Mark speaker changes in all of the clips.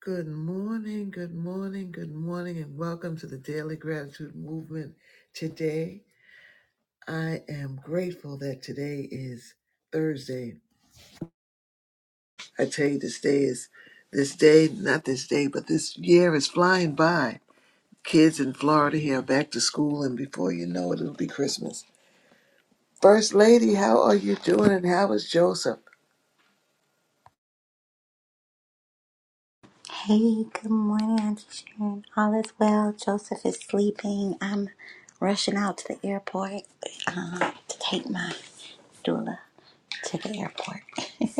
Speaker 1: Good morning, good morning, good morning, and welcome to the Daily Gratitude Movement. Today, I am grateful that today is Thursday. I tell you, this day is this day, not this day, but this year is flying by. Kids in Florida here are back to school, and before you know it, it'll be Christmas. First Lady, how are you doing, and how is Joseph?
Speaker 2: Hey, good morning, Auntie Sharon. All is well. Joseph is sleeping. I'm rushing out to the airport um, to take my doula to the airport.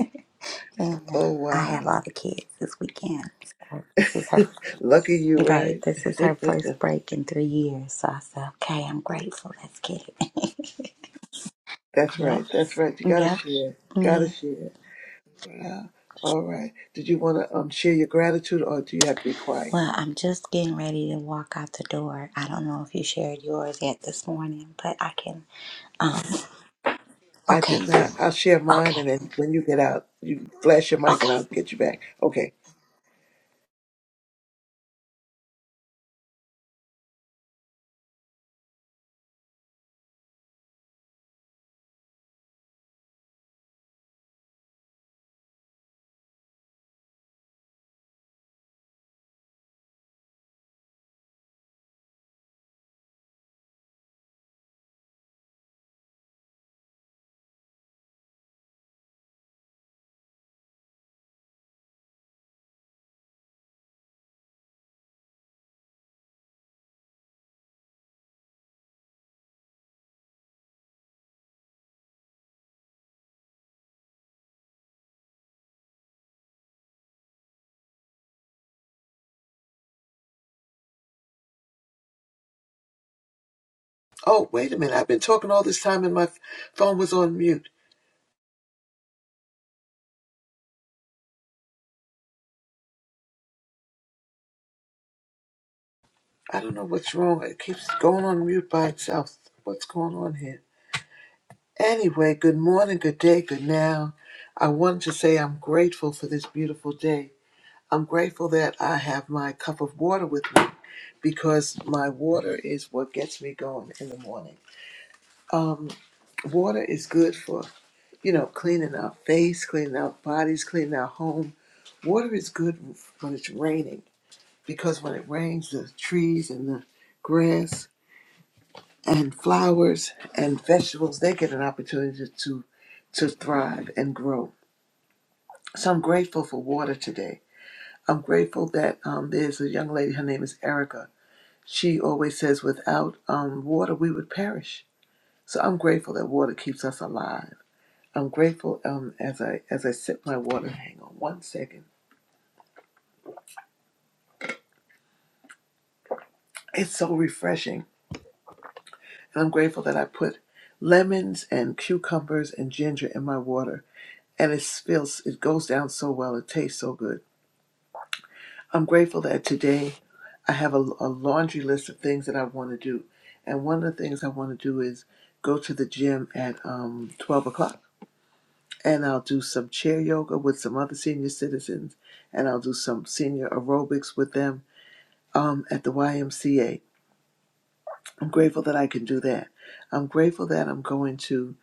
Speaker 2: and uh,
Speaker 1: Oh,
Speaker 2: I have all
Speaker 1: wow.
Speaker 2: the kids this weekend. So this is her,
Speaker 1: Lucky you,
Speaker 2: right,
Speaker 1: right?
Speaker 2: this is her first break in three years. So I said, okay, I'm grateful. Let's get it.
Speaker 1: That's
Speaker 2: Yep,
Speaker 1: right, that's right. You gotta
Speaker 2: yep,
Speaker 1: share, gotta
Speaker 2: yeah.
Speaker 1: share. Yeah. All right. Did you want to um, share your gratitude or do you have to be quiet?
Speaker 2: Well, I'm just getting ready to walk out the door. I don't know if you shared yours yet this morning, but I can. um,
Speaker 1: I
Speaker 2: Okay,
Speaker 1: did not. I'll share mine
Speaker 2: okay,
Speaker 1: and then when you get out, you flash your mic and
Speaker 2: okay.
Speaker 1: I'll get you back. Okay. Oh, wait a minute. I've been talking all this time and my f- phone was on mute. I don't know what's wrong. It keeps going on mute by itself. What's going on here? Anyway, good morning, good day, good now. I wanted to say I'm grateful for this beautiful day. I'm grateful that I have my cup of water with me because my water is what gets me going in the morning. Um, water is good for, you know, cleaning our face, cleaning our bodies, cleaning our home. Water is good when it's raining because when it rains, the trees and the grass and flowers and vegetables, they get an opportunity to, to thrive and grow. So I'm grateful for water today. I'm grateful that um, there's a young lady, her name is Erica She always says, without um, water, we would perish. So I'm grateful that water keeps us alive. I'm grateful um, as I as I sip my water. Hang on one second. It's so refreshing, and I'm grateful that I put lemons and cucumbers and ginger in my water, and it feels it goes down so well. It tastes so good. I'm grateful that today I have a, a laundry list of things that I want to do, and one of the things I want to do is go to the gym at um, 12 o'clock and I'll do some chair yoga with some other senior citizens, and I'll do some senior aerobics with them um, at the YMCA. I'm grateful that I can do that. I'm grateful that I'm going to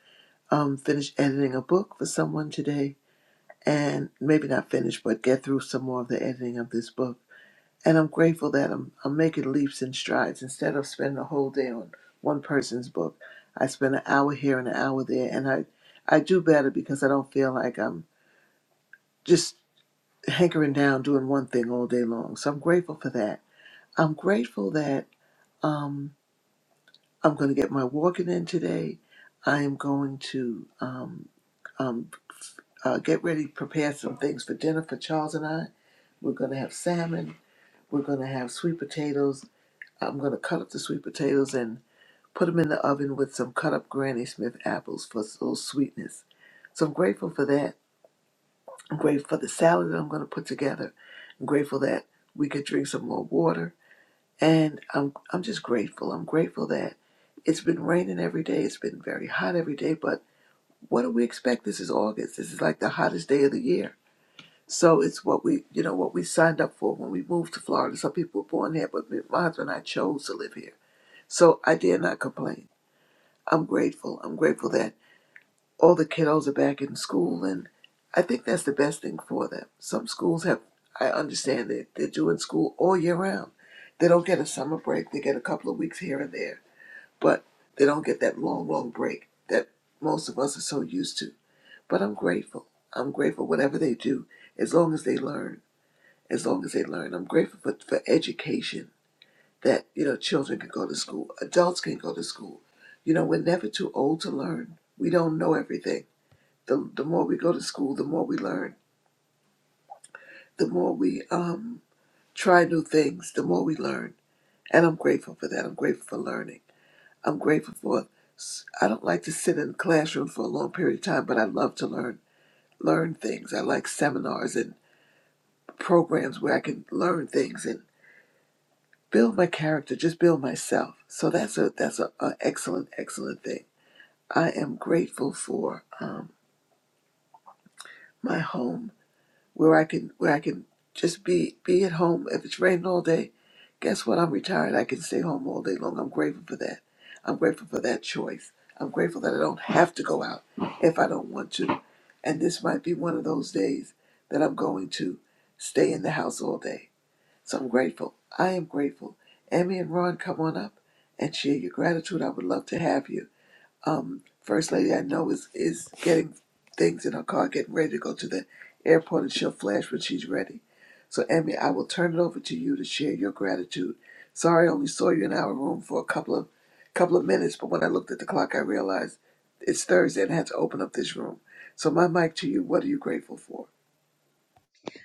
Speaker 1: um, finish editing a book for someone today, and maybe not finish, but get through some more of the editing of this book. And I'm grateful that I'm, I'm making leaps and strides. Instead of spending a whole day on one person's book, I spend an hour here and an hour there, and I, I do better because I don't feel like I'm just hankering down doing one thing all day long. So I'm grateful for that. I'm grateful that um, I'm going to get my walking in today. I am going to um, um, uh, get ready, prepare some things for dinner for Charles and I. We're going to have salmon. We're going to have sweet potatoes. I'm going to cut up the sweet potatoes and put them in the oven with some cut up Granny Smith apples for a little sweetness. So I'm grateful for that. I'm grateful for the salad that I'm going to put together. I'm grateful that we could drink some more water. And I'm I'm just grateful. I'm grateful that it's been raining every day. It's been very hot every day, but what do we expect? This is August. This is like the hottest day of the year. So it's what we you know what we signed up for when we moved to Florida. Some people were born here, but me- my husband and I chose to live here. So I dare not complain. I'm grateful. I'm grateful that all the kiddos are back in school and I think that's the best thing for them. Some schools have I understand that they're doing school all year round. They don't get a summer break. They get a couple of weeks here and there but they don't get that long, long break that most of us are so used to. But I'm grateful. I'm grateful whatever they do, as long as they learn, as long as they learn. I'm grateful for, for education that, you know, children can go to school, adults can go to school. You know, we're never too old to learn. We don't know everything. The, the more we go to school, the more we learn. The more we um, try new things, the more we learn. And I'm grateful for that. I'm grateful for learning. I'm grateful for. I I don't like to sit in a classroom for a long period of time, but I love to learn learn things. I like seminars and programs where I can learn things and build my character, just build myself. So that's a that's a, a excellent excellent thing. I am grateful for um, my home where I can where I can just be be at home. If it's raining all day, guess what? I'm retired. I can stay home all day long. I'm grateful for that. I'm grateful for that choice. I'm grateful that I don't have to go out if I don't want to. And this might be one of those days that I'm going to stay in the house all day. So I'm grateful. I am grateful. Emmy and Ron, come on up and share your gratitude. I would love to have you um, First Lady I know is, is getting things in her car, getting ready to go to the airport, and she'll flash when she's ready. So, Emmy, I will turn it over to you to share your gratitude. Sorry, I only saw you in our room for a couple of couple of minutes, but when I looked at the clock, I realized it's Thursday and I had to open up this room. So, my mic to you. What are you grateful for?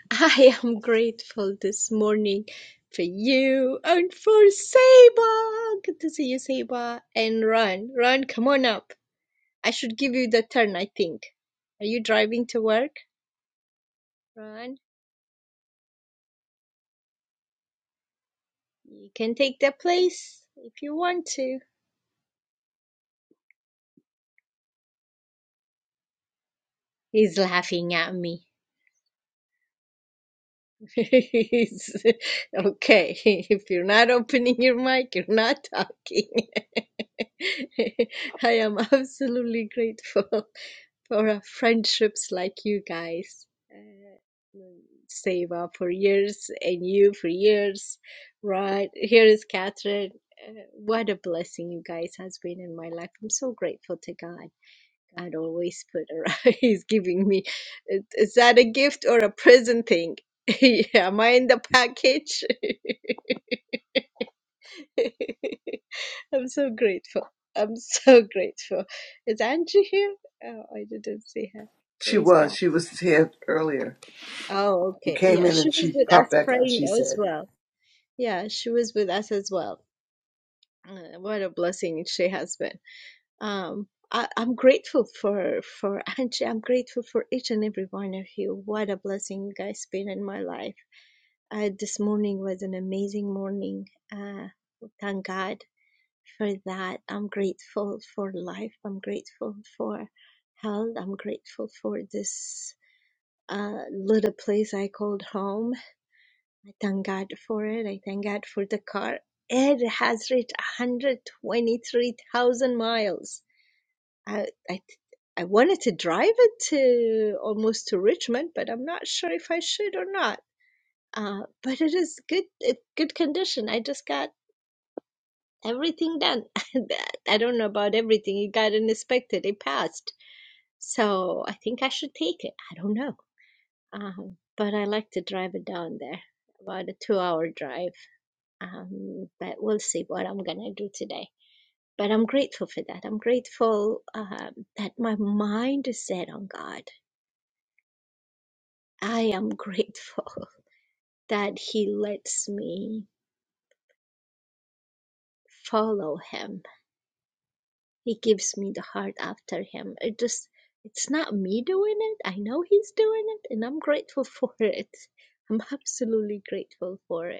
Speaker 3: I am grateful this morning for you and for Seba. Good to see you, Seba. And Ron, Ron, come on up. I should give you the turn, I think. Are you driving to work, Ron? You can take the place if you want to. He's laughing at me. He's- okay, if you're not opening your mic, you're not talking. I am absolutely grateful. for uh, friendships like you guys. Uh, Seva for years and you for years, right? Here is Catherine. Uh, what a blessing you guys has been in my life. I'm so grateful to God. God always put around. He's giving me. Is is that a gift or a present thing? Yeah, Am I in the package? I'm so grateful. I'm so grateful. Is Angie here? Oh, I didn't see her.
Speaker 1: She
Speaker 3: Praise
Speaker 1: was.
Speaker 3: God.
Speaker 1: She was here earlier.
Speaker 3: Oh,
Speaker 1: She
Speaker 3: okay.
Speaker 1: came
Speaker 3: Yeah,
Speaker 1: in
Speaker 3: she
Speaker 1: and
Speaker 3: was
Speaker 1: she
Speaker 3: with
Speaker 1: popped
Speaker 3: us
Speaker 1: back out.
Speaker 3: praying
Speaker 1: She
Speaker 3: as
Speaker 1: said.
Speaker 3: well. Yeah, she was with us as well. Uh, what a blessing she has been. Um, I, I'm grateful for for Angie. I'm grateful for each and every one of you. What a blessing you guys been in my life. Uh, this morning was an amazing morning. Uh, thank God for that. I'm grateful for life. I'm grateful for health. I'm grateful for this uh, little place I called home I thank God for it. I thank God for the car. It has reached 123,000 miles. I, I, I wanted to drive it to almost to Richmond, but I'm not sure if I should or not. Uh, but it is good, it, good condition. I just got everything done. I don't know about everything. It got inspected. It passed. So I think I should take it. I don't know. Um, but I like to drive it down there, about a two-hour drive Um, but we'll see what I'm gonna do today. But I'm grateful for that. I'm grateful um, that my mind is set on God. I am grateful that He lets me follow Him. He gives me the heart after Him. It just, it's not me doing it. I know He's doing it, and I'm grateful for it. I'm absolutely grateful for it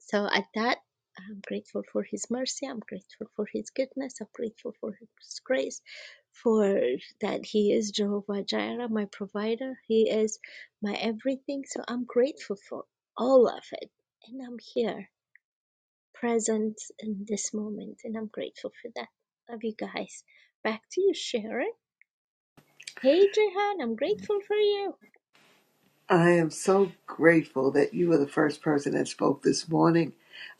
Speaker 3: So at that, I'm grateful for His mercy. I'm grateful for His goodness. I'm grateful for His grace, for that He is Jehovah Jireh, my provider. He is my everything. So I'm grateful for all of it. And I'm here, present in this moment. And I'm grateful for that. Love you guys. Back to you, Sharon. Hey, Jehan, I'm grateful for you.
Speaker 1: I am so grateful that you were the first person that spoke this morning.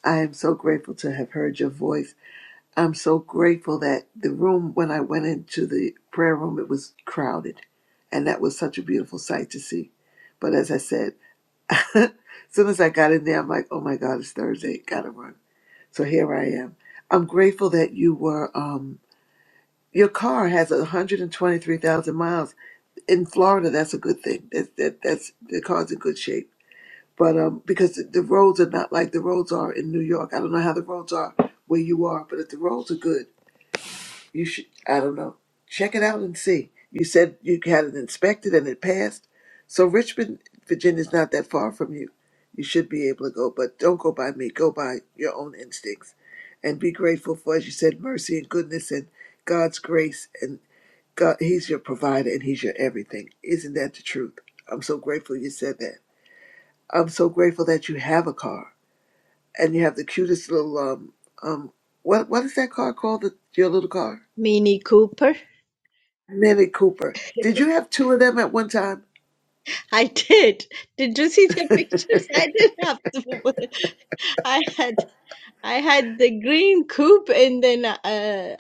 Speaker 1: I am so grateful to have heard your voice. I'm so grateful that the room, when I went into the prayer room, it was crowded. And that was such a beautiful sight to see. But as I said, as soon as I got in there, I'm like, oh my God, it's Thursday. Gotta run. So here I am. I'm grateful that you were, um, your car has 123,000 miles. In Florida, that's a good thing. That, that, that's, the car's in good shape but um, because the, the roads are not like the roads are in New York. I don't know how the roads are where you are, but if the roads are good, you should. I don't know. Check it out and see. You said you had it inspected and it passed, so Richmond, Virginia, is not that far from you. You should be able to go, but don't go by me. Go by your own instincts, and be grateful for, as you said, mercy and goodness and God's grace and God. He's your provider and He's your everything. Isn't that the truth? I'm so grateful you said that. I'm so grateful that you have a car and you have the cutest little um um what what is that car called? The, your little car,
Speaker 3: Mini Cooper.
Speaker 1: Mini Cooper. Did you have two of them at one time?
Speaker 3: I did. Did you see the pictures? I didn't have to. I had I had the green coupe, and then uh,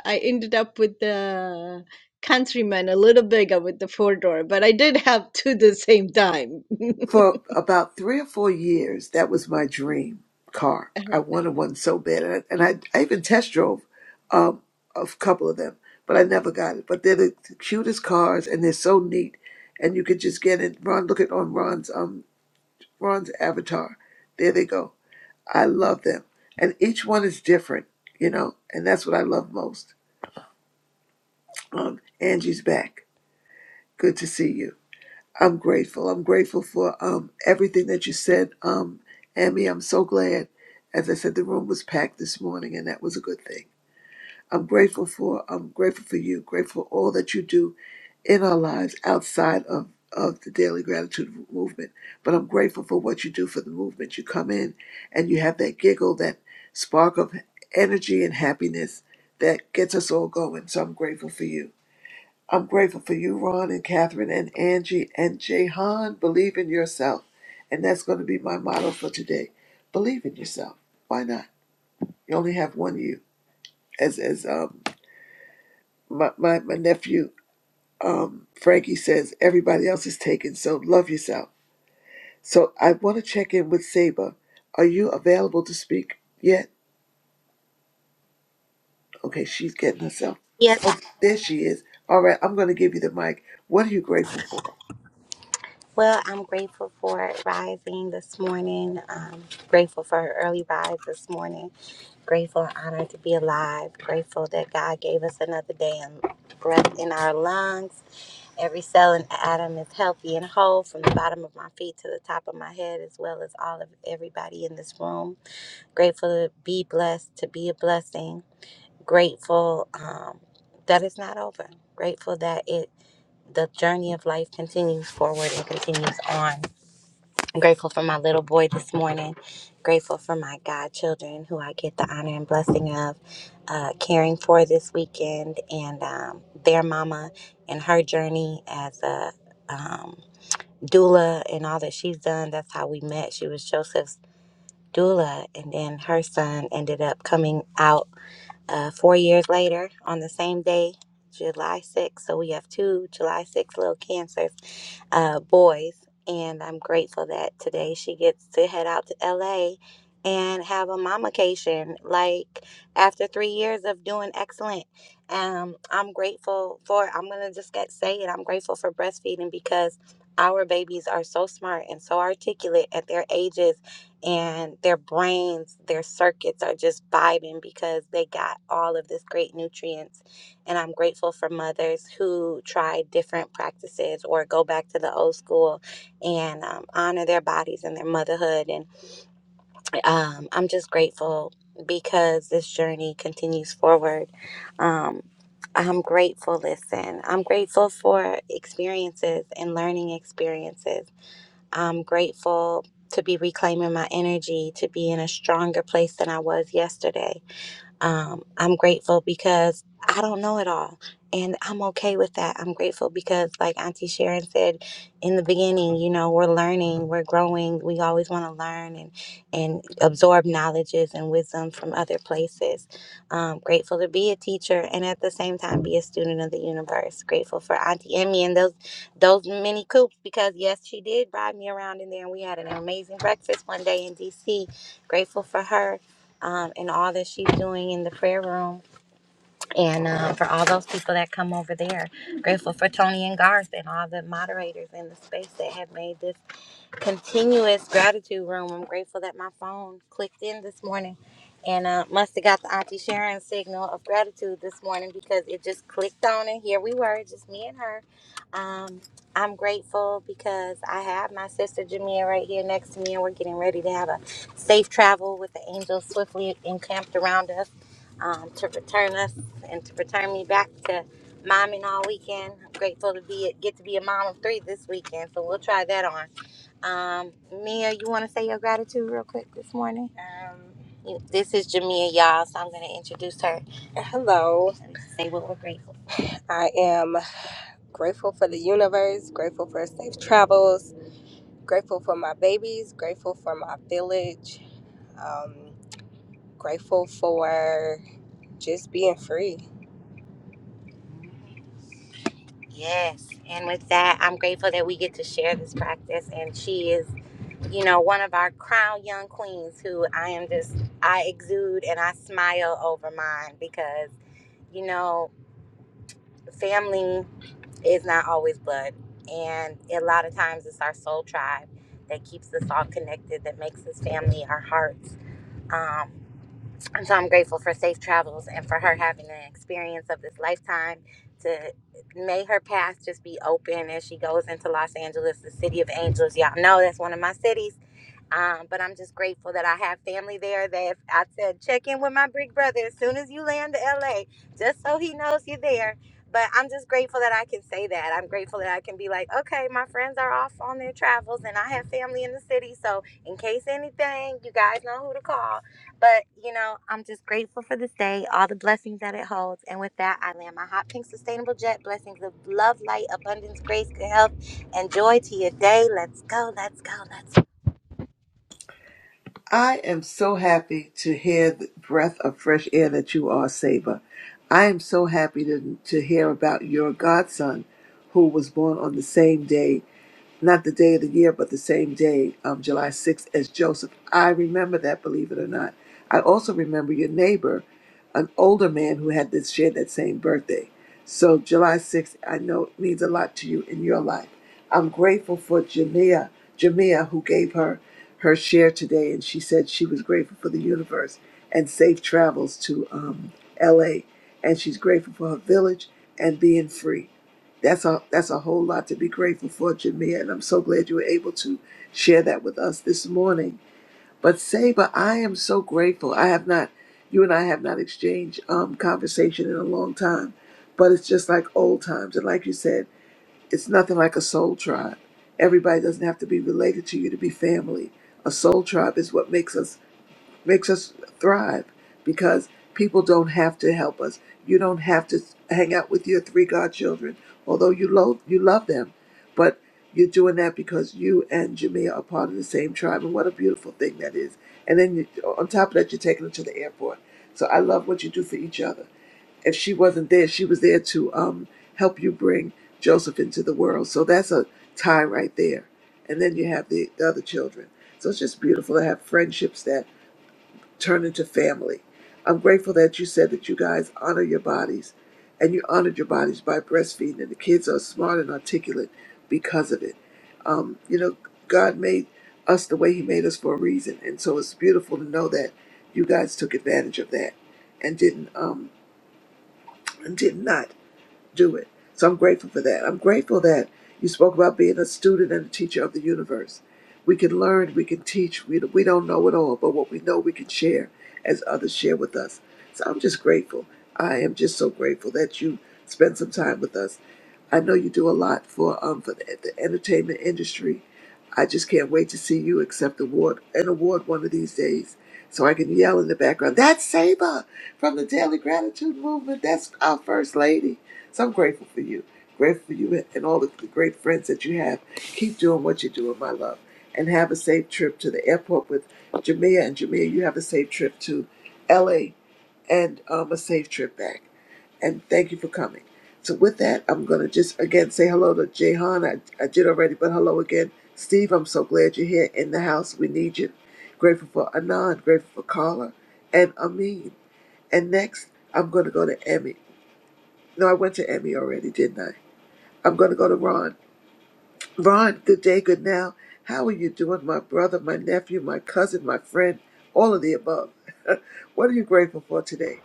Speaker 3: I ended up with the Countryman, a little bigger with the four door, but I did have two the same time.
Speaker 1: For about three or four years, that was my dream car. I wanted
Speaker 3: Uh-huh.
Speaker 1: one so bad, and I, and I, I even test drove um, a couple of them, but I never got it. But they're the cutest cars, and they're so neat, and you could just get it. Ron, look at on Ron's um Ron's avatar. There they go I love them. And each one is different, you know, and that's what I love most. Um, Angie's back. Good to see you. I'm grateful. I'm grateful for um, everything that you said, um, Amy. I'm so glad. As I said, the room was packed this morning, and that was a good thing. I'm grateful for. I'm grateful for you. Grateful for all that you do in our lives outside of, of the daily gratitude movement. But I'm grateful for what you do for the movement. You come in and you have that giggle, that spark of energy and happiness that gets us all going. So I'm grateful for you. I'm grateful for you, Ron and Catherine and Angie and Jehan. Believe in yourself. And that's going to be my motto for today. Believe in yourself. Why not? You only have one you. As as um my, my, my nephew um, Frankie says everybody else is taken, so love yourself. So I want to check in with Saba. Are you available to speak yet? Okay, she's getting herself. So
Speaker 2: Yes,
Speaker 1: there she is. All right, I'm going to give you the mic. What are you grateful for?
Speaker 2: well, I'm grateful for rising this morning. Um, grateful for her early rise this morning. Grateful and honored to be alive. Grateful that God gave us another day and breath in our lungs. Every cell and atom is healthy and whole from the bottom of my feet to the top of my head, as well as all of everybody in this room. Grateful to be blessed, to be a blessing. Grateful um, that it's not over. Grateful that it the journey of life continues forward and continues on. I'm grateful for my little boy this morning. Grateful for my godchildren who I get the honor and blessing of uh, caring for this weekend and um, their mama and her journey as a um, doula and all that she's done. That's how we met. She was Joseph's doula, and then her son ended up coming out uh, four years later, on the same day, July 6th, so we have two July 6th little cancers, uh, boys, and I'm grateful that today she gets to head out to LA and have a mommacation. Like after three years of doing excellent, um, I'm grateful for. I'm gonna just get say it. I'm grateful for breastfeeding because our babies are so smart and so articulate at their ages and their brains, their circuits are just vibing because they got all of this great nutrients. And I'm grateful for mothers who try different practices or go back to the old school and um, honor their bodies and their motherhood. And um, I'm just grateful because this journey continues forward. Um, I'm grateful, listen, I'm grateful for experiences and learning experiences. I'm grateful to be reclaiming my energy, to be in a stronger place than I was yesterday. Um, I'm grateful because I don't know it all. And I'm okay with that. I'm grateful because, like Auntie Sharon said in the beginning, you know, we're learning, we're growing. We always want to learn and, and absorb knowledges and wisdom from other places. Um, grateful to be a teacher and at the same time be a student of the universe. Grateful for Auntie Emmy and those those mini coops because yes, she did ride me around in there and we had an amazing breakfast one day in DC. Grateful for her um, and all that she's doing in the prayer room, and um, for all those people that come over there. Grateful for Tony and Garth and all the moderators in the space that have made this continuous gratitude room. I'm grateful that my phone clicked in this morning and uh, must have got the Auntie Sharon signal of gratitude this morning because it just clicked on and here we were, just me and her. Um, I'm grateful because I have my sister Jamia right here next to me and we're getting ready to have a safe travel with the angels swiftly encamped around us um, to return us and to return me back to momming all weekend. I'm grateful to be get to be a mom of three this weekend, so we'll try that on. Um, Mia, you want to say your gratitude real quick this morning? Um, you, this is Jamia, y'all, so I'm going to introduce her and say what we're grateful for. I am grateful for the universe, grateful for safe travels, grateful for my babies, grateful for my village, um, grateful for just being free. Yes, and with that, I'm grateful that we get to share this practice, and she is you know, one of our crown young queens who I am just, I exude and I smile over mine because, you know, family is not always blood. And a lot of times it's our soul tribe that keeps us all connected, that makes us family, our hearts. Um, and so I'm grateful for safe travels and for her having an experience of this lifetime to may her path just be open as she goes into Los Angeles, the city of angels. Y'all know that's one of my cities um, but I'm just grateful that I have family there. That if I said check in with my big brother as soon as you land to LA, just so he knows you're there. But I'm just grateful that I can say that. I'm grateful that I can be like, okay, my friends are off on their travels, and I have family in the city. So in case anything, you guys know who to call. But you know, I'm just grateful for this day, all the blessings that it holds. And with that, I land my hot pink sustainable jet blessings of love, light, abundance, grace, good health, and joy to your day. Let's go, let's go, let's go.
Speaker 1: I am so happy to hear the breath of fresh air that you are, Saber. I am so happy to, to hear about your godson who was born on the same day, not the day of the year, but the same day, um, July 6th, as Joseph. I remember that, believe it or not. I also remember your neighbor, an older man who had this shared that same birthday. So July 6th, I know it means a lot to you in your life. I'm grateful for Jamia, Jamia, who gave her her share today, and she said she was grateful for the universe and safe travels to um, L.A. And she's grateful for her village and being free. That's a that's a whole lot to be grateful for, Jamia, and I'm so glad you were able to share that with us this morning. But Saber, I am so grateful. I have not, you and I have not exchanged um, conversation in a long time, but it's just like old times, and like you said. It's nothing like a soul tribe. Everybody doesn't have to be related to you to be family. A soul tribe is what makes us makes us thrive because people don't have to help us. You don't have to hang out with your three godchildren, although you love you love them, but you're doing that because you and Jamia are part of the same tribe, and what a beautiful thing that is. And then you, on top of that, you're taking them to the airport. So I love what you do for each other if she wasn't there, she was there to um, help you bring Joseph into the world. So that's a tie right there. And then you have the, the other children. So it's just beautiful to have friendships that turn into family. I'm grateful that you said that you guys honor your bodies and you honored your bodies by breastfeeding, and the kids are smart and articulate because of it. Um, you know, God made us the way He made us for a reason. And so it's beautiful to know that you guys took advantage of that and didn't um, and did not do it. So I'm grateful for that. I'm grateful that you spoke about being a student and a teacher of the universe. We can learn, we can teach. We, we don't know it all, but what we know, we can share as others share with us. So I'm just grateful. I am just so grateful that you spend some time with us. I know you do a lot for um for the, the entertainment industry. I just can't wait to see you accept award an award one of these days, so I can yell in the background. That's Saber from the Daily Gratitude Movement. That's our first lady. So I'm grateful for you. Grateful for you and all the, the great friends that you have. Keep doing what you're doing, my love. And have a safe trip to the airport with Jamia. And Jamia, you have a safe trip to LA and um, a safe trip back. And thank you for coming. So with that, I'm gonna just again say hello to Jehan. I, I did already, but hello again, Steve. I'm so glad you're here in the house. We need you. Grateful for Anand. Grateful for Carla and Amin. And next, I'm gonna go to Emmy. No, I went to Emmy already, didn't I? I'm going to go to Ron. Ron, good day, good now. How are you doing, my brother, my nephew, my cousin, my friend, all of the above? what are you grateful for today?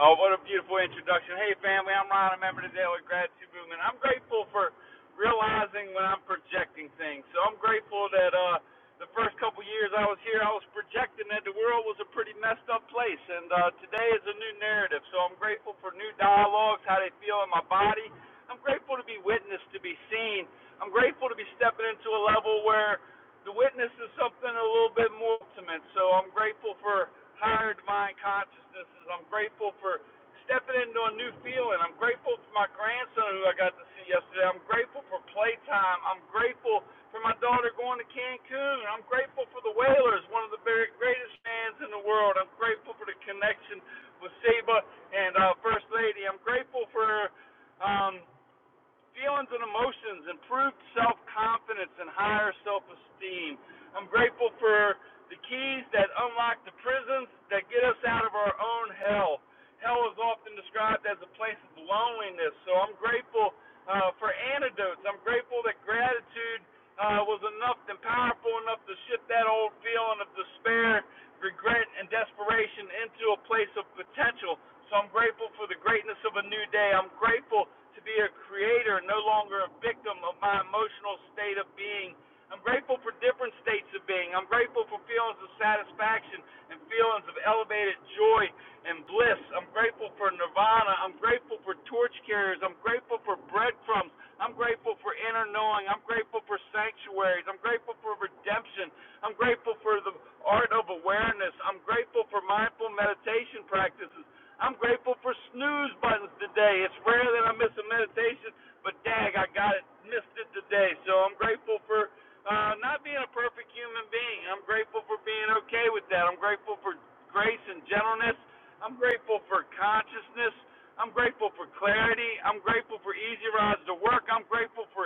Speaker 4: Oh, what a beautiful introduction. Hey, family, I'm Ron, a member of the Daily Gratitude Movement. I'm grateful for realizing when I'm projecting things. So I'm grateful that uh, the first couple years I was here, I was projecting that the world was a pretty messed up place. And uh, today is a new narrative. So I'm grateful for new dialogues, how they feel in my body. I'm grateful to be witnessed, to be seen. I'm grateful to be stepping into a level where the witness is something a little bit more ultimate. So I'm grateful for hired mind consciousnesses. I'm grateful for stepping into a new field, and I'm grateful for my grandson who I got to see yesterday. I'm grateful for playtime. I'm grateful for my daughter going to Cancun. I'm grateful for the Whalers, one of the very greatest fans in the world. I'm grateful for the connection with Seba and uh, First Lady. I'm grateful for. Um, feelings and emotions, improved self confidence, and higher self esteem. I'm grateful for the keys that unlock the prisons that get us out of our own hell. Hell is often described as a place of loneliness, so I'm grateful uh, for antidotes. I'm grateful that gratitude uh, was enough and powerful enough to shift that old feeling of despair regret, and desperation into a place of potential. So I'm grateful for the greatness of a new day. I'm grateful to be a creator, no longer a victim of my emotional state of being. I'm grateful for different states of being. I'm grateful for feelings of satisfaction and feelings of elevated joy and bliss. I'm grateful for nirvana. I'm grateful for torch carriers. I'm grateful for breadcrumbs. I'm grateful for inner knowing. I'm grateful for sanctuaries. I'm grateful for redemption. I'm grateful for the art of awareness. I'm grateful for mindful meditation practices. I'm grateful for snooze buttons today. It's rare that I miss a meditation, but dag, I got it, missed it today. So I'm grateful for uh, not being a perfect human being. I'm grateful for being okay with that. I'm grateful for grace and gentleness. I'm grateful for consciousness. I'm grateful for clarity. I'm grateful for easy rides to work. I'm grateful for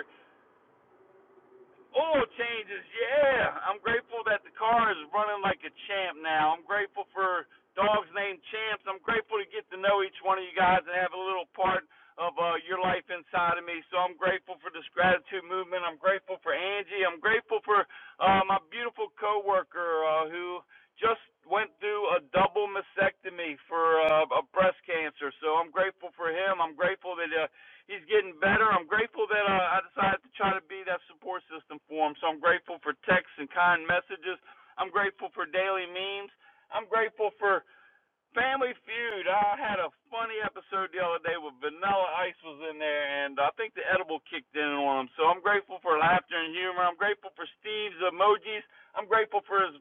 Speaker 4: Oil changes, yeah. I'm grateful that the car is running like a champ now. I'm grateful for dogs named champs. I'm grateful to get to know each one of you guys and have a little part of uh, your life inside of me. So I'm grateful for this gratitude movement. I'm grateful for Angie. I'm grateful for uh, my beautiful coworker uh, who just went through a double mastectomy for uh, a breast cancer. So I'm grateful for him. I'm grateful that uh, he's getting better. I'm grateful that uh, I decided to try to be that support system for him. So I'm grateful for texts and kind messages. I'm grateful for daily memes. I'm grateful for Family Feud. I had a funny episode the other day where Vanilla Ice was in there, and I think the edible kicked in on him. So I'm grateful for laughter and humor. I'm grateful for Steve's emojis. I'm grateful for his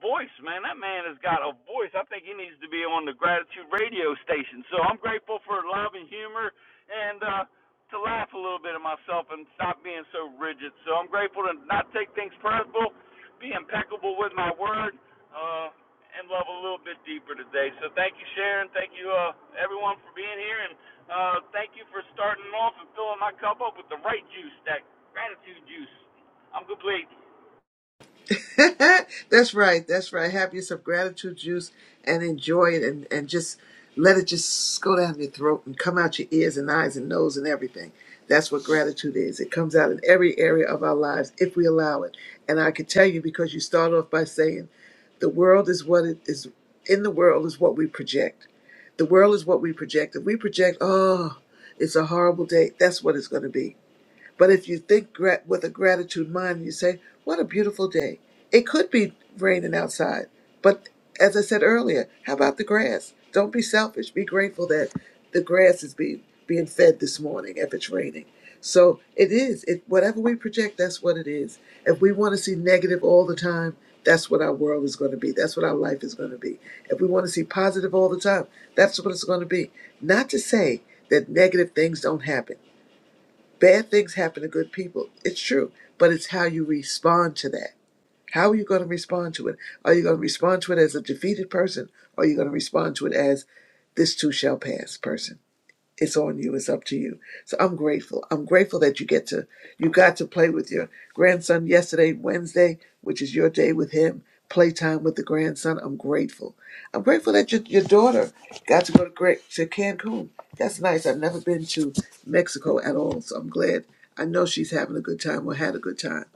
Speaker 4: voice, man. That man has got a voice. I think he needs to be on the Gratitude Radio station. So I'm grateful for love and humor, and uh, to laugh a little bit at myself and stop being so rigid. So I'm grateful to not take things personal, be impeccable with my word. Uh, and love a little bit deeper today. So thank you, Sharon. Thank you, uh, everyone, for being here, and uh, thank you for starting off and filling my cup up with the right juice, that gratitude juice. I'm complete.
Speaker 1: that's right. That's right. Have yourself gratitude juice and enjoy it and, and just let it just go down your throat and come out your ears and eyes and nose and everything. That's what gratitude is. It comes out in every area of our lives if we allow it. And I can tell you because you start off by saying the world is what it is in the world is what we project. The world is what we project. If we project, oh, it's a horrible day, that's what it's going to be but if you think gra- with a gratitude mind, you say, What a beautiful day. It could be raining outside. But as I said earlier, how about the grass? Don't be selfish. Be grateful that the grass is being, being fed this morning if it's raining. So it is. It, whatever we project, that's what it is. If we want to see negative all the time, that's what our world is going to be. That's what our life is going to be. If we want to see positive all the time, that's what it's going to be. Not to say that negative things don't happen Bad things happen to good people. It's true, but it's how you respond to that. How are you going to respond to it? Are you going to respond to it as a defeated person? Or are you going to respond to it as this too shall pass person? it's on you it's up to you so i'm grateful i'm grateful that you get to you got to play with your grandson yesterday wednesday which is your day with him playtime with the grandson i'm grateful i'm grateful that your, your daughter got to go to great to cancun that's nice i've never been to mexico at all so i'm glad i know she's having a good time or had a good time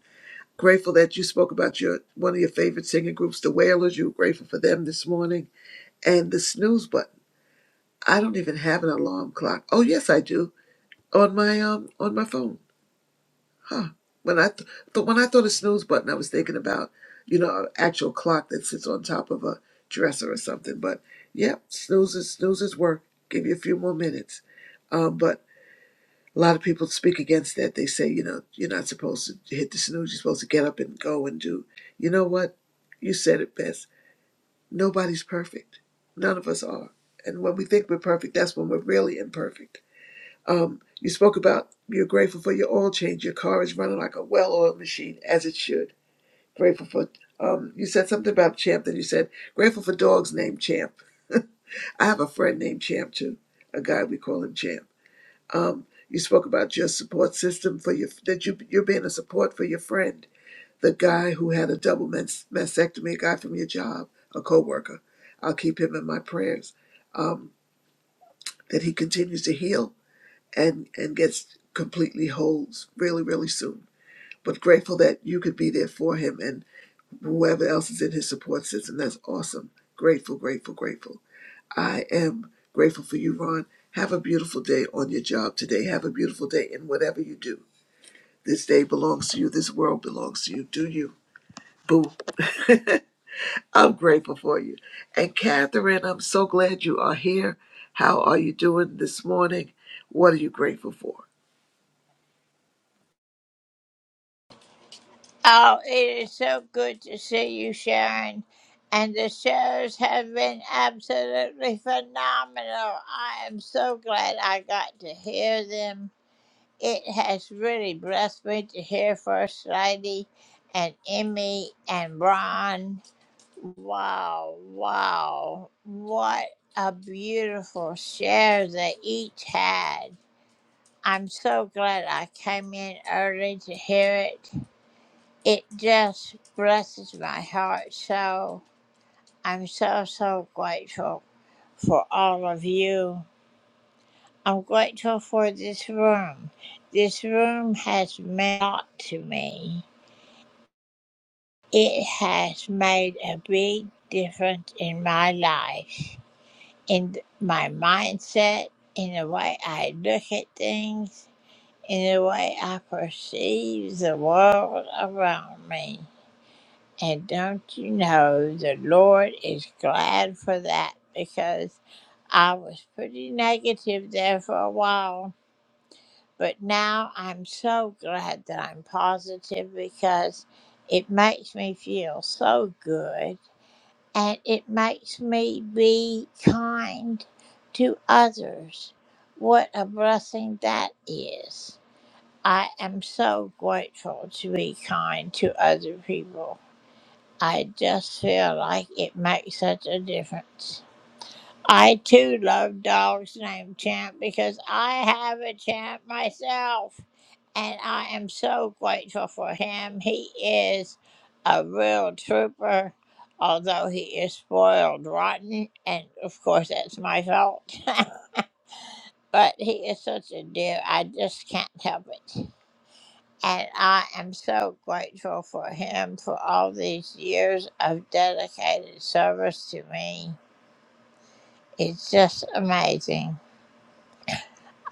Speaker 1: grateful that you spoke about your one of your favorite singing groups the wailers you were grateful for them this morning and the snooze button i don't even have an alarm clock oh yes i do on my um on my phone. Huh. When I th- th- when I thought of snooze button, I was thinking about you know an actual clock that sits on top of a dresser or something. But yeah, snoozes snoozes work. Give you a few more minutes. Um, but a lot of people speak against that. They say you know you're not supposed to hit the snooze. You're supposed to get up and go and do. You know what? You said it best. Nobody's perfect. None of us are. And when we think we're perfect, that's when we're really imperfect um, you spoke about you're grateful for your oil change. Your car is running like a well-oiled machine, as it should. Grateful for. Um, you said something about Champ. Then you said grateful for dogs named Champ. I have a friend named Champ too. A guy we call him Champ. Um, you spoke about your support system for your that you you're being a support for your friend, the guy who had a double mas- mastectomy, a guy from your job, a coworker. I'll keep him in my prayers. Um, that he continues to heal and and gets completely whole really really soon but grateful that you could be there for him and whoever else is in his support system that's awesome grateful grateful grateful i am grateful for you ron have a beautiful day on your job today have a beautiful day in whatever you do this day belongs to you this world belongs to you do you boo i'm grateful for you and catherine i'm so glad you are here how are you doing this morning what are you grateful for
Speaker 5: Oh, it is so good to see you, Sharon. And the shows have been absolutely phenomenal. I am so glad I got to hear them. It has really blessed me to hear First Lady and Emmy and Ron. Wow, wow. What a beautiful share they each had. I'm so glad I came in early to hear it it just blesses my heart. So I'm so, so grateful for all of you. I'm grateful for this room. This room has meant a lot to me. It has made a big difference in my life, in my mindset, in the way I look at things, in the way I perceive the world around me. And don't you know, the Lord is glad for that because I was pretty negative there for a while. But now I'm so glad that I'm positive because it makes me feel so good and it makes me be kind to others. What a blessing that is. I am so grateful to be kind to other people. I just feel like it makes such a difference. I too love dogs named Champ because I have a champ myself and I am so grateful for him. He is a real trooper, although he is spoiled rotten, and of course that's my fault. but he is such a dear, I just can't help it. And I am so grateful for him for all these years of dedicated service to me. It's just amazing.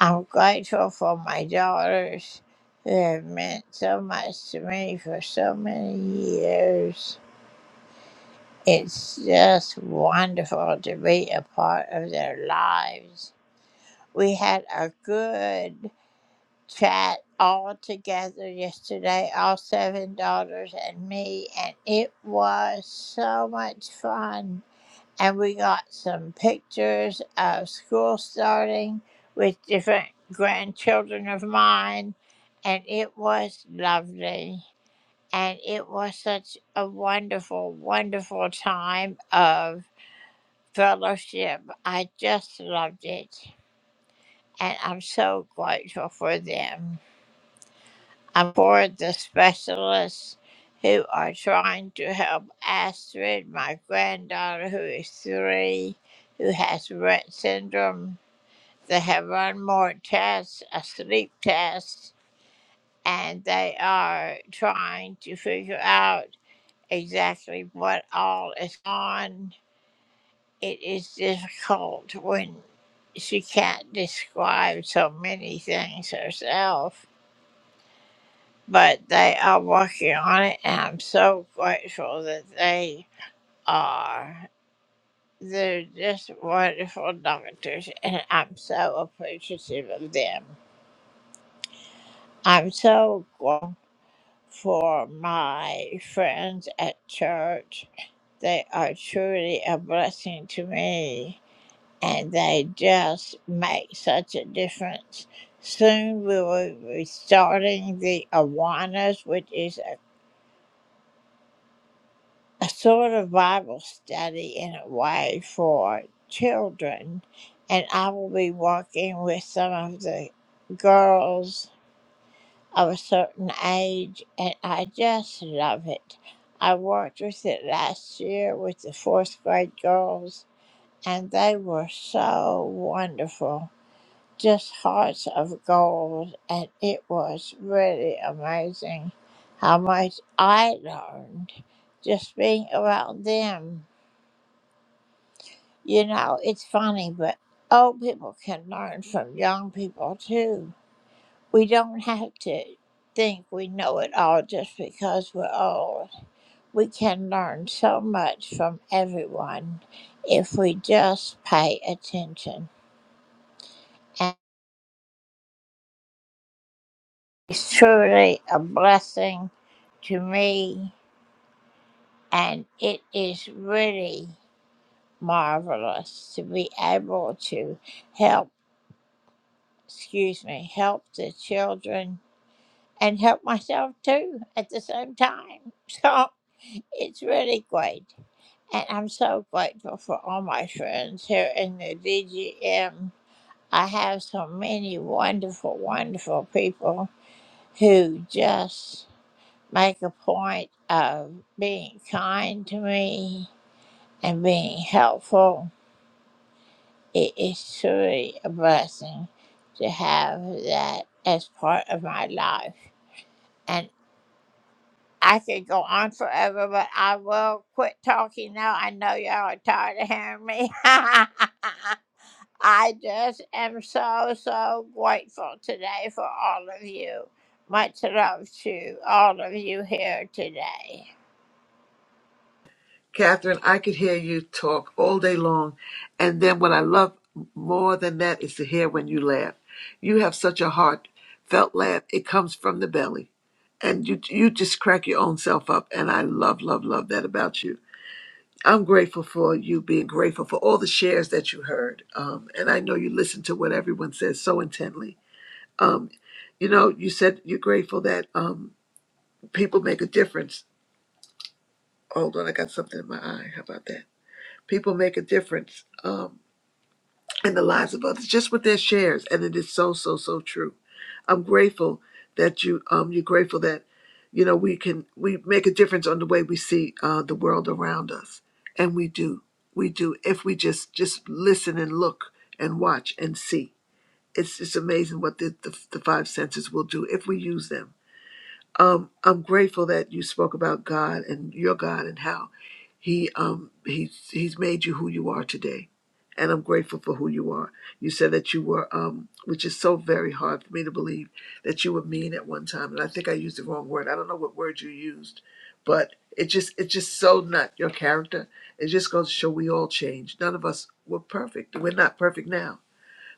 Speaker 5: I'm grateful for my daughters who have meant so much to me for so many years. It's just wonderful to be a part of their lives. We had a good chat all together yesterday, all seven daughters and me, and it was so much fun. And we got some pictures of school starting with different grandchildren of mine, and it was lovely. And it was such a wonderful, wonderful time of fellowship. I just loved it, and I'm so grateful for them. I'm for the specialists who are trying to help Astrid, my granddaughter who is three, who has Rett syndrome. They have run more tests, a sleep test, and they are trying to figure out exactly what all is on. It is difficult when she can't describe so many things herself. but they are working on it, and I'm so grateful that they are. They're just wonderful doctors, and I'm so appreciative of them. I'm so grateful for my friends at church. They are truly a blessing to me, and they just make such a difference. Soon we will be starting the Awanas, which is a a sort of Bible study in a way for children, and I will be working with some of the girls of a certain age, and I just love it. I worked with it last year with the fourth grade girls, and they were so wonderful. Just hearts of gold, and it was really amazing how much I learned just being around them You know, it's funny, but old people can learn from young people too. We don't have to think we know it all just because we're old. We can learn so much from everyone if we just pay attention. And it's truly a blessing to me, and it is really marvelous to be able to help, excuse me, help the children and help myself too at the same time. So it's really great. And I'm so grateful for all my friends here in the DGM. I have so many wonderful, wonderful people who just make a point of being kind to me and being helpful. It is truly a blessing to have that as part of my life I could go on forever, but I will quit talking now. I know y'all are tired of hearing me. I just am so, so grateful today for all of you. Much love to all of you here today.
Speaker 1: Catherine, I could hear you talk all day long. And then what I love more than that is to hear when you laugh. You have such a heartfelt laugh. It comes from the belly. And you you just crack your own self up. And I love, love, love that about you. I'm grateful for you being grateful for all the shares that you heard. Um, and I know you listen to what everyone says so intently. Um, you know, you said you're grateful that um, people make a difference. Hold on, I got something in my eye. How about that? People make a difference um, in the lives of others just with their shares, and it is so so so true. I'm grateful that you um, you're grateful that you know we can we make a difference on the way we see uh, the world around us, and we do we do if we just just listen and look and watch and see. It's it's amazing what the the, the five senses will do if we use them um, I'm grateful that you spoke about God and your God and how He um, He's He's made you who you are today, and I'm grateful for who you are. You said that you were, um, which is so very hard for me to believe that you were mean at one time, and I think I used the wrong word. I don't know what word you used, but it just it's just so not your character. It just goes to show we all change. None of us were perfect. We're not perfect now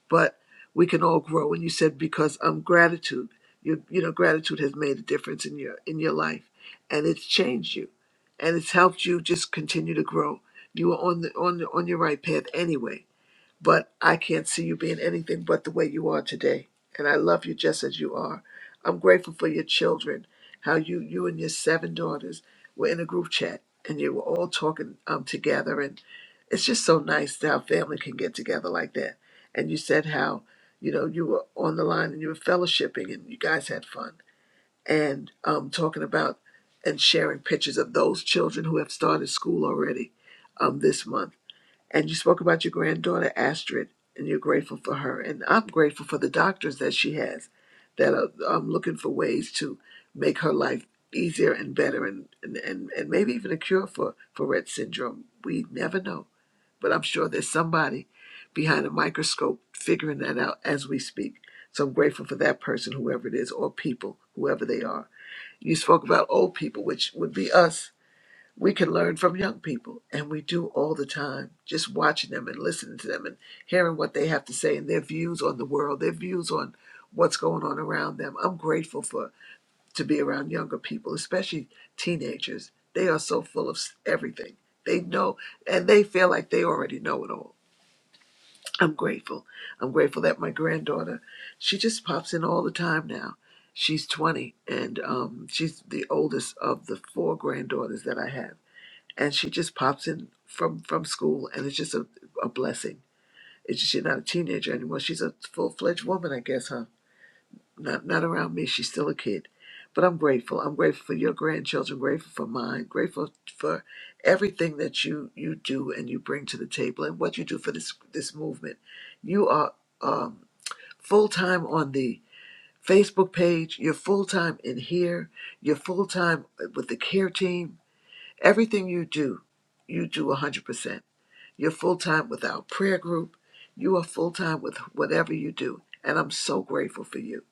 Speaker 1: but we can all grow. And you said because um gratitude, you you know gratitude has made a difference in your in your life, and it's changed you, and it's helped you just continue to grow. You were on the on the, on your right path anyway but I can't see you being anything but the way you are today. And I love you just as you are. I'm grateful for your children, how you you and your seven daughters were in a group chat and you were all talking um, together. And it's just so nice that how family can get together like that. And you said how, you know, you were on the line and you were fellowshipping and you guys had fun and um, talking about and sharing pictures of those children who have started school already um, this month and you spoke about your granddaughter, Astrid, and you're grateful for her. And I'm grateful for the doctors that she has that are um, looking for ways to make her life easier and better and, and, and, and maybe even a cure for, for Rett syndrome. We never know. But I'm sure there's somebody behind a microscope figuring that out as we speak. So I'm grateful for that person, whoever it is, or people, whoever they are. You spoke about old people, which would be us we can learn from young people and we do all the time just watching them and listening to them and hearing what they have to say and their views on the world their views on what's going on around them i'm grateful for to be around younger people especially teenagers they are so full of s- everything they know and they feel like they already know it all i'm grateful i'm grateful that my granddaughter she just pops in all the time now she's 20 and um, she's the oldest of the four granddaughters that i have and she just pops in from from school, and it's just a, a blessing. It's just she's not a teenager anymore. She's a full fledged woman, I guess, huh? Not not around me. She's still a kid, but I'm grateful. I'm grateful for your grandchildren. Grateful for mine. Grateful for everything that you you do and you bring to the table and what you do for this this movement. You are um, full time on the Facebook page. You're full time in here. You're full time with the care team. Everything you do, you do 100%. You're full time with our prayer group. You are full time with whatever you do. And I'm so grateful for you.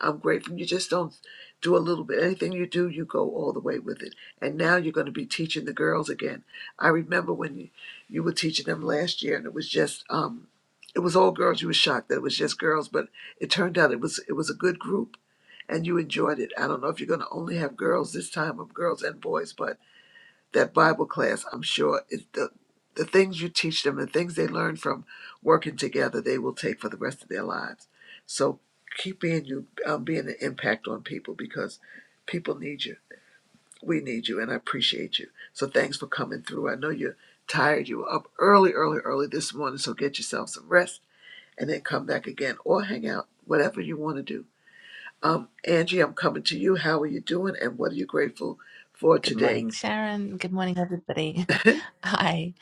Speaker 1: I'm grateful. You just don't do a little bit. Anything you do, you go all the way with it. And now you're going to be teaching the girls again. I remember when you, you were teaching them last year, and it was just, um, it was all girls. You were shocked that it was just girls, but it turned out it was it was a good group, and you enjoyed it. I don't know if you're going to only have girls this time, or girls and boys, but that Bible class, I'm sure, is the the things you teach them, the things they learn from working together, they will take for the rest of their lives. So keep being you, um, being an impact on people because people need you. We need you, and I appreciate you. So thanks for coming through. I know you're tired. You were up early, early, early this morning, so get yourself some rest and then come back again or hang out, whatever you want to do. Um, Angie, I'm coming to you. How are you doing, and what are you grateful for
Speaker 6: Good
Speaker 1: today?
Speaker 6: morning, Sharon. Good morning, everybody. Hi.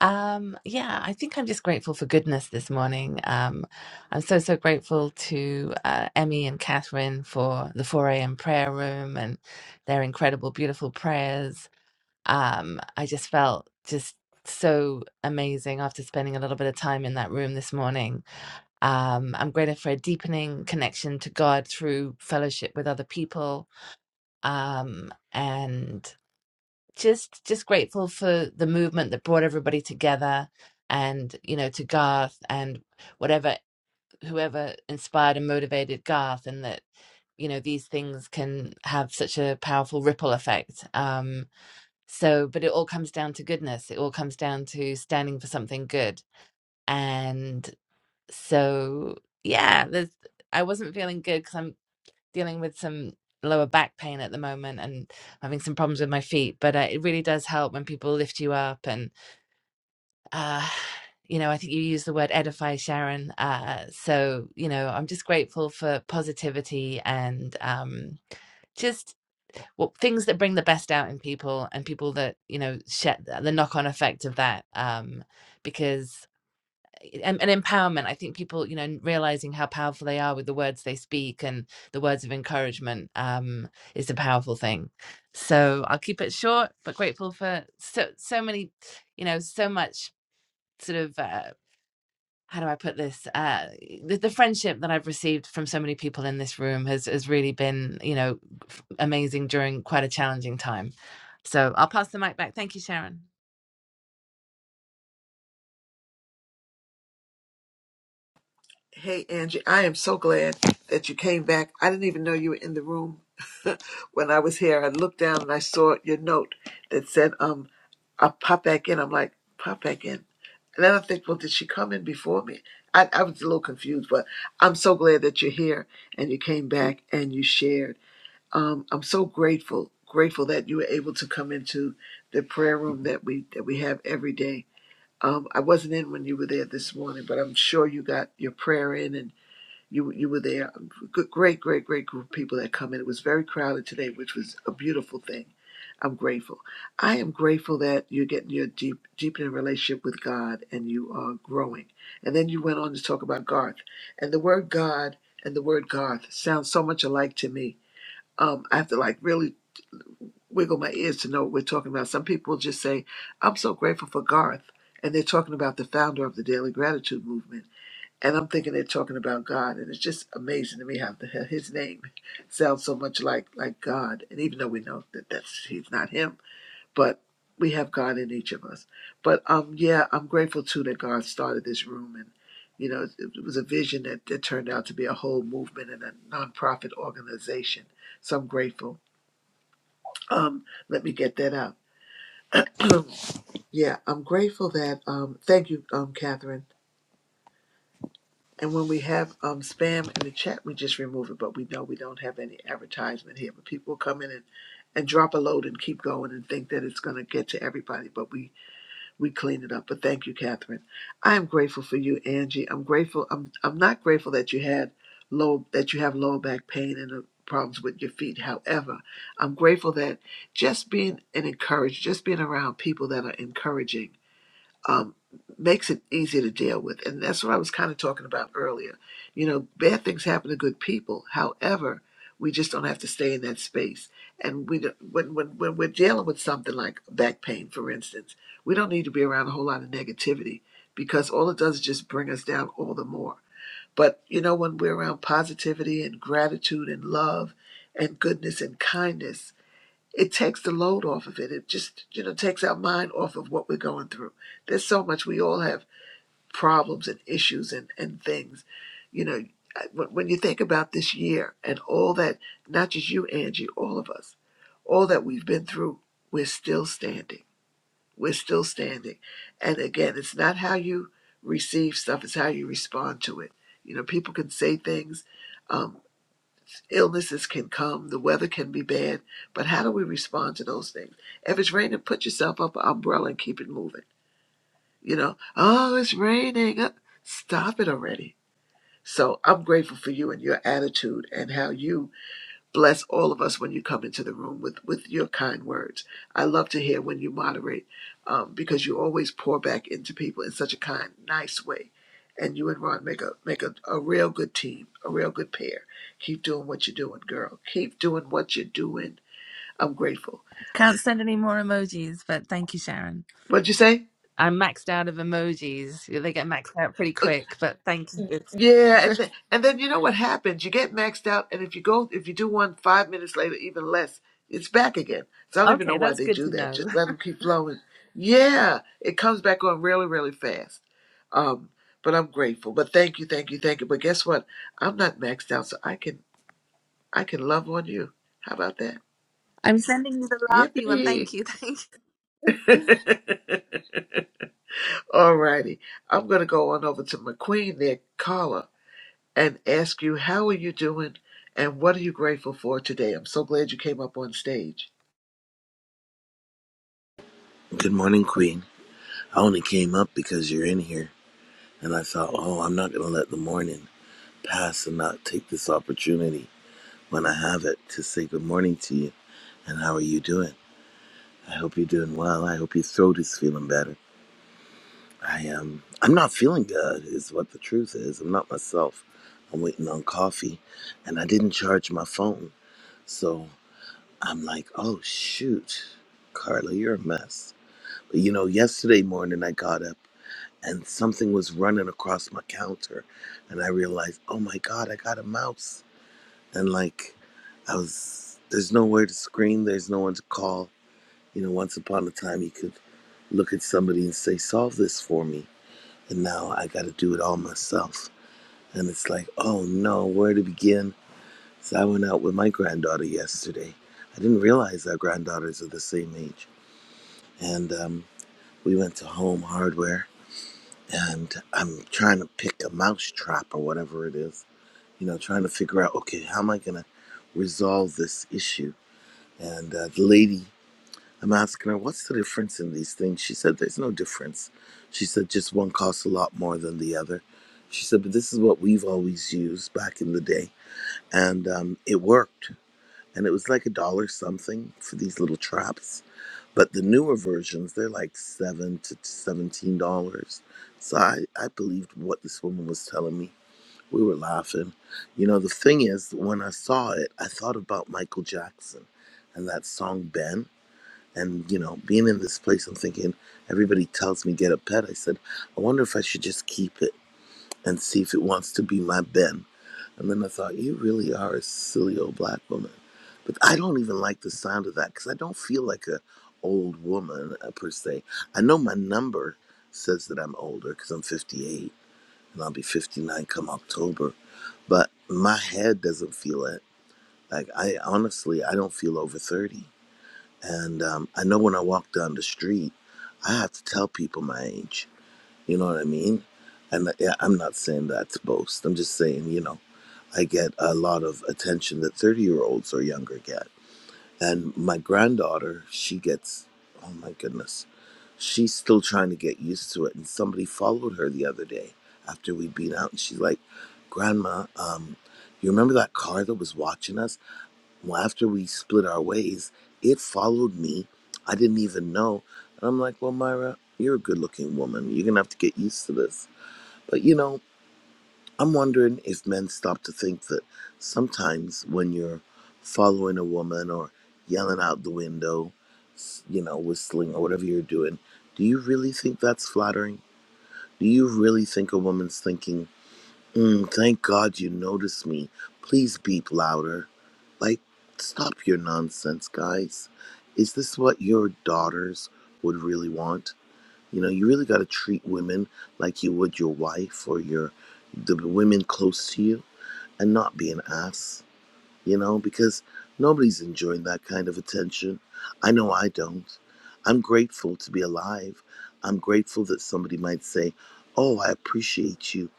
Speaker 6: Um, yeah, I think I'm just grateful for goodness this morning. Um, I'm so, so grateful to uh, Emmy and Catherine for the 4 a.m. prayer room and their incredible, beautiful prayers. Um, I just felt just so amazing after spending a little bit of time in that room this morning. Um, I'm grateful for a deepening connection to God through fellowship with other people. Um, and just just grateful for the movement that brought everybody together and you know to garth and whatever whoever inspired and motivated garth and that you know these things can have such a powerful ripple effect um so but it all comes down to goodness it all comes down to standing for something good and so yeah there's i wasn't feeling good because I'm dealing with some lower back pain at the moment and having some problems with my feet but uh, it really does help when people lift you up and uh you know i think you use the word edify sharon uh so you know i'm just grateful for positivity and um just well, things that bring the best out in people and people that you know share the knock-on effect of that um because and, and empowerment i think people you know realizing how powerful they are with the words they speak and the words of encouragement um is a powerful thing so i'll keep it short but grateful for so so many you know so much sort of uh how do I put this? Uh, the, the friendship that I've received from so many people in this room has, has really been, you know, f- amazing during quite a challenging time. So I'll pass the mic back. Thank you, Sharon.
Speaker 1: Hey, Angie, I am so glad that you came back. I didn't even know you were in the room when I was here. I looked down and I saw your note that said, um, I'll pop back in. I'm like, pop back in. And then I think, well, did she come in before me? I, I was a little confused, but I'm so glad that you're here and you came back and you shared. Um, I'm so grateful, grateful that you were able to come into the prayer room that we that we have every day. Um, I wasn't in when you were there this morning, but I'm sure you got your prayer in and. You you were there. Good, great, great, great group of people that come in. It was very crowded today, which was a beautiful thing. I'm grateful. I am grateful that you're getting your deep, deepening relationship with God and you are growing. And then you went on to talk about Garth. And the word God and the word Garth sound so much alike to me. Um, I have to like really wiggle my ears to know what we're talking about. Some people just say, I'm so grateful for Garth. And they're talking about the founder of the Daily Gratitude Movement and I'm thinking they're talking about God, and it's just amazing to me how the hell his name sounds so much like like God. And even though we know that that's he's not him, but we have God in each of us. But um, yeah, I'm grateful too that God started this room, and you know, it, it was a vision that, that turned out to be a whole movement and a nonprofit organization. So I'm grateful. Um, let me get that out. yeah, I'm grateful that um, thank you, um, Catherine. And when we have um, spam in the chat, we just remove it. But we know we don't have any advertisement here. But people will come in and, and drop a load and keep going and think that it's going to get to everybody. But we we clean it up. But thank you, Catherine. I am grateful for you, Angie. I'm grateful. I'm I'm not grateful that you had low that you have low back pain and the problems with your feet. However, I'm grateful that just being and encouraged, just being around people that are encouraging um, makes it easy to deal with. And that's what I was kind of talking about earlier. You know, bad things happen to good people. However, we just don't have to stay in that space. And we don't- when, when, when we're dealing with something like back pain, for instance, we don't need to be around a whole lot of negativity because all it does is just bring us down all the more. But, you know, when we're around positivity and gratitude and love and goodness and kindness, it takes the load off of it. It just, you know, takes our mind off of what we're going through. There's so much we all have problems and issues and, and things. You know, I- when when you think about this year and all that, not just you, Angie, all of us, all that we've been through, we're still standing. We're still standing. And again, it's not how you receive stuff, it's how you respond to it. You know, people can say things. Um, illnesses can come, the weather can be bad, but how do we respond to those things? If it's raining, put yourself up an umbrella and keep it moving. You know, oh, it's raining. uh, Stop it already. So I'm grateful for you and your attitude and how you Bless all of us when you come into the room with, with your kind words. I love to hear when you moderate um, because you always pour back into people in such a kind, nice way. And you and Ron make a make a, a real good team, a real good pair. Keep doing what you're doing, girl. Keep doing what you're doing. I'm grateful.
Speaker 6: Can't send any more emojis, but thank you, Sharon.
Speaker 1: What'd you say?
Speaker 6: I'm maxed out of emojis. Yeah, They get maxed out pretty quick, but thank you.
Speaker 1: Yeah, and then, and then you know what happens? You get maxed out, and if you go, if you do one five minutes later, even less, it's back again. So I don't even know
Speaker 6: okay,
Speaker 1: why
Speaker 6: that's
Speaker 1: they
Speaker 6: good
Speaker 1: do
Speaker 6: to
Speaker 1: that.
Speaker 6: know.
Speaker 1: Just let them keep flowing. Yeah, it comes back on really, really fast. Um, but I'm grateful. But thank you, thank you, thank you. But guess what? I'm not maxed out, so I can I can love on you. How about that?
Speaker 6: I'm sending you the laughy one.
Speaker 1: Yippee!
Speaker 6: Thank you. Thank you.
Speaker 1: All righty, I'm gonna go on over to McQueen there, Carla. and ask you, How are you doing? And what are you grateful for today? I'm so glad you came up on stage.
Speaker 7: Good morning, Queen. I only came up because you're in here. And I thought, oh, I'm not going to let the morning pass and not take this opportunity when I have it to say good morning to you. And how are you doing? I hope you're doing well. I hope your throat is feeling better. I am. I'm not feeling good, is what the truth is. I'm not myself. I'm waiting on coffee. And I didn't charge my phone. So I'm like, oh, shoot. Carla, you're a mess. But you know, yesterday morning I got up. and something was running across my counter and i realized oh my god i got a mouse and like i was there's nowhere to scream there's no one to call you know once upon a time you could look at somebody and say solve this for me and now i got to do it all myself and it's like oh no where to begin so i went out with my granddaughter yesterday i didn't realize our granddaughters are the same age and um, we went to home hardware and I'm trying to pick a mouse trap or whatever it is. You know, trying to figure out, okay, how am I going to resolve this issue? And uh, the lady, I'm asking her, what's the difference in these things? She said, there's no difference. She said, just one costs a lot more than the other. She said, but this is what we've always used back in the day. And um, it worked. And it was like a dollar something for these little traps but the newer versions, they're like seven to seventeen dollars. So I, I believed what this woman was telling me. We were laughing. You know, the thing is, when I saw it, I thought about Michael Jackson and that song Ben. And, you know, being in this place, I'm thinking, everybody tells me get a pet. I said, I wonder if I should just keep it and see if it wants to be my Ben. And then I thought, you really are a silly old black woman. But I don't even like the sound of that because I don't feel like a old woman uh, per se. I know my number says that I'm older because I'm 58 and I'll be 59 come October. But my head doesn't feel it. Like I honestly, I don't feel over 30. And um, I know when I walk down the street, I have to tell people my age. You know what I mean? And uh, yeah, I'm not saying that to boast. I'm just saying, you know. I get a lot of attention that 30 year olds or younger get. And my granddaughter, she gets, oh my goodness, she's still trying to get used to it. And somebody followed her the other day after we'd been out, and she's like, Grandma, um, you remember that car that was watching us? Well, after we split our ways, it followed me. I didn't even know. And I'm like, Well, Myra, you're a good looking woman. You're going to have to get used to this. But you know, I'm wondering if men stop to think that sometimes when you're following a woman or yelling out the window, you know, whistling or whatever you're doing, do you really think that's flattering? Do you really think a woman's thinking, mm, thank God you noticed me. Please beep louder. Like, stop your nonsense, guys. Is this what your daughters would really want? You know, you really got to treat women like you would your wife or your the women close to you and not be an ass, you know, because nobody's enjoying that kind of attention. I know I don't. I'm grateful to be alive. I'm grateful that somebody might say, Oh, I appreciate you.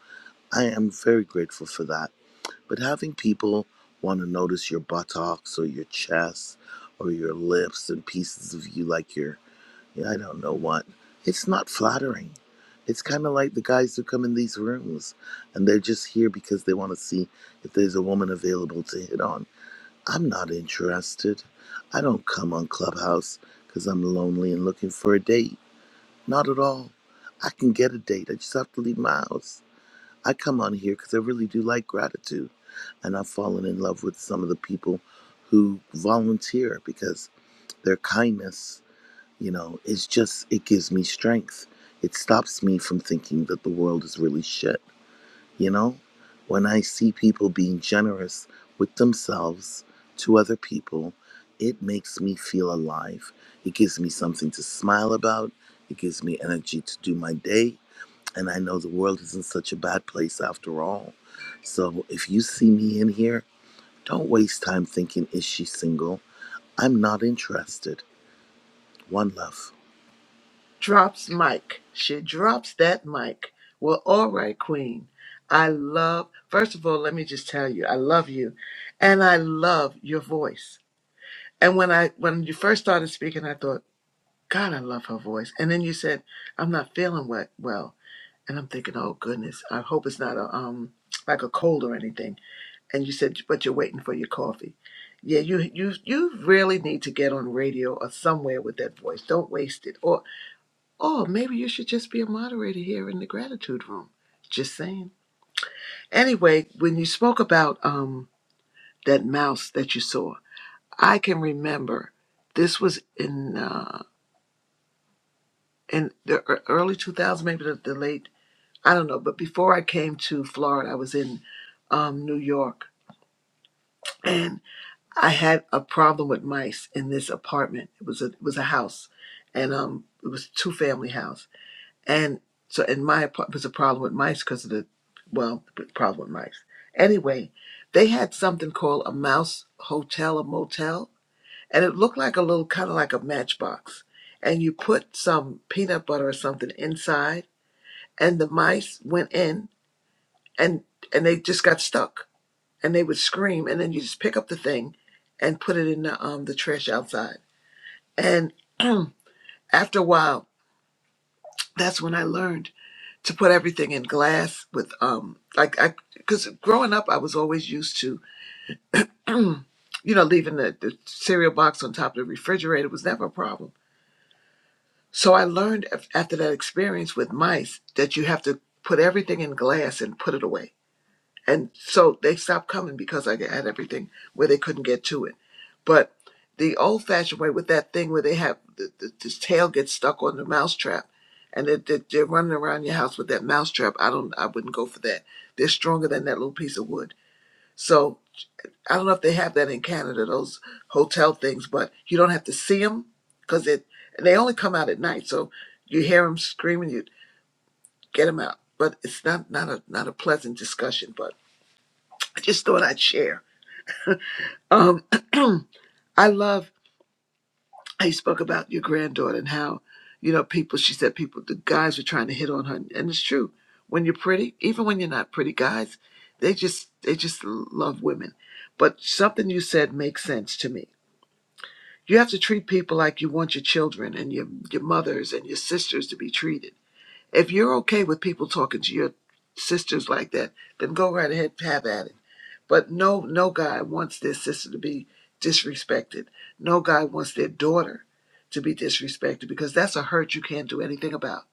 Speaker 7: I am very grateful for that. But having people want to notice your buttocks or your chest or your lips and pieces of you like your yeah, I don't know what. It's not flattering. It's kind of like the guys who come in these rooms and they're just here because they want to see if there's a woman available to hit on. I'm not interested. I don't come on Clubhouse because I'm lonely and looking for a date. Not at all. I can get a date. I just have to leave my house. I come on here because I really do like gratitude. And I've fallen in love with some of the people who volunteer because their kindness you know, it's just, it gives me strength. It stops me from thinking that the world is really shit. You know, when I see people being generous with themselves to other people, it makes me feel alive. It gives me something to smile about. It gives me energy to do my day. And I know the world isn't such a bad place after all. So if you see me in here, don't waste time thinking, is she single? I'm not interested. One love.
Speaker 1: Drops mic. She drops that mic. Well, all right, Queen. I love, first of all, let me just tell you, I love you and I love your voice. And when I when you first started speaking, I thought, God, I love her voice. And then you said, I'm not feeling we- well. And I'm thinking, oh goodness, I hope it's not a um like a cold or anything and you said but you're waiting for your coffee yeah you you you really need to get on radio or somewhere with that voice don't waste it or or maybe you should just be a moderator here in the gratitude room just saying anyway when you spoke about um that mouse that you saw i can remember this was in uh in the ear- early 2000s maybe the, the late i don't know but before i came to florida i was in um new york and. I had a problem with mice in this apartment. It was a it was a house, and um, it was a two family house. And so in my apartment was a problem with mice because of the well the problem with mice. Anyway, they had something called a mouse hotel, a motel, and it looked like a little kind of like a matchbox. And you put some peanut butter or something inside, and the mice went in, and and they just got stuck and they would scream and then you just pick up the thing and put it in the um the trash outside and after a while that's when i learned to put everything in glass with um like i because growing up i was always used to you know leaving the, the cereal box on top of the refrigerator was never a problem so i learned af- after that experience with mice that you have to put everything in glass and put it away and so they stopped coming because I had everything where they couldn't get to it. But the old-fashioned way with that thing where they have the, the, this tail gets stuck on the mousetrap, and they, they, they're running around your house with that mousetrap. I don't. I wouldn't go for that. They're stronger than that little piece of wood. So I don't know if they have that in Canada, those hotel things, but you don't have to see them because it. And they only come out at night, so you hear them screaming, you get them out. But it's not not a not a pleasant discussion. But I just thought I'd share Um, I love how you spoke about your granddaughter and how, you know, people, she said people, the guys were trying to hit on her. And it's true. When you're pretty, even when you're not pretty, guys, they just, they just love women. But something you said makes sense to me. You have to treat people like you want your children and your, your mothers and your sisters to be treated. If you're okay with people talking to your sisters like that, then go right ahead, have at it but no, no guy wants their sister to be disrespected. No guy wants their daughter to be disrespected because that's a hurt you can't do anything about.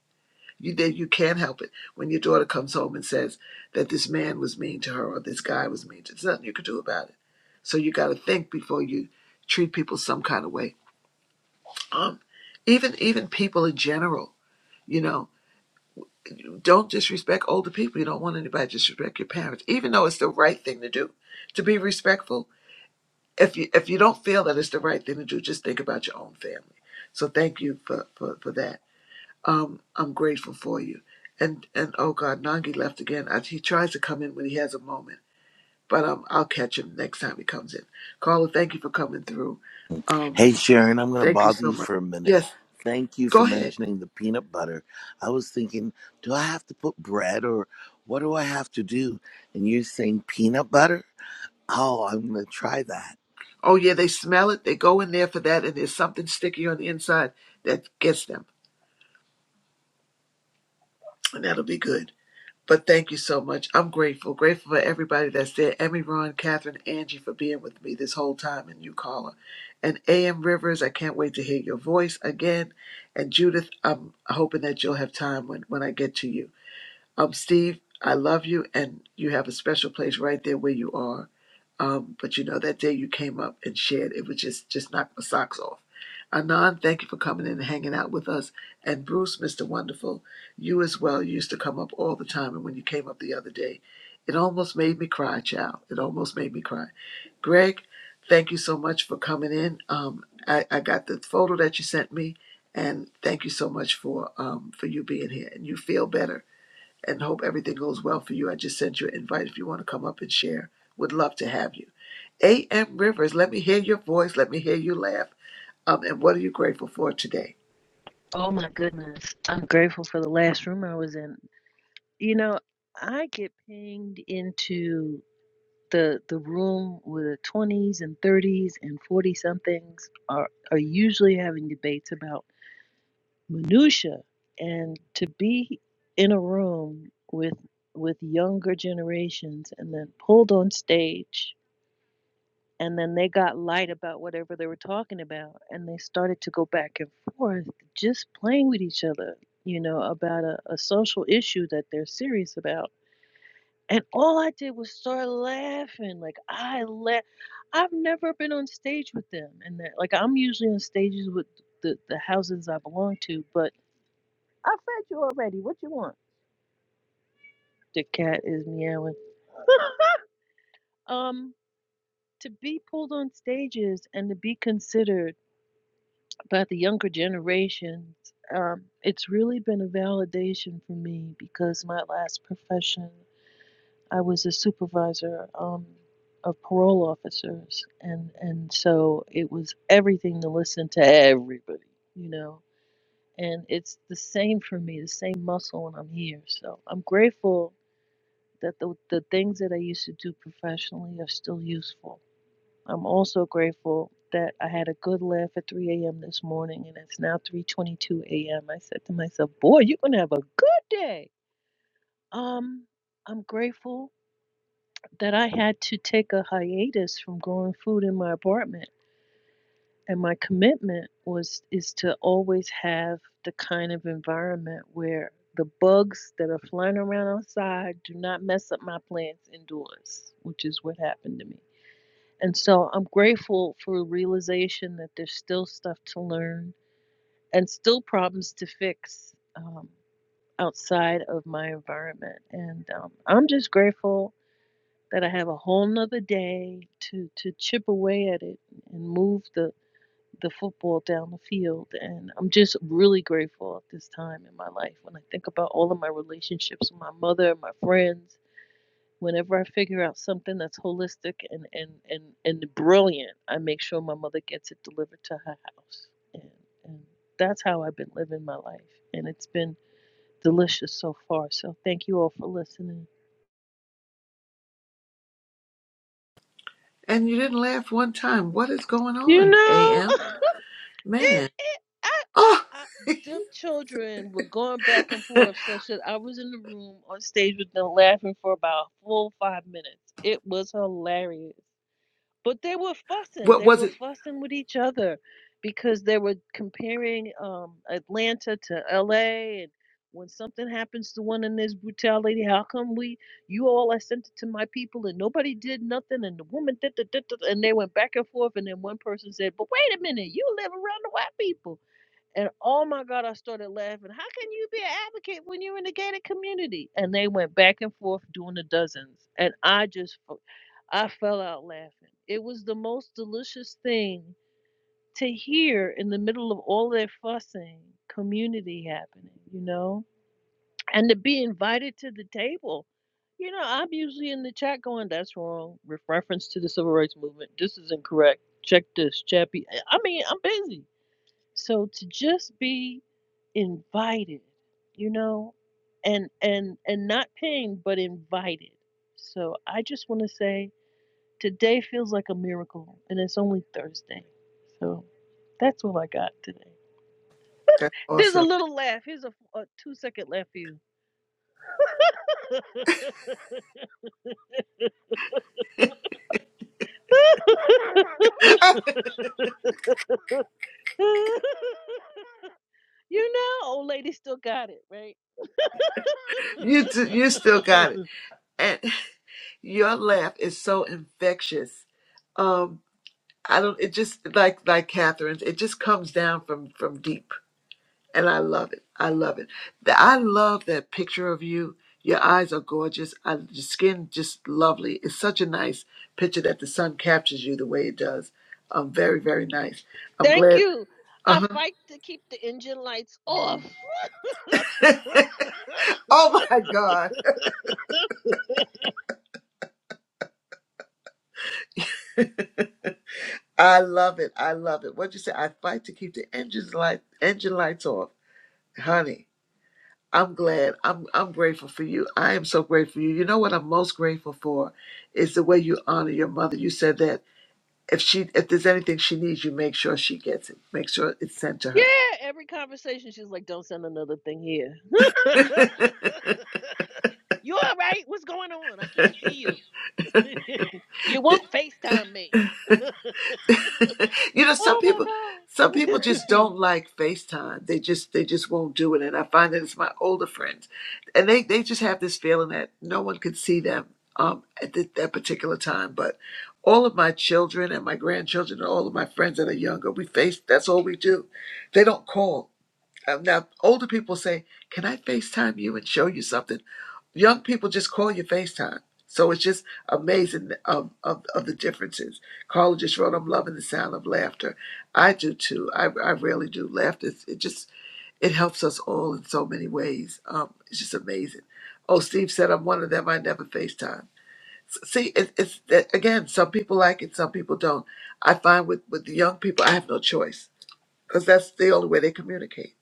Speaker 1: You that you can't help it when your daughter comes home and says that this man was mean to her or this guy was mean to. her. There's nothing you can do about it. So you got to think before you treat people some kind of way. Um, even even people in general, you know, don't disrespect older people. You don't want anybody to disrespect your parents, even though it's the right thing to do to be respectful if you if you don't feel that it's the right thing to do, just think about your own family. So thank you for for, for that. Um, I'm grateful for you. And and oh God, Nangi left again. I, he tries to come in when he has a moment, but um, I'll catch him next time he comes in. Carla, thank you for coming through. Um,
Speaker 7: Hey Sharon, I'm going to
Speaker 1: thank you
Speaker 7: bother
Speaker 1: so
Speaker 7: you
Speaker 1: much.
Speaker 7: for a minute.
Speaker 1: Yes,
Speaker 7: Thank you for
Speaker 1: go ahead.
Speaker 7: mentioning the peanut butter. I was thinking, do I have to put bread or what do I have to do? And you're saying peanut butter? Oh, I'm going to try that.
Speaker 1: Oh yeah, they smell it. They go in there for that, and there's something sticky on the inside that gets them, and that'll be good. But thank you so much. I'm grateful. Grateful for everybody that's there. Emmy, Ron, Catherine, Angie for being with me this whole time and you, Carla. And A.M. Rivers, I can't wait to hear your voice again. And Judith, I'm hoping that you'll have time when, when I get to you. Um, Steve, I love you and you have a special place right there where you are. Um, but you know, that day you came up and shared, it was just just knocked my socks off. Anand, thank you for coming in and hanging out with us. And Bruce, Mr. Wonderful, you as well. You used to come up all the time, and when you came up the other day, it almost made me cry, child. It almost made me cry. Greg, thank you so much for coming in. Um, I, I got the photo that you sent me, and thank you so much for um, for you being here. And you feel better and hope everything goes well for you. I just sent you an invite if you want to come up and share. Would love to have you. A.M. Rivers, let me hear your voice. Let me hear you laugh. Um, and what are you grateful for today?
Speaker 8: Oh my goodness. I'm grateful for the last room I was in. You know, I get pinged into the the room where 20s and 30s and 40 somethings are are usually having debates about minutia and to be in a room with with younger generations and then pulled on stage and then they got light about whatever they were talking about and they started to go back and forth just playing with each other you know about a, a social issue that they're serious about and all i did was start laughing like i laugh i've never been on stage with them and that like i'm usually on stages with the, the houses i belong to but i fed you already what you want the cat is meowing um to be pulled on stages and to be considered But the younger generations, um, it's really been a validation for me because my last profession, I was a supervisor um, of parole officers, and and so it was everything to listen to everybody, you know. And it's the same for me, the same muscle when I'm here. So I'm grateful that the the things that I used to do professionally are still useful I'm also grateful that I had a good laugh at 3 a.m. this morning, and it's now 3:22 a.m. I said to myself, "Boy, you're gonna have a good day." Um, I'm grateful that I had to take a hiatus from growing food in my apartment, and my commitment was is to always have the kind of environment where the bugs that are flying around outside do not mess up my plants indoors, which is what happened to me. And so I'm grateful for the realization that there's still stuff to learn and still problems to fix um, outside of my environment. And um, I'm just grateful that I have a whole nother day to, to chip away at it and move the, the football down the field. And I'm just really grateful at this time in my life when I think about all of my relationships with my mother, my friends, Whenever I figure out something that's holistic and and and and brilliant, I make sure my mother gets it delivered to her house, and and that's how I've been living my life, and it's been delicious so far. So thank you all for listening.
Speaker 1: And you didn't laugh one time. What is going
Speaker 8: You
Speaker 1: on,
Speaker 8: know,
Speaker 1: A.M.?
Speaker 8: it,
Speaker 1: Man.
Speaker 8: it I, I
Speaker 1: Oh,
Speaker 8: I them children were going back and forth such that I was in the room on stage with them laughing for about a full five minutes. It was hilarious. but they were fussing
Speaker 1: what
Speaker 8: they
Speaker 1: was
Speaker 8: were
Speaker 1: it?
Speaker 8: fussing with each other because they were comparing um atlanta to la and when something happens to one in this brutality how come we you all i sent it to my people and nobody did nothing and the woman did, did, did, did," and they went back and forth and then one person said but wait a minute you live around the white people and oh my God, I started laughing. How can you be an advocate when you're in the gated community? And they went back and forth doing the dozens. And I just, f- I fell out laughing. It was the most delicious thing to hear in the middle of all that fussing, community happening, you know? And to be invited to the table. You know, I'm usually in the chat going, that's wrong. With reference to the civil rights movement. This is incorrect. Check this, Chappie. I I mean, I'm busy. So to just be invited, you know, and and and not paying but invited. So I just want to say today feels like a miracle and it's only Thursday. So that's all I got today.
Speaker 1: That's
Speaker 8: There's a
Speaker 1: awesome.
Speaker 8: little laugh. Here's a, a two second laugh for you. you know, old lady still got it, right?
Speaker 1: You, t- you still got it. And your laugh is so infectious. Um, I don't, it just, like, like Catherine's, it just comes down from, from deep. And I love it. I love it. The- I love that picture of you. Your eyes are gorgeous. I, your skin just lovely. It's such a nice picture that the sun captures you the way it does. Um, very, very nice. I'm
Speaker 8: Thank
Speaker 1: glad.
Speaker 8: you.
Speaker 1: Uh
Speaker 8: I
Speaker 1: huh.
Speaker 8: fight to keep the engine lights off.
Speaker 1: Oh my God. I love it. I love it. What'd you say? I fight to keep the engines light, engine lights off, honey. I'm glad. I'm I'm grateful for you. I am so grateful for you. You know what I'm most grateful for is the way you honor your mother. You said that if she if there's anything she needs, you make sure she gets it. Make sure it's sent to
Speaker 8: Yeah,
Speaker 1: her.
Speaker 8: every conversation she's like, "Don't send another thing here." you all right? What's going on? I can't see you. you won't Facetime me.
Speaker 1: you know, some
Speaker 8: Oh
Speaker 1: people some
Speaker 8: my
Speaker 1: people
Speaker 8: god.
Speaker 1: just don't like FaceTime. They just they just won't do it. And I find that it's my older friends. And they, they just have this feeling that no one can see them um at th- that particular time. But all of my children and my grandchildren and all of my friends that are younger, we face that's all we do. They don't call. uh, now older people say, "Can I FaceTime you and show you something?" Young people just call you FaceTime. So it's just amazing of, of, of the differences. Carla just wrote, "I'm loving the sound of laughter." I do too. I, I really do. Laughter, it's- it just it helps us all in so many ways. Um, it's just amazing. Oh, Steve said, "I'm one of them. I never FaceTime." S- See, it, it's that- again, some people like it, some people don't. I find with with the young people, I have no choice because that's the only way they communicate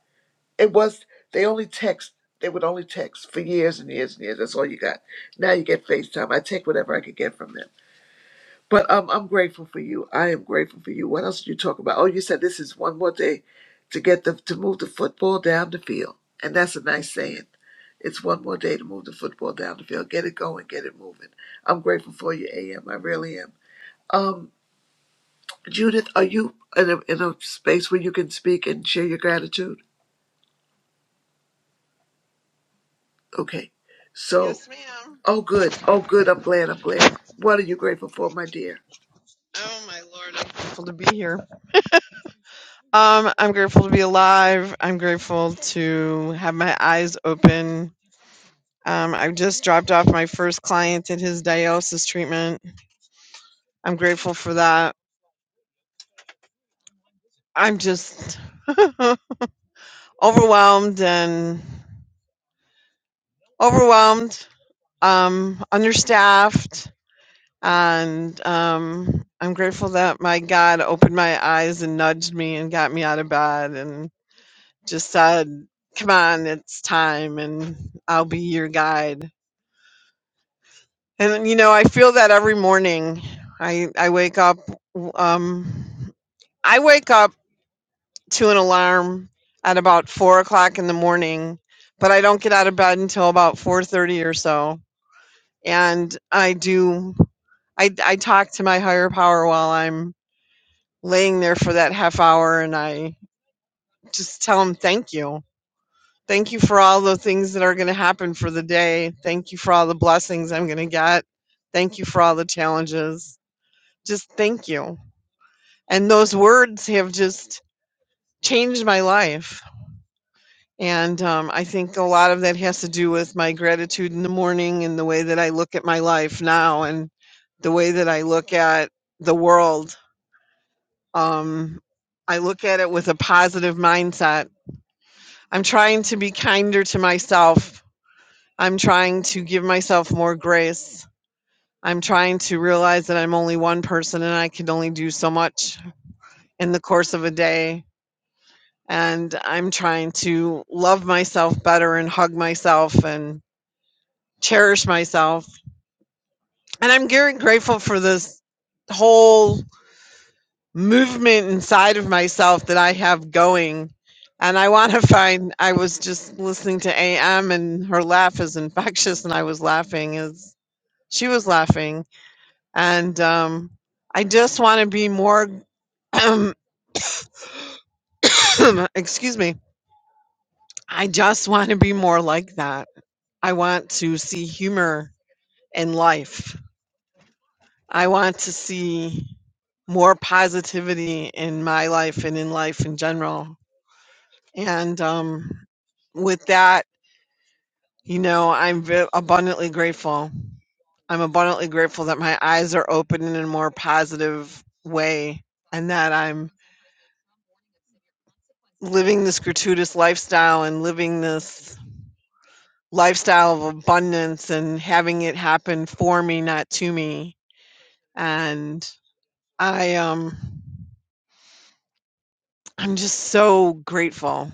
Speaker 1: it was they only text. They would only text for years and years and years. That's all you got. Now you get FaceTime. I take whatever I could get from them. But um, I'm grateful for you. I am grateful for you. What else did you talk about? Oh, you said this is one more day to get the to move the football down the field, and that's a nice saying. It's one more day to move the football down the field. Get it going. Get it moving. I'm grateful for you, AM. I really am. Um, Judith, are you in a in a space where you can speak and share your gratitude? Okay, so.
Speaker 9: Yes, ma'am.
Speaker 1: Oh, good. Oh, good. I'm glad. I'm glad. What are you grateful for, my dear?
Speaker 9: Oh my lord, I'm grateful to be here. Um, I'm grateful to be alive. I'm grateful to have my eyes open. Um, I just dropped off my first client at his dialysis treatment. I'm grateful for that. I'm just overwhelmed and overwhelmed, um, understaffed, and um, I'm grateful that my God opened my eyes and nudged me and got me out of bed and. just said, Come on, it's time, and I'll be your guide. And, you know, I feel that every morning. I, I wake up, um, I wake up to an alarm at about four o'clock in the morning, but I don't get out of bed until about 4.30 or so. And I do, I, I talk to my higher power while I'm laying there for that half hour and I just tell him thank you Thank you for all the things that are going to happen for the day. Thank you for all the blessings I'm going to get. Thank you for all the challenges. Just thank you. And those words have just changed my life. And um, I think a lot of that has to do with my gratitude in the morning and the way that I look at my life now and the way that I look at the world. Um, I look at it with a positive mindset. I'm trying to be kinder to myself I'm trying to give myself more grace. I'm trying to realize that I'm only one person and I can only do so much in the course of a day. And I'm trying to love myself better and hug myself and cherish myself. And I'm very grateful for this whole movement inside of myself that I have going. And I want to find, I was just listening to AM and her laugh is infectious. And I was laughing as she was laughing and um, I just want to be more. excuse me. I just want to be more like that. I want to see humor in life. I want to see more positivity in my life and in life in general. And um, with that, you know, I'm ve- abundantly grateful. I'm abundantly grateful that my eyes are open in a more positive way and that I'm. living this gratuitous lifestyle and living this lifestyle of abundance and having it happen for me not to me and i um i'm just so grateful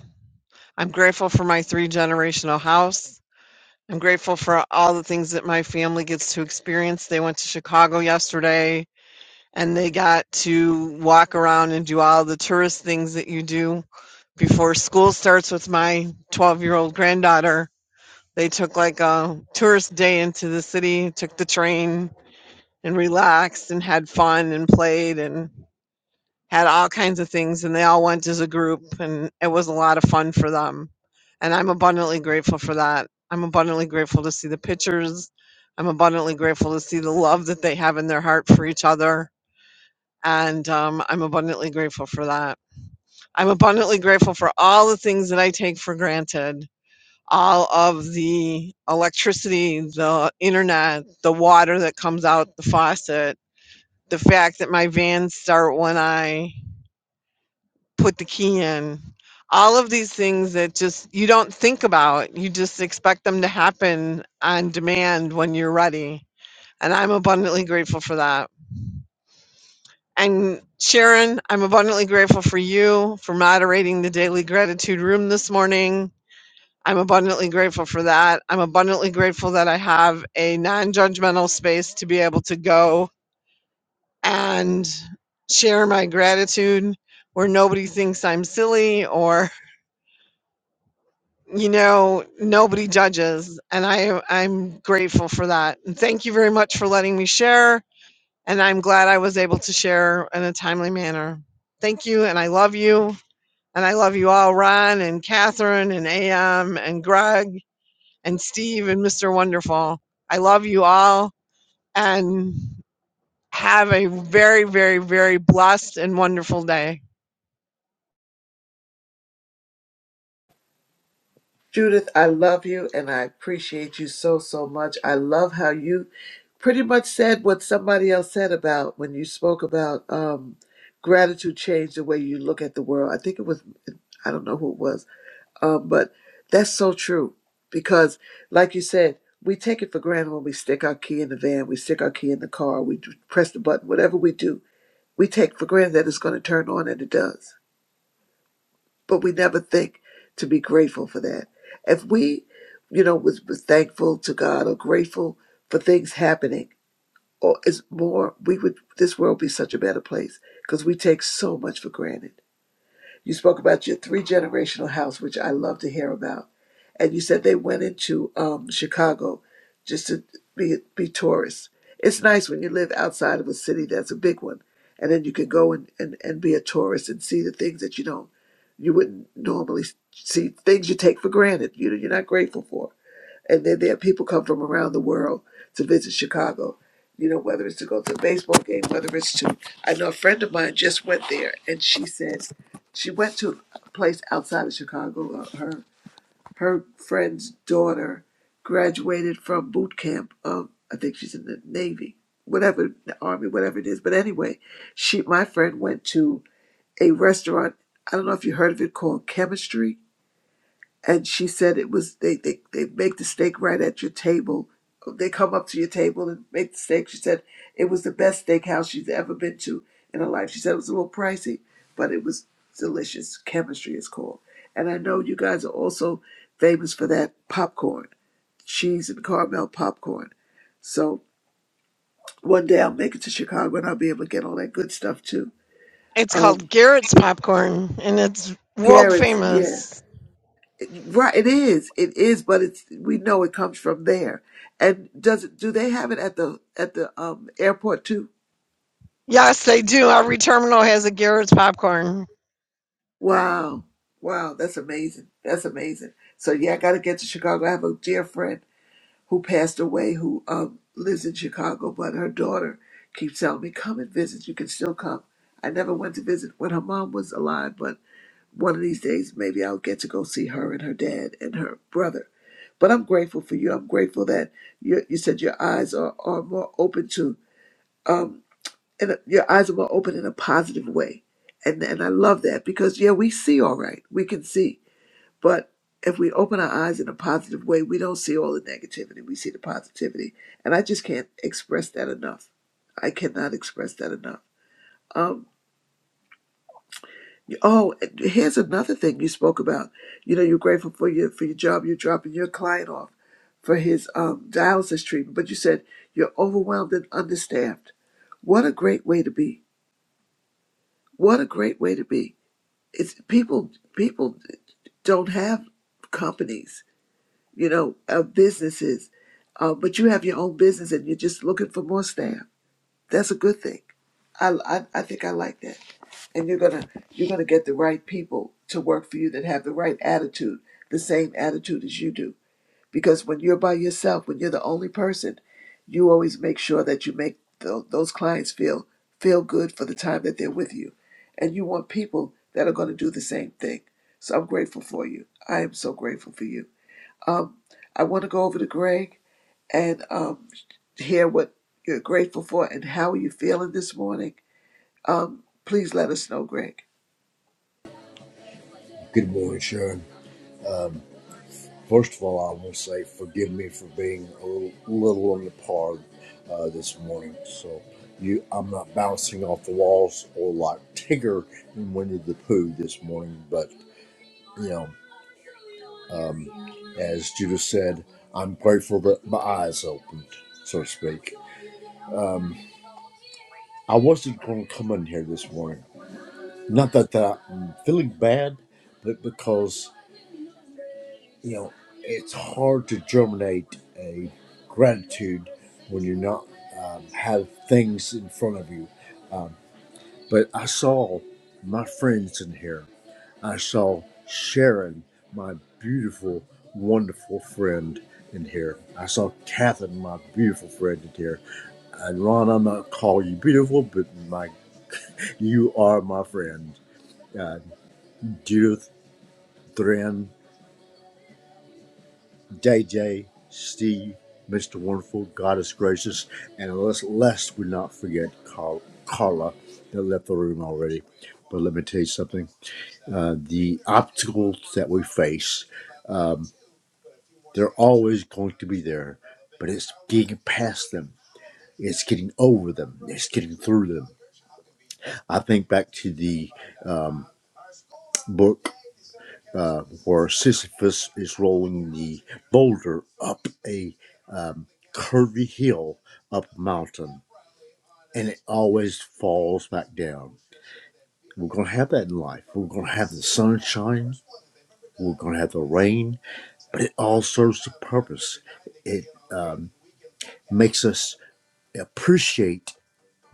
Speaker 9: i'm grateful for my three generational house i'm grateful for all the things that my family gets to experience they went to chicago yesterday and they got to walk around and do all the tourist things that you do before school starts with my 12 year old granddaughter They took like a tourist day into the city, took the train and relaxed and had fun and played and had all kinds of things. And they all went as a group and it was a lot of fun for them. And I'm abundantly grateful for that. I'm abundantly grateful to see the pictures. I'm abundantly grateful to see the love that they have in their heart for each other. And um, I'm abundantly grateful for that. I'm abundantly grateful for all the things that I take for granted all of the electricity, the internet, the water that comes out the faucet, the fact that my vans start when I put the key in. All of these things that just you don't think about, you just expect them to happen on demand when you're ready. And I'm abundantly grateful for that. And Sharon, I'm abundantly grateful for you for moderating the daily gratitude room this morning I'm abundantly grateful for that. I'm abundantly grateful that I have a non judgmental space to be able to go and share my gratitude where nobody thinks I'm silly or, you know, nobody judges. And I, I'm grateful for that. And thank you very much for letting me share. And I'm glad I was able to share in a timely manner. Thank you. And I love you. And I love you all, Ron and Catherine and AM and Greg and Steve and Mr. Wonderful. I love you all and have a very, very, very blessed and wonderful day.
Speaker 1: Judith, I love you and I appreciate you so, so much. I love how you pretty much said what somebody else said about when you spoke about um, gratitude changed the way you look at the world. I think it was, I don't know who it was, um, but that's so true because, like you said, we take it for granted when we stick our key in the van, we stick our key in the car, we do- press the button, whatever we do, we take for granted that it's going to turn on and it does but we never think to be grateful for that. If we, you know, was, was thankful to God or grateful for things happening, or is more, we would this world be such a better place because we take so much for granted. You spoke about your three generational house, which I love to hear about and you said they went into um, Chicago just to be be tourists. It's nice when you live outside of a city that's a big one, and then you can go and, and, and be a tourist and see the things that you don't you wouldn't normally see things you take for granted. You know, you're not grateful for, and then there are people come from around the world to visit Chicago. You know, whether it's to go to a baseball game, whether it's to I know a friend of mine just went there, and she said she went to a place outside of Chicago. uh, Her her friend's daughter graduated from boot camp of I think she's in the Navy, whatever the Army, whatever it is. But anyway, she my friend went to a restaurant. I don't know if you heard of it called Chemistry and she said it was they they, they make the steak right at your table they come up to your table and make the steak she said it was the best steakhouse she's ever been to in her life she said it was a little pricey but it was delicious chemistry is called and i know you guys are also famous for that popcorn cheese and caramel popcorn so one day i'll make it to chicago and i'll be able to get all that good stuff too
Speaker 9: It's called
Speaker 1: um
Speaker 9: Garrett's Popcorn and it's world
Speaker 1: garrett's yeah
Speaker 9: famous.
Speaker 1: Right, it is. It is, but it's we know it comes from there. And does it do they have it at the at the um airport too?
Speaker 9: Yes, they do. Every terminal has a Garrett's Popcorn.
Speaker 1: Wow. Wow, that's amazing. That's amazing. So yeah, I gotta get to Chicago. I have a dear friend. who passed away who um, lives in Chicago, but her daughter keeps telling me, come and visit. You can still come. I never went to visit when her mom was alive, but one of these days maybe I'll get to go see her and her dad and her brother. But I'm grateful for you. I'm grateful that you, you said your eyes are, are more open to um and your eyes are more open in a positive way. And and I love that because yeah, we see all right. We can see. But if we open our eyes in a positive way, we don't see all the negativity. We see the positivity. And I just can't express that enough. I cannot express that enough. Um, oh, and here's another thing you spoke about. You know, you're grateful for your for your job. You're dropping your client off for his um, dialysis treatment, but you said you're overwhelmed and understaffed. What a great way to be! What a great way to be! It's people people don't have companies you know, uh, businesses, uh, but you have your own business and you're just looking for more staff. That's a good thing. I, I, I think I like that. And you're gonna you're gonna get the right people to work for you that have the right attitude, the same attitude as you do. Because when you're by yourself, when you're the only person, you always make sure that you make tho- those clients feel feel good for the time that they're with you, and you want people that are going to do the same thing. So I'm grateful for you. I am so grateful for you. Um, I want to go over to Greg and um, hear what you're grateful for and how you're feeling this morning. Um, please let us know, Greg.
Speaker 10: Good morning, Sharon. First of all, I want to say forgive me for being a little, little on the par uh, this morning. So you, I'm not bouncing off the walls or like Tigger in Winnie the Pooh this morning. But you know, um, as Judith said, I'm grateful that my eyes opened, so to speak. Um, I wasn't going to come in here this morning. Not that, that I'm feeling bad, but because. you know, it's hard to germinate a gratitude when you're not um, have things in front of you. Um, but I saw my friends in here. I saw Sharon, my beautiful, wonderful friend in here. I saw Catherine, my beautiful friend in here. And Ron, I'm not calling you beautiful, but my you are my friend. Uh, Judith, Thrin, JJ, Steve, Mr. Wonderful, Goddess gracious, and lest, lest we not forget Carl, Carla that left the room already. But let me tell you something uh, the obstacles that we face, they're always going to be there, but it's getting past them. It's getting over them. It's getting through them. I think back to the um, book. uh, where Sisyphus is rolling the boulder up a um, curvy hill up a mountain, and it always falls back down. We're going to have that in life. We're going to have the sunshine. We're going to have the rain. But it all serves a purpose. It um, makes us appreciate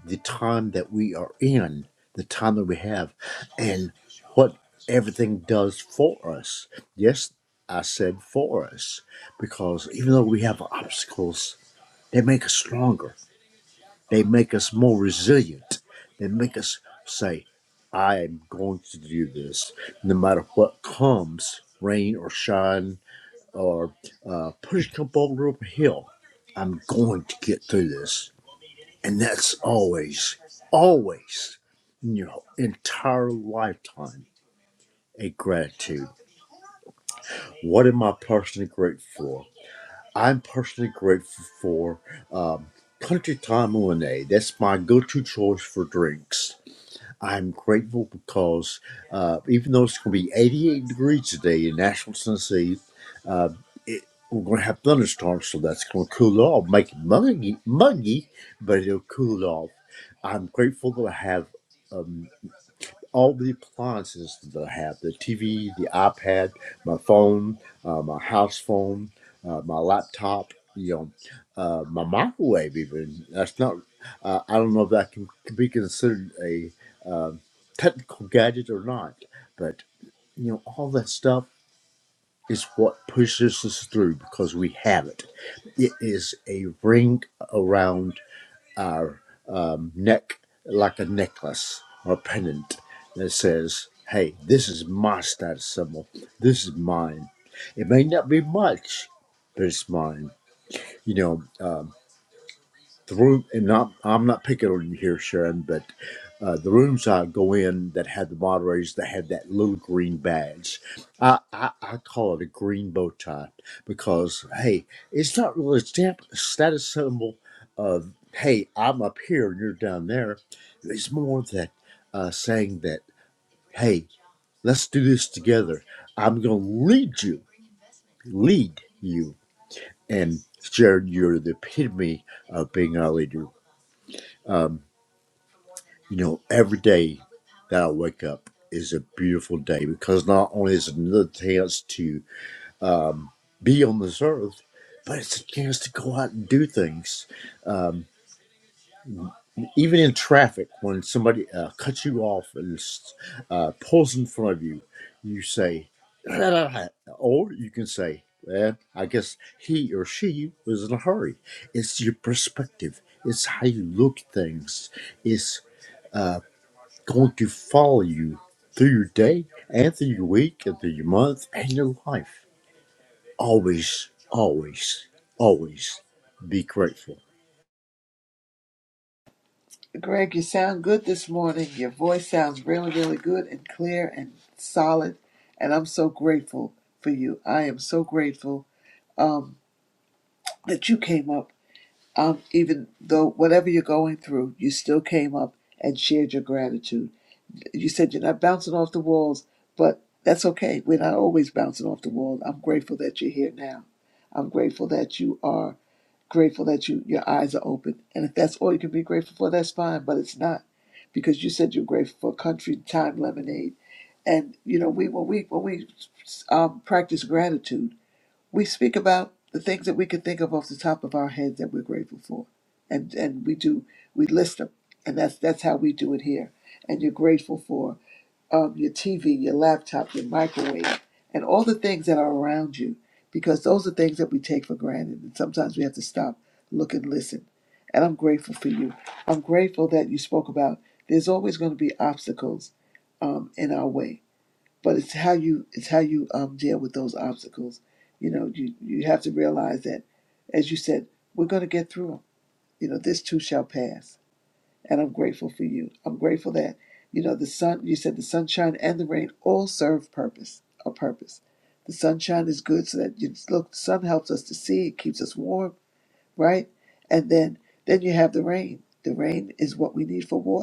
Speaker 10: the time that we are in, the time that we have, and what everything does for us. Yes, I said for us, because even though we have obstacles, they make us stronger, they make us more resilient, they make us say, I am going to do this no matter what comes, rain or shine, or uh, push come boulder up a hill. I'm going to get through this and that's always, always in your entire lifetime a gratitude. What am I personally grateful for? I'm personally grateful for um, Country Time Lemonade. That's my go to choice for drinks. I'm grateful because uh, even though it's going to be 88 degrees today in Nashville, Tennessee, uh, it, we're going to have thunderstorms, so that's going to cool it off, make it muggy, muggy, but it'll cool it off. I'm grateful that I have. um, all the appliances that I have the TV, the iPad, my phone, uh, my house phone, uh, my laptop, you know, uh, my microwave, even. That's not, uh, I don't know if that can, can be considered a um technical gadget or not, but you know, all that stuff is what pushes us through because we have it. It is a ring around our um, neck like a necklace or a pendant that says, hey, this is my status symbol. This is mine. It may not be much, but it's mine. You know, um, the room and not I'm not picking on you here, Sharon, but uh, the rooms I go in that have the moderators that have that little green badge. I, I, I call it a green bow tie because hey, it's not really a stamp a status symbol of hey, I'm up here and you're down there. It's more that uh, saying that, hey, let's do this together. I'm gonna lead you, lead you. And Sharon, you're the epitome of being a leader. Um, You know, every day that I wake up is a beautiful day because not only is it another chance to um, be on this earth, but it's a chance to go out and do things. Um, even in traffic, when somebody uh, cuts you off and uh, pulls in front of you, you say, or you can say, well, I guess he or she was in a hurry. It's your perspective. It's how you look at things going to follow you through your day and through your week and through your month and your life. Always, always, always be grateful.
Speaker 1: Greg, you sound good this morning. Your voice sounds really, really good and clear and solid. And I'm so grateful for you. I am so grateful um, that you came up. Um, even though whatever you're going through, you still came up and shared your gratitude. you said you're not bouncing off the walls, but that's okay. We're not always bouncing off the walls. I'm grateful that you're here now. I'm grateful that you are grateful that you your eyes are open. And if that's all you can be grateful for, that's fine. But it's not because you said you're grateful for country time lemonade. And you know, we when we when we um, practice gratitude, we speak about the things that we can think of off the top of our heads that we're grateful for, and and we do we list them, and that's that's how we do it here. And you're grateful for um, your TV, your laptop, your microwave, and all the things that are around you, because those are things that we take for granted. And sometimes we have to stop, look, and listen. And I'm grateful for you. I'm grateful that you spoke about there's always going to be obstacles um, in our way, but it's how you it's how you um, deal with those obstacles. You know, you you have to realize that, as you said, we're going to get through them. You know, this too shall pass and I'm grateful for you. I'm grateful that you know the sun. You said the sunshine and the rain all serve purpose. A purpose. The sunshine is good so that you look. The sun helps us to see. It keeps us warm, right? And then then you have the rain. The rain is what we need for water.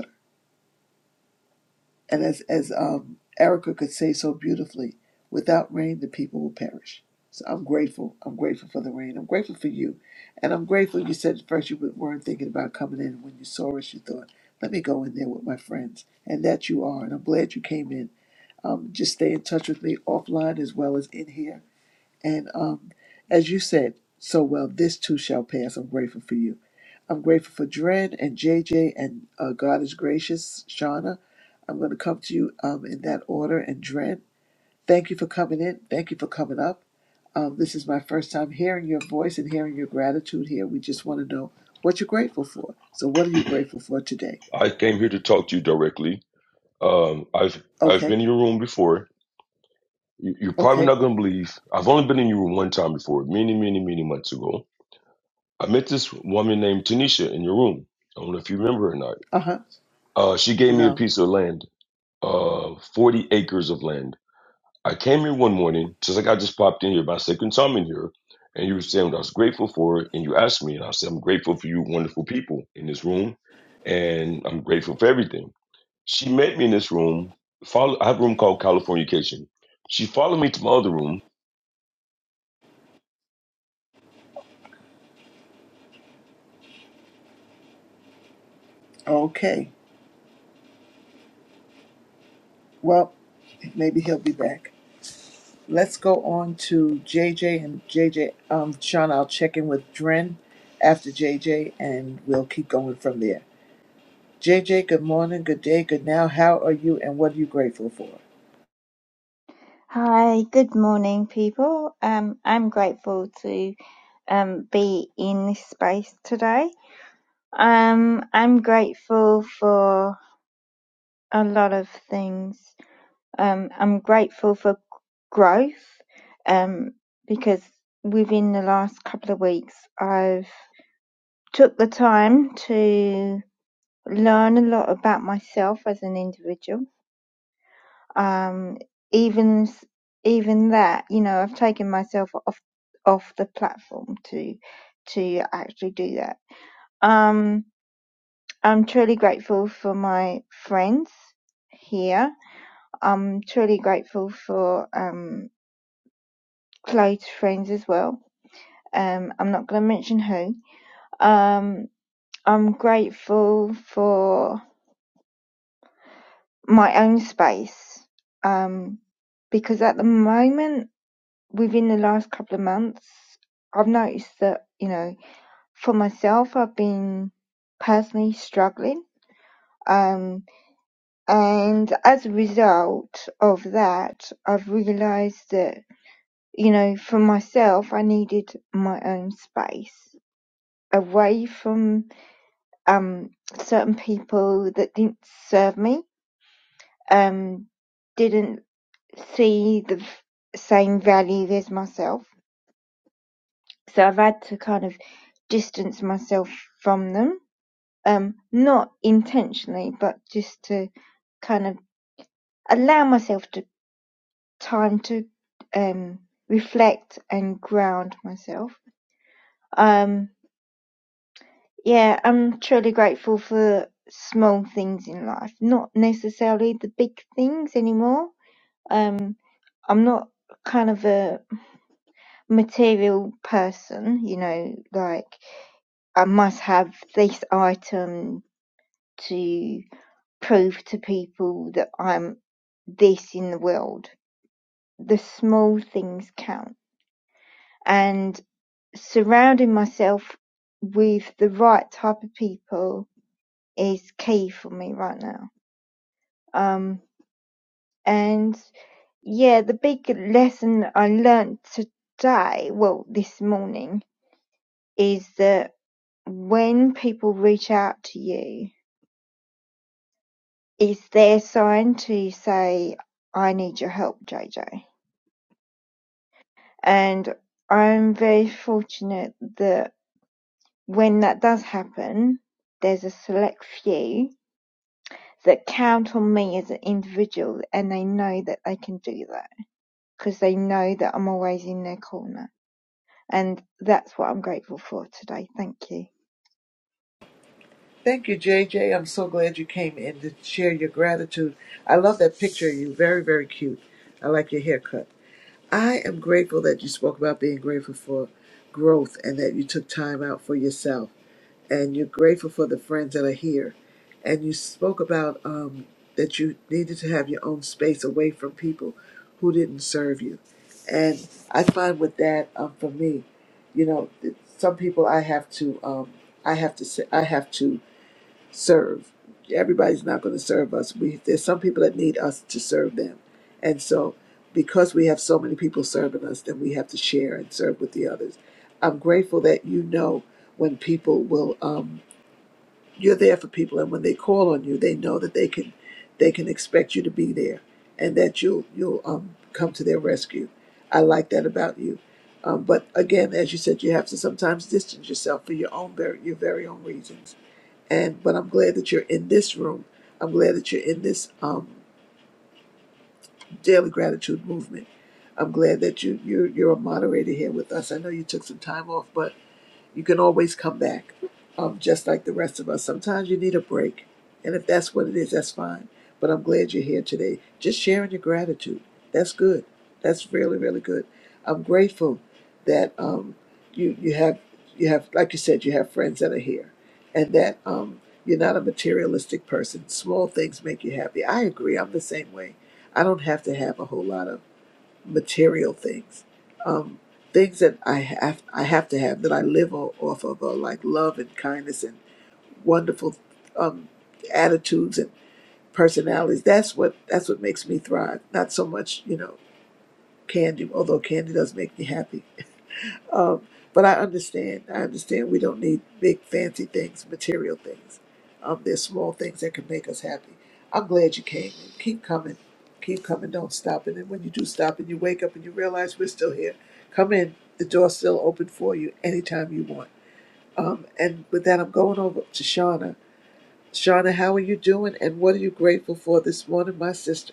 Speaker 1: And as, as um, Erica could say so beautifully, without rain, the people will perish. So I'm grateful. I'm grateful for the rain. I'm grateful for you. And I'm grateful you said at first you weren't thinking about coming in. And when you saw us, you thought, let me go in there with my friends. And that you are. And I'm glad you came in. Um, just stay in touch with me offline as well as in here. And um, as you said so well, this too shall pass. I'm grateful for you. I'm grateful for Dren and JJ and uh, God is gracious, Shauna. I'm going to come to you um, in that order. And Dren, thank you for coming in. Thank you for coming up. Um, this is my first time hearing your voice and hearing your gratitude here. We just want to know what you're grateful for. So, what are you grateful for today?
Speaker 11: I came here to talk to you directly. Um, I've I've
Speaker 1: Okay.
Speaker 11: been in your room before. You- You're probably
Speaker 1: Okay.
Speaker 11: not gonna believe. I've only been in your room one time before, many, many, many months ago. I met this woman named Tanisha in your room. I don't know if you remember or not.
Speaker 1: Uh huh.
Speaker 11: Uh, she gave me a
Speaker 1: No.
Speaker 11: piece of land, uh, 40 acres of land. I came here one morning, just like I just popped in here, my second time in here, and you were saying what I was grateful for, and you asked me, and I said, I'm grateful for you wonderful people in this room, and I'm grateful for everything. She met me in this room. Follow, I have a room called Californication. She followed me to my other room,
Speaker 1: Okay. Well, maybe he'll be back. Let's go on to JJ and JJ. Um, Sean, I'll check in with Dren after JJ, and we'll keep going from there. JJ, good morning, good day, good now. How are you, and what are you grateful for?
Speaker 12: Hi, good morning, people. Um, I'm grateful to um, be in this space today. Um, I'm grateful for a lot of things. Um, I'm grateful for growth um, because within the last couple of weeks, I've took the time to learn a lot about myself as an individual um, even s- even that, you know, I've taken myself off off the platform to to actually do that. Um, I'm truly grateful for my friends here. I'm truly grateful for um, close friends as well. Um, I'm not going to mention who. Um, I'm grateful for my own space um, because at the moment within the last couple of months, I've noticed that, you know, for myself, I've been personally struggling. Um, and as a result of that, I've realized that, you know, for myself, I needed my own space away from, um, certain people that didn't serve me, um, didn't see the v- same value as myself so I've had to kind of distance myself from them, um, not intentionally, but just to kind of allow myself to time to um, reflect and ground myself. Um, yeah, I'm truly grateful for small things in life, not necessarily the big things anymore. Um, I'm not kind of a material person, you know, like I must have this item to prove to people that I'm this in the world. The small things count. And surrounding myself with the right type of people is key for me right now. Um, and yeah, the big lesson I learned today, well, this morning, is that when people reach out to you, it's their sign to say, I need your help, JJ And I'm very fortunate that when that does happen, there's a select few that count on me as an individual and they know that they can do that because they know that I'm always in their corner. And that's what I'm grateful for today. Thank you.
Speaker 1: Thank you, J am so glad you came in to share your gratitude. I love that picture of you. Very, very cute. I like your haircut. I am grateful that you spoke about being grateful for growth and that you took time out for yourself. And you're grateful for the friends that are here. And you spoke about um, that you needed to have your own space away from people who didn't serve you. And I find with that, um, for me, you know, some people I have to, um, I have to, say, I have to serve. Everybody's not going to serve us. We there's some people that need us to serve them, and so because we have so many people serving us, then we have to share and serve with the others. I'm grateful that you know when people will um, you're there for people, and when they call on you, they know that they can they can expect you to be there, and that you'll you'll um, come to their rescue. I like that about you. Um, but again, as you said, you have to sometimes distance yourself for your own ver- your very own reasons and but I'm glad that you're in this room. I'm glad that you're in this um, daily gratitude movement. I'm glad that you you're, you're a moderator here with us. I know you took some time off, but you can always come back, um, just like the rest of us. Sometimes you need a break. And if that's what it is, that's fine. But I'm glad you're here today. Just sharing your gratitude. That's good. That's really, really good. I'm grateful that um, you you have you have like you said, you have friends that are here and that um, you're not a materialistic person. Small things make you happy. I agree. I'm the same way. I don't have to have a whole lot of material things, um, things that I have I have to have that I live o- off of, are like love and kindness and wonderful um, attitudes and personalities. That's what that's what makes me thrive. Not so much you know candy, although candy does make me happy. Um, but I understand. I understand we don't need big fancy things, material things. Um, there's small things that can make us happy. I'm glad you came. In. Keep coming. Keep coming. Don't stop. And then when you do stop and you wake up and you realize we're still here, come in. The door's still open for you anytime you want. Um, and with that, I'm going over to Shauna. Shauna, how are you doing? And what are you grateful for this morning, my sister?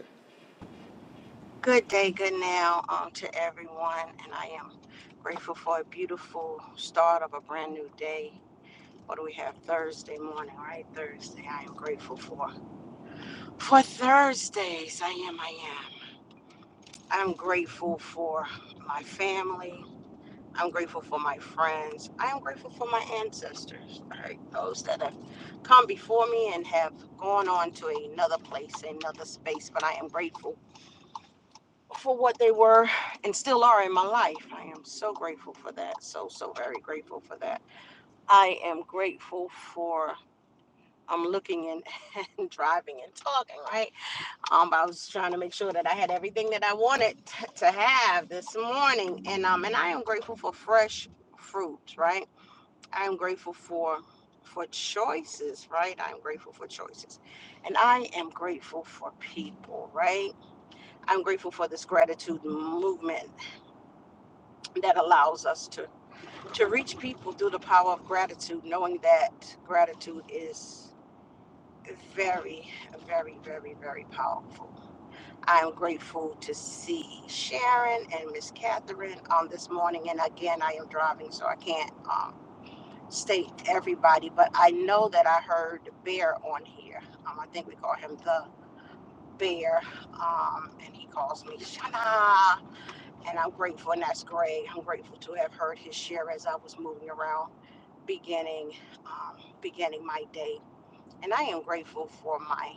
Speaker 13: Good day, good now um, to everyone, and I am grateful for a beautiful start of a brand new day. What do we have? Thursday morning, right? Thursday. I am grateful for for Thursdays. I am. I am. I'm grateful for my family. I'm grateful for my friends. I am grateful for my ancestors, right? Those that have come before me and have gone on to another place, another space. But I am grateful for what they were and still are in my life. I am so grateful for that. So, so very grateful for that. I am grateful for. I'm looking and, and driving and talking, right? Um, I was trying to make sure that I had everything that I wanted t- to have this morning, and um, and I am grateful for fresh fruit, right? I am grateful for for choices, right? I am grateful for choices, and I am grateful for people, right? I'm grateful for this gratitude movement that allows us to to reach people through the power of gratitude knowing that gratitude is very very very very powerful i am grateful to see sharon and miss catherine on this morning and again i am driving so i can't um, state everybody but i know that i heard bear on here um, i think we call him the bear um, and he calls me shana and i'm grateful and that's great i'm grateful to have heard his share as i was moving around beginning um, beginning my day and i am grateful for my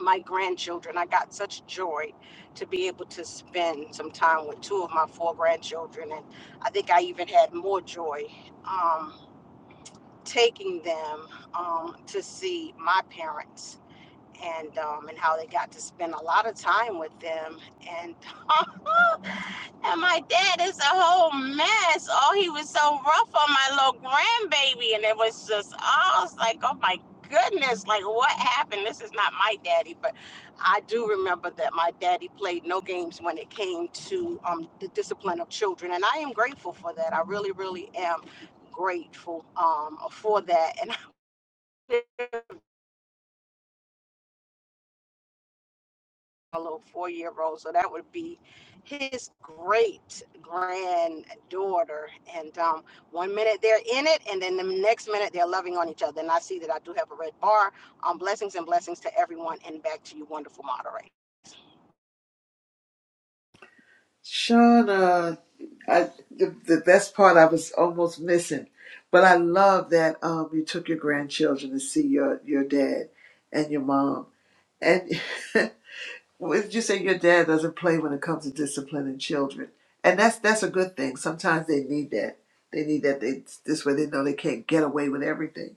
Speaker 13: my grandchildren i got such joy to be able to spend some time with two of my four grandchildren and i think i even had more joy um, taking them um, to see my parents and um, and how they got to spend a lot of time with them and And my dad is a whole mess. Oh, he was so rough on my little grandbaby. And it was just, I was like, oh my goodness, like what happened? This is not my daddy. But I do remember that my daddy played no games when it came to um, the discipline of children. And I am grateful for that. I really, really am grateful um, for that. And I little four-year-old. So that would be his great granddaughter. And um, one minute they're in it, and then the next minute they're loving on each other. And I see that I do have a red bar. Um, blessings and blessings to everyone, and back to you, wonderful moderator.
Speaker 1: Shauna, I, the, the best part I was almost missing, but I love that um, you took your grandchildren to see your, your dad and your mom. And what did you say your dad doesn't play when it comes to disciplining children? And that's that's a good thing. Sometimes they need that. They need that. They this way they know they can't get away with everything.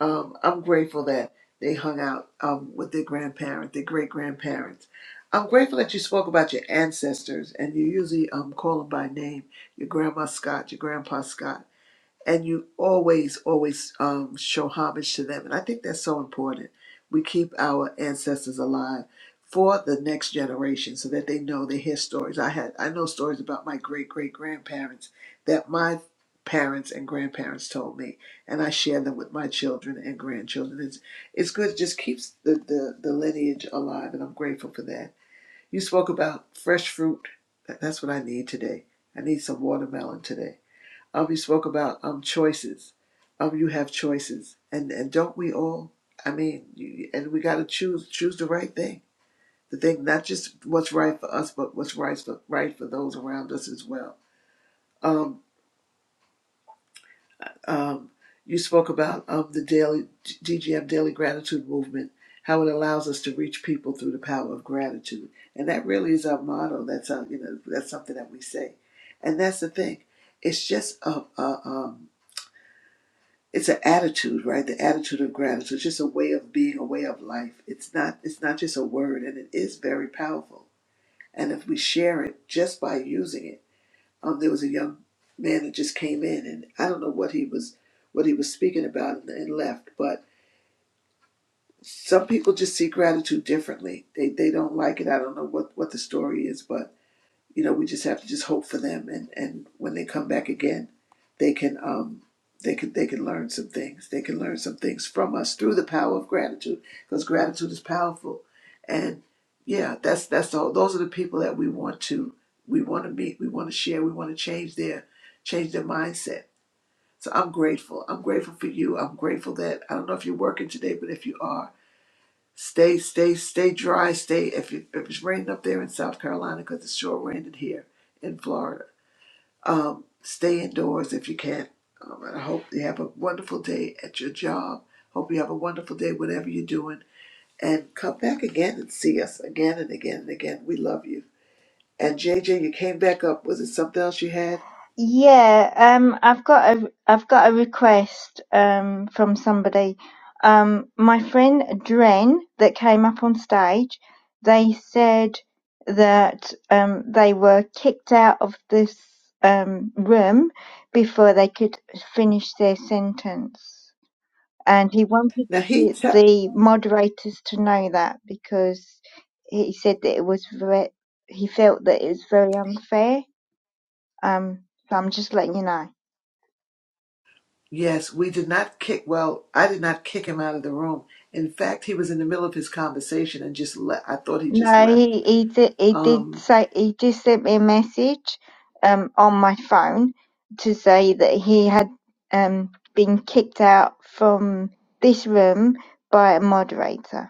Speaker 1: Um, I'm grateful that they hung out um, with their grandparents, their great grandparents. I'm grateful that you spoke about your ancestors and you usually um, call them by name your grandma Scott, your grandpa Scott and you always always um, show homage to them and i think that's so important we keep our ancestors alive for the next generation so that they know they hear stories i had i know stories about my great great grandparents that my parents and grandparents told me and i share them with my children and grandchildren it's, it's good it just keeps the, the, the lineage alive and i'm grateful for that you spoke about fresh fruit That- that's what i need today i need some watermelon today um, you spoke about um choices. Um, you have choices, and and don't we all? I mean, you, and we got to choose choose the right thing. The thing, not just what's right for us, but what's right for right for those around us as well. Um, um, you spoke about um the daily DGM Daily Gratitude Movement, how it allows us to reach people through the power of gratitude, and that really is our motto. That's our, you know that's something that we say, and that's the thing. It's just a, a um it's an attitude right the attitude of gratitude it's just a way of being a way of life it's not it's not just a word and it is very powerful and if we share it just by using it um there was a young man that just came in and i don't know what he was what he was speaking about and, and left but some people just see gratitude differently they they don't like it i don't know what what the story is but you know, we just have to just hope for them, and and when they come back again, they can um they can they can learn some things. They can learn some things from us through the power of gratitude, because gratitude is powerful, and yeah, that's that's all. Those are the people that we want to we want to meet, we want to share, we want to change their change their mindset. So I'm grateful. I'm grateful for you. I'm grateful that I don't know if you're working today, but if you are. Stay, stay, stay dry. Stay if, it, if it's raining up there in South Carolina because it's sure raining here in Florida. Um, stay indoors if you can. Um, and I hope you have a wonderful day at your job. Hope you have a wonderful day, whatever you're doing. And come back again and see us again and again and again. We love you. And J J, you came back up. Was it something else you had?
Speaker 12: Yeah, um, I've got a I've got a request um from somebody. Um, my friend Dren that came up on stage, they said that um they were kicked out of this um room before they could finish their sentence, and he wanted
Speaker 1: Now he
Speaker 12: to,
Speaker 1: te-
Speaker 12: the moderators to know that because he said that it was very, he felt that it was very unfair. Um, so I'm just letting you know.
Speaker 1: Yes, we did not kick. Well, I did not kick him out of the room. In fact, he was in the middle of his conversation and just left. I thought he just
Speaker 12: No,
Speaker 1: left.
Speaker 12: he, he did he did
Speaker 1: Um,
Speaker 12: say he just sent me a message um on my phone to say that he had um been kicked out from this room by a moderator.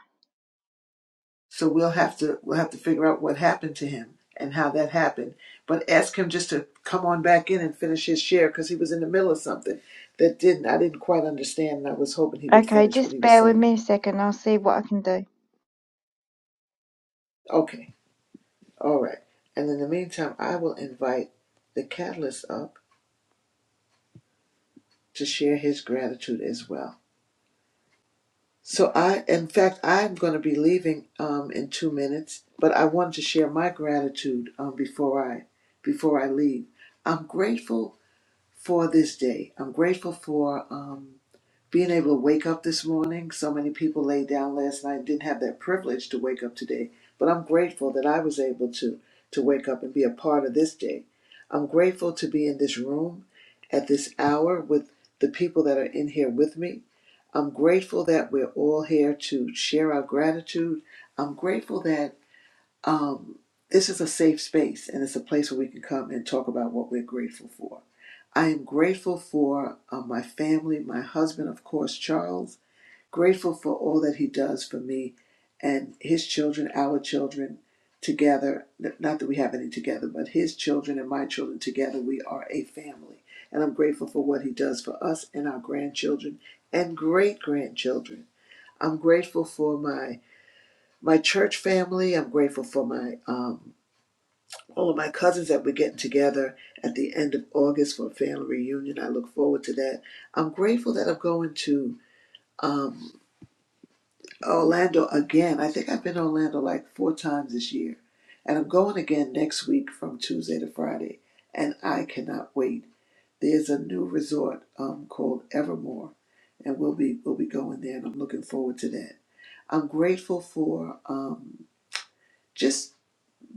Speaker 1: so we'll have to we'll have to figure out what happened to him and how that happened. But ask him just to come on back in and finish his share because he was in the middle of something that didn't I didn't quite understand, and I was hoping he would
Speaker 12: Okay,
Speaker 1: finish what he
Speaker 12: just
Speaker 1: was
Speaker 12: bear with
Speaker 1: saying.
Speaker 12: me a second, I'll see what I can do.
Speaker 1: Okay, all right. And in the meantime, I will invite the catalyst up to share his gratitude as well. So I, in fact, I'm going to be leaving um, in two minutes, but I wanted to share my gratitude um, before I before I leave. I'm grateful for this day. I'm grateful for um, being able to wake up this morning. So many people laid down last night and didn't have that privilege to wake up today, but I'm grateful that I was able to to wake up and be a part of this day. I'm grateful to be in this room at this hour with the people that are in here with me. I'm grateful that we're all here to share our gratitude. I'm grateful that um, this is a safe space and it's a place where we can come and talk about what we're grateful for. I am grateful for uh, my family, my husband, of course, Charles, grateful for all that he does for me and his children, our children together. Not that we have any together, but his children and my children together, we are a family. And I'm grateful for what he does for us and our grandchildren and great grandchildren. I'm grateful for my my church family. I'm grateful for my um, all of my cousins that we're getting together at the end of August for a family reunion. I look forward to that. I'm grateful that I'm going to um, Orlando again. I think I've been to Orlando like four times this year. And I'm going again next week from Tuesday to Friday. And I cannot wait. There's a new resort um, called Evermore. And we'll be we'll be going there and I'm looking forward to that. I'm grateful for um, just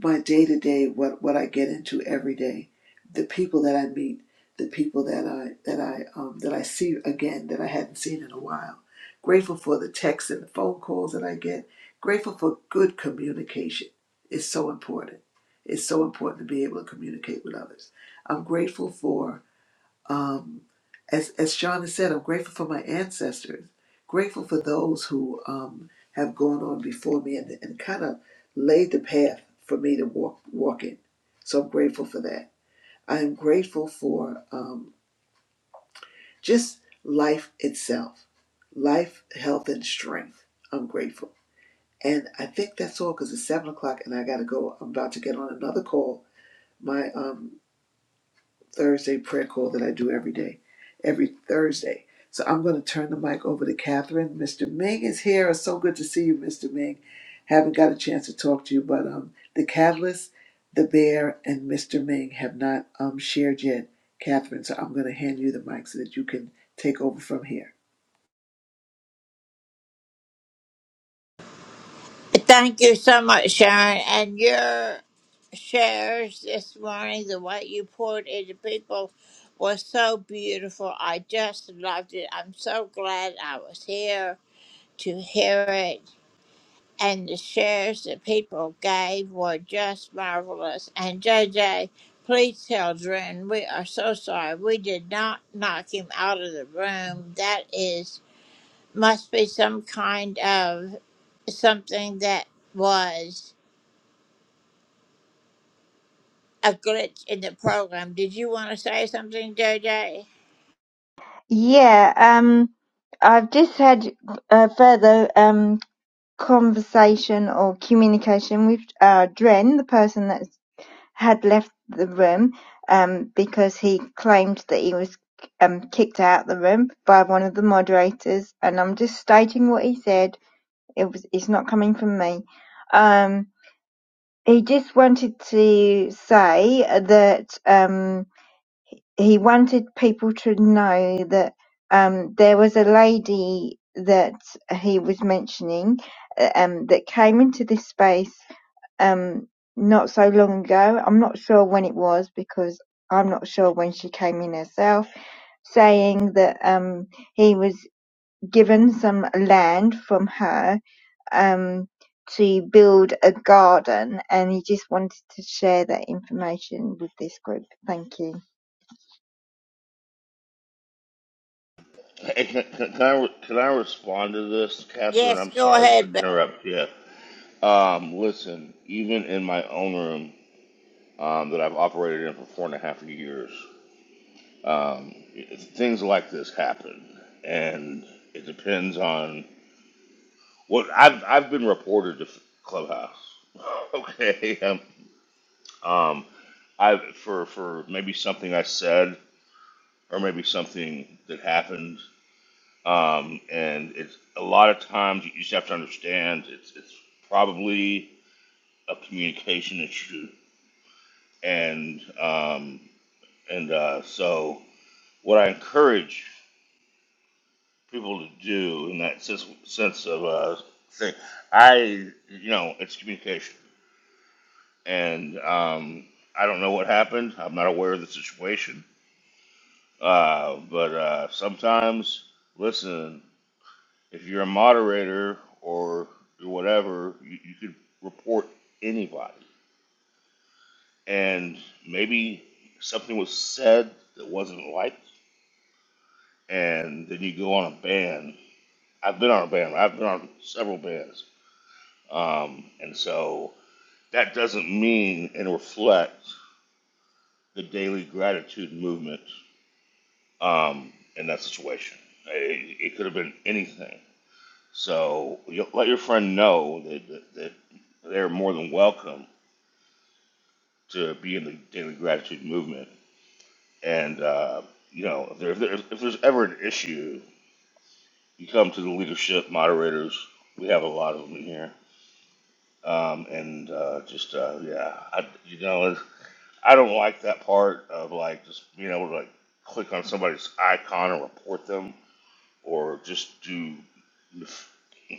Speaker 1: my day to day, what what I get into every day, the people that I meet, the people that I that I um, that I see again that I hadn't seen in a while. Grateful for the texts and the phone calls that I get. Grateful for good communication. It's so important. It's so important to be able to communicate with others. I'm grateful for um, as as Sean has said, I'm grateful for my ancestors, grateful for those who um, have gone on before me and, and kind of laid the path for me to walk walk in. So I'm grateful for that. I am grateful for um, just life itself, life, health, and strength. I'm grateful, and I think that's all because it's seven o'clock and I got to go. I'm about to get on another call. My um, Thursday prayer call that I do every day, every Thursday. So I'm going to turn the mic over to Catherine. Mr. Ming is here. It's so good to see you, Mr. Ming. Haven't got a chance to talk to you, but um, the Catalyst, the Bear, and Mr. Ming have not um shared yet, Catherine. So I'm going to hand you the mic so that you can take over from here.
Speaker 5: Thank you so much, Sharon. And your shares this morning, the way you poured into people was so beautiful. I just loved it. I'm so glad I was here to hear it. and the shares that people gave were just marvelous. And J J, please tell Drew, we are so sorry. We did not knock him out of the room. That is must be some kind of something that was a glitch in the program. Did you want to say something, J J?
Speaker 12: Yeah, um I've just had a further um conversation or communication with uh Dren, the person that's had left the room um, because he claimed that he was um, kicked out of the room by one of the moderators, and I'm just stating what he said. It was it's not coming from me. Um, he just wanted to say that um, he wanted people to know that um, there was a lady that he was mentioning uh, um, that came into this space um not so long ago. I'm not sure when it was because I'm not sure when she came in herself, saying that um he was given some land from her um to build a garden and he just wanted to share that information with this group. Thank you.
Speaker 14: Hey, can, can, can, I, can I respond to this, Catherine?
Speaker 5: Yes,
Speaker 14: I'm
Speaker 5: go
Speaker 14: sorry to
Speaker 5: ahead, Beth.
Speaker 14: interrupt you. Um, listen, even in my own room um, that I've operated in for four and a half years, um, it- things like this happen, and it depends on what I've I've been reported to Clubhouse. okay, um, um, I for for maybe something I said or maybe something that happened Um, and it's a lot of times you just have to understand it's it's probably a communication issue. And um, and uh, so what I encourage people to do in that sense, sense of uh, thing, I you know it's communication. And um, I don't know what happened. I'm not aware of the situation. Uh, but uh, sometimes, listen. If you're a moderator or whatever, you, you could report anybody. And maybe something was said that wasn't liked, and then you go on a ban. I've been on a ban. I've been on several bans. Um, and so that doesn't mean and reflect the daily gratitude movement um, in that situation. It, it could have been anything. So you let your friend know that, that, that they're more than welcome to be in the in the gratitude movement. And uh, you know, if, there, if, there, if there's ever an issue, you come to the leadership moderators. We have a lot of them here, um, and uh, just uh, yeah, I, you know, it's- I don't like that part of like just being able to like click on somebody's icon or report them or just do.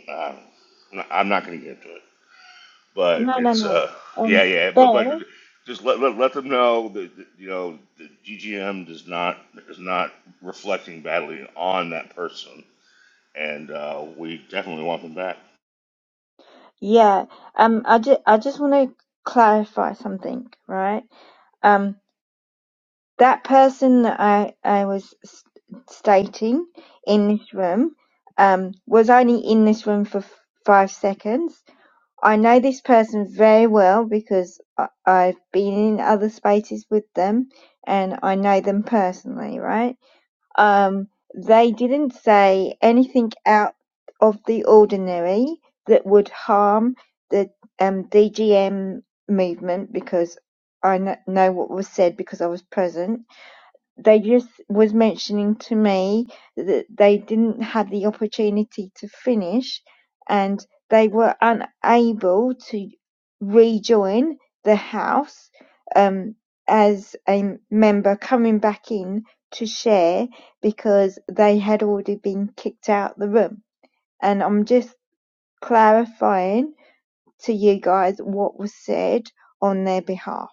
Speaker 14: I- I'm not going to get into it. But
Speaker 12: No, no,
Speaker 14: it's
Speaker 12: no.
Speaker 14: uh yeah
Speaker 12: Um
Speaker 14: yeah but but
Speaker 12: Bear?
Speaker 14: just let let, let them know that, that, you know the GGM does not is not reflecting badly on that person, and uh, we definitely want them back.
Speaker 12: Yeah. Um I just I just want to clarify something, right? Um that person that I, I was s- stating in this room um, was only in this room for f- five seconds. I know this person very well because I, I've been in other spaces with them and I know them personally, right? Um, they didn't say anything out of the ordinary that would harm the um, DGM movement because I kn- know what was said because I was present they just was mentioning to me that they didn't have the opportunity to finish and they were unable to rejoin the house um, as a member coming back in to share because they had already been kicked out the room and i'm just clarifying to you guys what was said on their behalf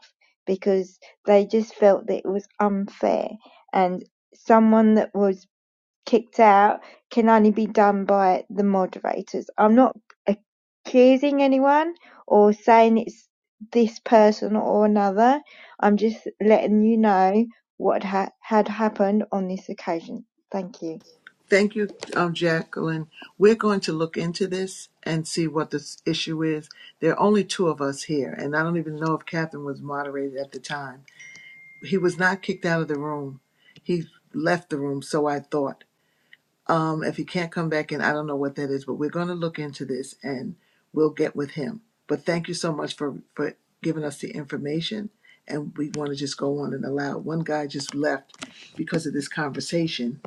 Speaker 12: because they just felt that it was unfair and someone that was kicked out can only be done by the moderators. I'm not accusing anyone or saying it's this person or another. I'm just letting you know what ha- had happened on this occasion. Thank you.
Speaker 1: Thank you, um, Jacqueline. We're going to look into this and see what this issue is. There are only two of us here, and I don't even know if Catherine was moderated at the time. he was not kicked out of the room. He left the room, so I thought. Um, if he can't come back in, I don't know what that is, but we're going to look into this and we'll get with him. But thank you so much for for giving us the information. And we want to just go on and allow. One guy just left because of this conversation.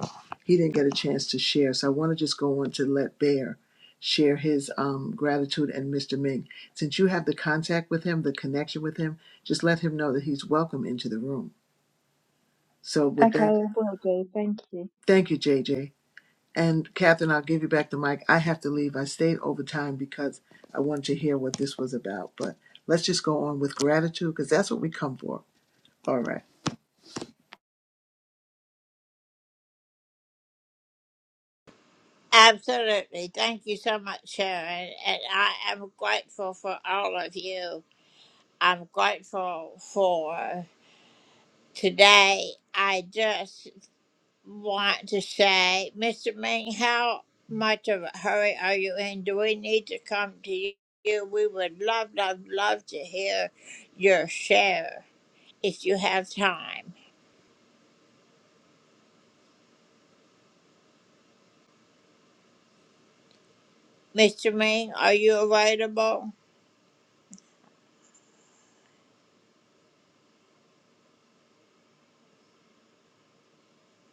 Speaker 1: He didn't get a chance to share, so I want to just go on to let Bear share his um, gratitude and Mr. Ming. Since you have the contact with him, the connection with him, just let him know that he's welcome into the room. So with
Speaker 12: Okay, I
Speaker 1: that,
Speaker 12: will do. Thank you.
Speaker 1: thank you, J J. And Catherine, I'll give you back the mic. I have to leave. I stayed over time because I wanted to hear what this was about. But let's just go on with gratitude because that's what we come for. All right.
Speaker 5: Absolutely. Thank you so much, Sharon. And I am grateful for all of you. I'm grateful for. Today, I just want to say, Mr. Ming, how much of a hurry are you in? Do we need to come to you? We would love, love, love to hear your share if you have time. Mr. Ming, are you available?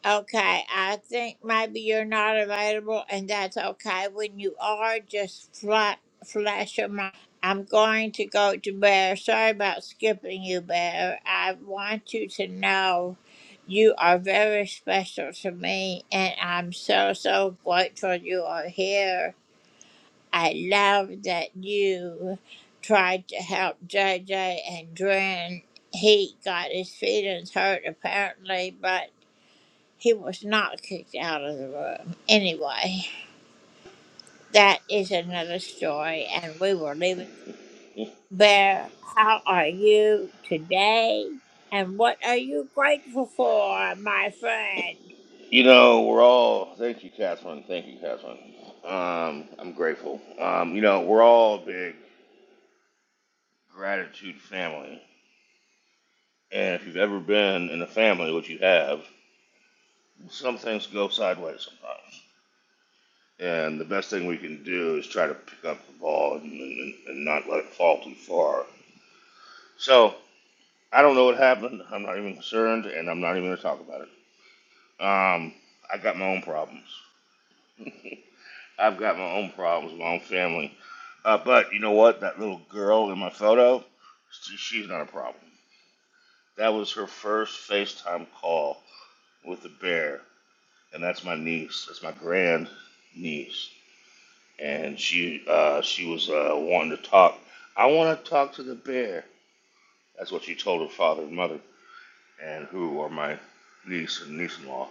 Speaker 5: Okay, I think maybe you're not available, and that's okay. When you are, just flat, flash your mic. I'm going to go to Bear. Sorry about skipping you, Bear. I want you to know you are very special to me, and I'm so, so grateful you are here. I love that you tried to help JJ and Dren. He got his feelings hurt, apparently, but. He was not kicked out of the room. Anyway, that is another story, and we will leave it there. Bear, how are you today? And what are you grateful for, my friend?
Speaker 14: You know we're all thank you Catherine thank you Catherine. Um, I'm grateful. Um, you know we're all a big gratitude family, and if you've ever been in a family, which you have, some things go sideways sometimes. And the best thing we can do is try to pick up the ball and, and, and not let it fall too far. So I don't know what happened. I'm not even concerned, and I'm not even going to talk about it. Um, I got my own problems. I've got my own problems, my own family. Uh, but you know what? That little girl in my photo, she's not a problem. That was her first FaceTime call with the bear, and that's my niece. That's my grand niece. and she uh, she was uh, wanting to talk. I want to talk to the bear. That's what she told her father and mother, and who are my niece and niece-in-law.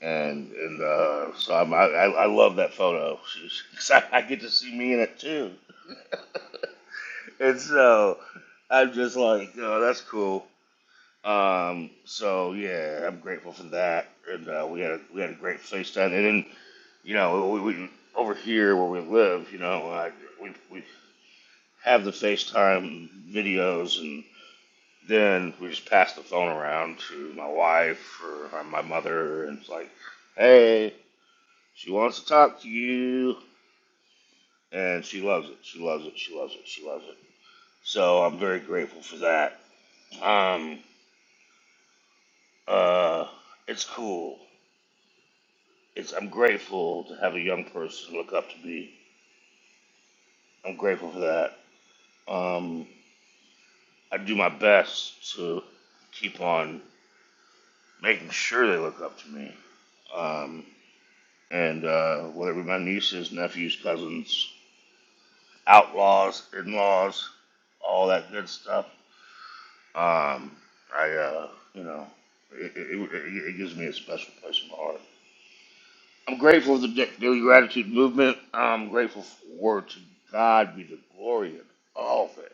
Speaker 14: And and uh, so I'm, I I I love that photo. She's, 'cause I, I get to see me in it too. and so I'm just like, oh, that's cool. Um, so yeah, I'm grateful for that. And uh, we had a, we had a great FaceTime. And then you know, we, we over here where we live, you know, I, we we have the FaceTime videos, and then we just pass the phone around to my wife or my mother, and it's like, hey, she wants to talk to you, and she loves it. She loves it. She loves it. She loves it. So I'm very grateful for that. Um, uh, it's cool. It's I'm grateful to have a young person look up to me. I'm grateful for that. Um, I do my best to keep on making sure they look up to me. Um, and uh, whatever my nieces, nephews, cousins, outlaws, in-laws, all that good stuff. Um, I, uh, you know, it, it, it, it gives me a special place in my heart. I'm grateful for the daily gratitude movement. I'm grateful for to God be the glory in all things.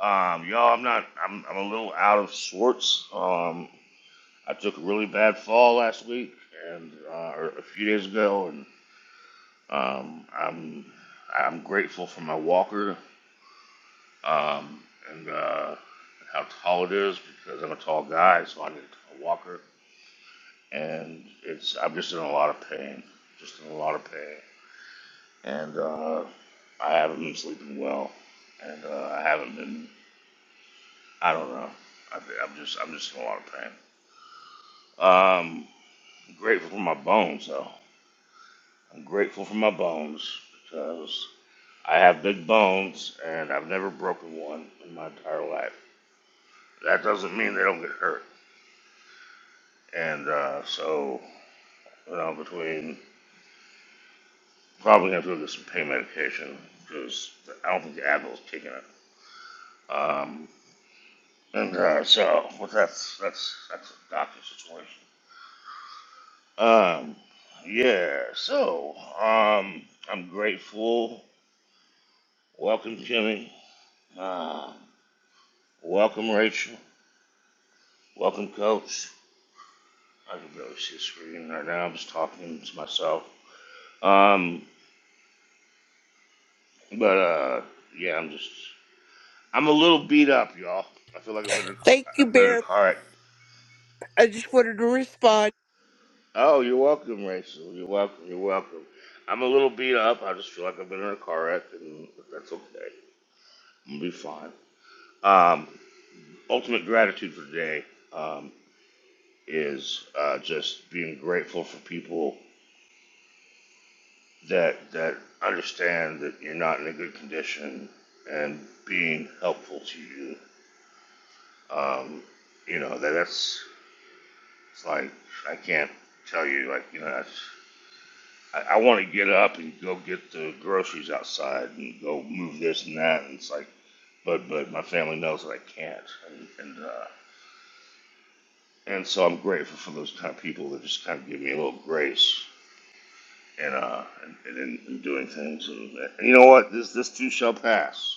Speaker 14: Um, y'all, I'm not. I'm, I'm a little out of sorts. Um, I took a really bad fall last week and uh, or a few days ago, and Um, I'm I'm grateful for my walker um, and uh, how tall it is because I'm a tall guy, so I need a walker. And it's I'm just in a lot of pain, just in a lot of pain. And uh, I haven't been sleeping well, and uh, I haven't been. I don't know. I, I'm just I'm just in a lot of pain. Um, I'm grateful for my bones though. I'm grateful for my bones because I have big bones and I've never broken one in my entire life. That doesn't mean they don't get hurt. And uh, so, you know, between probably gonna have to get some pain medication because I don't think the Advil's kicking it. Um, and uh, so, but that's that's that's a doctor situation. Um, yeah. So, um, I'm grateful. Welcome, Jimmy. Um, welcome, Rachel. Welcome, Coach. I can barely see the screen right now. I'm just talking to myself. Um, but uh, yeah, I'm just I'm a little beat up, y'all. I feel like I've been in a car.
Speaker 15: Thank you,
Speaker 14: I've been in a
Speaker 15: Bear.
Speaker 14: car. wreck.
Speaker 15: I just wanted to respond.
Speaker 14: Oh, you're welcome, Rachel. You're welcome. You're welcome. I'm a little beat up. I just feel like I've been in a car wreck, and but that's okay. I'm gonna be fine. Um, ultimate gratitude for today um, is uh, just being grateful for people that that understand that you're not in a good condition and being helpful to you. Um, you know that that's it's like I can't tell you like you know that's I, I want to get up and go get the groceries outside and go move this and that. And it's like, but but my family knows that I can't, and and uh, and so I'm grateful for those kind of people that just kind of give me a little grace and uh and, in, in doing things. And, and you know what? This this too shall pass.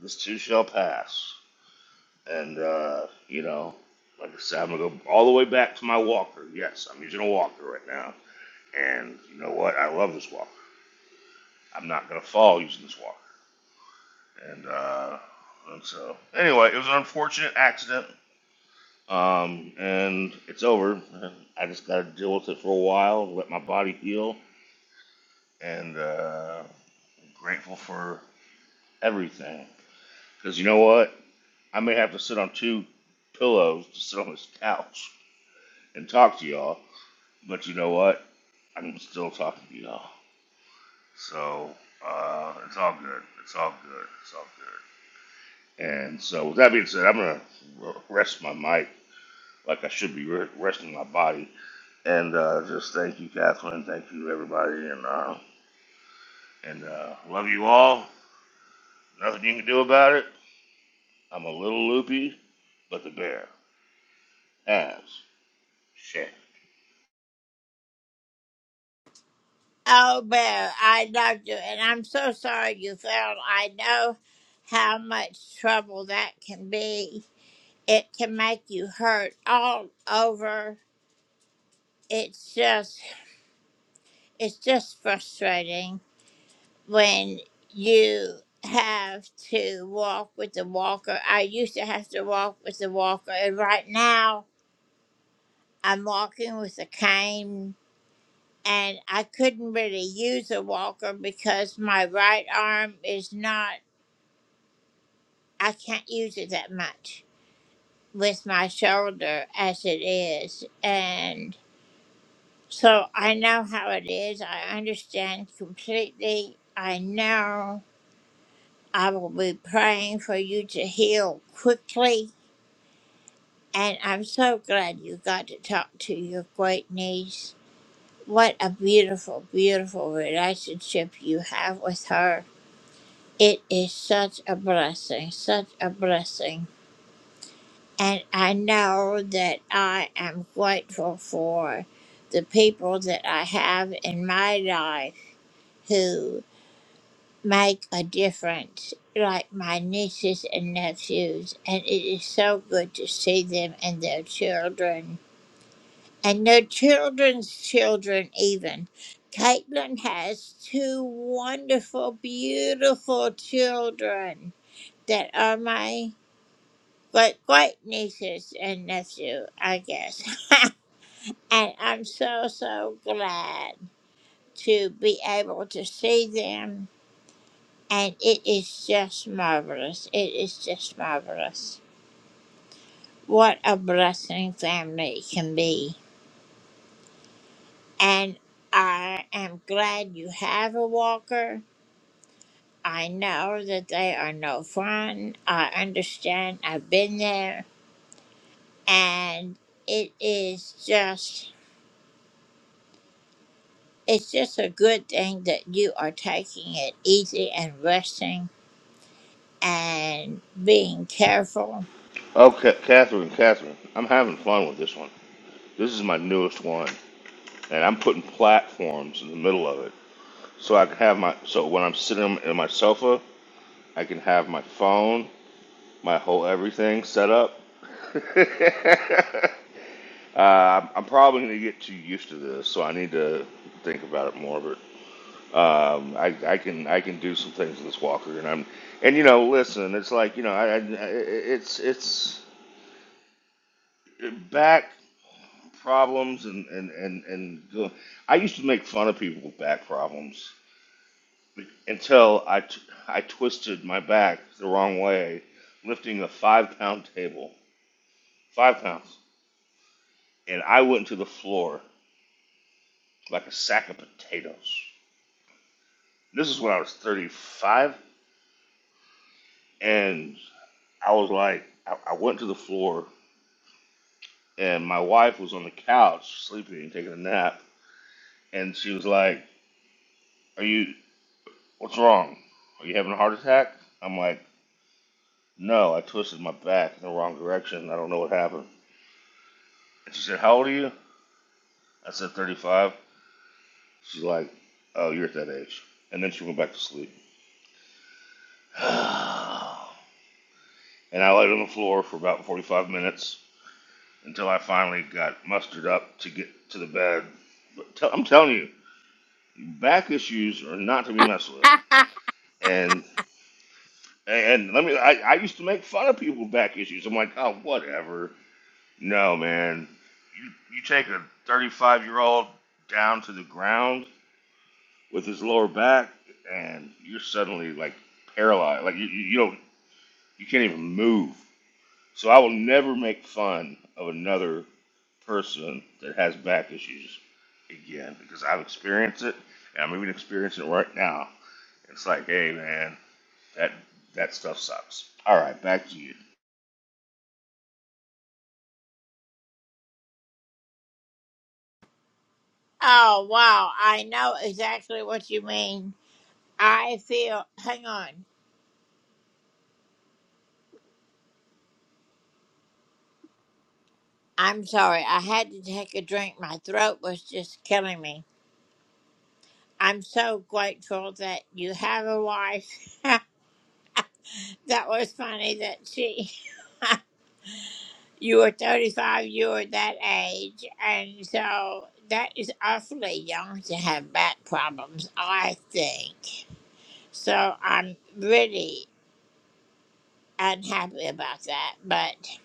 Speaker 14: This too shall pass. And uh, you know, like I said, I'm gonna go all the way back to my walker. Yes, I'm using a walker right now. And you know what? I love this walker. I'm not gonna fall using this walker. and uh, so anyway, it was an unfortunate accident, um, and it's over. I just got to deal with it for a while, let my body heal, and uh, grateful for everything. Because you know what, I may have to sit on two pillows to sit on this couch and talk to y'all, but you know what, I'm still talking to y'all. So uh, it's all good. It's all good. It's all good. And so with that being said, I'm gonna rest my mic like I should be re- resting my body. And uh, just thank you, Catherine. Thank you, everybody. And uh, and uh, love you all. Nothing you can do about it. I'm a little loopy, but the bear has shit.
Speaker 5: Oh, Bear, I loved you, and I'm so sorry you fell. I know how much trouble that can be. It can make you hurt all over. It's just, it's just frustrating. when you have to walk with the walker. I used to have to walk with the walker, and right now I'm walking with a cane. And I couldn't really use a walker because my right arm is not, I can't use it that much with my shoulder as it is. And so I know how it is. I understand completely. I know I will be praying for you to heal quickly And I'm so glad you got to talk to your great niece. What a beautiful, beautiful relationship you have with her. It is such a blessing, such a blessing. And I know that I am grateful for the people that I have in my life who make a difference, like my nieces and nephews. And it is so good to see them and their children and their children's children even. Caitlin has two wonderful, beautiful children that are my like great nieces and nephew, I guess. and I'm so so glad to be able to see them and it is just marvelous. It is just marvelous. What a blessing family can be. And I am glad you have a walker I know that they are no fun. I understand. I've been there. And it is just, it's just a good thing that you are taking it easy and resting and being careful.
Speaker 14: Okay, Catherine, Catherine, I'm having fun with this one. This is my newest one, and I'm putting platforms in the middle of it, so I can have my so when I'm sitting in my sofa, I can have my phone, my whole everything set up. Uh, I'm probably going to get too used to this, so I need to think about it more. But um, I, I can I can do some things with this walker, and I'm and you know, listen, it's like you know, I, I it's it's back problems and and and and go- I used to make fun of people with back problems until I t- I twisted my back the wrong way, lifting a five pound table, five pounds, and I went to the floor like a sack of potatoes. This is when I was 35, and I was like, I, I went to the floor, and my wife was on the couch sleeping, taking a nap, and she was like, "Are you? What's wrong? Are you having a heart attack?" I'm like, "No, I twisted my back in the wrong direction. I don't know what happened." And she said, "How old are you?" I said, "35." She's like, "Oh, you're at that age." And then she went back to sleep. and I laid on the floor for about 45 minutes until I finally got mustered up to get to the bed. But tell i am telling you, back issues are not to be messed with. And and let me, I, I used to make fun of people with back issues. I'm like, oh, whatever. No, man, you you take a 35 year old down to the ground with his lower back, and you're suddenly like paralyzed. Like you you you don't you can't even move. So I will never make fun of another person that has back issues again because I've experienced it and I'm even experiencing it right now. It's like, hey man, that that stuff sucks. All right, back to you.
Speaker 5: Oh, wow. I know exactly what you mean. I feel, hang on. I'm sorry. I had to take a drink. My throat was just killing me. I'm so grateful that you have a wife. That was funny that she, you were 35, you were that age. And so that is awfully young to have back problems, I think. So I'm really unhappy about that. But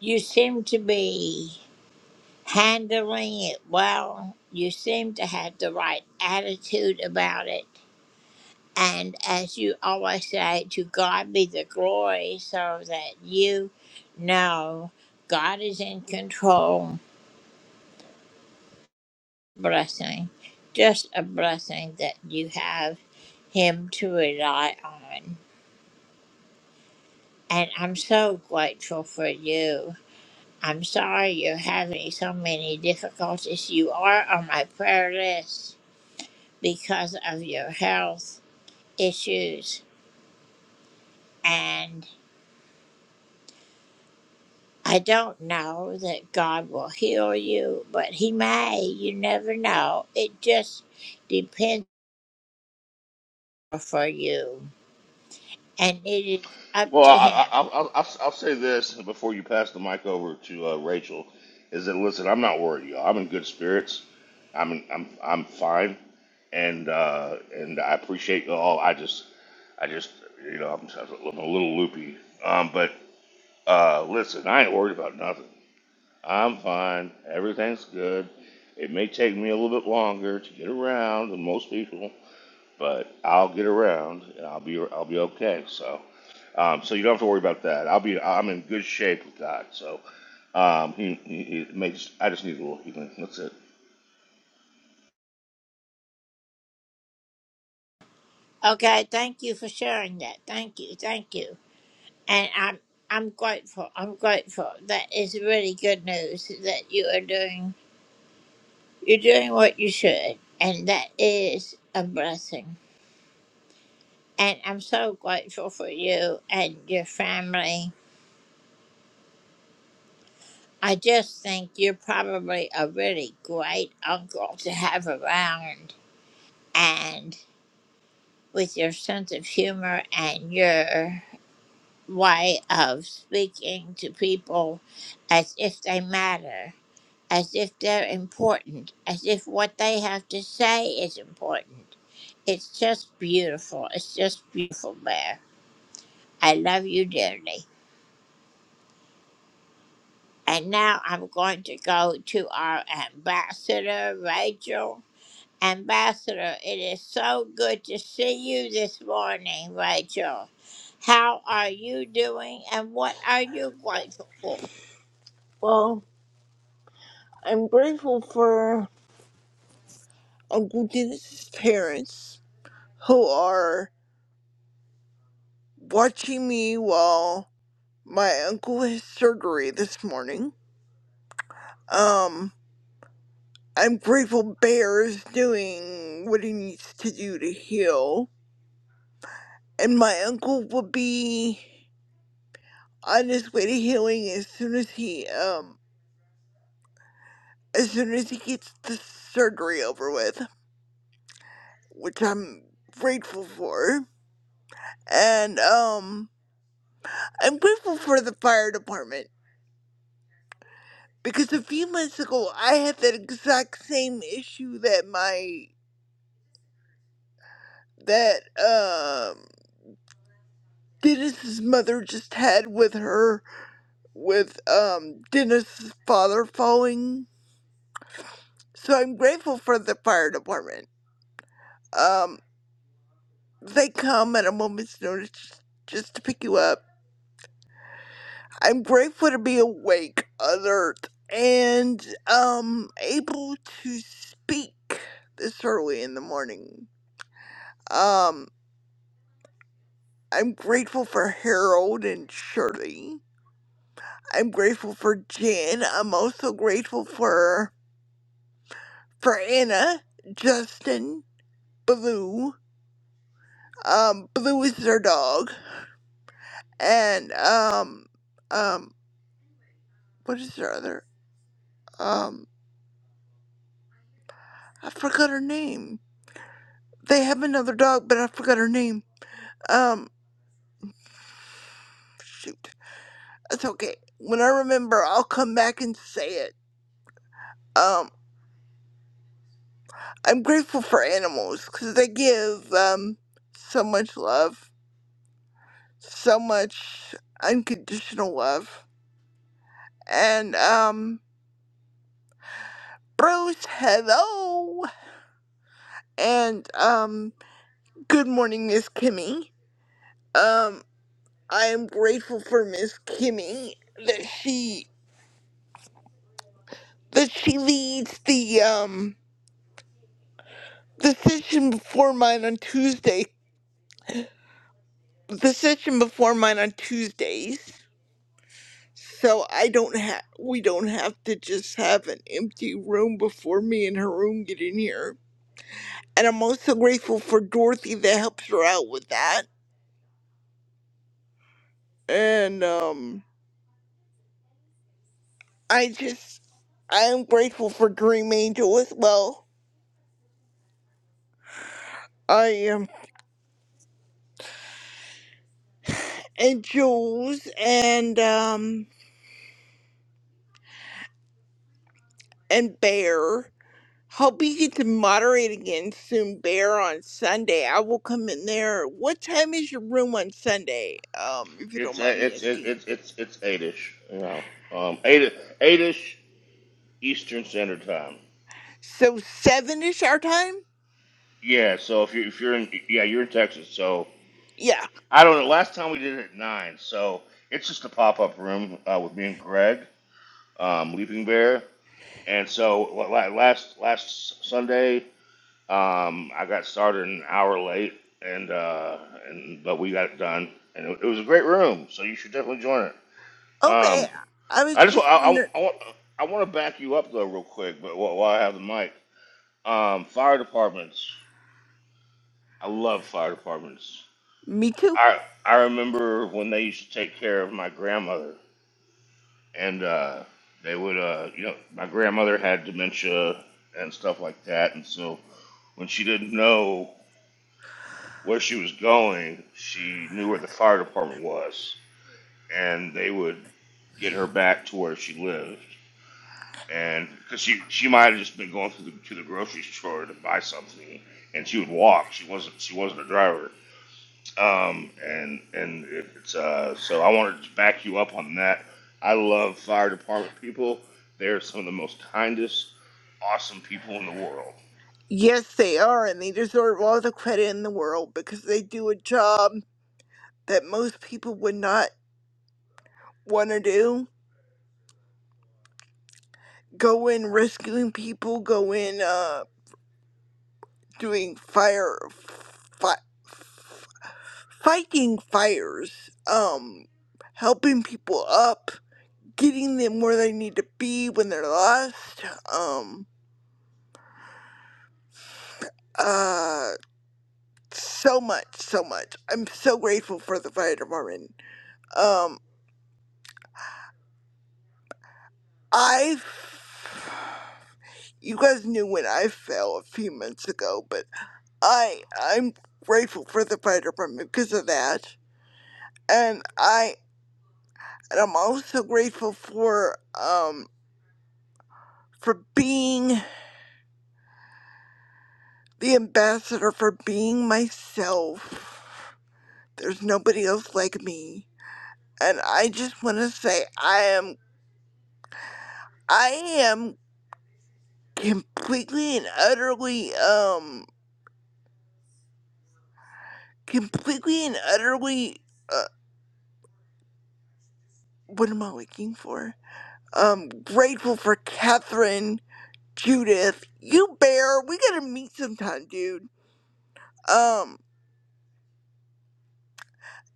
Speaker 5: you seem to be handling it well. You seem to have the right attitude about it. And as you always say, to God be the glory, so that you know God is in control. Blessing. Just a blessing that you have Him to rely on. And I'm so grateful for you. I'm sorry you're having so many difficulties. You are on my prayer list because of your health issues. and. I don't know that God will heal you, but He may. You never know. It just depends for you, and it is up
Speaker 14: Well, I,
Speaker 5: to
Speaker 14: I,
Speaker 5: Him.
Speaker 14: I'll, I'll, I'll I'll say this before you pass the mic over to uh, Rachel, is that listen, I'm not worried, y'all. I'm in good spirits. I'm in, I'm I'm fine, and uh, and I appreciate y'all. I just I just you know I'm, I'm a little loopy, um, but Uh, listen, I ain't worried about nothing. I'm fine. Everything's good. It may take me a little bit longer to get around than most people, but I'll get around and I'll be I'll be okay. So, um, so you don't have to worry about that. I'll be I'm in good shape with God. So, um, he, he, he may just I just need a little healing. That's it.
Speaker 5: Okay, thank you for sharing that. Thank you, thank you, and I'm I'm grateful. I'm grateful. That is really good news that you are doing. You're doing what you should, and that is a blessing. And I'm so grateful for you and your family I just think you're probably a really great uncle to have around, and with your sense of humor and your way of speaking to people as if they matter, as if they're important, as if what they have to say is important. It's just beautiful. It's just beautiful, Bear. I love you dearly. And now I'm going to go to our ambassador, Rachel. Ambassador, it is so good to see you this morning, Rachel. How are you doing and what are you grateful for?
Speaker 15: Well, I'm grateful for Uncle Dennis's parents who are watching me while my uncle has surgery this morning. Um, I'm grateful Bear is doing what he needs to do to heal. And my uncle will be on his way to healing as soon as he um as soon as he gets the surgery over with, which I'm grateful for. and um, I'm grateful for the fire department because a few months ago I had that exact same issue that my that um Dennis's mother just had with her with um Dennis's father falling. So I'm grateful for the fire department. Um, they come at a moment's notice just to pick you up I'm grateful to be awake, alert, and um able to speak this early in the morning. Um, I'm grateful for Harold and Shirley. I'm grateful for Jen. I'm also grateful for for Anna, Justin, Blue. Um, Blue is their dog, and um, um, what is their other? Um, I forgot her name. They have another dog, but I forgot her name. Um. Shoot, that's okay. When I remember, I'll come back and say it. Um, I'm grateful for animals because they give um so much love, so much unconditional love. And um, Bruce, hello, and um, good morning, Miss Kimmy. Um, I am grateful for Miss Kimmy that she that she leads the um the session before mine on Tuesday the session before mine on Tuesdays. So I don't have we don't have to just have an empty room before me and Haroon get in here. And I'm also grateful for Dorothy that helps her out with that. And um I just I am grateful for Dream Angel as well. I am and Jules and um and Bear. Hope you get to moderate again soon, Bear, on Sunday. I will come in there. What time is your room on Sunday? Um, if you don't
Speaker 14: It's
Speaker 15: mind me
Speaker 14: it's it's
Speaker 15: asking.
Speaker 14: it's it's it's eight-ish, you know, um, eight eight-ish Eastern Standard Time.
Speaker 15: So seven ish our time?
Speaker 14: Yeah. So if you if you're in yeah you're in Texas, so
Speaker 15: Yeah.
Speaker 14: I don't know. Last time we did it at nine, so it's just a pop up room uh, with me and Greg, um, Leaping Bear, and so la- la- last last Sunday um, I got started an hour late, and uh, and but we got it done, and it, it was a great room. So you should definitely join it.
Speaker 15: Okay.
Speaker 14: Um,
Speaker 15: I was
Speaker 14: I just wa-
Speaker 15: just
Speaker 14: I, I,
Speaker 15: wondering.
Speaker 14: I want I want to back you up though real quick, but while, while I have the mic, um, fire departments. I love fire departments.
Speaker 15: Me too.
Speaker 14: I I remember when they used to take care of my grandmother and uh, they would, uh, you know, my grandmother had dementia and stuff like that, and so when she didn't know where she was going, she knew where the fire department was, and they would get her back to where she lived, and because she she might have just been going to the to the grocery store to buy something, and she would walk. She wasn't she wasn't a driver, um, and and it, it's uh, so I wanted to back you up on that. I love fire department people. They're some of the most kindest awesome people in the world.
Speaker 15: Yes, they are, and they deserve all the credit in the world because they do a job that most people would not want to do. Go in rescuing people. Go in uh doing fire. fighting fires, um, helping people up, getting them where they need to be when they're lost. Um, uh, so much, so much. I'm so grateful for the fire department. Um, I, you guys knew when I fell a few months ago, but I, I'm grateful for the fire department because of that, and I, and I'm also grateful for um for being the ambassador for being myself. There's nobody else like me. And I just want to say I am I am completely and utterly um completely and utterly uh what am I looking for? Um grateful for Catherine, Judith, you bear. We got to meet sometime, dude. Um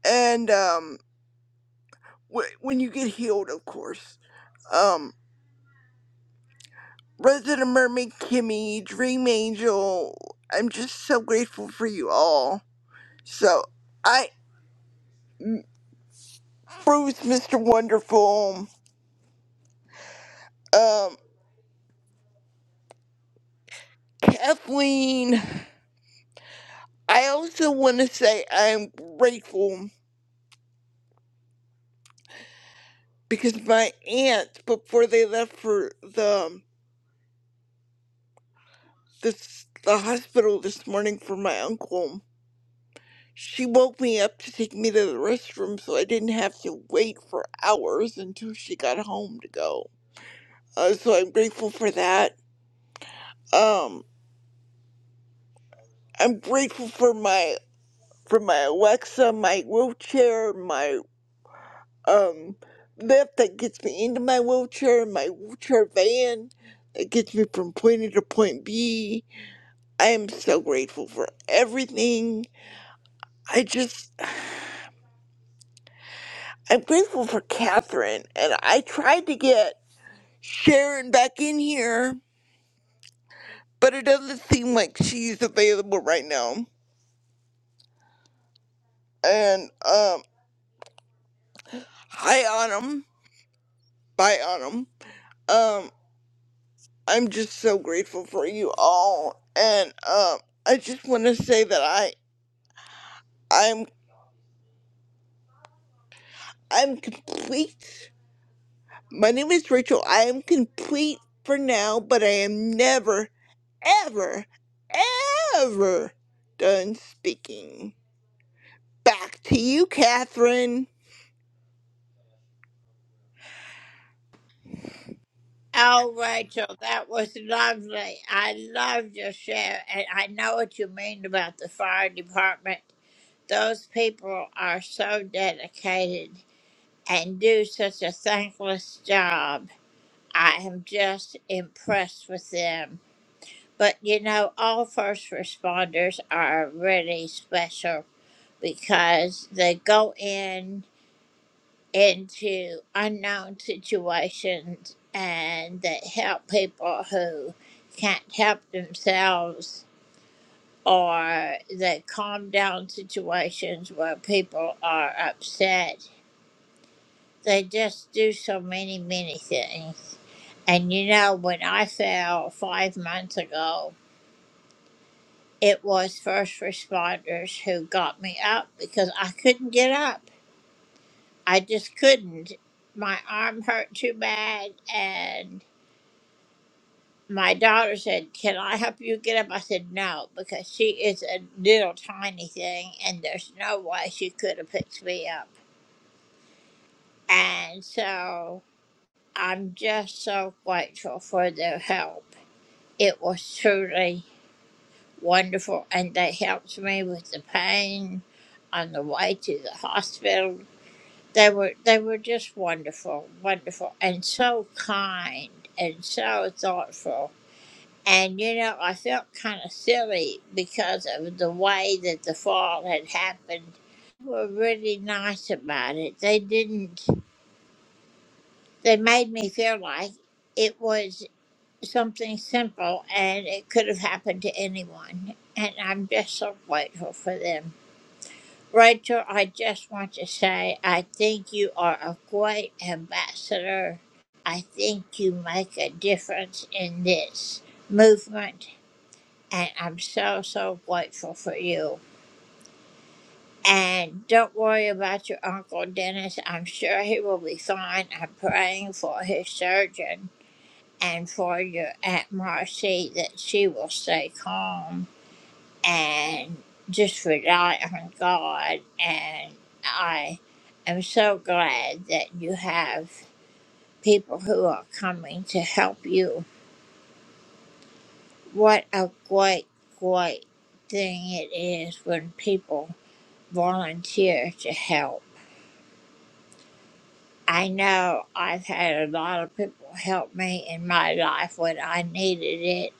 Speaker 15: and um wh- when you get healed, of course. um. Resident Mermaid Kimmy, Dream Angel. I'm just so grateful for you all. So I Bruce Mr. Wonderful. Um Kathleen. I also wanna say I'm grateful because my aunts before they left for the the, the hospital this morning for my uncle, she woke me up to take me to the restroom so I didn't have to wait for hours until she got home to go. Uh, so I'm grateful for that. Um, I'm grateful for my for my Alexa, my wheelchair, my um lift that gets me into my wheelchair, my wheelchair van that gets me from point A to point B. I am so grateful for everything. I just I'm grateful for Catherine, and I tried to get Sharon back in here, but it doesn't seem like she's available right now. And um, hi Autumn, bye Autumn. Um. I'm just so grateful for you all, and um, I just want to say that I I'm I'm complete. My name is Rachel. I am complete for now, but I am never, ever, ever done speaking. Back to you, Catherine.
Speaker 5: Oh, Rachel, that was lovely. I loved your share, and I know what you mean about the fire department. Those people are so dedicated and do such a thankless job. I am just impressed with them. But you know, all first responders are really special because they go in into unknown situations and they help people who can't help themselves or they calm down situations where people are upset. They just do so many, many things. And you know, when I fell five months ago, It was first responders who got me up because I couldn't get up. I just couldn't. My arm hurt too bad. And my daughter said, Can I help you get up? I said, No, because she is a little tiny thing and there's no way she could have picked me up. And so I'm just so grateful for their help. It was truly wonderful. And they helped me with the pain on the way to the hospital They were they were just wonderful, wonderful, and so kind and so thoughtful. And you know, I felt kind of silly because of the way that the fall had happened. They were really nice about it. They didn't. They made me feel like it was something simple and it could have happened to anyone. And I'm just so grateful for them. Rachel, I just want to say I think you are a great ambassador. I think you make a difference in this movement, and I'm so, so grateful for you. And don't worry about your Uncle Dennis. I'm sure he will be fine. I'm praying for his surgeon and for your Aunt Marcy that she will stay calm and just rely on God. And I am so glad that you have people who are coming to help you. What a great, great thing it is when people volunteer to help. I know I've had a lot of people help me in my life when I needed it,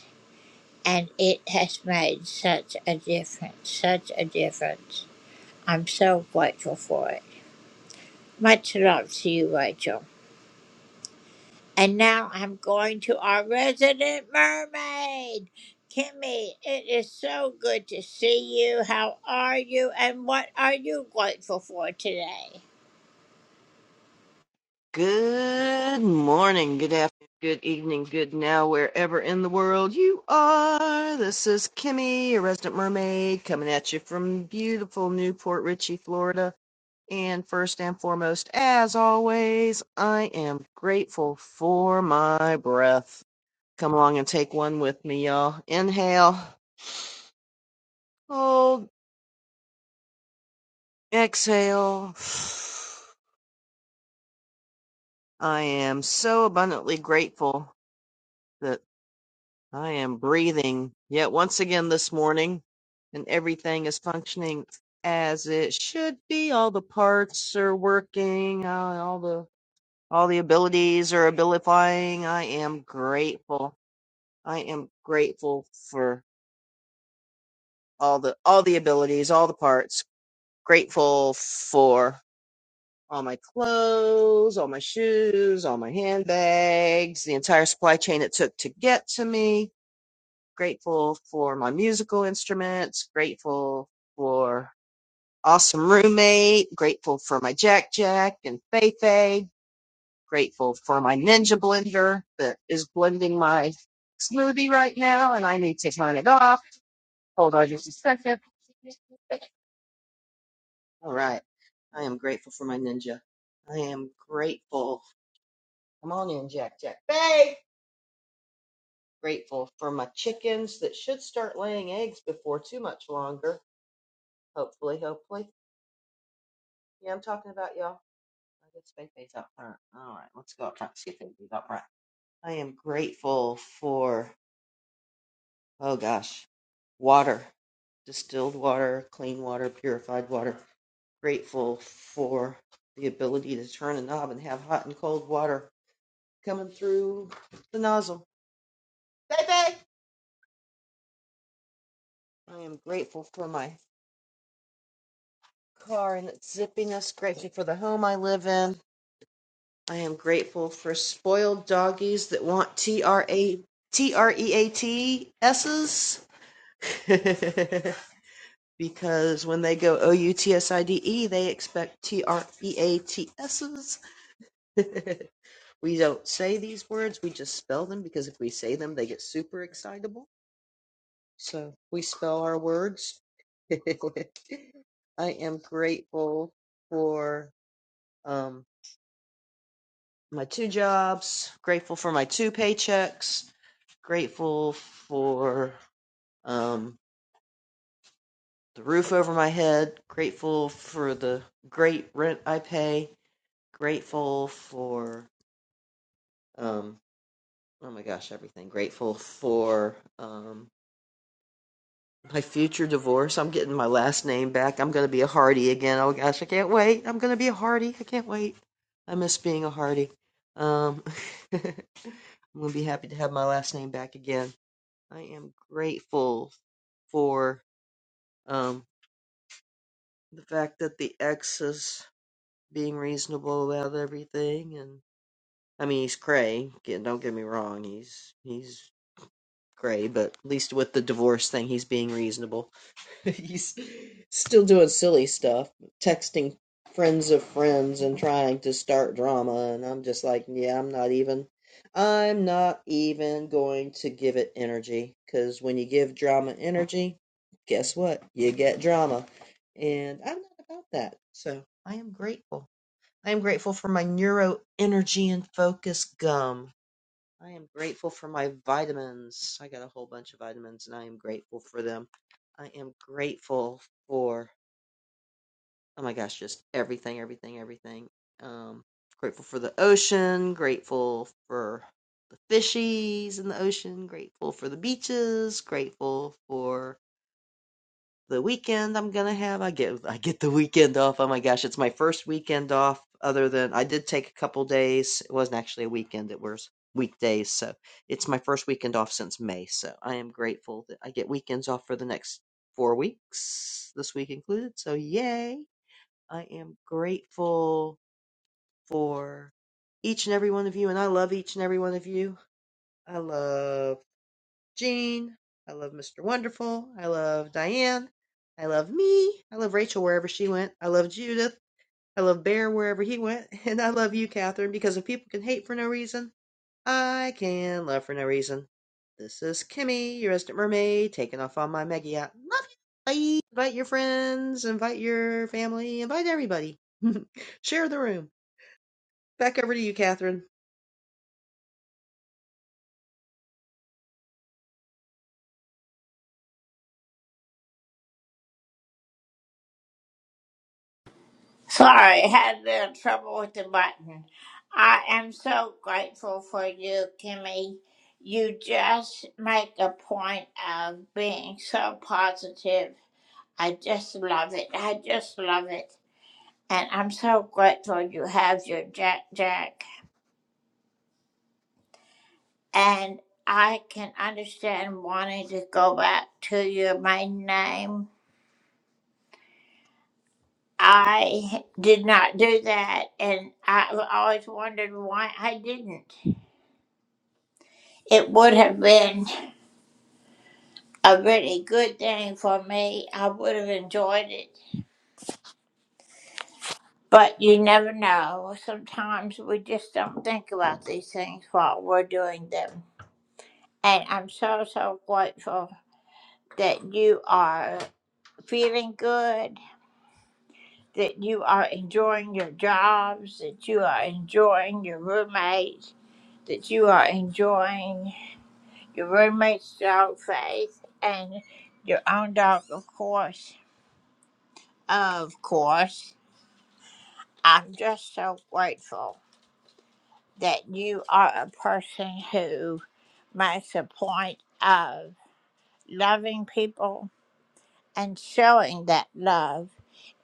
Speaker 5: and it has made such a difference, such a difference. I'm so grateful for it. Much love to you, Rachel. And now I'm going to our resident mermaid. Kimmy, it is so good to see you. How are you? And what are you grateful for today?
Speaker 16: Good morning, good afternoon, good evening, good now, wherever in the world you are. This is Kimmy, your resident mermaid, coming at you from beautiful Newport Richey, Florida. And first and foremost, as always, I am grateful for my breath. Come along and take one with me, y'all. Inhale, hold, exhale. I am so abundantly grateful that. I am breathing yet once again this morning, and everything is functioning as it should be. All the parts are working, uh, all the all the abilities are abilifying. I am grateful. I am grateful for all the all the abilities, all the parts. Grateful for all my clothes, all my shoes, all my handbags, the entire supply chain it took to get to me grateful for my musical instruments, grateful for awesome roommate, grateful for my Jack Jack and Fei Fei, grateful for my Ninja blender that is blending my smoothie right now and I need to turn it off. Hold on just a second. All right. I am grateful for my Ninja. I am grateful. Come on in, Jack Jack Fei. Grateful for my chickens that should start laying eggs before too much longer. Hopefully, hopefully Yeah, I'm talking about y'all. I did space base up front. All right, let's go up front. See if they leave up front. I am grateful for oh gosh, water, distilled water, clean water, purified water. Grateful for the ability to turn a knob and have hot and cold water coming through the nozzle. Baby, I am grateful for my car and its zippiness. Grateful for the home I live in. I am grateful for spoiled doggies that want t r a t r e a t s's because when they go O U T S I D E, they expect T R E A T S's. we don't say these words, we just spell them because if we say them, they get super excitable. So we spell our words. I am grateful for um my two jobs, grateful for my two paychecks, grateful for um, the roof over my head, grateful for the great rent I pay, grateful for, um, oh my gosh, everything. Grateful for um, my future divorce. I'm getting my last name back. I'm going to be a Hardy again. Oh gosh, I can't wait. I'm going to be a Hardy. I can't wait. I miss being a Hardy. Um, I'm going to be happy to have my last name back again I am grateful for um, the fact that the ex is being reasonable about everything, and I mean he's cray. get- Don't get me wrong, he's he's cray, but at least with the divorce thing, he's being reasonable. He's still doing silly stuff, texting friends of friends and trying to start drama. And I'm just like, yeah, I'm not even, I'm not even going to give it energy. Because when you give drama energy, guess what? You get drama. And I'm not about that. So I am grateful. I am grateful for my neuro energy and focus gum. I am grateful for my vitamins. I got a whole bunch of vitamins and I am grateful for them. I am grateful for, oh my gosh, just everything, everything, everything. Um, grateful for the ocean, grateful for the fishies in the ocean, grateful for the beaches, grateful for the weekend I'm gonna have. I get I get the weekend off. Oh my gosh, it's my first weekend off other than I did take a couple days. It wasn't actually a weekend, it was weekdays. So it's my first weekend off since May. So I am grateful that I get weekends off for the next four weeks, this week included. So yay. I am grateful for each and every one of you and I love each and every one of you. I love Jean, I love Mr. Wonderful. I love Diane. I love me. I love Rachel wherever she went. I love Judith. I love Bear wherever he went. And I love you, Catherine, because if people can hate for no reason, I can love for no reason. This is Kimmy, your resident mermaid, taking off on my mega yacht. Love you. Bye. Invite your friends, invite your family, invite everybody. Share the room. Back over to you, Catherine.
Speaker 5: Sorry, I had a little trouble with the button. I am so grateful for you, Kimmy. You just make a point of being so positive. I just love it. I just love it. And I'm so grateful you have your Jack Jack. And I can understand wanting to go back to your main name. I did not do that, and I've always wondered why I didn't. It would have been a really good thing for me. I would have enjoyed it. But you never know. Sometimes we just don't think about these things while we're doing them. And I'm so, so grateful that you are. feeling good, that you are enjoying your jobs, that you are enjoying your roommates, that you are enjoying your roommate's dog Faith and your own dog, of course. Of course, I'm just so grateful that you are a person who makes a point of loving people and showing that love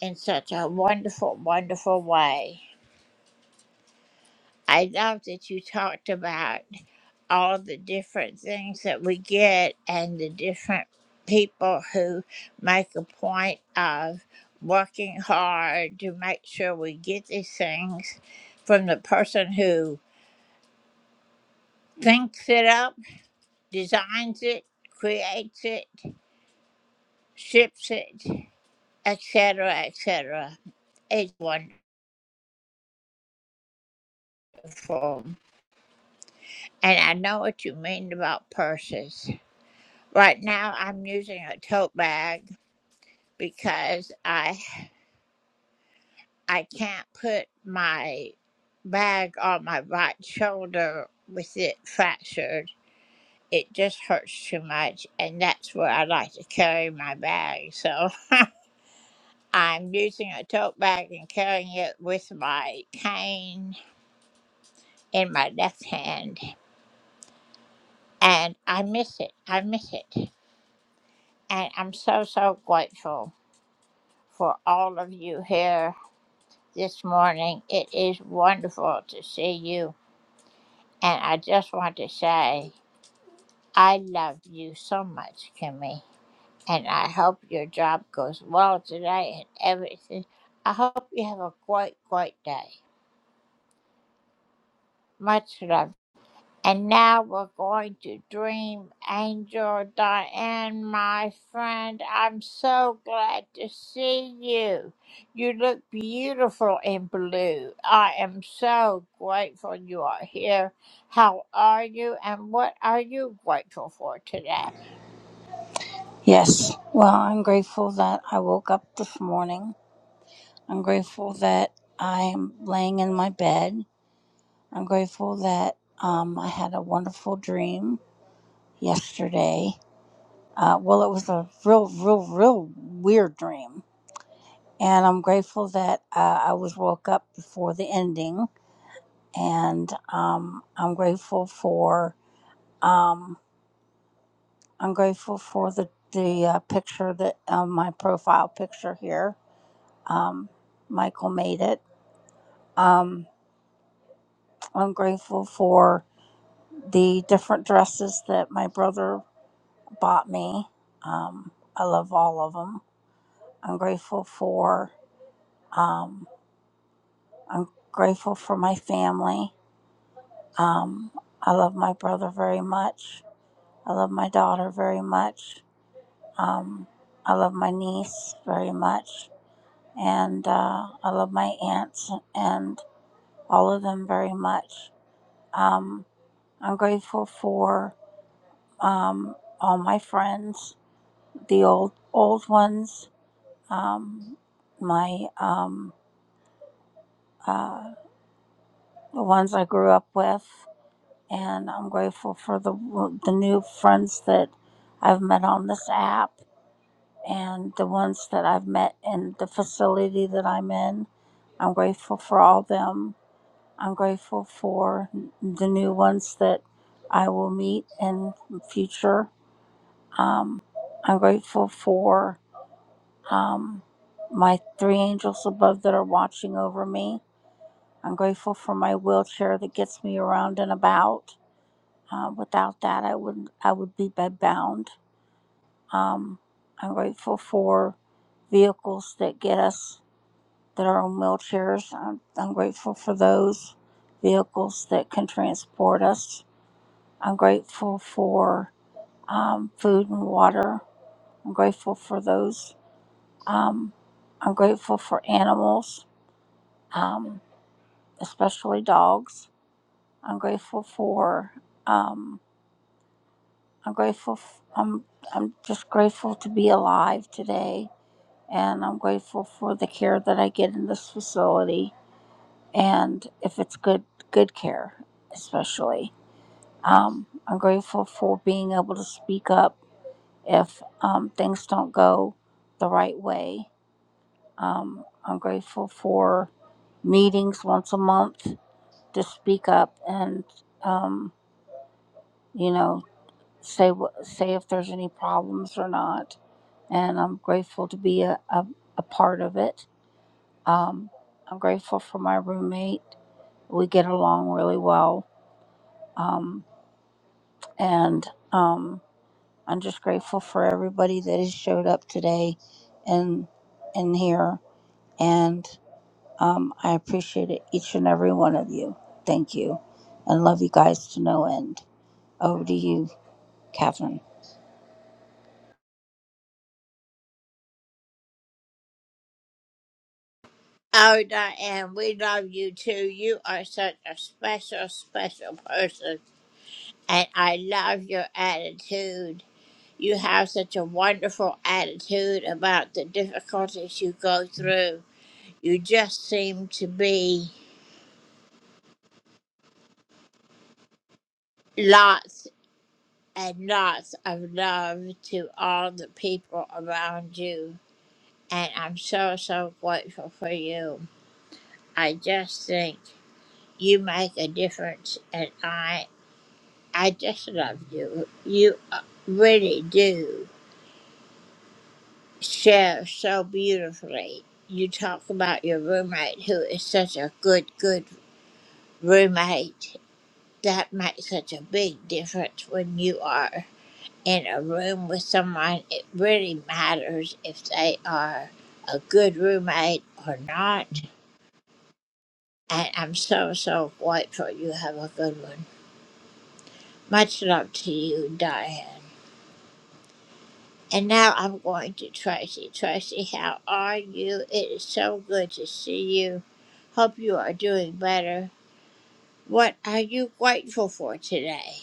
Speaker 5: in such a wonderful, wonderful way. I love that you talked about all the different things that we get and the different people who make a point of working hard to make sure we get these things from the person who thinks it up, designs it, creates it, ships it, etc., etc. It's wonderful. And I know what you mean about purses. Right now, I'm using a tote bag because I I can't put my bag on my right shoulder with it fractured. It just hurts too much, and that's where I like to carry my bag. So I'm using a tote bag and carrying it with my cane in my left hand, and I miss it. I miss it. And I'm so, so grateful for all of you here this morning. It is wonderful to see you. And I just want to say, I love you so much, Kimmy. And I hope your job goes well today and everything. I hope you have a great, great day. Much love. And now we're going to dream Angel Diane, my friend. I'm so glad to see you. You look beautiful in blue. I am so grateful you are here. How are you and what are you grateful for today?
Speaker 17: Yes. Well, I'm grateful that I woke up this morning. I'm grateful that I'm laying in my bed. I'm grateful that um, I had a wonderful dream yesterday. Uh, well, it was a real, real, real weird dream. And I'm grateful that uh, I was woke up before the ending. And um, I'm grateful for um, I'm grateful for the the uh, picture that um, my profile picture here Um, Michael made it. Um, I'm grateful for the different dresses that my brother bought me. Um, I love all of them. I'm grateful for. Um, I'm grateful for my family. Um, I love my brother very much. I love my daughter very much. Um, I love my niece very much, and uh, I love my aunts and all of them very much. Um, I'm grateful for um, all my friends, the old old ones, um, my um, uh, the ones I grew up with, and I'm grateful for the the new friends that I've met on this app and the ones that I've met in the facility that I'm in. I'm grateful for all them. I'm grateful for the new ones that I will meet in future Um, I'm grateful for um, my three angels above that are watching over me. I'm grateful for my wheelchair that gets me around and about. Uh, without that, I would I would be bedbound. Um, I'm grateful for vehicles that get us that are on wheelchairs. I'm, I'm grateful for those vehicles that can transport us. I'm grateful for um, food and water. I'm grateful for those Um, I'm grateful for animals, um, especially dogs. I'm grateful for. Um, I'm grateful. F- I'm. I'm just grateful to be alive today, and I'm grateful for the care that I get in this facility, and if it's good, good care, especially. Um, I'm grateful for being able to speak up if um, things don't go the right way Um, I'm grateful for meetings once a month to speak up and, um, you know, say wh- say if there's any problems or not. And I'm grateful to be a, a, a part of it. Um, I'm grateful for my roommate. We get along really well. Um, and um, I'm just grateful for everybody that has showed up today and in here. and. Um, I appreciate it, each and every one of you. Thank you. And love you guys to no end. Over to you, Catherine.
Speaker 5: Oh, Diane, we love you too. You are such a special, special person. And I love your attitude. You have such a wonderful attitude about the difficulties you go through. You just seem to be lots and lots of love to all the people around you. And I'm so, so grateful for you. I just think you make a difference, and I, I just love you. You uh, really do share so beautifully you talk about your roommate who is such a good good roommate. That makes such a big difference when you are in a room with someone. It really matters if they are a good roommate or not. And I'm so, so grateful you have a good one. Much love to you, Diane. And now I'm going to Tracy. Tracy, how are you? It is so good to see you. Hope you are doing better. What are you grateful for today?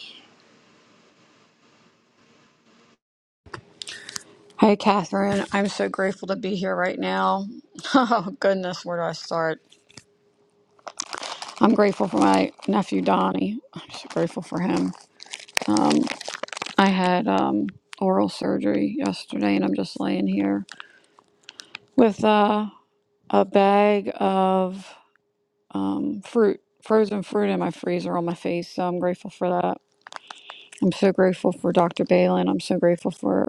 Speaker 18: Hey, Catherine. I'm so grateful to be here right now. Oh, goodness, where do I start? I'm grateful for my nephew, Donnie. I'm so grateful for him. Um, I had um, oral surgery yesterday, and I'm just laying here with uh, a bag of um, fruit, frozen fruit in my freezer on my face. So I'm grateful for that. I'm so grateful for Dr. Balin. I'm so grateful for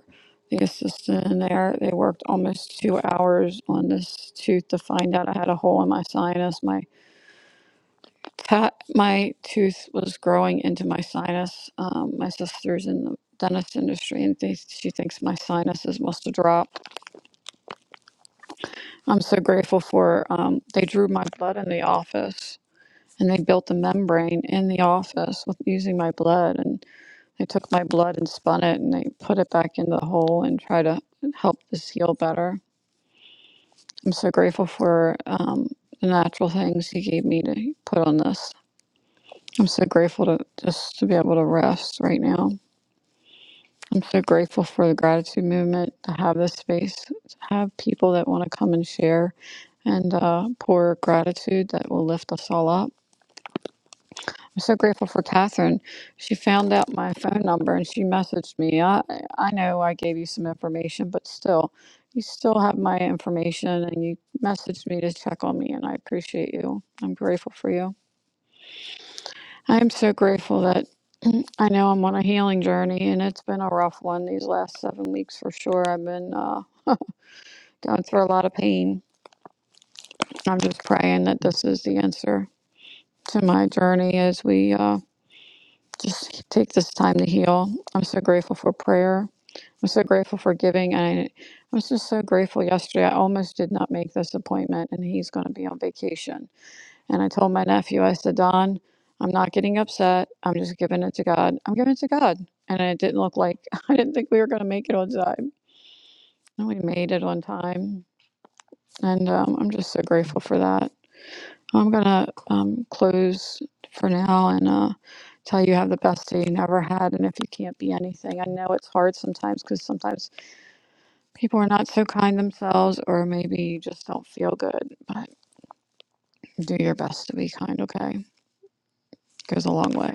Speaker 18: the assistant there. They worked almost two hours on this tooth to find out I had a hole in my sinus. My pat, my tooth was growing into my sinus. Um, my sister's in the dentist industry and they, she thinks my sinuses must have dropped. I'm so grateful for um, they drew my blood in the office and they built a membrane in the office with using my blood and. They took my blood and spun it and they put it back into the hole and try to help this heal better. I'm so grateful for um, the natural things he gave me to put on this. I'm so grateful to just to be able to rest right now. I'm so grateful for the gratitude movement to have this space, to have people that want to come and share and uh, pour gratitude that will lift us all up. I'm so grateful for Catherine. She found out my phone number and she messaged me. I, I know I gave you some information, but still, you still have my information and you messaged me to check on me, and I appreciate you. I'm grateful for you. I am so grateful that I know I'm on a healing journey, and it's been a rough one these last seven weeks for sure. I've been uh, going through a lot of pain. I'm just praying that this is the answer to my journey as we. uh, just take this time to heal. I'm so grateful for prayer. I'm so grateful for giving. And I I was just so grateful yesterday. I almost did not make this appointment, and he's going to be on vacation. And I told my nephew, I said, Don, I'm not getting upset. I'm just giving it to God. I'm giving it to God. And it didn't look like I didn't think we were going to make it on time. And we made it on time. And um, I'm just so grateful for that. I'm gonna um, close for now and uh, tell you have the best day you never had. And if you can't be anything, I know it's hard sometimes because sometimes people are not so kind themselves, or maybe you just don't feel good. But do your best to be kind. Okay, goes a long way.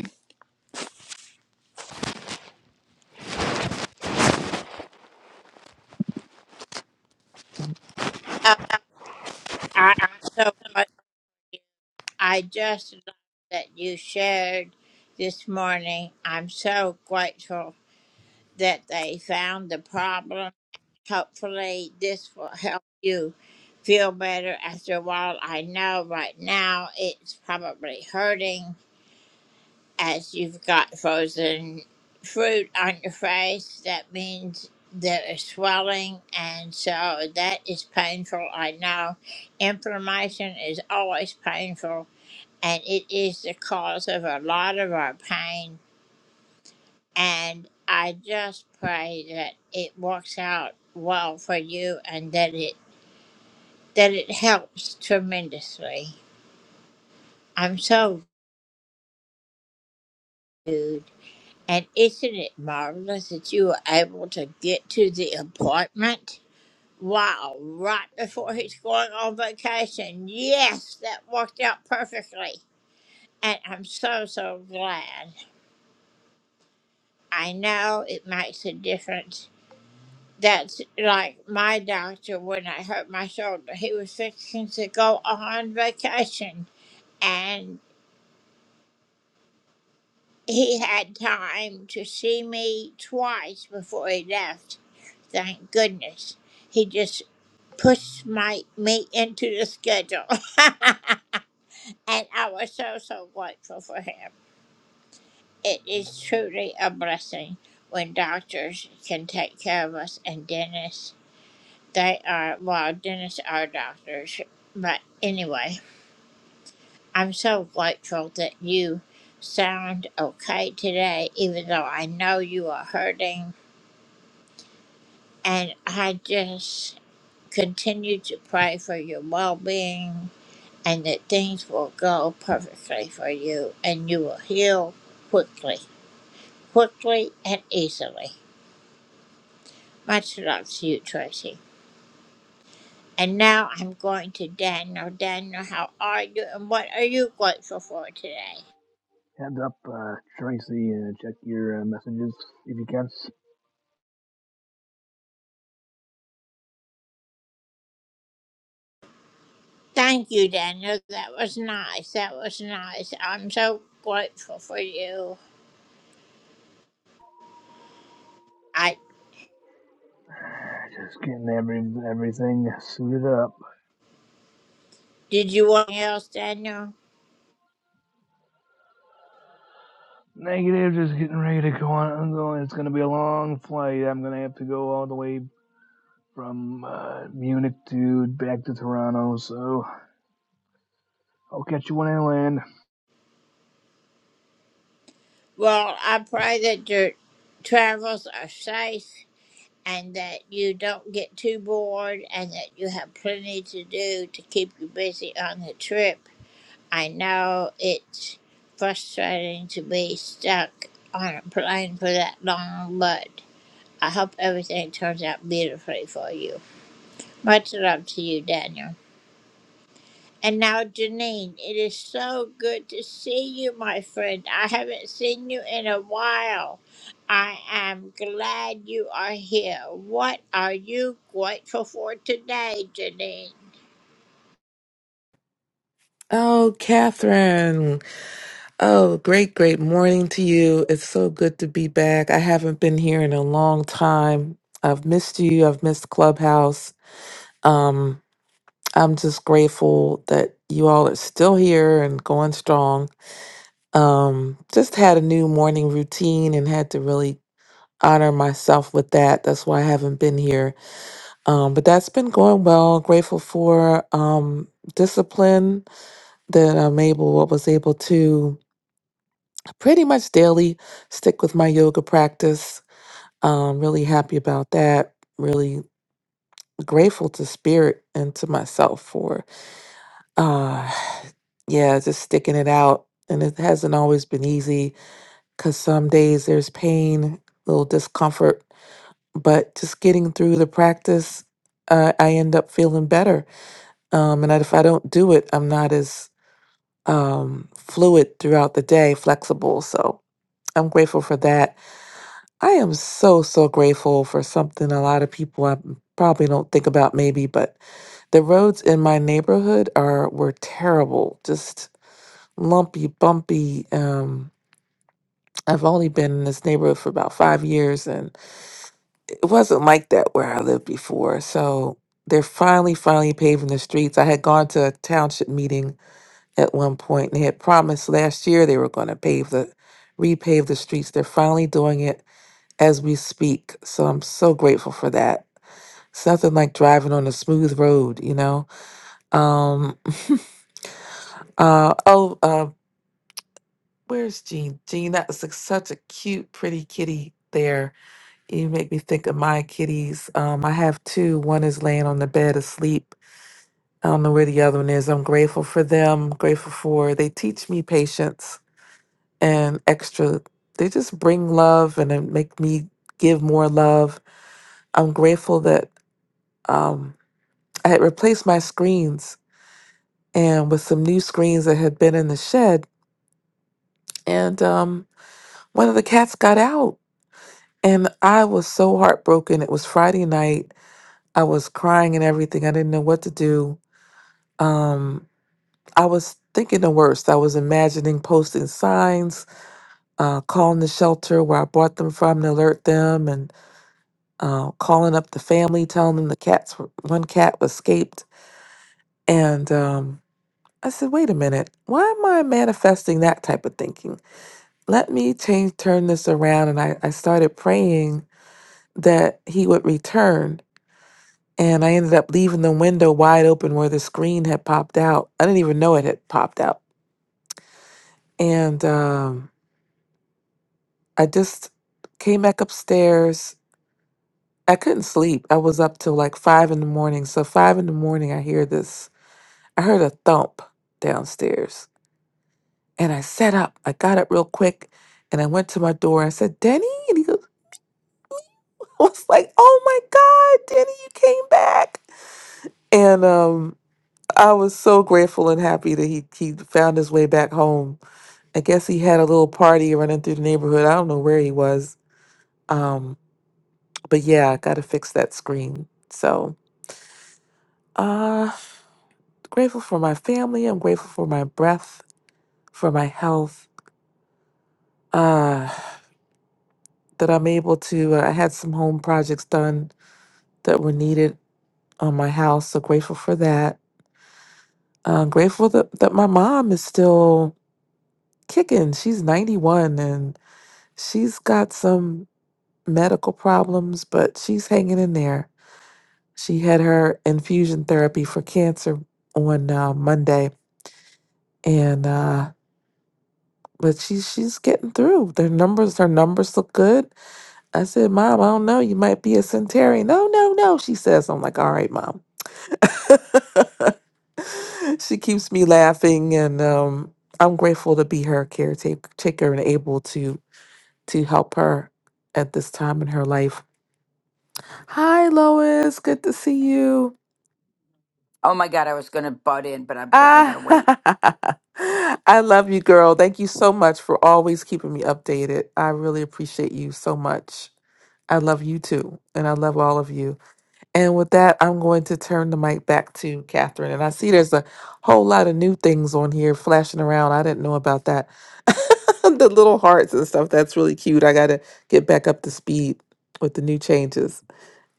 Speaker 5: I Uh, I just love that you shared this morning. I'm so grateful that they found the problem. Hopefully, this will help you feel better after a while. I know right now it's probably hurting as you've got frozen fruit on your face. That means there is swelling, and so that is painful. I know inflammation is always painful and it is the cause of a lot of our pain. And I just pray that it works out well for you and that it that it helps tremendously. I'm so good. And isn't it marvelous that you were able to get to the appointment? Wow, right before he's going on vacation. Yes, that worked out perfectly. And I'm so, so glad. I know it makes a difference That's like my doctor when I hurt my shoulder. He was fixing to go on vacation and he had time to see me twice before he left. Thank goodness. He just pushed my me into the schedule. and I was so so grateful for him. It is truly a blessing when doctors can take care of us and dentists They are, well, dentists are doctors. But anyway, I'm so grateful that you sound okay today, even though I know you are hurting. And I just continue to pray for your well being and that things will go perfectly for you and you will heal quickly, quickly and easily. Much love to you, Tracy. And now I'm going to Daniel. Daniel, how are you and what are you grateful for today?
Speaker 19: Heads up, uh, Tracy, uh, check your uh, messages if you can.
Speaker 5: Thank you, Daniel. That was nice. That was nice. I'm so grateful for you. I
Speaker 19: Just getting every everything suited up.
Speaker 5: did you want anything else, Daniel?
Speaker 19: Negative, just getting ready to go on. I'm going. It's going to be a long flight. I'm going to have to go all the way from uh, Munich to back to Toronto. So I'll catch you when I land.
Speaker 5: Well, I pray that your travels are safe and that you don't get too bored and that you have plenty to do to keep you busy on the trip I know it's frustrating to be stuck on a plane for that long, but I hope everything turns out beautifully for you. Much love to you, Daniel. And now, Janine, it is so good to see you, my friend. I haven't seen you in a while. I am glad you are here. What are you grateful for today, Janine?
Speaker 20: Oh, Catherine. Oh, great, great morning to you. It's so good to be back. I haven't been here in a long time. I've missed you. I've missed Clubhouse. Um, I'm just grateful that you all are still here and going strong. Um, just had a new morning routine and had to really honor myself with that. That's why I haven't been here. Um, but that's been going well. Grateful for um discipline that I'm able, what was able to. pretty much daily stick with my yoga practice. Um, really happy about that. Really grateful to spirit and to myself for uh yeah, just sticking it out. And it hasn't always been easy because some days there's pain, little discomfort, but just getting through the practice, uh, I end up feeling better. Um, and I- if I don't do it, I'm not as um, fluid throughout the day, flexible. So I'm grateful for that I am so, so grateful for something a lot of people I probably don't think about maybe, but the roads in my neighborhood are were terrible, just lumpy, bumpy. Um, I've only been in this neighborhood for about five years and it wasn't like that where I lived before. So they're finally, finally paving the streets. I had gone to a township meeting at one point and they had promised last year they were going to pave the repave the streets. They're finally doing it as we speak. So I'm so grateful for that. It's nothing like driving on a smooth road, you know. Um, uh, oh, uh, where's Jean? Jean, that's like such a cute, pretty kitty there. You make me think of my kitties. Um, I have two. One is laying on the bed asleep. I don't know where the other one is. I'm grateful for them. Grateful for they teach me patience and extra. They just bring love and then make me give more love. I'm grateful that um, I had replaced my screens and with some new screens that had been in the shed. And um, one of the cats got out, and I was so heartbroken. It was Friday night. I was crying and everything. I didn't know what to do. Um, I was thinking the worst. I was imagining posting signs, uh, calling the shelter where I bought them from to alert them, and uh, calling up the family, telling them the cats were, one cat escaped. And um, I said, wait a minute, why am I manifesting that type of thinking? let me change turn this around and I, I started praying that he would return and i ended up leaving the window wide open where the screen had popped out i didn't even know it had popped out and um, i just came back upstairs i couldn't sleep i was up till like five in the morning so five in the morning i hear this i heard a thump downstairs and i sat up i got up real quick and i went to my door i said denny I was like, oh my God, Danny, you came back. And um, I was so grateful and happy that he, he found his way back home. I guess he had a little party running through the neighborhood. I don't know where he was. Um, but yeah, I got to fix that screen. So uh, grateful for my family. I'm grateful for my breath, for my health, uh, that I'm able to. uh, I had some home projects done that were needed on my house. So grateful for that. I'm grateful that, that my mom is still kicking. She's 91 and she's got some medical problems, but she's hanging in there. She had her infusion therapy for cancer on uh, Monday, and uh, but she's she's getting through. Their numbers, her numbers look good. I said, "Mom, I don't know. You might be a centenarian." No, no, no. She says, "I'm like, all right, mom." she keeps me laughing, and um, I'm grateful to be her caretaker taker and able to to help her at this time in her life. Hi, Lois. Good to see you.
Speaker 21: Oh my God, I was going to butt in, but I'm, I got to wait.
Speaker 20: Ah, I love you, girl. Thank you so much for always keeping me updated. I really appreciate you so much. I love you too, and I love all of you. And with that, I'm going to turn the mic back to Catherine. And I see there's a whole lot of new things on here flashing around. I didn't know about that. the little hearts and stuff. That's really cute. I got to get back up to speed with the new changes.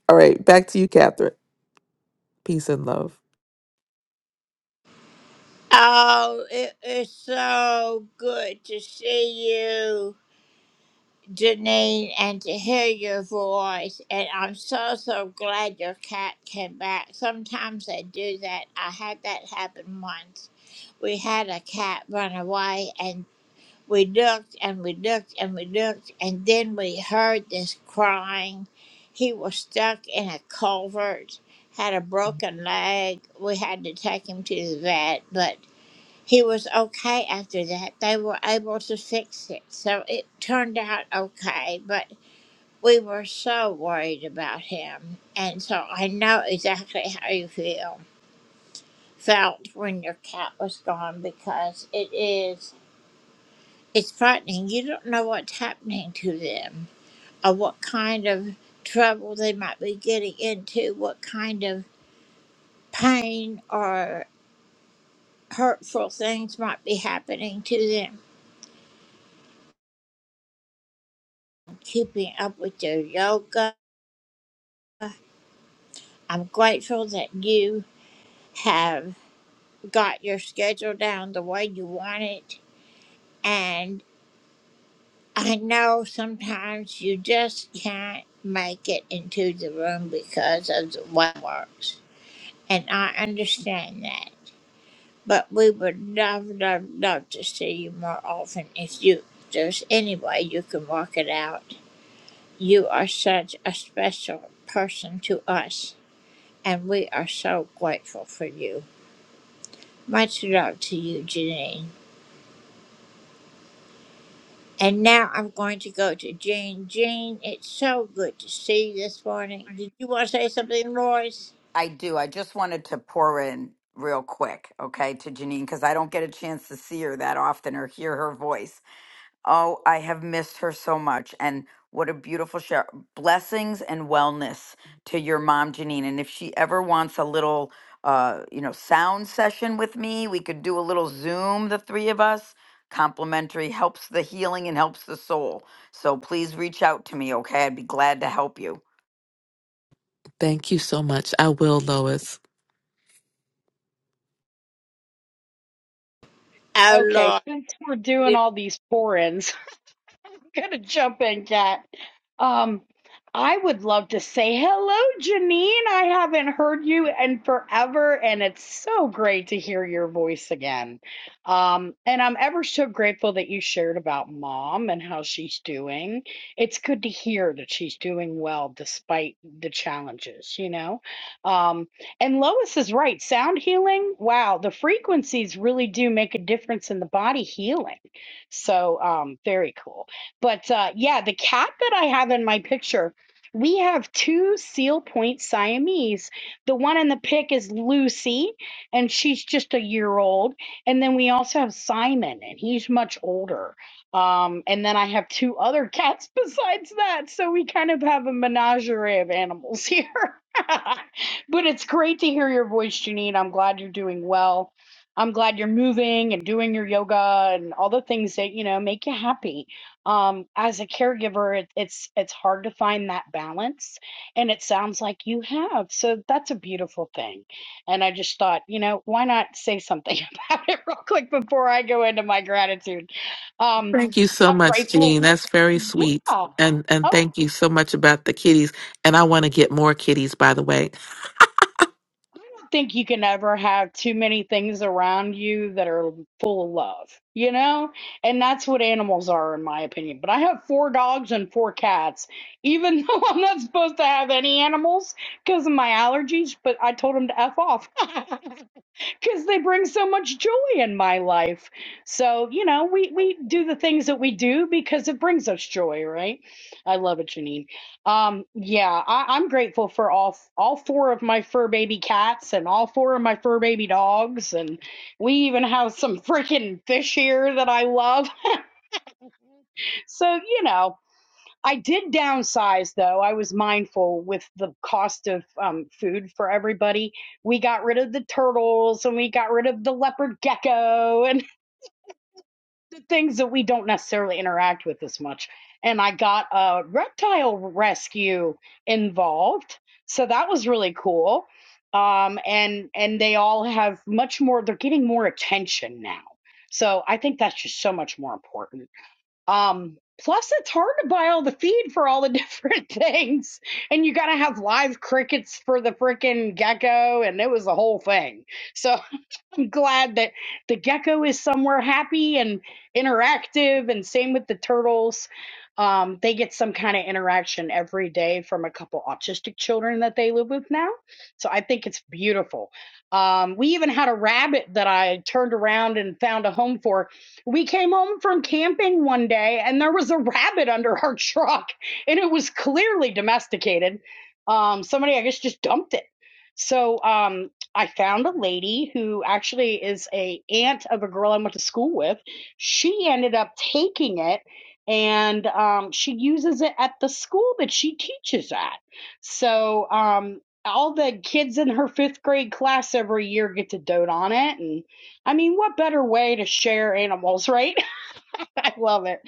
Speaker 20: All right, back to you, Catherine. Peace and love.
Speaker 5: Oh, it is so good to see you. Janine, and to hear your voice. And I'm so, so glad your cat came back. Sometimes they do that. I had that happen once. We had a cat run away, and we looked and we looked and we looked, and then we heard this crying. He was stuck in a culvert, had a broken leg. We had to take him to the vet, but he was okay after that. They were able to fix it. So it turned out okay. But we were so worried about him. And so I know exactly how you feel, felt when your cat was gone because it is, it's frightening. You don't know what's happening to them or what kind of trouble they might be getting into, what kind of pain or hurtful things might be happening to them. Keeping up with their yoga. I'm grateful that you have got your schedule down the way you want it And I know sometimes you just can't make it into the room because of the waterworks. And I understand that. But we would love, love, love to see you more often if you there's any way you can work it out. You are such a special person to us, and we are so grateful for you. Much love to you, Janine. And now I'm going to go to Jane. Jane, it's so good to see you this morning. Did you want to say something, Lois?
Speaker 21: I do. I just wanted to pour in real quick, okay, to Janine, because I don't get a chance to see her that often or hear her voice. Oh, I have missed her so much. And what a beautiful show. Blessings and wellness to your mom, Janine. And if she ever wants a little, uh, you know, sound session with me, we could do a little Zoom, the three of us. Complimentary helps the healing and helps the soul. So please reach out to me, okay? I'd be glad to help you.
Speaker 20: Thank you so much. I will, Lois.
Speaker 5: Oh,
Speaker 22: Okay,
Speaker 5: Lord.
Speaker 22: since we're doing
Speaker 5: you-
Speaker 22: all these pour-ins, gonna jump in, Kat. Um, I would love to say hello, Janine. I haven't heard you in forever, and it's so great to hear your voice again. Um, and I'm ever so grateful that you shared about mom and how she's doing. It's good to hear that she's doing well despite the challenges, you know? Um, and Lois is right. Sound healing, wow, the frequencies really do make a difference in the body healing. So, um, very cool. But uh, yeah, the cat that I have in my picture, we have two seal point Siamese. The one in the pic is Lucy, and she's just a year old. And then we also have Simon, and he's much older. Um, and then I have two other cats besides that. So we kind of have a menagerie of animals here. but it's great to hear your voice, Janine. I'm glad you're doing well. I'm glad you're moving and doing your yoga and all the things that, you know, make you happy um as a caregiver it, it's it's hard to find that balance and it sounds like you have so that's a beautiful thing and i just thought you know why not say something about it real quick before i go into my gratitude um
Speaker 20: Thank you so
Speaker 22: i'm
Speaker 20: much,
Speaker 22: grateful
Speaker 20: Jean. That's very
Speaker 22: yeah
Speaker 20: sweet. And and
Speaker 22: oh
Speaker 20: thank you so much about the kitties. And I want to get more kitties, by the way.
Speaker 22: don't think you can ever have too many things around you that are full of love, you know? And that's what animals are, in my opinion. But I have four dogs and four cats, even though I'm not supposed to have any animals because of my allergies, but I told them to F off because they bring so much joy in my life. So, you know, we, we do the things that we do because it brings us joy, right? I love it, Janine. Um, yeah, I, I'm grateful for all all four of my fur baby cats and all four of my fur baby dogs, and we even have some freaking fish here that I love. So, you know, I did downsize though. I was mindful with the cost of um, food for everybody. We got rid of the turtles and we got rid of the leopard gecko and the things that we don't necessarily interact with as much. And I got a reptile rescue involved, so that was really cool. Um, and and they all have much more. They're getting more attention now, so I think that's just so much more important. Um, plus, it's hard to buy all the feed for all the different things, and you got to have live crickets for the freaking gecko, and it was a whole thing. So I'm glad that the gecko is somewhere happy and interactive, and same with the turtles. Um, they get some kind of interaction every day from a couple autistic children that they live with now. So I think it's beautiful. Um, we even had a rabbit that I turned around and found a home for. We came home from camping one day and there was a rabbit under our truck and it was clearly domesticated. Um, somebody, I guess, just dumped it. So um, I found a lady who actually is a aunt of a girl I went to school with. She ended up taking it and um, she uses it at the school that she teaches at. So um, all the kids in her fifth grade class every year get to dote on it. And I mean, what better way to share animals, right? I love it.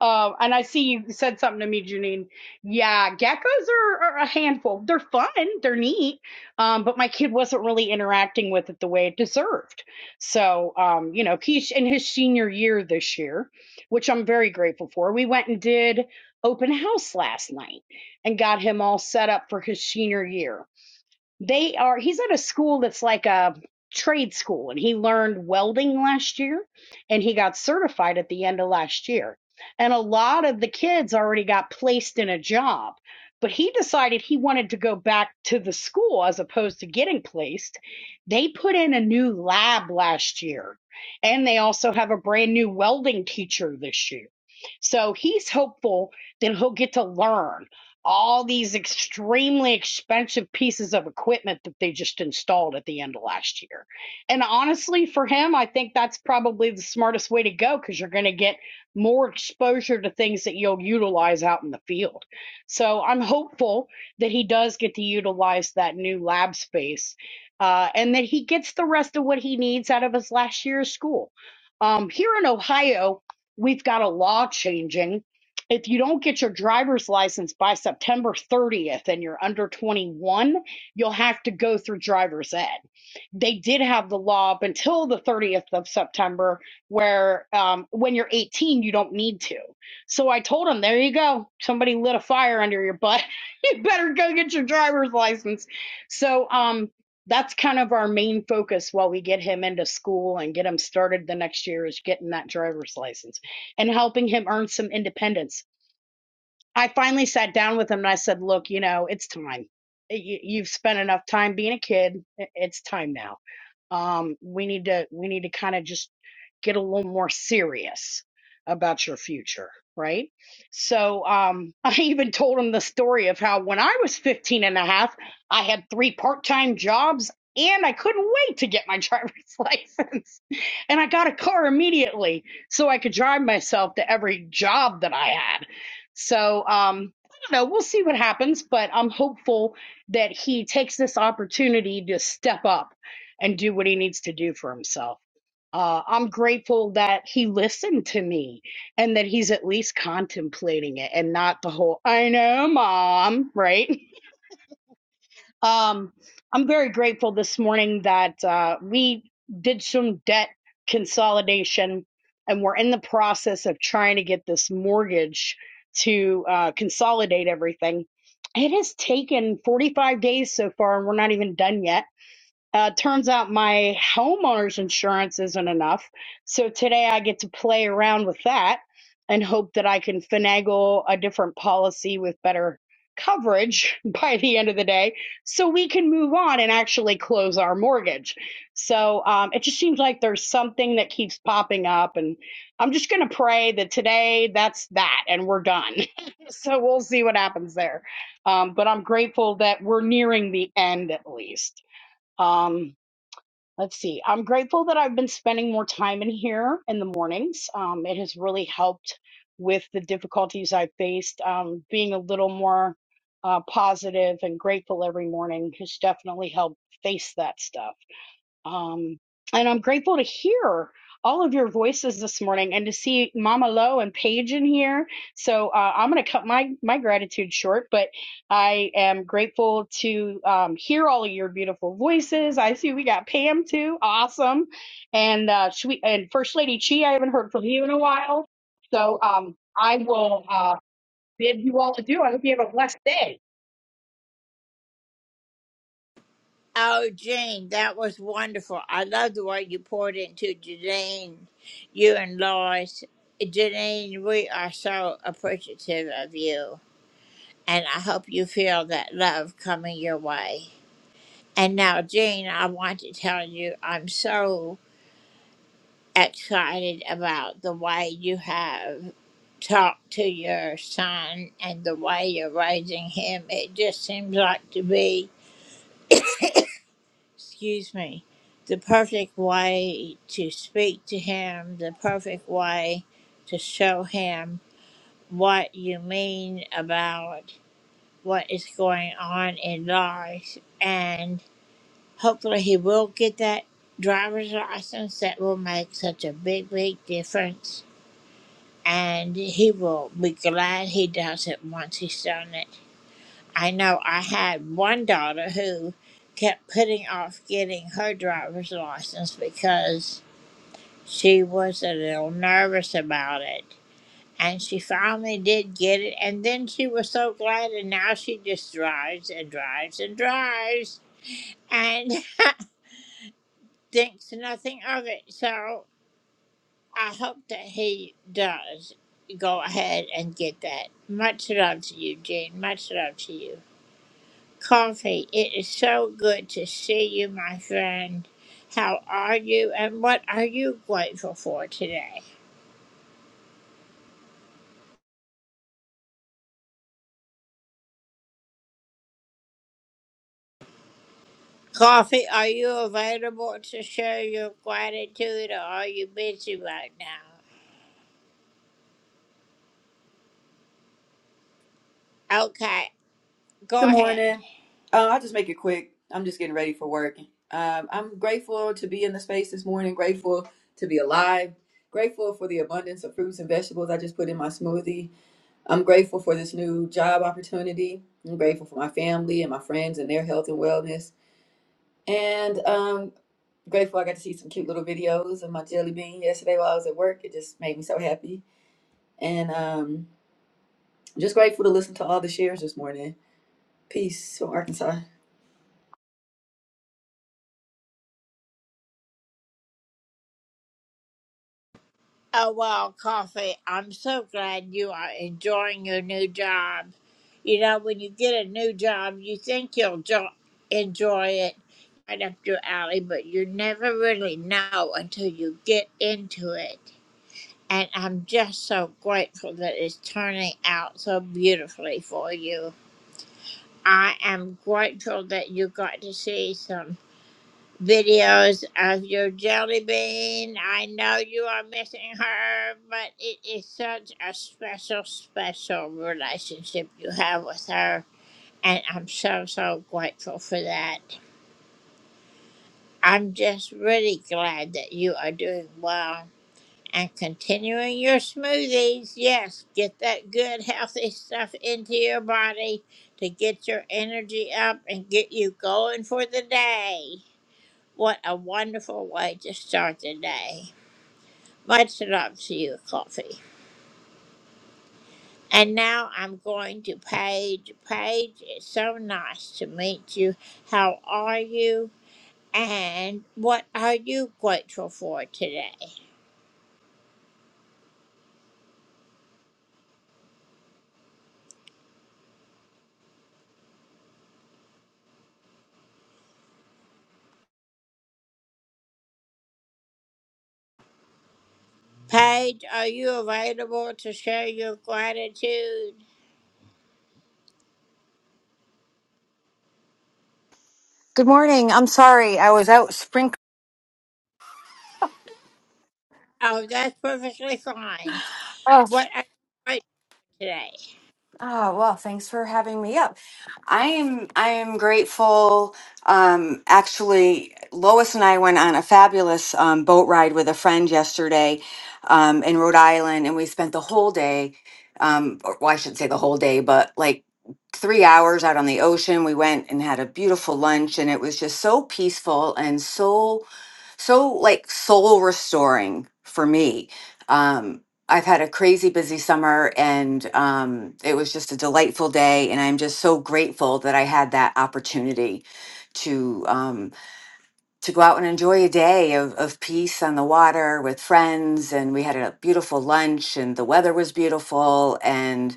Speaker 22: Um, and I see you said something to me, Janine. Yeah, geckos are, are a handful. They're fun, they're neat. Um, but my kid wasn't really interacting with it the way it deserved. So, um, you know, he's in his senior year this year, which I'm very grateful for. We went and did open house last night and got him all set up for his senior year. They are, he's at a school that's like a trade school, and he learned welding last year and he got certified at the end of last year. And a lot of the kids already got placed in a job, but he decided he wanted to go back to the school as opposed to getting placed. They put in a new lab last year, and they also have a brand new welding teacher this year. So he's hopeful that he'll get to learn all these extremely expensive pieces of equipment that they just installed at the end of last year. And honestly, for him, I think that's probably the smartest way to go because you're going to get more exposure to things that you'll utilize out in the field. So I'm hopeful that he does get to utilize that new lab space uh, and that he gets the rest of what he needs out of his last year of school. Um, here in Ohio, we've got a law changing if you don't get your driver's license by September 30th and you're under 21, you'll have to go through driver's ed. They did have the law up until the 30th of September where um, when you're 18, you don't need to. So I told them, there you go. Somebody lit a fire under your butt. you better go get your driver's license. So, um, that's kind of our main focus while we get him into school and get him started the next year is getting that driver's license and helping him earn some independence. I finally sat down with him and I said, "Look, you know, it's time. You, you've spent enough time being a kid. It's time now." Um, we need to we need to kind of just get a little more serious about your future, right? So um, I even told him the story of how when I was 15 and a half, I had three part-time jobs and I couldn't wait to get my driver's license. And I got a car immediately so I could drive myself to every job that I had. So um, I don't know, we'll see what happens, but I'm hopeful that he takes this opportunity to step up and do what he needs to do for himself. Uh, I'm grateful that he listened to me and that he's at least contemplating it and not the whole, I know, mom, right? Um, I'm very grateful this morning that uh, we did some debt consolidation and we're in the process of trying to get this mortgage to uh, consolidate everything. It has taken 45 days so far, and we're not even done yet uh, turns out my homeowner's insurance isn't enough. So today I get to play around with that and hope that I can finagle a different policy with better coverage by the end of the day so we can move on and actually close our mortgage. So um, it just seems like there's something that keeps popping up. And I'm just going to pray that today that's that and we're done. so we'll see what happens there. Um, but I'm grateful that we're nearing the end at least. Um, Let's see. I'm grateful that I've been spending more time in here in the mornings. Um, it has really helped with the difficulties I faced. Um, being a little more uh, positive and grateful every morning has definitely helped face that stuff. Um, and I'm grateful to hear all of your voices this morning and to see Mama Lo and Paige in here. So uh, I'm going to cut my, my gratitude short, but I am grateful to um, hear all of your beautiful voices. I see we got Pam too. Awesome. And, uh, she, and First Lady Chi, I haven't heard from you in a while. So um, I will uh, bid you all adieu. I hope you have a blessed day.
Speaker 5: Oh, Jane, that was wonderful. I love the way you poured into Jane, you and Lois. Jane, we are so appreciative of you, and I hope you feel that love coming your way. And now, Jane, I want to tell you I'm so excited about the way you have talked to your son and the way you're raising him. It just seems like to be, excuse me, the perfect way to speak to him, the perfect way to show him what you mean about what is going on in life. And hopefully, he will get that driver's license that will make such a big, big difference and he will be glad he does it once he's done it. I know I had one daughter who kept putting off getting her driver's license because she was a little nervous about it. And she finally did get it, and then she was so glad, and now she just drives and drives and drives and thinks nothing of it. So I hope that he does go ahead and get that. Much love to you, Jean. Much love to you. Coffee, it is so good to see you, my friend. How are you and what are you grateful for today? Coffee, are you available to share your gratitude or are you busy right now? Okay, go
Speaker 23: Good
Speaker 5: ahead.
Speaker 23: morning. Uh, I'll just make it quick. I'm just getting ready for work. Um, I'm grateful to be in the space this morning, grateful to be alive, grateful for the abundance of fruits and vegetables I just put in my smoothie. I'm grateful for this new job opportunity. I'm grateful for my family and my friends and their health and wellness. And um, grateful I got to see some cute little videos of my jelly bean yesterday while I was at work. It just made me so happy. And um, just grateful to listen to all the shares this morning. Peace from Arkansas.
Speaker 5: Oh, wow, Coffee, I'm so glad you are enjoying your new job. You know, when you get a new job, you think you'll jo- enjoy it right up your alley, but you never really know until you get into it. And I'm just so grateful that it's turning out so beautifully for you. I am grateful that you got to see some videos of your jelly bean. I know you are missing her, but it is such a special, special relationship you have with her. And I'm so, so grateful for that. I'm just really glad that you are doing well and continuing your smoothies. Yes, get that good, healthy stuff into your body to get your energy up and get you going for the day. What a wonderful way to start the day. Much love to you, Coffee. And now I'm going to Paige. Paige, it's so nice to meet you. How are you? And what are you grateful for today? Paige, are you available to share your gratitude?
Speaker 24: Good morning. I'm sorry. I was out sprinkling.
Speaker 5: Oh, that's perfectly fine.
Speaker 24: Oh,
Speaker 5: What are you grateful today?
Speaker 24: oh, well, thanks for having me up. I am I am grateful. Um, actually, Lois and I went on a fabulous um, boat ride with a friend yesterday um, in Rhode Island, and we spent the whole day. Um, or, well, I shouldn't say the whole day, but like three hours out on the ocean. We went and had a beautiful lunch, and it was just so peaceful and so so like soul restoring for me. Um, I've had a crazy busy summer and um, it was just a delightful day. And I'm just so grateful that I had that opportunity to um, to go out and enjoy a day of, of peace on the water with friends. And we had a beautiful lunch and the weather was beautiful. and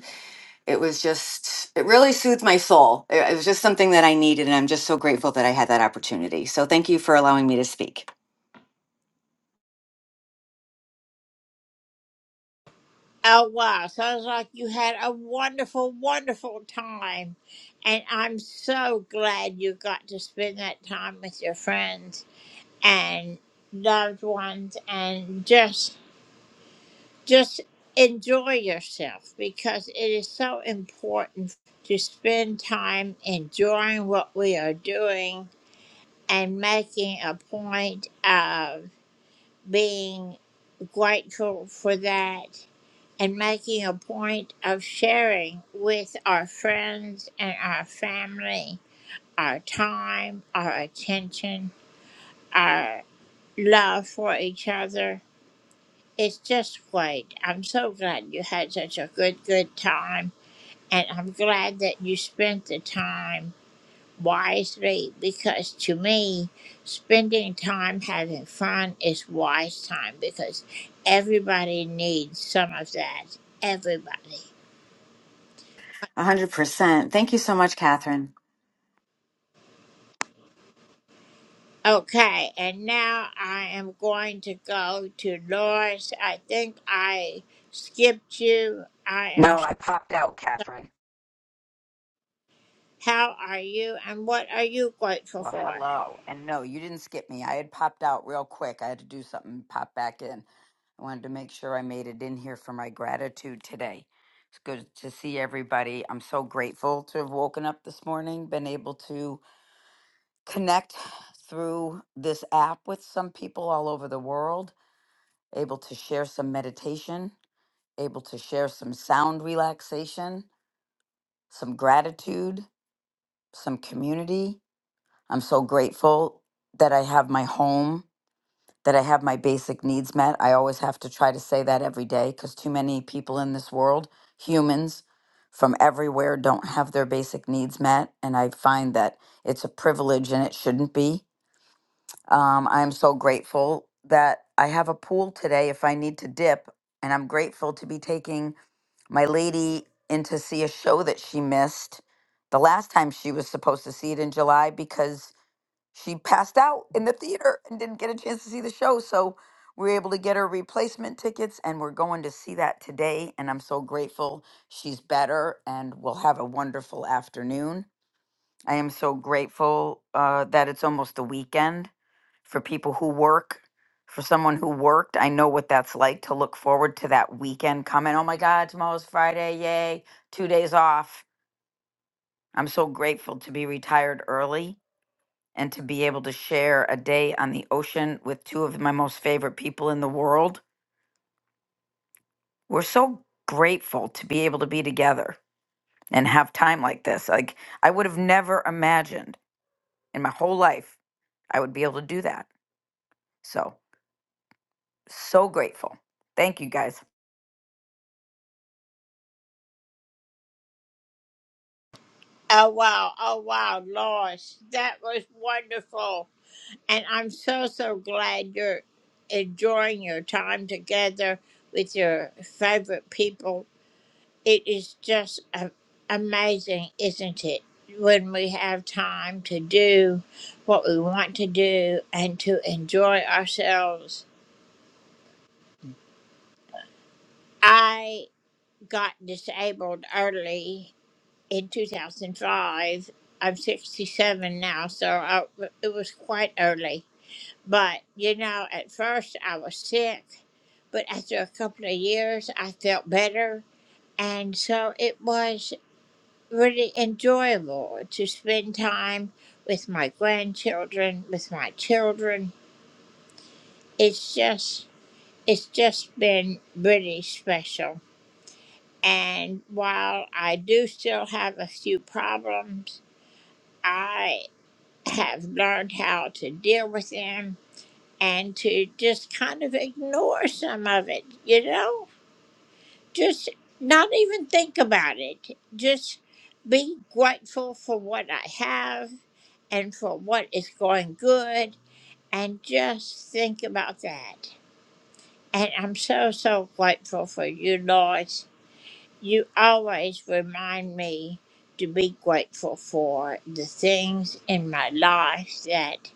Speaker 24: it was just it really soothed my soul it, it was just something that i needed and i'm just so grateful that i had that opportunity so thank you for allowing me to speak
Speaker 5: Oh, wow. Sounds like you had a wonderful, wonderful time. And I'm so glad you got to spend that time with your friends and loved ones and just, just enjoy yourself because it is so important to spend time enjoying what we are doing and making a point of being grateful for that and making a point of sharing with our friends and our family our time, our attention, our love for each other. It's just great. I'm so glad you had such a good, good time. And I'm glad that you spent the time wisely because to me, spending time having fun is wise time because everybody needs some of that. Everybody.
Speaker 24: A 100% thank you so much catherine
Speaker 5: Okay, and now I am going to go to Lois. I think I skipped you. I am.
Speaker 21: No, I popped out,
Speaker 5: so-
Speaker 21: Catherine.
Speaker 5: How are you, and what are you grateful
Speaker 21: Well,
Speaker 5: for?
Speaker 21: hello. And no, you didn't skip me. I had popped out real quick. I had to do something and pop back in. I wanted to make sure I made it in here for my gratitude today. It's good to see everybody. I'm so grateful to have woken up this morning, been able to connect through this app with some people all over the world, able to share some meditation, able to share some sound relaxation, some gratitude, some community. I'm so grateful that I have my home, that I have my basic needs met. I always have to try to say that every day because too many people in this world, humans from everywhere, don't have their basic needs met. And I find that it's a privilege and it shouldn't be. Um, I'm so grateful that I have a pool today if I need to dip. And I'm grateful to be taking my lady in to see a show that she missed the last time she was supposed to see it in July because she passed out in the theater and didn't get a chance to see the show. So we were able to get her replacement tickets, and we're going to see that today. And I'm so grateful she's better, and we'll have a wonderful afternoon. I am so grateful uh, that it's almost the weekend for people who work. For someone who worked, I know what that's like to look forward to that weekend coming. Oh my God, tomorrow's Friday. Yay. Two days off. I'm so grateful to be retired early and to be able to share a day on the ocean with two of my most favorite people in the world. We're so grateful to be able to be together and have time like this. Like, I would have never imagined in my whole life I would be able to do that. So, so grateful. Thank you guys.
Speaker 5: Oh wow! Oh wow, Lois, that was wonderful, and I'm so so glad you're enjoying your time together with your favorite people. It is just a- amazing, isn't it? When we have time to do what we want to do and to enjoy ourselves. I got disabled early in 2005. I'm 67 now, so I, it was quite early. But, you know, at first I was sick, but after a couple of years I felt better. And so it was. really enjoy, Lord, to spend time with my grandchildren, with my children. It's just, it's just been really special. And while I do still have a few problems, I have learned how to deal with them and to just kind of ignore some of it, you know? Just not even think about it. Just be grateful for what I have and for what is going good. And just think about that. And I'm so, so grateful for you, Lois. You always remind me to be grateful for the things in my life that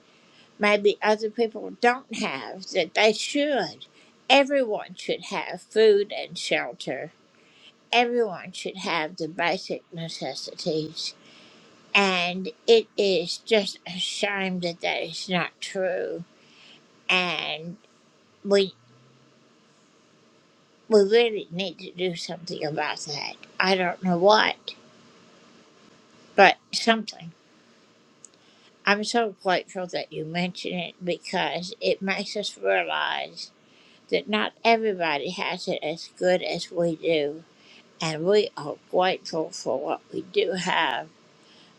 Speaker 5: maybe other people don't have that they should. Everyone should have food and shelter Everyone should have the basic necessities. And it is just a shame that that is not true. And we, we really need to do something about that. I don't know what, but something. I'm so grateful that you mention it because it makes us realize that not everybody has it as good as we do. And we are grateful for what we do have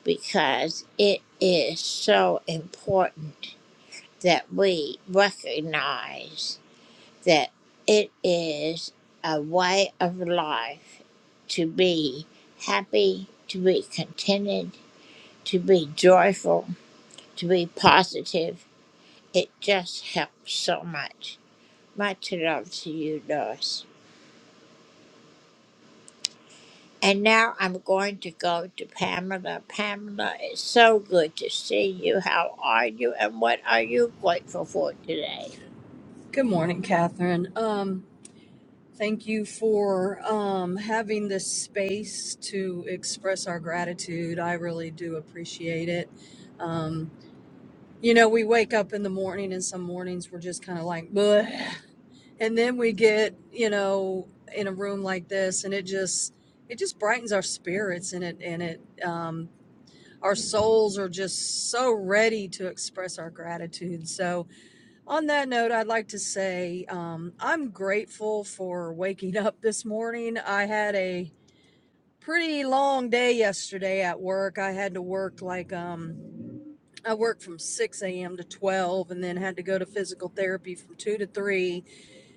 Speaker 5: because it is so important that we recognize that it is a way of life to be happy, to be contented, to be joyful, to be positive. It just helps so much. Much love to you, Doris. And now I'm going to go to Pamela. Pamela, it's so good to see you. How are you? And what are you grateful for today?
Speaker 25: Good morning, Catherine. Um, thank you for um, having this space to express our gratitude. I really do appreciate it. Um, you know, we wake up in the morning, and some mornings we're just kind of like, Bleh. and then we get, you know, in a room like this, and it just it just brightens our spirits, and it and it um, our souls are just so ready to express our gratitude. So on that note, I'd like to say um, I'm grateful for waking up this morning. I had a pretty long day yesterday at work. I had to work like um, I worked from 6 a.m. to 12 and then had to go to physical therapy from 2 to 3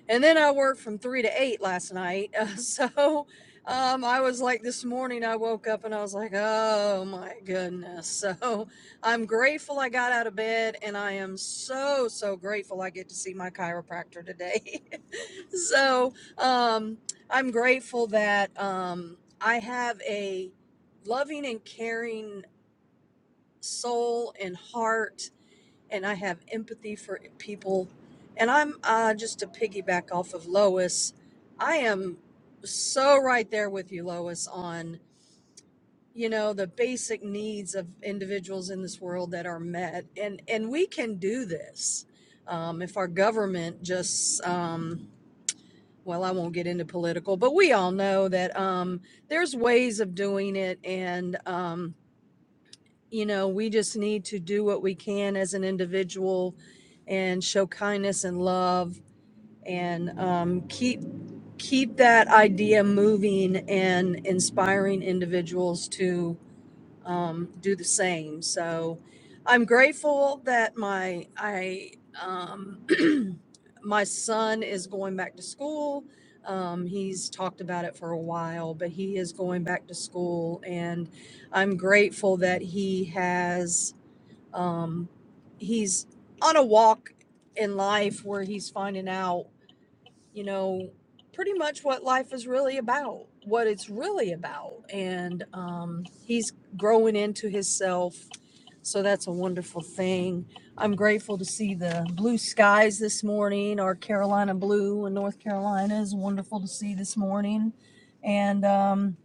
Speaker 25: and then I worked from three to eight last night. Uh, so um, I was like, this morning I woke up and I was like, oh my goodness. So I'm grateful I got out of bed, and I am so, so grateful I get to see my chiropractor today. so um, I'm grateful that um, I have a loving and caring soul and heart and I have empathy for people. And I'm uh, just to piggyback off of Lois, I am so right there with you, Lois, on you know the basic needs of individuals in this world that are met, and and we can do this um, if our government just. Um, well, I won't get into political, but we all know that um, there's ways of doing it, and um, you know, we just need to do what we can as an individual and show kindness and love and um, keep keep that idea moving and inspiring individuals to um, do the same. So I'm grateful that my I um, my son is going back to school. Um, he's talked about it for a while, but he is going back to school, and I'm grateful that he has um, he's on a walk in life where he's finding out you know, pretty much what life is really about, what it's really about. And um, he's growing into himself. So that's a wonderful thing. I'm grateful to see the blue skies this morning. Our Carolina blue in North Carolina is wonderful to see this morning. And um,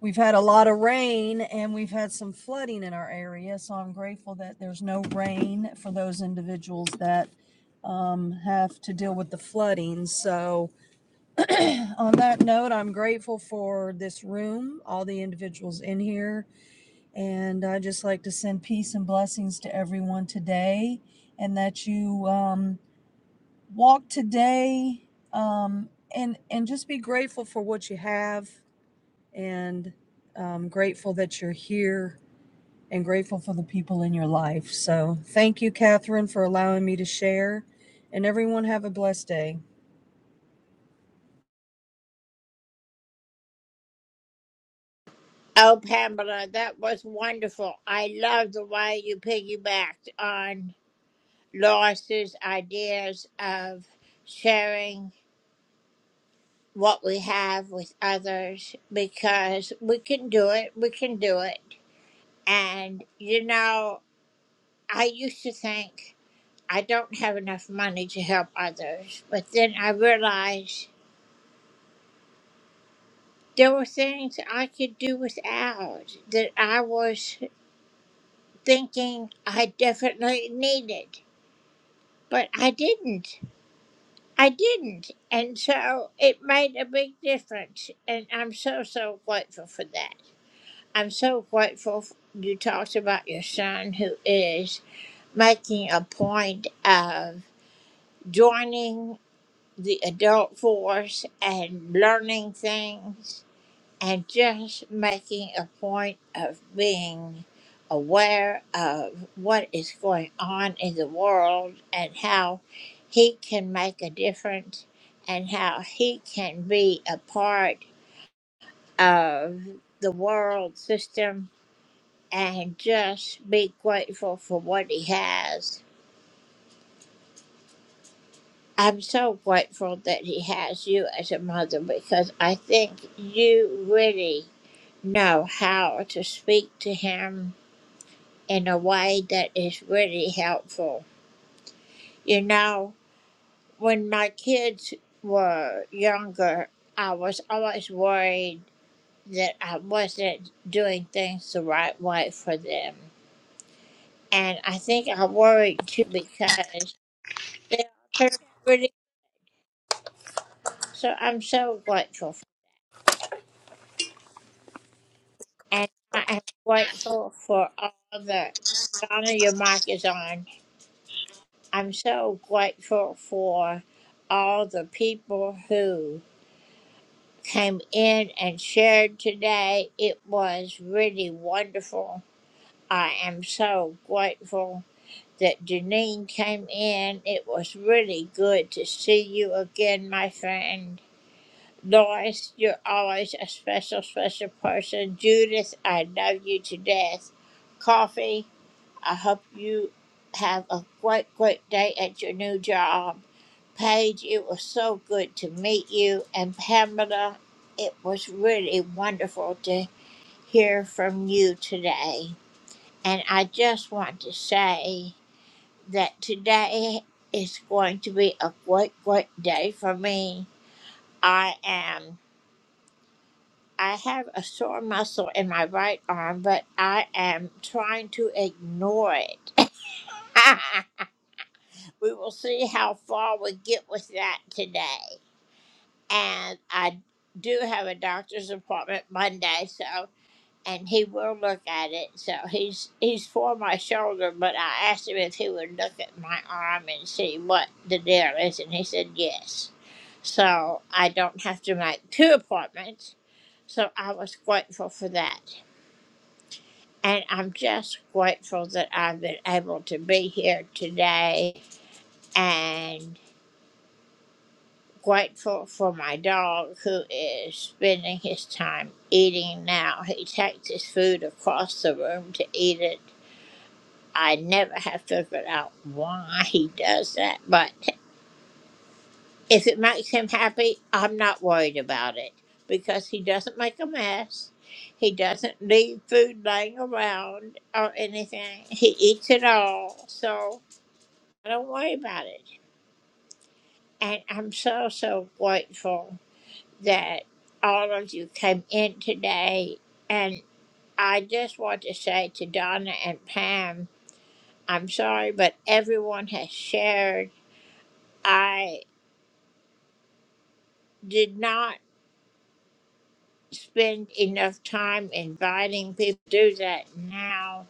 Speaker 25: we've had a lot of rain and we've had some flooding in our area. So I'm grateful that there's no rain for those individuals that um, have to deal with the flooding. So on that note, I'm grateful for this room, all the individuals in here, and I just like to send peace and blessings to everyone today, and that you um, walk today um, and and just be grateful for what you have, and um, grateful that you're here, and grateful for the people in your life. So, thank you, Catherine, for allowing me to share, and everyone have a blessed day.
Speaker 5: Oh, Pamela, that was wonderful. I love the way you piggybacked on Lois's ideas of sharing what we have with others because we can do it. We can do it. And, you know, I used to think. I don't have enough money to help others. But then I realized there were things I could do without that I was thinking I definitely needed. But I didn't. I didn't. And so it made a big difference. And I'm so, so grateful for that. I'm so grateful f- you talked about your son who is making a point of joining the adult force and learning things and just making a point of being aware of what is going on in the world and how he can make a difference and how he can be a part of the world system and just be grateful for what he has I'm so grateful that he has you as a mother because I think you really know how to speak to him in a way that is really helpful. You know, when my kids were younger, I was always worried that I wasn't doing things the right way for them. And I think I worried too because they all turned out really. So I'm so grateful and I am grateful for all the Donna, your mic is on. I'm so grateful for all the people who came in and shared today. It was really wonderful. I am so grateful that Janine came in. It was really good to see you again, my friend. Lois, you're always a special, special person. Judith, I love you to death. Coffee. I hope you have a great, great day at your new job. Paige, it was so good to meet you. And Pamela, it was really wonderful to hear from you today. And I just want to say that today is going to be a great, great day for me. I am. I have a sore muscle in my right arm, but I am trying to ignore it. We will see how far we get with that today. And I do have a doctor's appointment Monday, so and he will look at it. So he's he's for my shoulder, but I asked him if he would look at my arm and see what the deal is, and he said yes. So I don't have to make two appointments. So I was grateful for that. And I'm just grateful that I've been able to be here today and. Grateful for my dog, who is spending his his time eating. Now he he he He He takes food food across the room to eat it. it it it I I'm never have figured out why he does doesn't doesn't that, but if it makes him happy, I'm not worried about it because he doesn't make a mess. He doesn't leave food laying around or anything. He eats it all, so I don't worry about it. And I'm so, so grateful that all of you came in today. And I just want to say to Donna and Pam, I'm sorry, but everyone has shared. I did not spend enough time inviting people to do that now.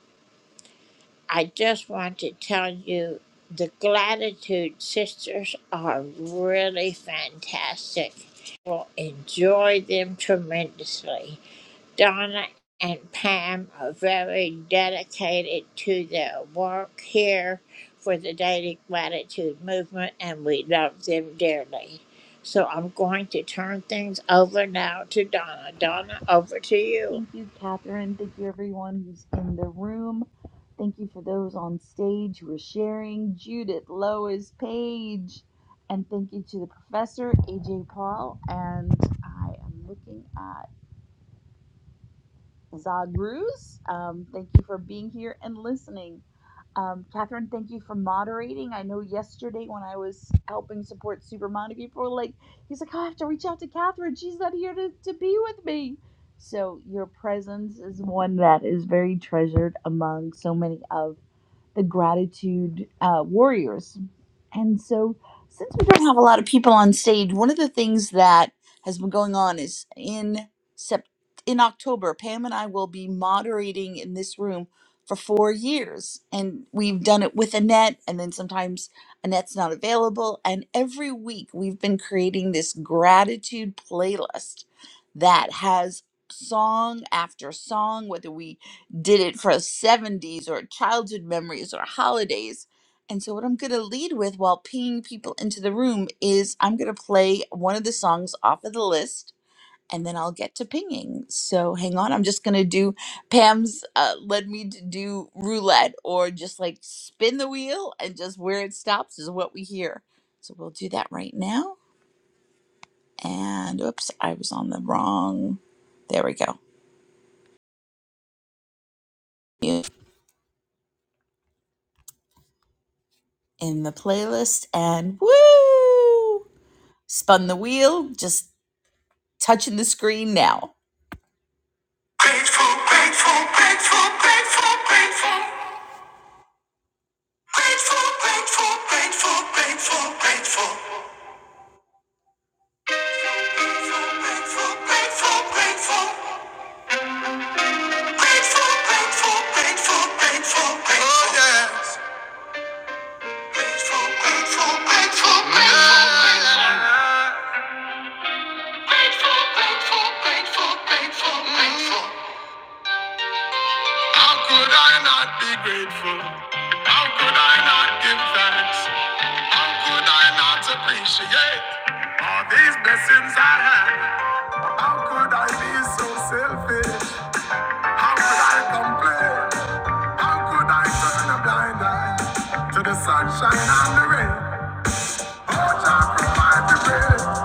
Speaker 5: I just want to tell you the Gratitude Sisters are really fantastic. Will enjoy them tremendously. Donna and Pam are very dedicated to their work here for the Daily Gratitude Movement, and we love them dearly. So I'm going to turn things over now to Donna. Donna, over to you.
Speaker 26: Thank you, Catherine. Thank you, everyone who's in the room. Thank you for those on stage who are sharing. Judith, Lois, Paige. And thank you to the professor, AJ Paul. And I am looking at Zagruz. Um, thank you for being here and listening. Um, Catherine, thank you for moderating. I know yesterday when I was helping support Supermom, people were like, he's like, oh, I have to reach out to Catherine. She's not here to, to be with me. So your presence is one that is very treasured among so many of the gratitude uh, warriors. And so, since we don't have a lot of people on stage, one of the things that has been going on is in Sep- in October, Pam and I will be moderating in this room for four years, and we've done it with Annette, and then sometimes Annette's not available, and every week we've been creating this gratitude playlist that has song after song whether we did it for 70s or childhood memories or holidays. And so, what I'm going to lead with while pinging people into the room is I'm going to play one of the songs off of the list and then I'll get to pinging. So, hang on. I'm just going to do Pam's uh, led me to do roulette or just like spin the wheel and just where it stops is what we hear. So, we'll do that right now. And oops, I was on the wrong. There we go. In the playlist and woo! Spun the wheel, just touching the screen now. Grateful, grateful, grateful, grateful, grateful. Grateful, grateful, grateful, grateful, grateful. Grateful, grateful, grateful, grateful. Grateful, grateful, grateful, grateful, grateful. Oh, yes. Grateful, grateful, grateful, grateful, grateful. Grateful, grateful, grateful, grateful, grateful. How could I not be grateful? How could I not give thanks? How could I not appreciate all these blessings I have? How could I be so selfish? How could I complain? How could I turn a blind eye to the sunshine and the rain? Oh, Jah provide the rain.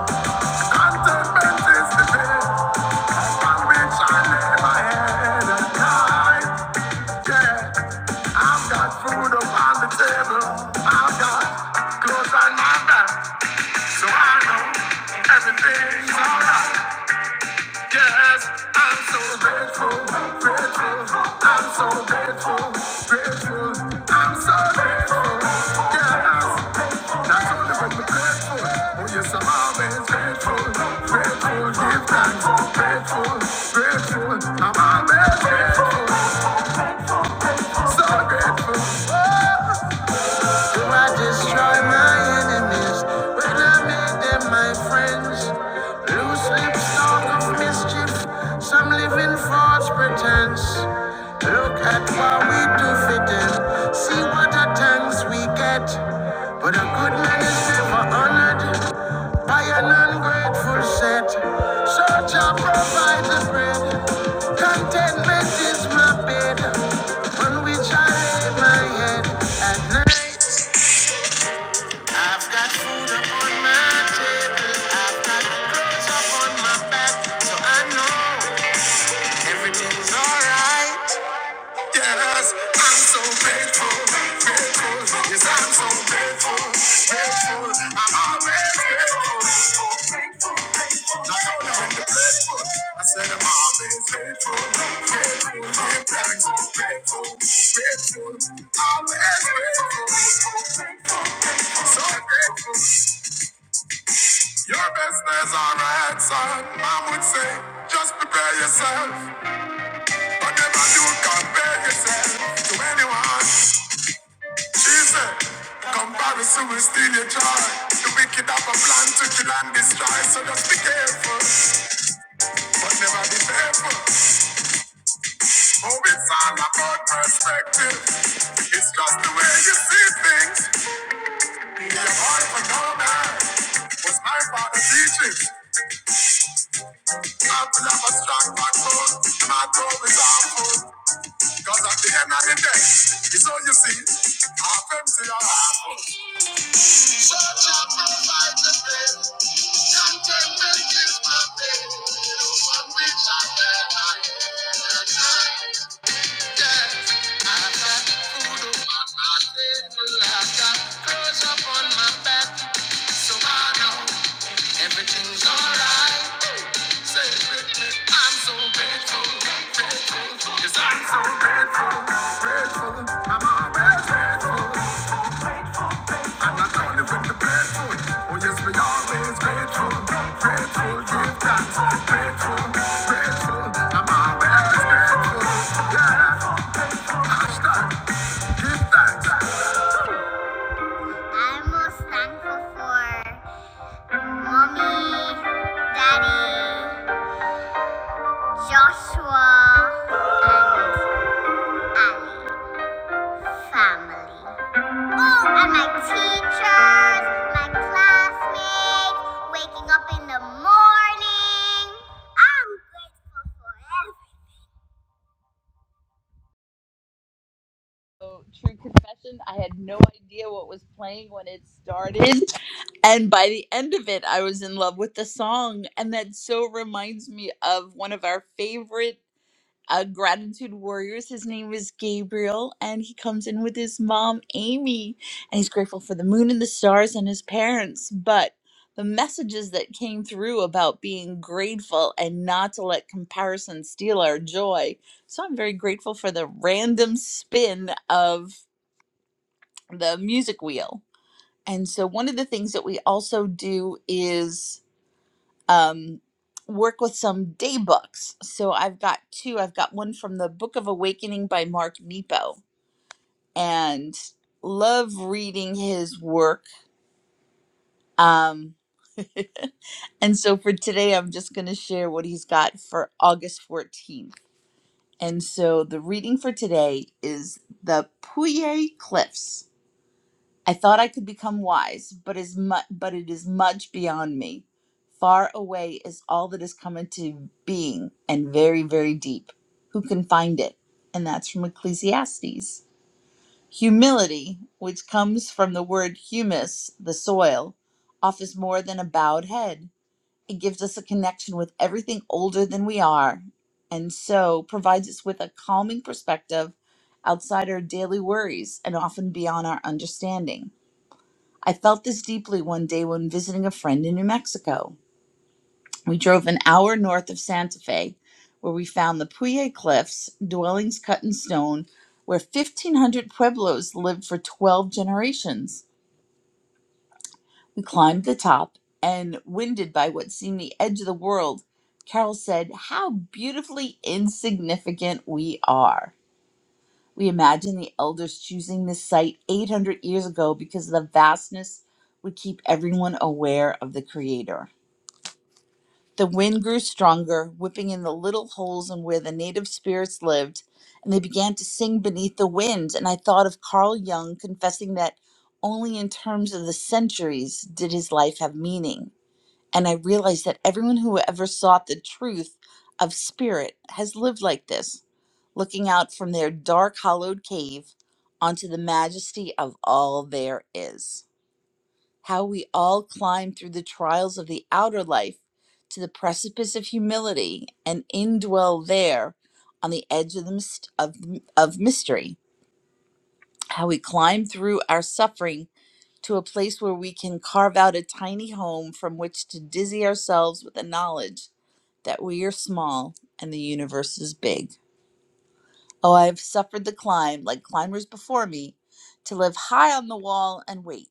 Speaker 26: Contentment is the best upon which I lay my head at night. Yeah, I've got food up the table. I've got clothes on my back. So I know everything's alright. Yes, I'm so grateful, grateful. I'm so grateful, grateful. I'm so grateful. Yes, not only when we're grateful, oh yes, I'm always grateful, grateful. Give thanks, grateful, grateful. I'm always grateful, so grateful. Oh, so I destroy my enemies when I made them my friends. Loose lips talk of mischief, some live in false pretense. Look at what we do for them, see what a thanks we get. But a good man is never honored by an ungrateful set. So and provide the bread. Contentment is my bed, on which I lay my head at night. I know everything's alright. Yes, I'm so grateful, grateful. Yes, I'm so grateful, grateful. I'm always grateful, grateful, grateful. Not only when you're grateful, I said I'm always grateful, grateful. Yeah, I'm so grateful, grateful. Always grateful, grateful, grateful. So grateful. Your best is alright, son. Mom would say, just prepare yourself. Comparison will steal your joy. The wicked have a plan to kill and destroy, so just be careful, but never be fearful. Oh, it's all about perspective. It's just the way you see things. Be a boy for no man. Was my father teaching? How to have a strong backbone, not always harmful. Cause at the end of the day, it's all you see. Half empty or half full. Such a provider, baby. Contentment is my baby. The one which I never had. Everything's alright so Yes, so Oh yes, I'm most thankful for mommy, daddy, Joshua, and Ali. family. Oh, and my teachers, my classmates, waking up in the morning. I'm grateful every So, true confession, I had no idea what was playing when it started. And by the end of it, I was in love with the song. And that so reminds me of one of our favorite uh, gratitude warriors. His name is Gabriel, and he comes in with his mom, Amy, and he's grateful for the moon and the stars and his parents. But the messages that came through about being grateful and not to let comparison steal our joy. So I'm very grateful for the random spin of the music wheel. And so one of the things that we also do is um, work with some day books. So I've got two. I've got one from the Book of Awakening by Mark Nepo, and love reading his work. Um, and so for today, I'm just going to share what he's got for August 14th. And so the reading for today is the Puyi Cliffs. I thought I could become wise, but is mu- but it is much beyond me. Far away is all that has come into being, and very, very deep. Who can find it? And that's from Ecclesiastes. Humility, which comes from the word humus, the soil, offers more than a bowed head. It gives us a connection with everything older than we are, and so provides us with a calming perspective outside our daily worries and often beyond our understanding. I felt this deeply one day when visiting a friend in New Mexico. We drove an hour north of Santa Fe, where we found the Puya Cliffs, dwellings cut in stone, where 1,500 Pueblos lived for 12 generations. We climbed the top, and winded by what seemed the edge of the world, Carol said, How beautifully insignificant we are. We imagine the elders choosing this site 800 years ago because the vastness would keep everyone aware of the Creator. The wind grew stronger, whipping in the little holes in where the native spirits lived, and they began to sing beneath the wind. And I thought of Carl Jung confessing that only in terms of the centuries did his life have meaning. And I realized that everyone who ever sought the truth of spirit has lived like this, looking out from their dark, hollowed cave onto the majesty of all there is how we all climb through the trials of the outer life to the precipice of humility and indwell there on the edge of the myst- of, of mystery how we climb through our suffering to a place where we can carve out a tiny home from which to dizzy ourselves with the knowledge that we are small and the universe is big oh i have suffered the climb like climbers before me to live high on the wall and wait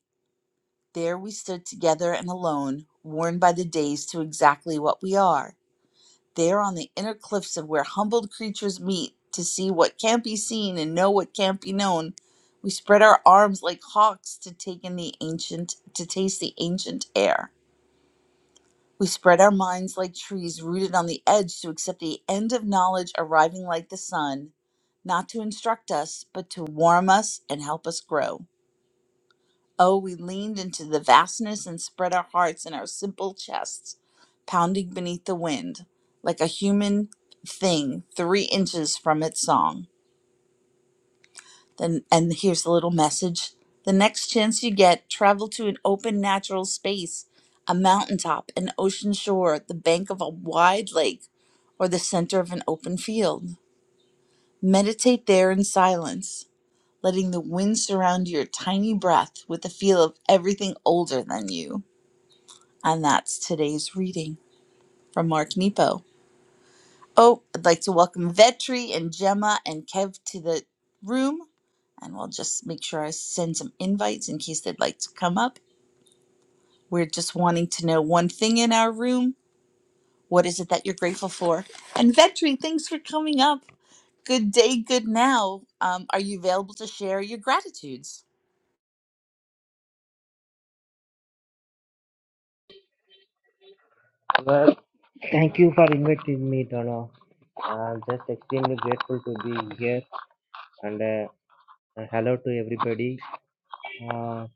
Speaker 26: There we stood together and alone, worn by the days to exactly what we are. There on the inner cliffs of where humbled creatures meet to see what can't be seen and know what can't be known, we spread our arms like hawks to take in the ancient, to taste the ancient air. We spread our minds like trees rooted on the edge to accept the end of knowledge arriving like the sun, not to instruct us, but to warm us and help us grow. Oh, we leaned into the vastness and spread our hearts and our simple chests, pounding beneath the wind, like a human thing three inches from its song. Then, and here's the little message the next chance you get, travel to an open natural space, a mountaintop, an ocean shore, the bank of a wide lake, or the center of an open field. Meditate there in silence, letting the wind surround your tiny breath with the feel of everything older than you. And that's today's reading from Mark Nepo. Oh, I'd like to welcome Vetri and Gemma and Kev to the room. And we'll just make sure I send some invites in case they'd like to come up. We're just wanting to know one thing in our room. What is it that you're grateful for? And Vetri, thanks for coming up. Good day, good now. Um, are you available to share your gratitudes?
Speaker 27: Well, thank you for inviting me, Tono. I'm just extremely grateful to be here, and uh, uh, hello to everybody. Uh,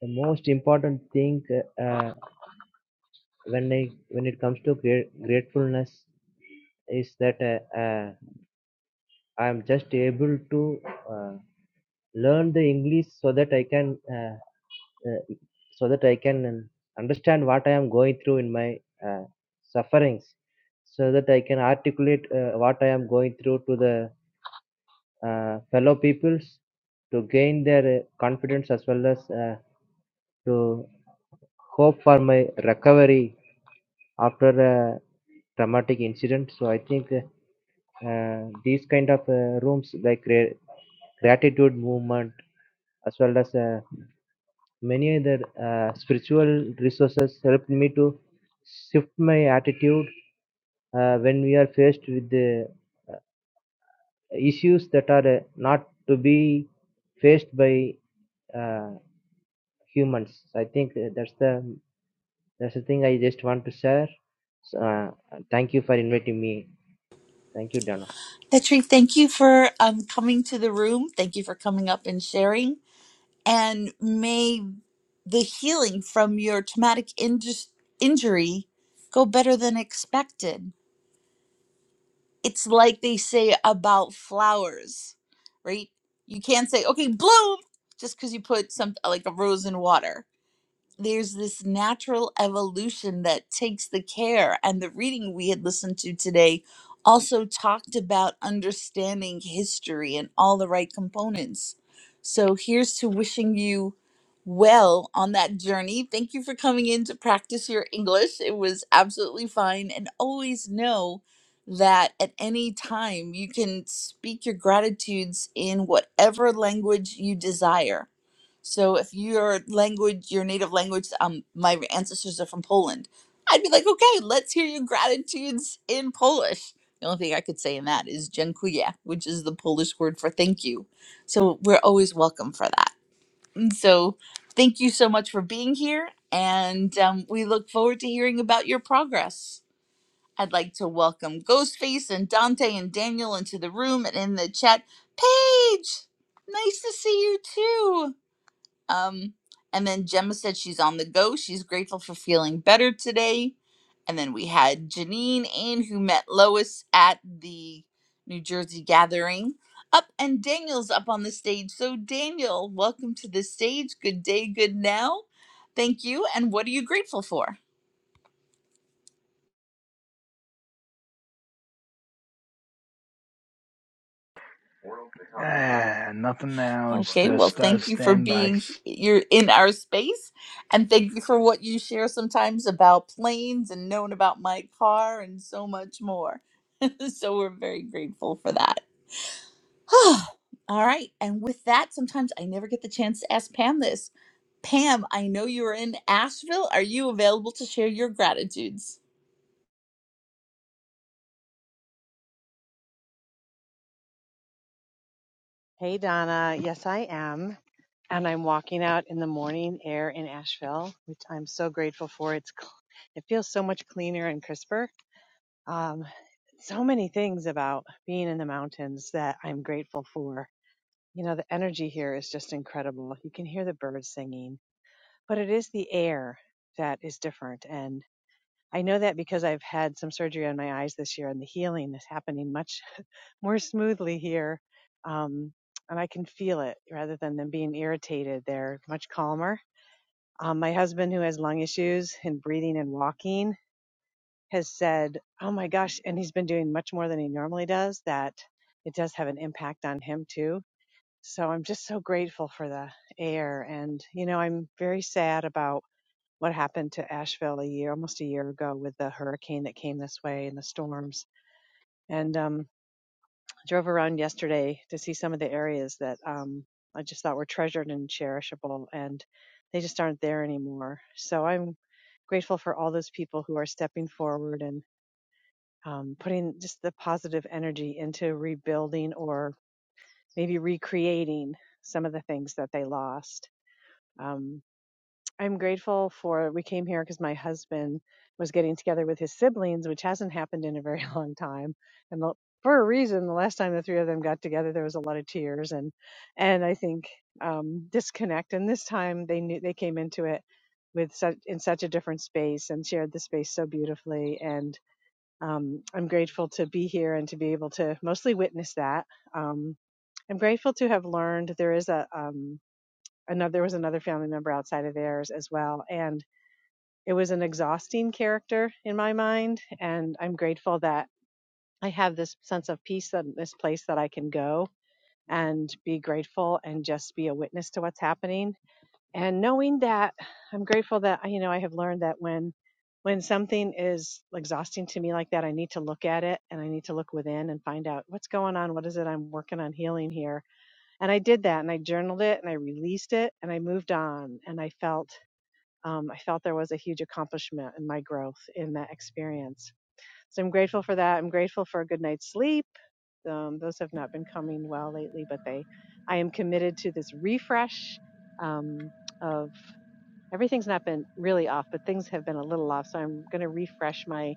Speaker 27: the most important thing uh, uh, when I when it comes to gra- gratefulness is that uh, uh, I'm just able to uh, learn the English so that I can. Uh, uh, so that I can um, understand what I am going through in my uh, sufferings, so that I can articulate uh, what I am going through to the uh, fellow peoples to gain their uh, confidence as well as uh, to hope for my recovery after a traumatic incident. So I think uh, uh, these kind of uh, rooms like gra- gratitude movement as well as uh, Many other uh, spiritual resources helped me to shift my attitude uh, when we are faced with the issues that are uh, not to be faced by uh, humans. I think uh, that's the that's the thing I just want to share. So, uh, thank you for inviting me. Thank you, Dana.
Speaker 26: Vetri, thank you for um, coming to the room. Thank you for coming up and sharing. And may the healing from your traumatic injus injury go better than expected. It's like they say about flowers, right? You can't say, okay, bloom, just because you put some like a rose in water there's this natural evolution that takes the care. And the reading we had listened to today also talked about understanding history and all the right components. So here's to wishing you well on that journey. Thank you for coming in to practice your English. It was absolutely fine. And always know that at any time you can speak your gratitudes in whatever language you desire so if your language, your native language, um, my ancestors are from Poland, I'd be like, okay, let's hear your gratitudes in Polish. The only thing I could say in that is dziękuję, which is the Polish word for thank you. So we're always welcome for that. And so thank you so much for being here, and um, we look forward to hearing about your progress. I'd like to welcome Ghostface and Dante and Daniel into the room and in the chat. Paige, nice to see you too. Um, and then Gemma said she's on the go. She's grateful for feeling better today. And then we had Janine Ain, who met Lois at the New Jersey gathering. Up and Daniel's up on the stage. So, Daniel, welcome to the stage. Good day, good now. Thank you. And what are you grateful for?
Speaker 19: Ah, nothing now. Just
Speaker 26: Okay,
Speaker 19: uh,
Speaker 26: well,
Speaker 19: st-
Speaker 26: thank you for
Speaker 19: standby.
Speaker 26: being he- you're in our space, and thank you for what you share sometimes about planes and knowing about my car and so much more. so we're very grateful for that. All right, and with that, sometimes I never get the chance to ask Pam this. Pam, I know you are in Asheville. Are you available to share your gratitudes?
Speaker 28: Hey, Donna. Yes, I am. And I'm walking out in the morning air in Asheville, which I'm so grateful for. It's cl- it feels so much cleaner and crisper. Um, so many things about being in the mountains that I'm grateful for. You know, the energy here is just incredible. You can hear the birds singing, but it is the air that is different. And I know that because I've had some surgery on my eyes this year, and the healing is happening much more smoothly here. Um, and I can feel it rather than them being irritated. They're much calmer. Um, my husband, who has lung issues and breathing and walking, has said, Oh my gosh. And he's been doing much more than he normally does, that it does have an impact on him too. So I'm just so grateful for the air. And, you know, I'm very sad about what happened to Asheville a year, almost a year ago, with the hurricane that came this way and the storms. And um, drove around yesterday to see some of the areas that um, I just thought were treasured and cherishable, and they just aren't there anymore. So I'm grateful for all those people who are stepping forward and um, putting just the positive energy into rebuilding or maybe recreating some of the things that they lost. Um, I'm grateful for we came here because my husband was getting together with his siblings, which hasn't happened in a very long time. And the, for a reason, the last time the three of them got together, there was a lot of tears and and I think um, disconnect. And this time they knew they came into it with such in such a different space and shared the space so beautifully. And um, I'm grateful to be here and to be able to mostly witness that. Um, I'm grateful to have learned there is a um, another there was another family member outside of theirs as well and it was an exhausting character in my mind and i'm grateful that i have this sense of peace and this place that i can go and be grateful and just be a witness to what's happening and knowing that i'm grateful that you know i have learned that when when something is exhausting to me like that i need to look at it and i need to look within and find out what's going on what is it i'm working on healing here and i did that and i journaled it and i released it and i moved on and i felt um, I felt there was a huge accomplishment in my growth in that experience. So I'm grateful for that. I'm grateful for a good night's sleep. Um, those have not been coming well lately, but they, I am committed to this refresh um, of everything's not been really off, but things have been a little off. So I'm going to refresh my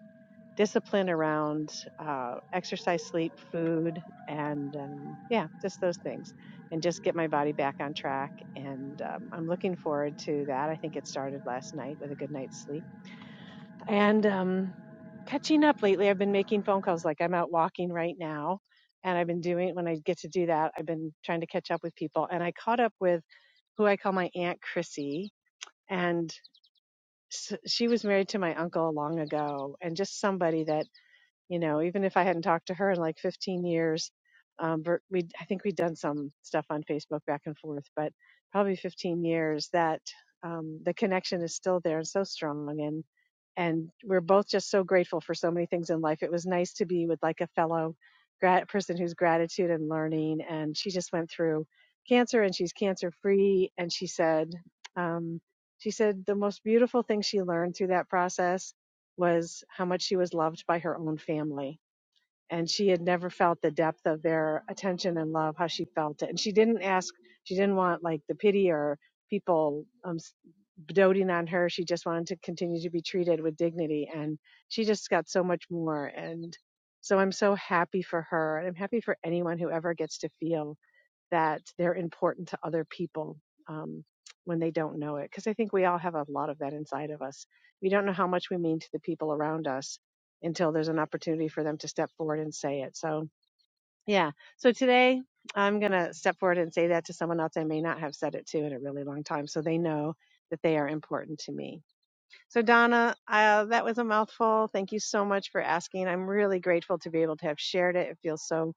Speaker 28: discipline around uh, exercise, sleep, food, and um, yeah, just those things, and just get my body back on track. And um, I'm looking forward to that. I think it started last night with a good night's sleep. And um, catching up lately, I've been making phone calls. Like I'm out walking right now, and I've been doing when I get to do that, I've been trying to catch up with people. And I caught up with who I call my Aunt Chrissy. And s she was married to my uncle long ago, and just somebody that you know, even if I hadn't talked to her in like 15 years, um, but we I think we'd done some stuff on Facebook back and forth, but probably 15 years that um, the connection is still there and so strong and we're both just so grateful for so many things in life. It was nice to be with like a fellow grad person who's gratitude and learning, and she just went through cancer and she's cancer free. And she said, um, she said the most beautiful thing she learned through that process was how much she was loved by her own family and she had never felt the depth of their attention and love how she felt it and she didn't ask she didn't want like the pity or people um s- doting on her she just wanted to continue to be treated with dignity and she just got so much more and so i'm so happy for her and i'm happy for anyone who ever gets to feel that they're important to other people um, when they don't know it. Because I think we all have a lot of that inside of us. We don't know how much we mean to the people around us until there's an opportunity for them to step forward and say it. So, yeah. So today I'm going to step forward and say that to someone else I may not have said it to in a really long time so they know that they are important to me. So, Donna, uh, that was a mouthful. Thank you so much for asking. I'm really grateful to be able to have shared it. It feels so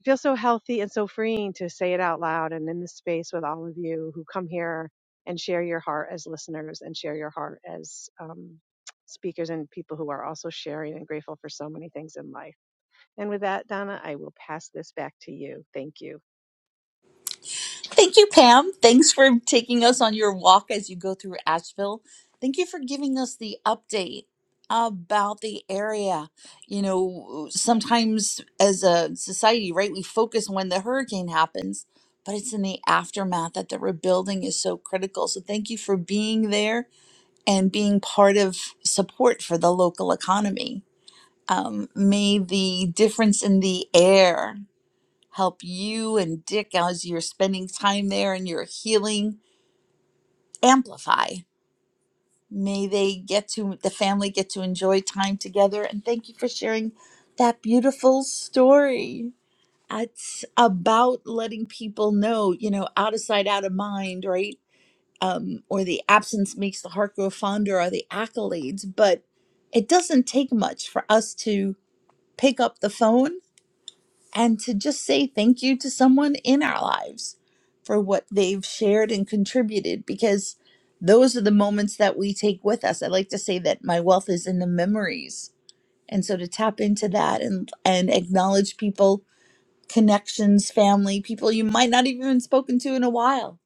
Speaker 28: it feels so healthy and so freeing to say it out loud and in this space with all of you who come here and share your heart as listeners and share your heart as um, speakers and people who are also sharing and grateful for so many things in life. And with that, Donna, I will pass this back to you. Thank you.
Speaker 26: Thank you, Pam. Thanks for taking us on your walk as you go through Asheville. Thank you for giving us the update about the area. You know, sometimes as a society, right, we focus on when the hurricane happens, but it's in the aftermath that the rebuilding is so critical. So thank you for being there and being part of support for the local economy. Um, may the difference in the air help you and Dick as you're spending time there and you're healing amplify. May they get to the family get to enjoy time together and thank you for sharing that beautiful story. It's about letting people know, you know, out of sight, out of mind, right? Um, or the absence makes the heart grow fonder, or the accolades. But it doesn't take much for us to pick up the phone and to just say thank you to someone in our lives for what they've shared and contributed because those are the moments that we take with us. I like to say that my wealth is in the memories. And so to tap into that and and acknowledge people, connections, family, people you might not even have spoken to in a while.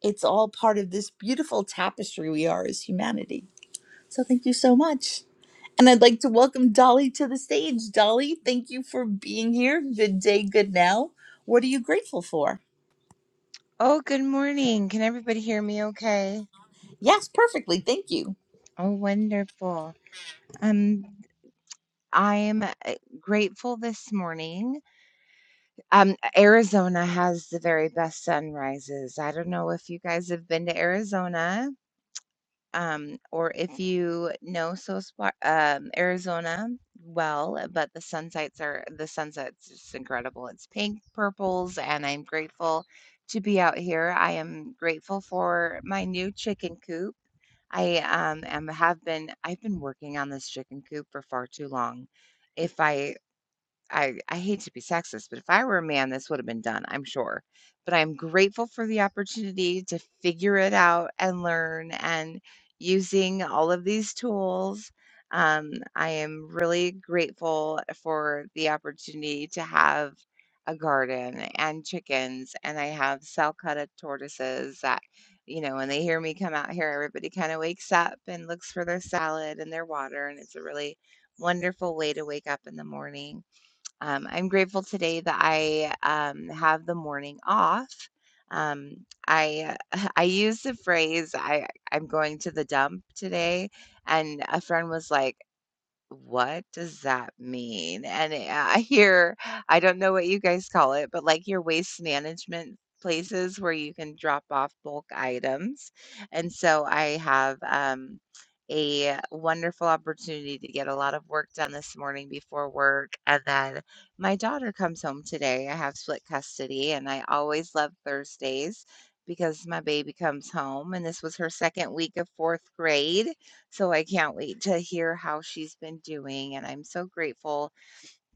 Speaker 26: It's all part of this beautiful tapestry we are as humanity. So thank you so much. And I'd like to welcome Dolly to the stage. Dolly, thank you for being here. Good day, good now. What are you grateful for?
Speaker 29: Oh, good morning. Can everybody hear me okay?
Speaker 26: Yes, perfectly. Thank you.
Speaker 29: Oh, wonderful. Um, I'm uh, grateful this morning. Um, Arizona has the very best sunrises. I don't know if you guys have been to Arizona, um, or if you know so spa- um, Arizona well, uh, but the sunsets are the sunsets just incredible. It's pink, purples, and I'm grateful to be out here. I am grateful for my new chicken coop. I um am have been I've been working on this chicken coop for far too long. If I I I hate to be sexist, but if I were a man, this would have been done, I'm sure. But I'm grateful for the opportunity to figure it out and learn and using all of these tools. Um, I am really grateful for the opportunity to have a garden and chickens, and I have Salcutta tortoises that, you know, when they hear me come out here, everybody kind of wakes up and looks for their salad and their water, and it's a really wonderful way to wake up in the morning. Um, I'm grateful today that I um, have the morning off. Um, I I used the phrase I I'm going to the dump today, and a friend was like, what does that mean? And I I hear, I don't know what you guys call it, but like your waste management places where you can drop off bulk items. And so I have um, a wonderful opportunity to get a lot of work done this morning before work. And then my daughter comes home today. I have split custody, and I always love Thursdays because my baby comes home, and this was her second week of fourth grade. So I can't wait to hear how she's been doing. And I'm so grateful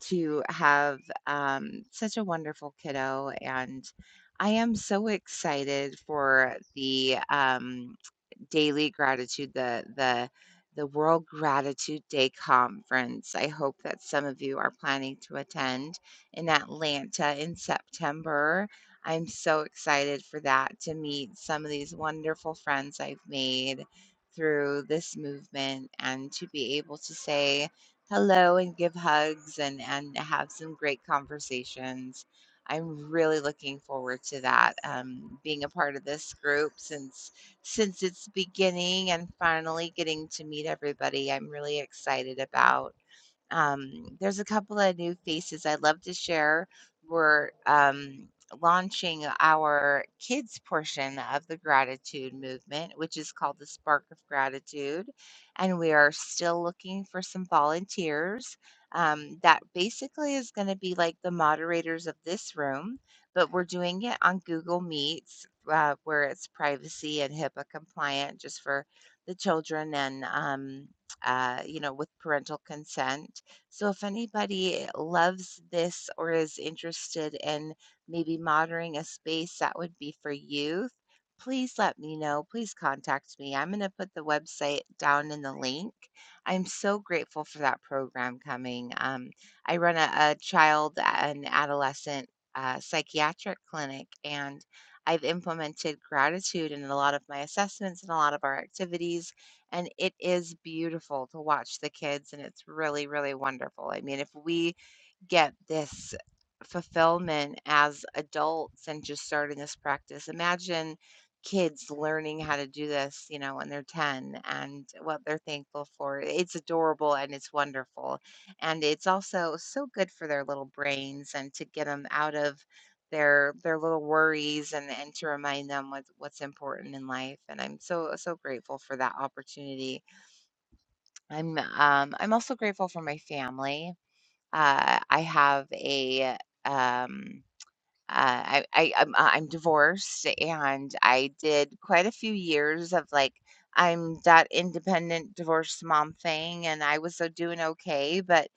Speaker 29: to have um, such a wonderful kiddo. And I am so excited for the um, daily gratitude, the the the World Gratitude Day conference. I hope that some of you are planning to attend in Atlanta in September. I'm so excited for that to meet some of these wonderful friends I've made through this movement and to be able to say hello and give hugs and, and have some great conversations. I'm really looking forward to that, um, being a part of this group since since its beginning and finally getting to meet everybody I'm really excited about. Um, there's a couple of new faces I'd love to share. We're um, launching our kids portion of the gratitude movement, which is called the Spark of Gratitude. And we are still looking for some volunteers. Um, that basically is going to be like the moderators of this room, but we're doing it on Google Meets uh, where it's privacy and HIPAA compliant just for the children and um, uh, you know, with parental consent. So if anybody loves this or is interested in maybe monitoring a space that would be for youth, please let me know. Please contact me. I'm going to put the website down in the link. I'm so grateful for that program coming. Um, I run a, a child and adolescent uh, psychiatric clinic, and I've implemented gratitude in a lot of my assessments and a lot of our activities and it is beautiful to watch the kids, and it's really, really wonderful. I mean, if we get this fulfillment as adults and just starting this practice. Imagine kids learning how to do this, you know, when they're 10 and what they're thankful for. It's adorable and it's wonderful. And it's also so good for their little brains and to get them out of their their little worries and and to remind them what what's important in life and I'm so so grateful for that opportunity. I'm um I'm also grateful for my family uh, I have a um, uh, I I I'm uh, I'm divorced, and I did quite a few years of, like, I'm that independent divorced mom thing, and I was, so doing okay, but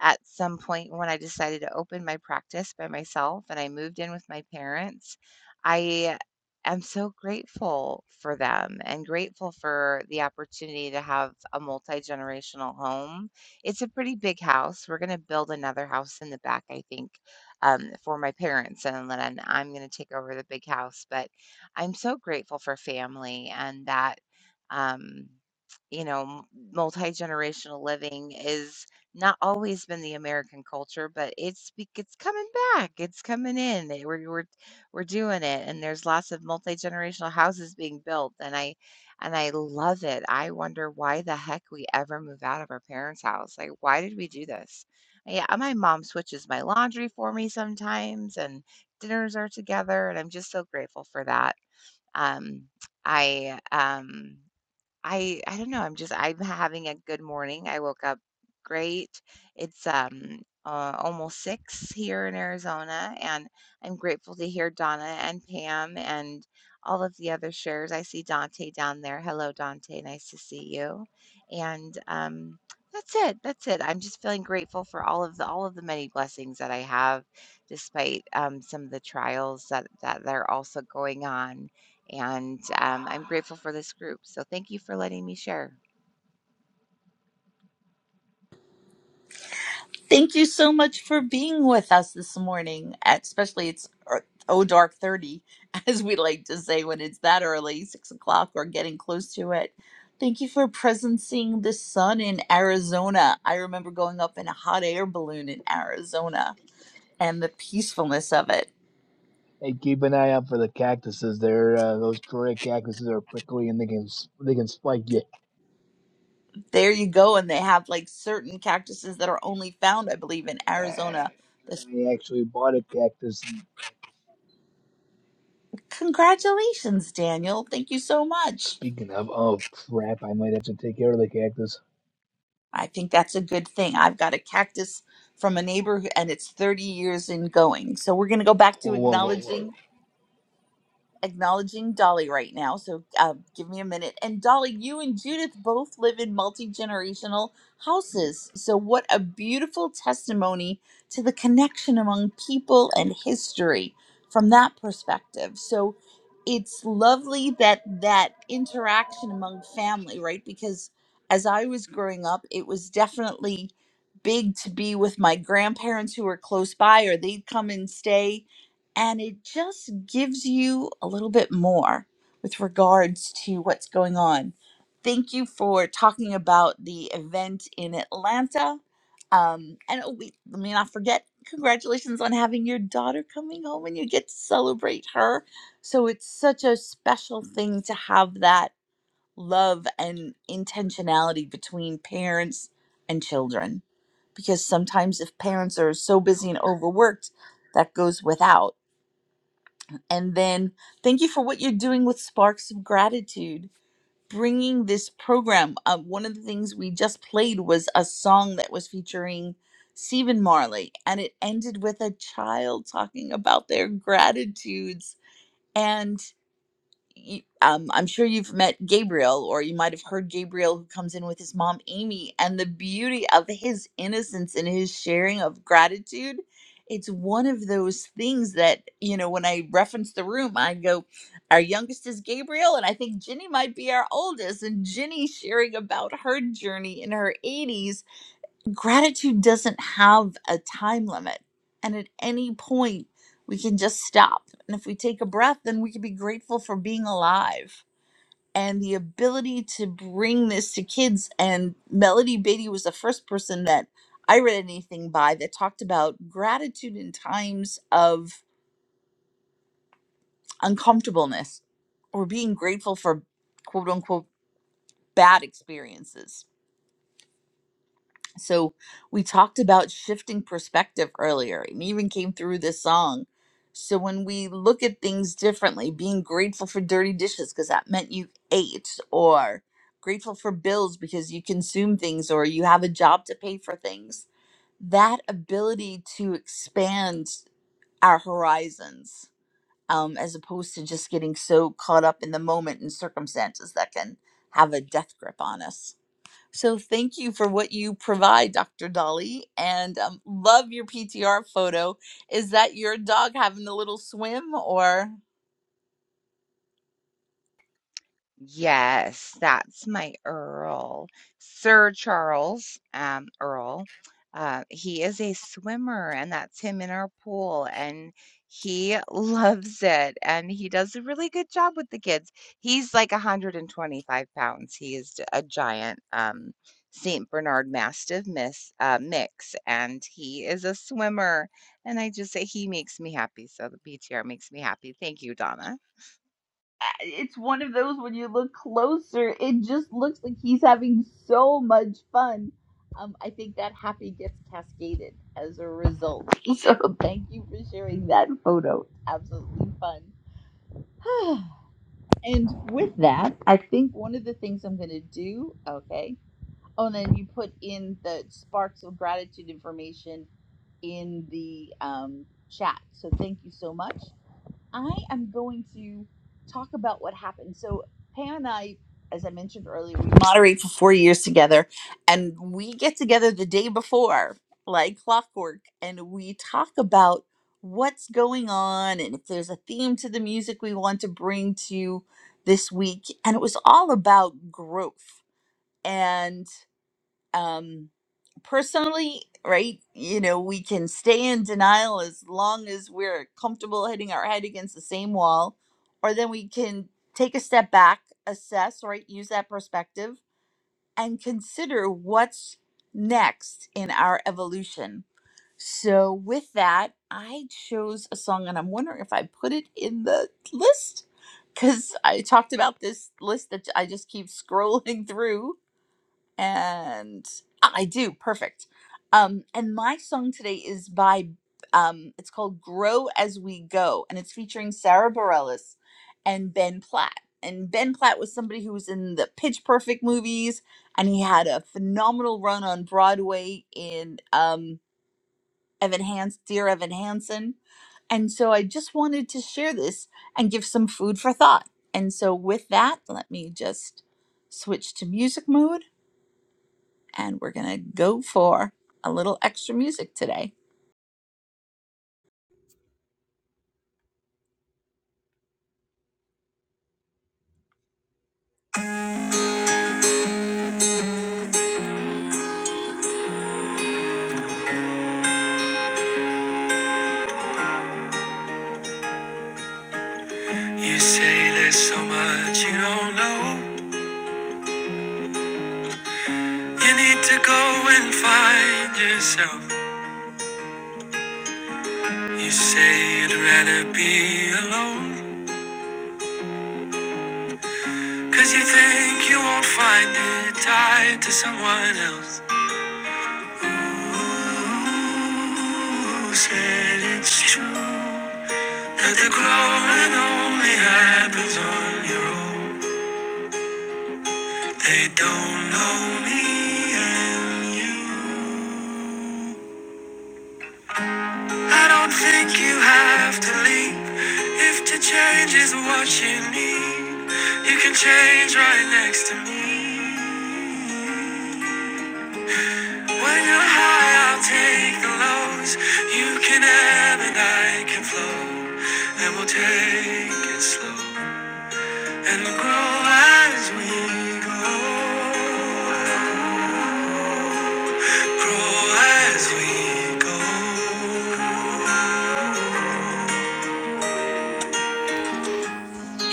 Speaker 29: at some point when I decided to open my practice by myself and I moved in with my parents, I am so grateful for them and grateful for the opportunity to have a multi-generational home. It's a pretty big house, we're gonna build another house in the back, I think um, for my parents, and then I'm going to take over the big house. But I'm so grateful for family and that, um, you know, multi generational living is not always been the American culture, but it's be- it's coming back. It's coming in. It- We're we're we're doing it, and there's lots of multi generational houses being built, and I and I love it. I wonder why the heck we ever move out of our parents' house. Like, why did we do this? Yeah, uh, my mom switches my laundry for me sometimes, and dinners are together, and I'm just so grateful for that. Um, I um, I I don't know, I'm just I'm having a good morning. I woke up great. It's um uh, almost 6 here in Arizona and I'm grateful to hear Donna and Pam and all of the other shares. I see Dante down there. Hello Dante, nice to see you. And um that's it. That's it. I'm just feeling grateful for all of the all of the many blessings that I have despite um some of the trials that that that are also going on and um, I'm grateful for this group. So thank you for letting me share.
Speaker 26: Thank you so much for being with us this morning. Especially it's er, oh dark thirty, as we like to say when it's that early, six o'clock or getting close to it. Thank you for presencing the sun in Arizona. I remember going up in a hot air balloon in Arizona and the peacefulness of it
Speaker 19: Hey, keep an eye out for the cactuses. They're uh, those Korea cactuses are prickly and they can they can spike you.
Speaker 26: There you go. And they have like certain cactuses that are only found, I believe, in
Speaker 19: Yeah,
Speaker 26: Arizona. This-
Speaker 19: I actually bought a cactus.
Speaker 26: Congratulations, Daniel. Thank you so much.
Speaker 19: Speaking of, oh crap, I might have to take care of the cactus.
Speaker 26: I think that's a good thing. I've got a cactus from a neighbor who- and it's 30 years in going. So we're going to go back to
Speaker 19: Whoa, whoa, whoa,
Speaker 26: acknowledging.
Speaker 19: whoa.
Speaker 26: acknowledging Dolly right now, so uh, give me a minute. And Dolly, you and Judith both live in multi generational houses. So, what a beautiful testimony to the connection among people and history from that perspective. So, it's lovely that that interaction among family, right? Because as I was growing up, it was definitely big to be with my grandparents who were close by, or they'd come and stay and it just gives you a little bit more with regards to what's going on. Thank you for talking about the event in Atlanta. Um, and oh, we, let me not forget, congratulations on having your daughter coming home and you get to celebrate her. So it's such a special thing to have that love and intentionality between parents and children. Because sometimes if parents are so busy and overworked, that goes without. And then thank you for what you're doing with Sparks of Gratitude, bringing this program. Uh, one of the things we just played was a song that was featuring Stephen Marley, and it ended with a child talking about their gratitudes. and you, um, I'm sure you've met Gabriel, or you might have heard Gabriel who comes in with his mom, Amy, and the beauty of his innocence and his sharing of gratitude. It's one of those things that, you know, when I reference the room, I go, our youngest is Gabriel, and I think Ginny might be our oldest. And Ginny sharing about her journey in her 80s gratitude doesn't have a time limit. And at any point, we can just stop. And if we take a breath, then we can be grateful for being alive. And the ability to bring this to kids. And Melody Beatty was the first person that I read anything by that talked about gratitude in times of uncomfortableness or being grateful for quote unquote bad experiences So we talked about shifting perspective earlier and even came through this song. So when we look at things differently, being grateful for dirty dishes because that meant you ate or grateful for bills because you consume things or you have a job to pay for things. That ability to expand our horizons um, as opposed to just getting so caught up in the moment and circumstances that can have a death grip on us. So thank you for what you provide, Dr. Dolly, and um, love your PTR photo. Is that your dog having a little swim, or
Speaker 29: Yes, that's my Earl. Sir Charles um, Earl. Uh, he is a swimmer, and that's him in our pool, and he loves it. And he does a really good job with the kids. He's like 125 pounds. He is a giant um, Saint Bernard Mastiff miss, uh, mix, and he is a swimmer. And I just say he makes me happy. So the PTR makes me happy. Thank you, Donna.
Speaker 26: Uh, it's one of those when you look closer, it just looks like he's having so much fun. Um, I think that happy gets cascaded as a result. So thank you for sharing that photo. Absolutely fun. and with that, I think one of the things I'm going to do, okay. Oh, and then you put in the sparks of gratitude information in the um, chat. So thank you so much. I am going to talk about what happened. So Pam and I, as I mentioned earlier, we moderate for four years together, and we get together the day before, like clockwork, and we talk about what's going on and if there's a theme to the music we want to bring to this week. And it was all about growth. And um personally right you know we can stay in denial as long as we're comfortable hitting our head against the same wall or then we can take a step back assess right use that perspective and consider what's next in our evolution so with that i chose a song and i'm wondering if i put it in the list because i talked about this list that i just keep scrolling through and ah, I do perfect. Um, and my song today is by um, it's called "Grow as We Go," and it's featuring Sarah Bareilles and Ben Platt. And Ben Platt was somebody who was in the Pitch Perfect movies, and he had a phenomenal run on Broadway in um, Evan Hans, Dear Evan Hansen. And so I just wanted to share this and give some food for thought. And so with that, let me just switch to music mode and we're going to go for a little extra music today. I think you won't find out who said it's true that the growing only happens on your own. They don't know me and you. I don't think you have to leave if to change is what you need. You can change right next to me. When you're high, I'll take the lows. You can ebb and I can flow. And we'll take it slow. And we'll grow as we go. Grow as we go.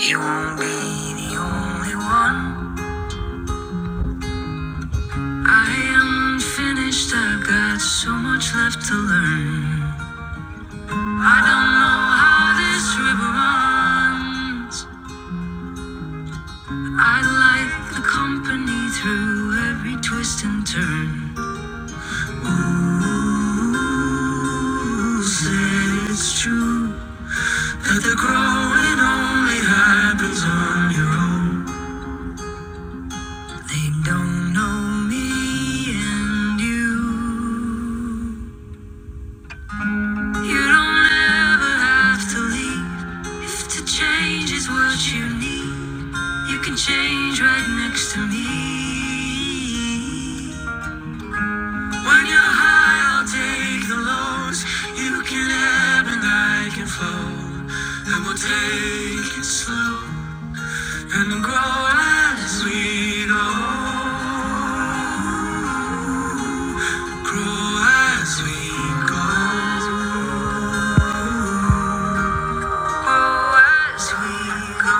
Speaker 26: You won't be the only one. I am finished. I've got so much left to learn. I don't know how this river runs. I like the company through every twist and turn. Ooh, said it's true that the growing only happens on your own. They don't know me and you. You don't ever have to leave if to change is what you need. You can change right next to me. When you're high, I'll take the lows. You can ebb and I can flow. And we'll take it slow and grow as we go. Grow as we go. Grow as we go.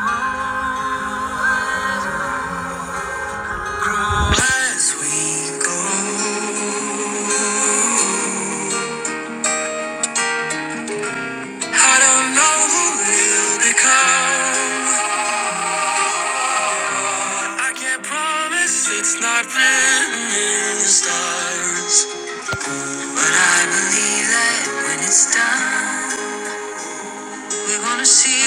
Speaker 26: Grow as we go. I don't know who we'll become. I can't promise it's not written in the stars. But I believe that when it's done, we're gonna see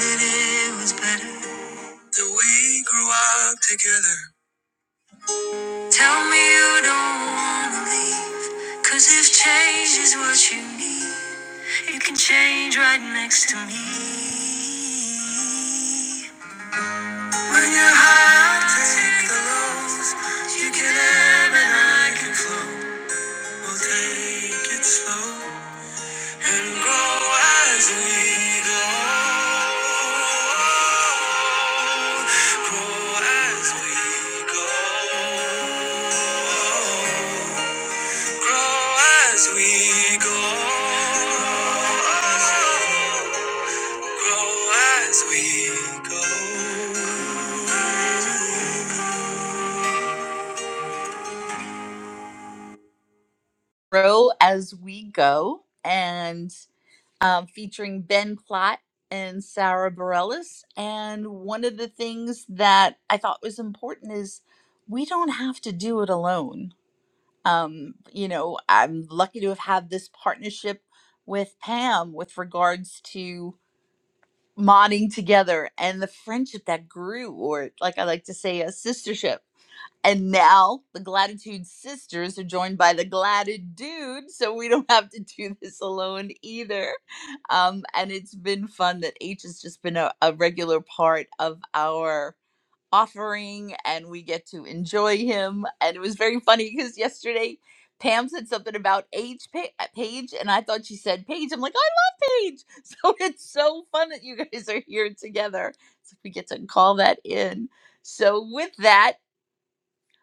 Speaker 26: that it was better. That we grew up together. Tell me you don't wanna leave. Cause if change is what you need, you can change right next to me. When you're high, I'll take the lows. You get ebb and I can flow. We'll take it slow. and grow as we go. Grow as we go. Grow as we go. Grow as we go. Grow as we go. And um, featuring Ben Platt and Sarah Bareilles. And one of the things that I thought was important is we don't have to do it alone. Um, you know, I'm lucky to have had this partnership with Pam with regards to modding together and the friendship that grew, or like I like to say, a sistership. And now the Gratitude Sisters are joined by the Gladitude Dude, so we don't have to do this alone either. Um, and it's been fun that H has just been a, a regular part of our offering, and we get to enjoy him. And it was very funny because yesterday Pam said something about H pa- Page, and I thought she said Page. I'm like, I love Page. So it's so fun that you guys are here together. So we get to call that in. So with that.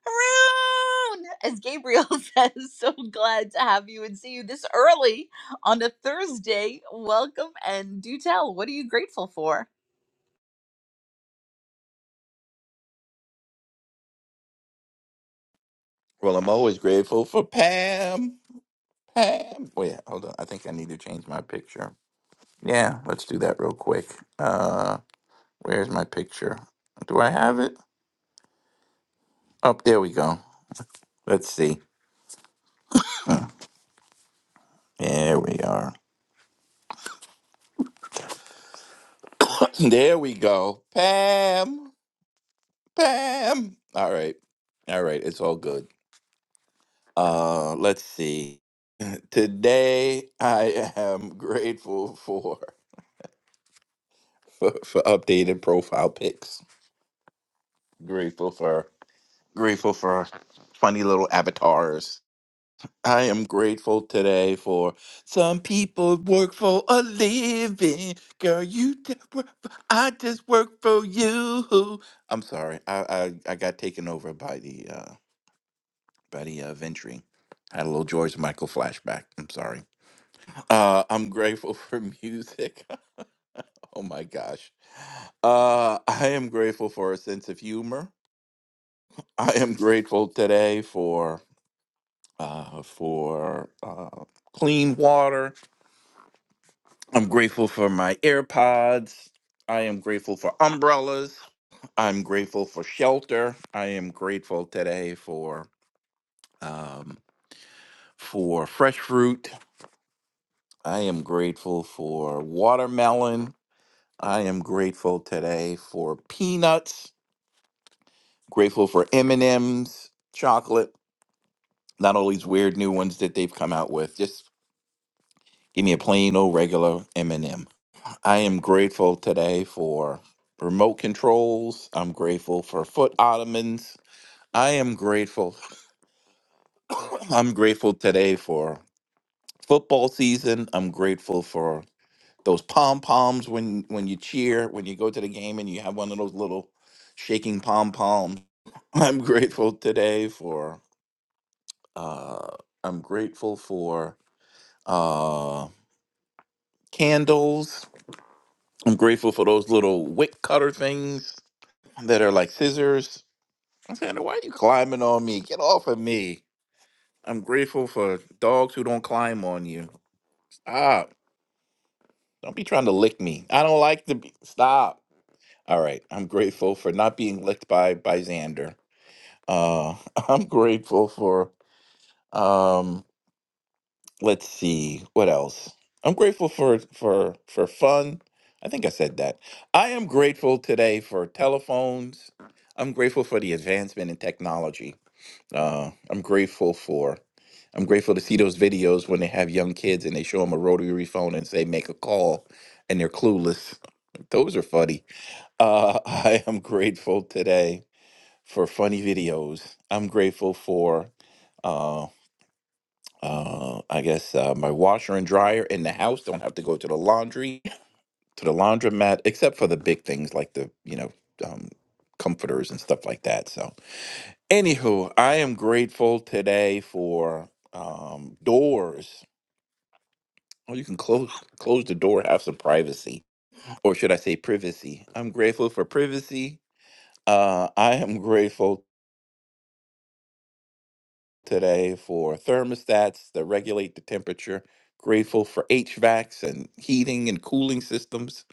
Speaker 26: Haroon! As Gabriel says, so glad to have you and see you this early on a Thursday. Welcome and do tell, what are you grateful for?
Speaker 30: Well, I'm always grateful for Pam. Pam. Wait, hold on. I think I need to change my picture. Yeah, let's do that real quick. Uh, where's my picture? Do I have it? Oh, there we go. Let's see. There we are. There we go. Pam. Pam. All right. All right. It's all good. Uh, let's see. Today I am grateful for for, for updated profile pics. Grateful for grateful for funny little avatars. I am grateful today for some people work for a living. Girl, you just work for, I just work for you. I'm sorry. I, I, I got taken over by the uh by the uh, venturing. had a little George Michael flashback. I'm sorry. Uh, I'm grateful for music. Oh my gosh. Uh, I am grateful for a sense of humor. I am grateful today uh, for uh, clean water. I'm grateful for my AirPods. I am grateful for umbrellas. I'm grateful for shelter. I am grateful today for um, for fresh fruit. I am grateful for watermelon. I am grateful today for peanuts. Grateful for M and M's, chocolate. Not all these weird new ones that they've come out with. Just give me a plain old regular M and m I am grateful today for remote controls. I'm grateful for foot ottomans. I am grateful. I'm grateful today for football season. I'm grateful for those pom poms when when you cheer when you go to the game and you have one of those little shaking pom poms. I'm grateful today for. Uh, I'm grateful for uh, candles. I'm grateful for those little wick cutter things that are like scissors I why are you climbing on me? Get off of me. I'm grateful for dogs who don't climb on you. Stop. Don't be trying to lick me. I don't like to be. Stop. All right. I'm grateful for not being licked by by Xander. Uh, I'm grateful for um. Let's see what else. I'm grateful for for for fun. I think I said that. I am grateful today for telephones. I'm grateful for the advancement in technology. Uh, I'm grateful for. I'm grateful to see those videos when they have young kids and they show them a rotary phone and say make a call, and they're clueless. Those are funny. Uh, I am grateful today for funny videos. I'm grateful for, uh, uh, I guess, uh, my washer and dryer in the house. Don't have to go to the laundry, to the laundromat, except for the big things like the, you know, um, comforters and stuff like that. So Anywho, I am grateful today for um, doors. Oh, you can close close the door, have some privacy, or should I say privacy? I'm grateful for privacy. Uh, I am grateful today for thermostats that regulate the temperature. Grateful for HVACs and heating and cooling systems.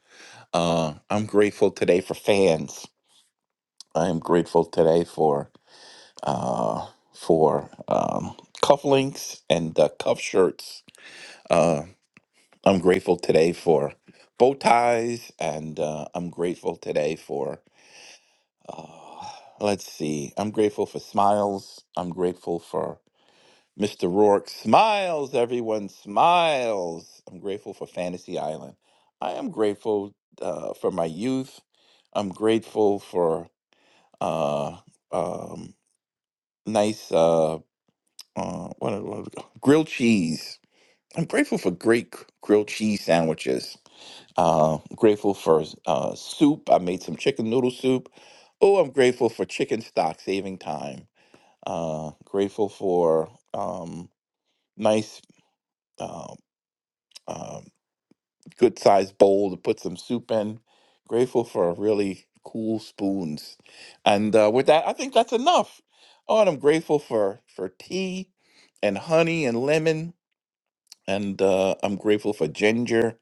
Speaker 30: Uh, I'm grateful today for fans. I am grateful today for uh, for um, cufflinks and uh, cuff shirts Uh, I'm grateful today for bow ties, and uh, I'm grateful today for, uh, let's see, I'm grateful for smiles. I'm grateful for Mr. Rourke. Smiles, everyone, smiles. I'm grateful for Fantasy Island. I am grateful uh, for my youth. I'm grateful for uh, um, nice uh, uh, what, what, grilled cheese. I'm grateful for great grilled cheese sandwiches. Uh, grateful for uh, soup. I made some chicken noodle soup. Oh, I'm grateful for chicken stock saving time. Uh, grateful for um, nice, uh, uh, good sized bowl to put some soup in. Grateful for really cool spoons. And uh, with that, I think that's enough. Oh, and I'm grateful for for tea and honey and lemon. And uh, I'm grateful for ginger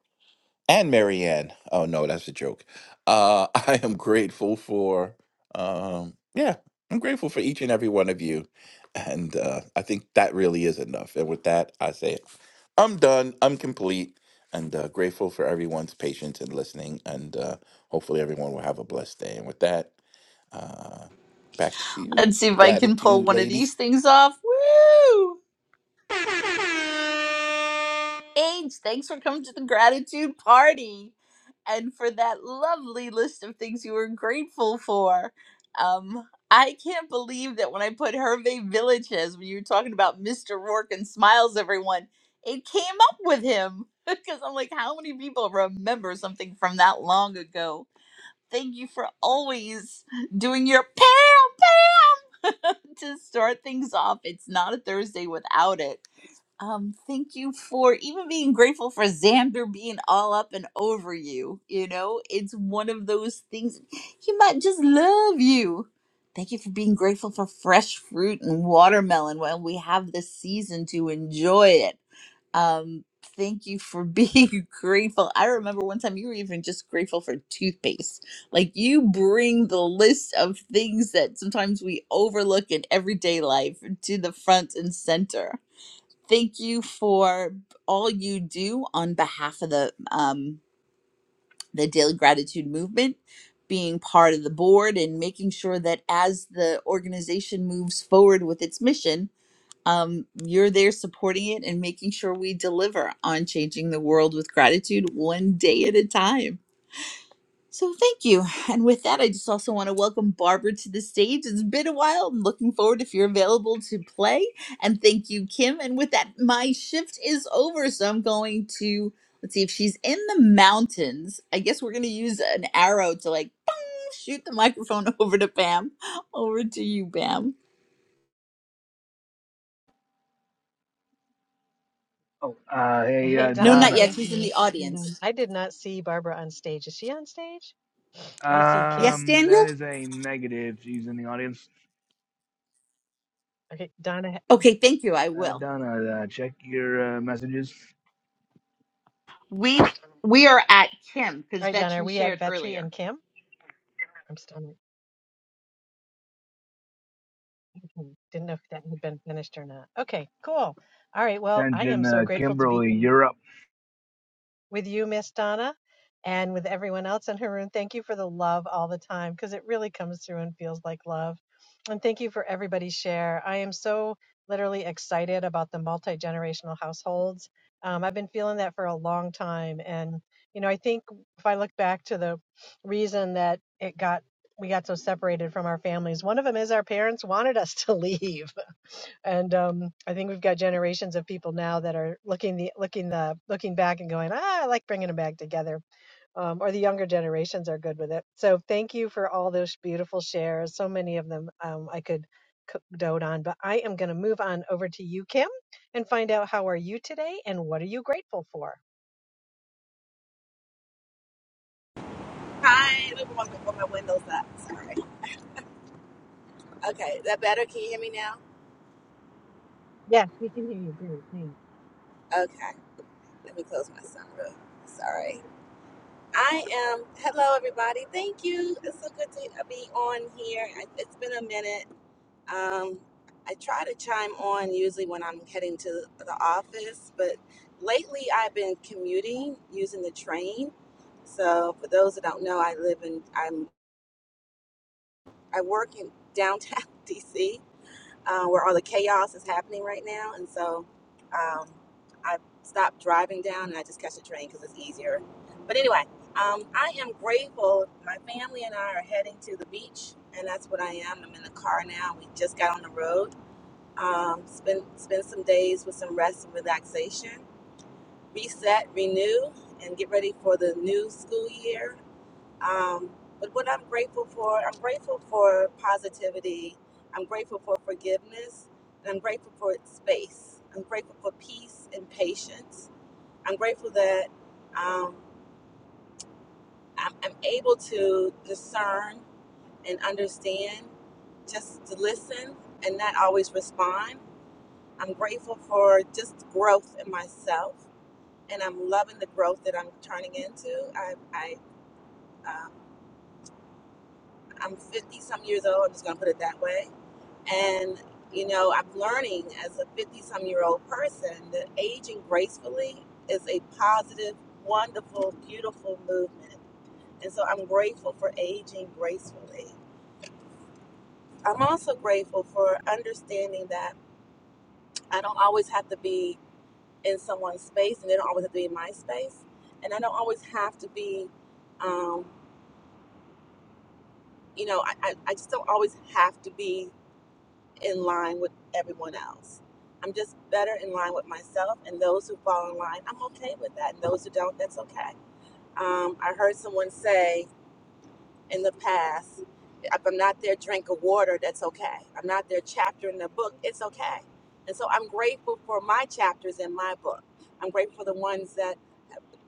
Speaker 30: and Marianne. Oh no, that's a joke. Uh, I am grateful for, um, yeah, I'm grateful for each and every one of you, and uh, I think that really is enough. And with that, I say, I'm done. I'm complete, and uh, grateful for everyone's patience and listening. And uh, hopefully, everyone will have a blessed day. And with that, uh, back to you.
Speaker 26: Let's see if I can pull
Speaker 30: Gratitude,
Speaker 26: one of
Speaker 30: ladies.
Speaker 26: these things off. Woo! Paige, thanks for coming to the gratitude party and for that lovely list of things you were grateful for. Um, I can't believe that when I put Hervey Villages, when you were talking about Mr. Rourke and Smiles Everyone, it came up with him. Because I'm like, how many people remember something from that long ago? Thank you for always doing your pam to start things off. It's not a Thursday without it. Um, thank you for even being grateful for Xander being all up and over you. You know, it's one of those things he might just love you. Thank you for being grateful for fresh fruit and watermelon while we have this season to enjoy it. Um, thank you for being grateful. I remember one time you were even just grateful for toothpaste. Like you bring the list of things that sometimes we overlook in everyday life to the front and center thank you for all you do on behalf of the um, the daily gratitude movement being part of the board and making sure that as the organization moves forward with its mission um, you're there supporting it and making sure we deliver on changing the world with gratitude one day at a time so thank you. And with that, I just also want to welcome Barbara to the stage. It's been a while. I'm looking forward if you're available to play. And thank you, Kim. And with that, my shift is over. So I'm going to let's see if she's in the mountains. I guess we're gonna use an arrow to like shoot the microphone over to Bam. Over to you, Bam.
Speaker 19: Oh, uh, hey,
Speaker 28: Hey,
Speaker 19: uh,
Speaker 26: No,
Speaker 28: Donna,
Speaker 26: not
Speaker 19: Donna.
Speaker 26: yet.
Speaker 28: thank
Speaker 26: She's in
Speaker 28: you.
Speaker 26: the
Speaker 28: And um,
Speaker 26: audience.
Speaker 28: I did not see Barbara on stage. Is she on stage? I see Kim.
Speaker 26: Yes,
Speaker 19: Um, that
Speaker 26: Daniel?
Speaker 19: is a negative. She's in the audience.
Speaker 28: Okay, Donna. All
Speaker 26: Okay, thank you. I
Speaker 19: Uh,
Speaker 26: will.
Speaker 19: Donna, uh, check your uh, messages.
Speaker 26: We we are at Kim because
Speaker 28: right, Donna, are
Speaker 26: Vetri
Speaker 28: we at
Speaker 26: shared
Speaker 28: Vetri
Speaker 26: earlier.
Speaker 28: and Kim? I'm stunning. Mhm. Didn't know if that had been finished or not. Okay, cool. All right. Well, I
Speaker 19: Attention,
Speaker 28: am so
Speaker 19: uh,
Speaker 28: grateful to be
Speaker 19: Kimberly,
Speaker 28: here
Speaker 19: you're up.
Speaker 28: with you, Miss Donna, and with everyone else in her room. Thank you for the love all the time because it really comes through and feels like love. And thank you for everybody's share. I am so literally excited about the multi generational households. Um, I've been feeling that for a long time. And, you know, I think if I look back to the reason that it got we got so separated from our families. One of them is our parents wanted us to leave. and um, I think we've got generations of people now that are looking the looking the looking back and going, ah, I like bringing them back together, um, or the younger generations are good with it. So thank you for all those beautiful shares. So many of them um, I could co- dote on, but I am going to move on over to you, Kim, and find out how are you today and what are you grateful for.
Speaker 31: Hi, the woman before my windows up. Okay, that better? Can you hear me now?
Speaker 28: Yes, we can hear you. Great, thanks.
Speaker 31: Okay, let me close my sunroof. Sorry. I am. Hello, everybody. Thank you. It's so good to be on here. I- It's been a minute. Um, I try to chime on usually when I'm heading to the office, but lately I've been commuting using the train. So, for those that don't know, I live in. I'm. I work in downtown DC uh, where all the chaos is happening right now. And so um, I stopped driving down and I just catch the train because it's easier. But anyway, um, I am grateful. My family and I are heading to the beach, and that's what I am. I'm in the car now. We just got on the road. Um, spend spend some days with some rest and relaxation, reset, renew, and get ready for the new school year. Um, but what I'm grateful for, I'm grateful for positivity. I'm grateful for forgiveness. And I'm grateful for space. I'm grateful for peace and patience. I'm grateful that um, I'm, I'm able to discern and understand, just to listen and not always respond. I'm grateful for just growth in myself. And I'm loving the growth that I'm turning into. I, I, um, I'm 50 some years old. I'm just going to put it that way And, you know, I'm learning as a 50 some year old person that aging gracefully is a positive, wonderful, beautiful movement. And so I'm grateful for aging gracefully. I'm also grateful for understanding that I don't always have to be in someone's space and they don't always have to be in my space. And I don't always have to be, um, you know, I, I, I just don't always have to be in line with everyone else. I'm just better in line with myself, and those who fall in line, I'm okay with that. And those who don't, that's okay. Um, I heard someone say in the past, if I'm not their drink of water, that's okay. I'm not their chapter in the book, it's okay. And so I'm grateful for my chapters in my book. I'm grateful for the ones that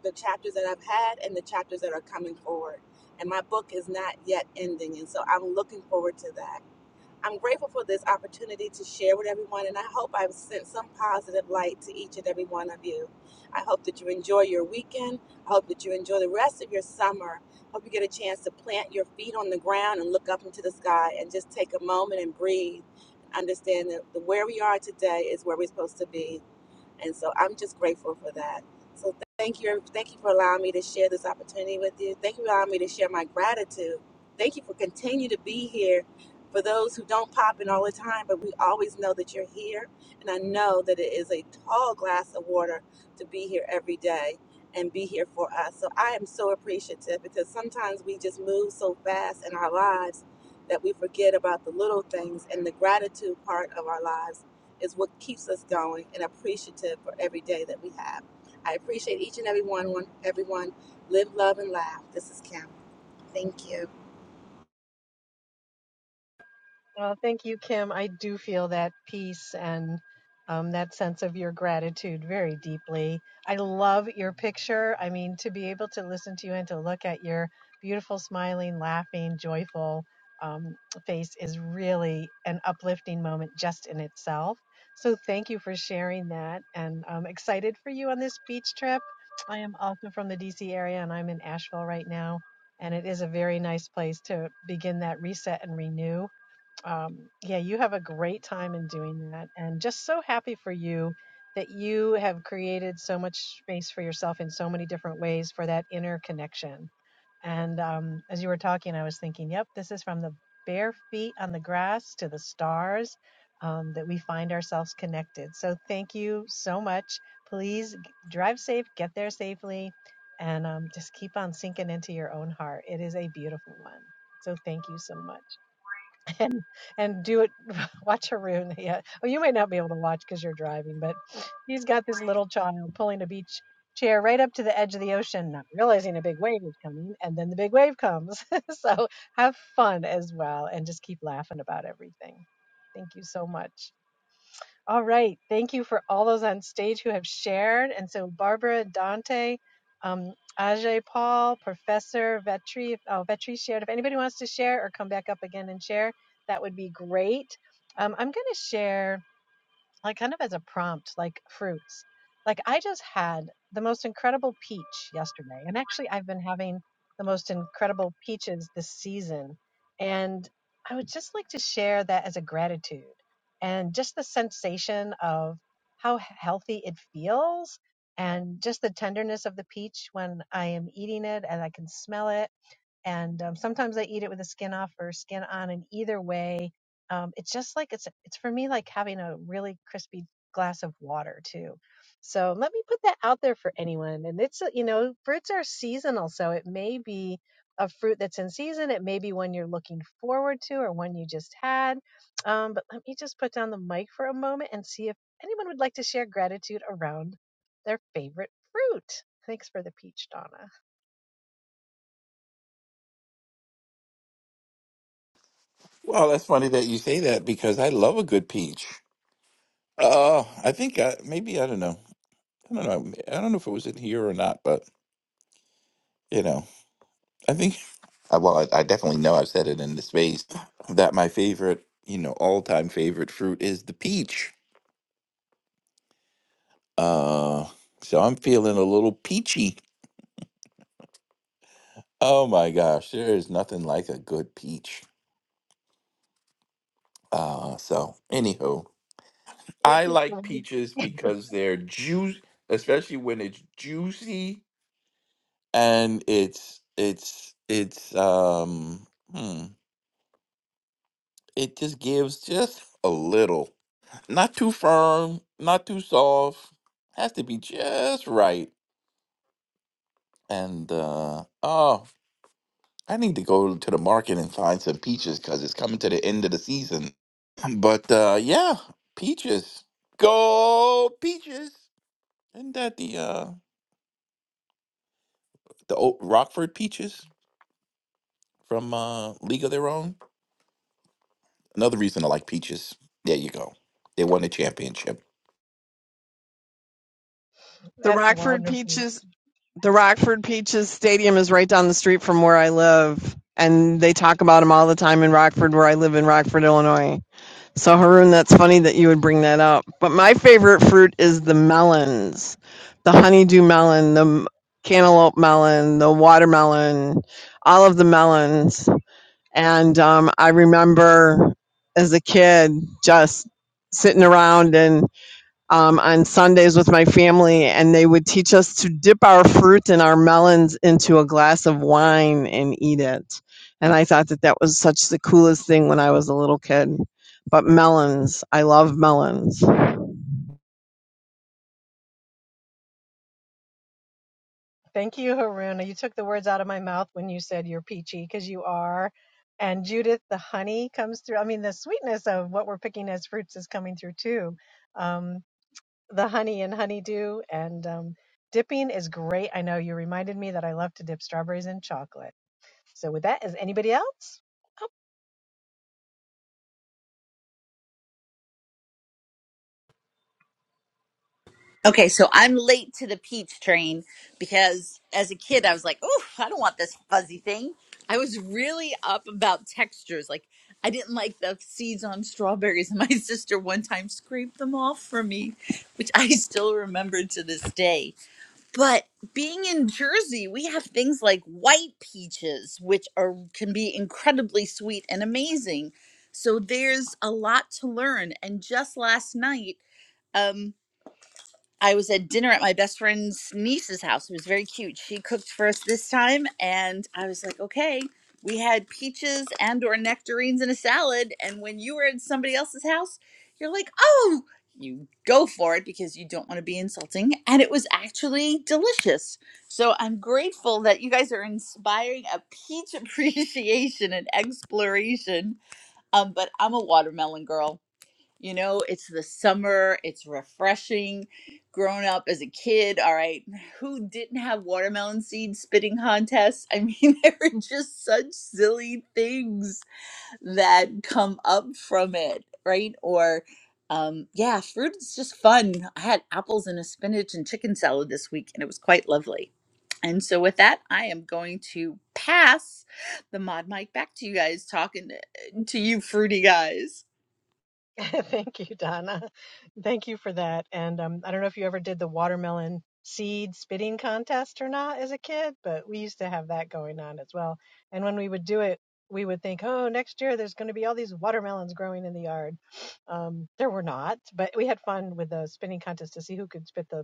Speaker 31: the chapters that I've had and the chapters that are coming forward. And my book is not yet ending, and so I'm looking forward to that. I'm grateful for this opportunity to share with everyone, and I hope I've sent some positive light to each and every one of you. I hope that you enjoy your weekend. I hope that you enjoy the rest of your summer. I Hope you get a chance to plant your feet on the ground and look up into the sky and just take a moment and breathe. Understand that the- where we are today is where we're supposed to be. And so I'm just grateful for that. So th- thank you. Thank you for allowing me to share this opportunity with you. Thank you for allowing me to share my gratitude. Thank you for continue to be here for those who don't pop in all the time, but we always know that you're here. And I know that it is a tall glass of water to be here every day and be here for us. So I am so appreciative because sometimes we just move so fast in our lives that we forget about the little things and the gratitude part of our lives is what keeps us going and appreciative for every day that we have. I appreciate each and every one. everyone, live, love, and laugh. This is Kim. Thank you.
Speaker 28: Well, thank you, Kim. I do feel that peace and um, that sense of your gratitude very deeply. I love your picture. I mean, to be able to listen to you and to look at your beautiful, smiling, laughing, joyful um, face is really an uplifting moment just in itself. So, thank you for sharing that. And I'm excited for you on this beach trip. I am also from the DC area and I'm in Asheville right now. And it is a very nice place to begin that reset and renew um, yeah, you have a great time in doing that. And just so happy for you that you have created so much space for yourself in so many different ways for that inner connection. And um, as you were talking, I was thinking, yep, this is from the bare feet on the grass to the stars um, that we find ourselves connected. So thank you so much. Please g- drive safe, get there safely, and um, just keep on sinking into your own heart. It is a beautiful one. So thank you so much and do it. Watch Haroon. Yeah. Well, you might not be able to watch because you're driving, but he's got this little child pulling a beach chair right up to the edge of the ocean, not realizing a big wave is coming, and then the big wave comes. so have fun as well, and just keep laughing about everything. Thank you so much. All right. Thank you for all those on stage who have shared. And so Barbara, Dante, um, Ajay, Paul, Professor Vetri, if- oh, Vetri shared. If anybody wants to share or come back up again and share, that would be great. Um, I'm going to share like kind of as a prompt, like fruits. Like I just had the most incredible peach yesterday, and actually I've been having the most incredible peaches this season. And I would just like to share that as a gratitude and just the sensation of how healthy it feels and just the tenderness of the peach when I am eating it and I can smell it and um, sometimes I eat it with the skin off or skin on. And either way, um, it's just like it's it's for me like having a really crispy glass of water too. So let me put that out there for anyone. And it's uh, you know fruits are seasonal, so it may be a fruit that's in season. It may be one you're looking forward to or one you just had. Um, but let me just put down the mic for a moment and see if anyone would like to share gratitude around their favorite fruit. Thanks for the peach, Donna.
Speaker 30: Well, that's funny that you say that because I love a good peach. Oh, I think I, maybe I don't know. I don't know. I don't know if it was in here or not, but you know, I think. I- Well, I, I definitely know I've said it in the space that my favorite, you know, all-time favorite fruit is the peach. Uh, so I'm feeling a little peachy. Oh my gosh, there is nothing like a good peach. Uh, so anywho,
Speaker 28: You
Speaker 30: I
Speaker 28: too.
Speaker 30: like
Speaker 28: Glenn.
Speaker 30: peaches because they're juice, especially when it's juicy and it's it's it's um hmm, it just gives just a little Not too firm, not too soft. Has to be just right. And uh oh, I need to go to the market and find some peaches because it's coming to the end of the season. But uh yeah, peaches. Go peaches. Isn't that the uh the old Rockford peaches from uh League of Their Own? Another reason I like peaches. There you go. They won the championship.
Speaker 9: The
Speaker 28: That's
Speaker 9: Rockford
Speaker 28: wonderful.
Speaker 9: Peaches, the Rockford Peaches Stadium is right down the street from where I live. And they talk about them all the time in Rockford, where I live in Rockford, Illinois. So Haroon, that's funny that you would bring that up. But my favorite fruit is the melons, the honeydew melon, the m- cantaloupe melon, the watermelon, all of the melons. And um, I remember as a kid just sitting around and um, on Sundays with my family, and they would teach us to dip our fruit and our melons into a glass of wine and eat it. And I thought that that was such the coolest thing when I was a little kid. But melons, I love melons.
Speaker 28: Thank you, Haruna. You took the words out of my mouth when you said you're peachy because you are. And Judith, the honey comes through. I mean, the sweetness of what we're picking as fruits is coming through too. Um, the honey and honeydew and um, dipping is great. I know you reminded me that I love to dip strawberries in chocolate. So, with that, is anybody else?
Speaker 26: Okay, so I'm late to the peach train because as a kid I was like, "Oh, I don't want this fuzzy thing." I was really up about textures. Like I didn't like the seeds on strawberries and my sister one time scraped them off for me, which I still remember to this day. But being in Jersey, we have things like white peaches which are can be incredibly sweet and amazing. So there's a lot to learn and just last night um. I was at dinner at my best friend's niece's house. It was very cute. She cooked for us this time, and I was like, okay. We had peaches and or nectarines in a salad, and when you were at somebody else's house, you're like, oh, you go for it because you don't want to be insulting, and it was actually delicious. So I'm grateful that you guys are inspiring a peach appreciation and exploration. Um, but I'm a watermelon girl you know, it's the summer, it's refreshing. Growing up as a kid, all right, who didn't have watermelon seed spitting contests? I mean, there are just such silly things that come up from it, right? Or, um, yeah, fruit is just fun. I had apples and a spinach and chicken salad this week, and it was quite lovely. And so, with that, I am going to pass the mod mic back to you guys, talking to to you fruity guys.
Speaker 28: Thank you, Donna. Thank you for that. And um, I don't know if you ever did the watermelon seed spitting contest or not as a kid, but we used to have that going on as well. And when we would do it, we would think, oh, next year there's going to be all these watermelons growing in the yard. Um, there were not, but we had fun with the spinning contest to see who could spit the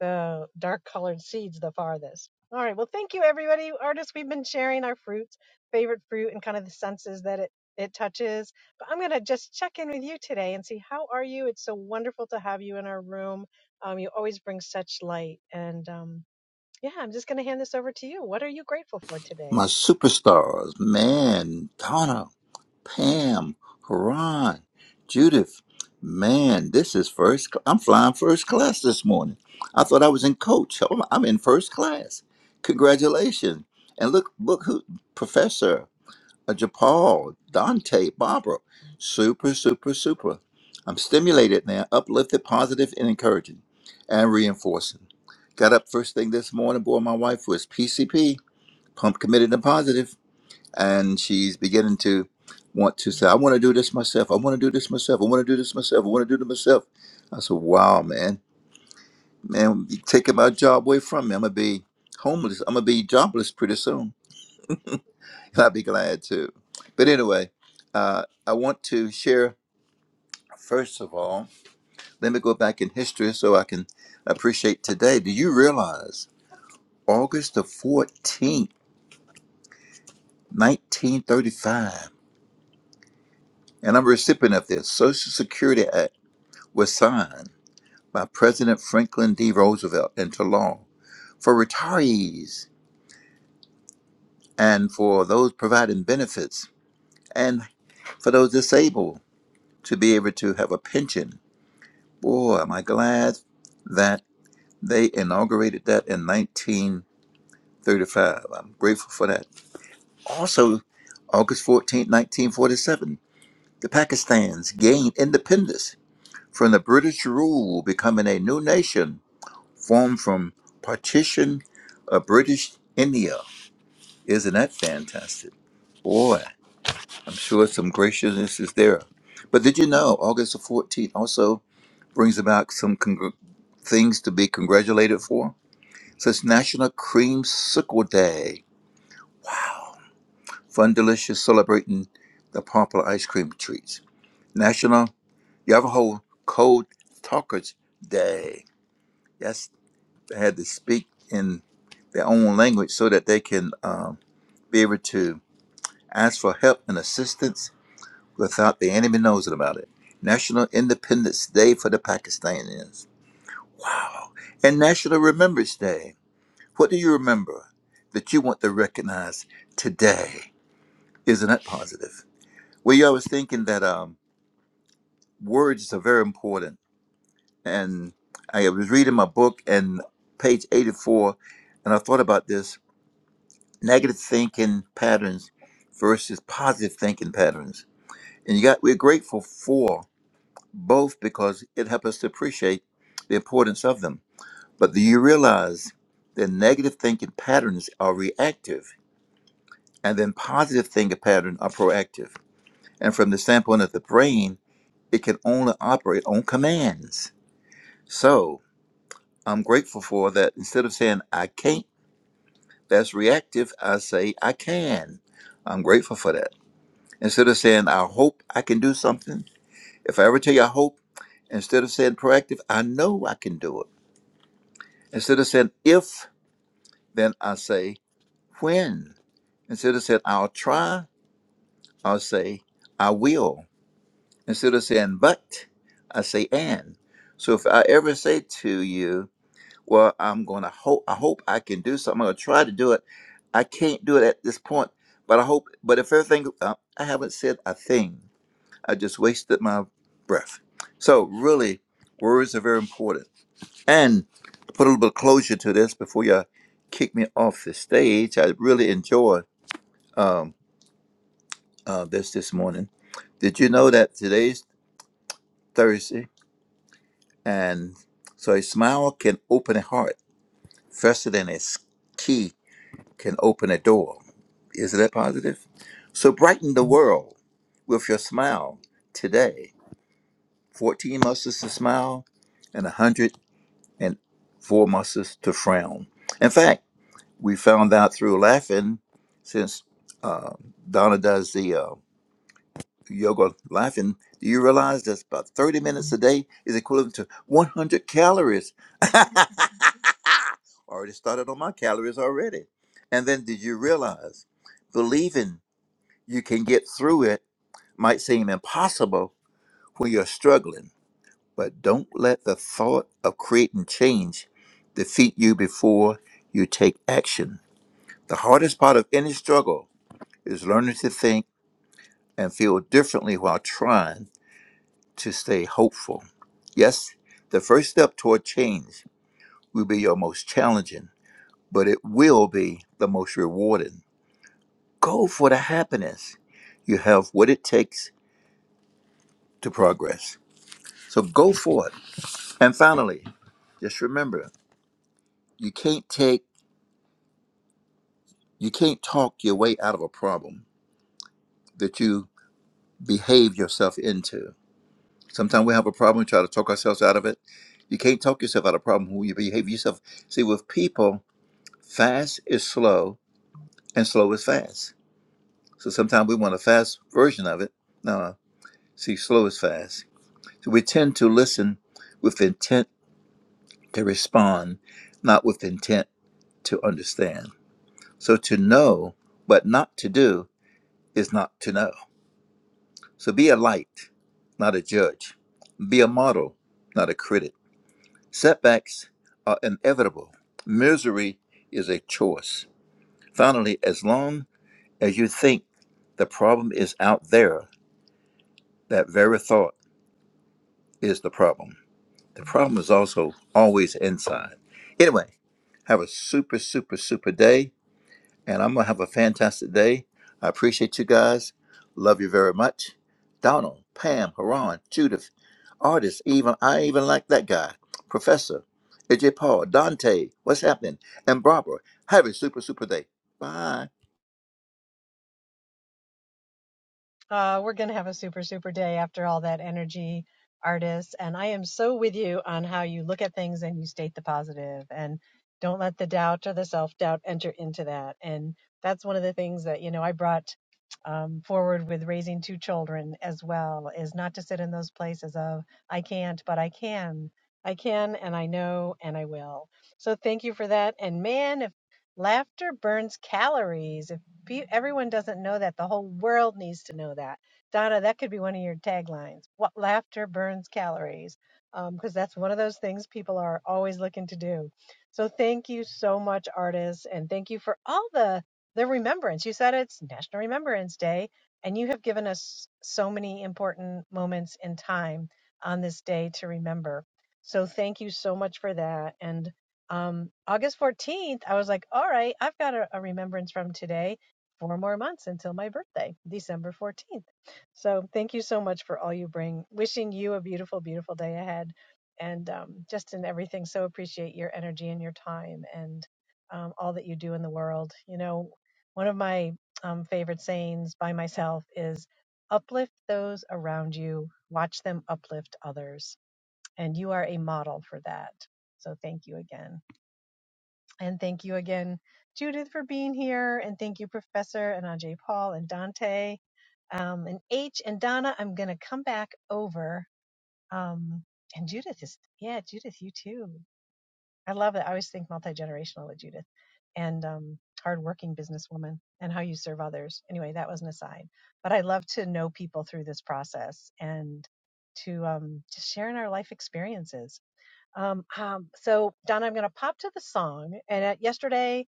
Speaker 28: the dark colored seeds the farthest. All right. Well, thank you, everybody. Artists, we've been sharing our fruits, favorite fruit, and kind of the senses that it it touches. But I'm gonna just check in with you today and see how are you. It's so wonderful to have you in our room. Um, you always bring such light, and um, yeah, I'm just gonna hand this over to you. What are you grateful for today?
Speaker 32: My superstars, man, Donna, Pam, Haran, Judith, man, this is first. Cl- I'm flying first class this morning. I thought I was in coach. Oh, I'm in first class. Congratulations! And look, look who, Professor uh, Japal, Dante, Barbara, super, super, super. I'm stimulated now, uplifted, positive, and encouraging, and reinforcing. Got up first thing this morning. Boy, my wife was PCP, pump committed and positive and she's beginning to want to say, I want to do this myself. I want to do this myself. I want to do this myself. I want to do this myself. I said, Wow, man. Man, you taking my job away from me. I'm going to be homeless. I'm going to be jobless pretty soon. And I'll be glad to. But anyway, uh, I want to share, first of all, let me go back in history so I can appreciate today. Do you realize August the 14th, 1935, and I'm a recipient of this, Social Security Act was signed by President Franklin D. Roosevelt into law for retirees and for those providing benefits and for those disabled to be able to have a pension. Boy, am I glad that they inaugurated that in 1935. I'm grateful for that. Also, August fourteenth, 1947, the Pakistans gained independence from the British rule, becoming a new nation formed from partition of British India Isn't that fantastic? Boy, I'm sure some graciousness is there. But did you know August the 14th also brings about some congr- things to be congratulated for? So it's National Creamsicle Day. Fun Delicious celebrating the popular ice cream treats. National Navajo Code Talkers Day. Yes, they had to speak in their own language so that they can um, be able to ask for help and assistance without the enemy knows about it. National Independence Day for the Pakistanis. Wow. And National Remembrance Day. What do you remember that you want to recognize today? Isn't that positive? Well, yeah, I was thinking that um, words are very important. And I was reading my book and page 84, and I thought about this negative thinking patterns versus positive thinking patterns. And you got, we're grateful for both because it helps us to appreciate the importance of them. But do you realize that negative thinking patterns are reactive and then positive thinking patterns are proactive? And from the standpoint of the brain, it can only operate on commands. So I'm grateful for that. Instead of saying I can't, that's reactive, I say I can. I'm grateful for that. Instead of saying I hope I can do something, if I ever tell you I hope, instead of saying proactive, I know I can do it. Instead of saying if, then I say when. Instead of saying I'll try, I'll say I will. Instead of saying but, I say and. So if I ever say to you, well, I'm going to hope, I hope I can do something. I'm going to try to do it. I can't do it at this point, but I hope, but if everything, uh, I haven't said a thing. I just wasted my breath. So really, words are very important. And to put a little bit of closure to this before y'all kick me off the stage, I really enjoyed um, uh, this this morning. Did you know that today's Thursday? And so a smile can open a heart faster than a s- key can open a door. Isn't that positive? So brighten the world with your smile today. 14 muscles to smile and 104 muscles to frown. In fact, We found out through laughing, since uh, Donna does the uh, yoga laughing. Do you realize that's about 30 minutes a day is equivalent to 100 calories? already started on my calories already. And then did you realize believing you can get through it might seem impossible when you're struggling, but don't let the thought of creating change defeat you before you take action. The hardest part of any struggle is learning to think and feel differently while trying to stay hopeful. Yes, the first step toward change will be your most challenging, but it will be the most rewarding. Go for the happiness. You have what it takes to progress. So go for it. And finally, just remember, you can't take you can't talk your way out of a problem that you behave yourself into. Sometimes we have a problem, try to talk ourselves out of it. You can't talk yourself out of a problem when you behave yourself. See, with people, fast is slow and slow is fast. So sometimes we want a fast version of it. No, no. see, slow is fast. So we tend to listen with intent to respond, not with intent to understand. So to know but not to do is not to know. So be a light, not a judge. Be a model, not a critic Setbacks are inevitable. Misery is a choice. Finally, as long as you think the problem is out there, that very thought is the problem. The problem is also always inside. Anyway, have a super, super, super day. And I'm going to have a fantastic day. I appreciate you guys. Love you very much. Donald, Pam, Haran, Judith, Artist, even I even like that guy. Professor, AJ Paul, Dante, what's happening? And Barbara, have a super, super day. Bye.
Speaker 28: Uh, we're going to have a super, super day after all that energy, artists. And I am so with you on how you look at things and you state the positive and don't let the doubt or the self doubt enter into that. And that's one of the things that, you know, I brought um, forward with raising two children as well is not to sit in those places of, I can't, but I can. I can and I know and I will. So thank you for that. And man, if laughter burns calories, Pe- everyone doesn't know that. The whole world needs to know that. Donna, that could be one of your taglines. What laughter burns calories, because that's one of those things people are always looking to do. So thank you so much, artists, and thank you for all the the remembrance. You said it's National Remembrance Day, and you have given us so many important moments in time on this day to remember. So thank you so much for that. And um, August 14th, I was like, all right, I've got a, a remembrance from today four more months until my birthday, December 14th. So thank you so much for all you bring. Wishing you a beautiful, beautiful day ahead and um, just in everything. So appreciate your energy and your time and um, all that you do in the world. You know, one of my um, favorite sayings by myself is uplift those around you, watch them uplift others. And you are a model for that. So thank you again. And thank you again, Judith, for being here. And thank you, Professor and Ajay Paul and Dante um, and H and Donna. I'm going to come back over. Um, and Judith is, yeah, Judith, you too. I love it. I always think multi generational with Judith and um, hardworking businesswoman and how you serve others. Anyway, that was an aside. But I love to know people through this process and to um, just share in our life experiences. Um, um, so Donna, I'm going to pop to the song. And at yesterday,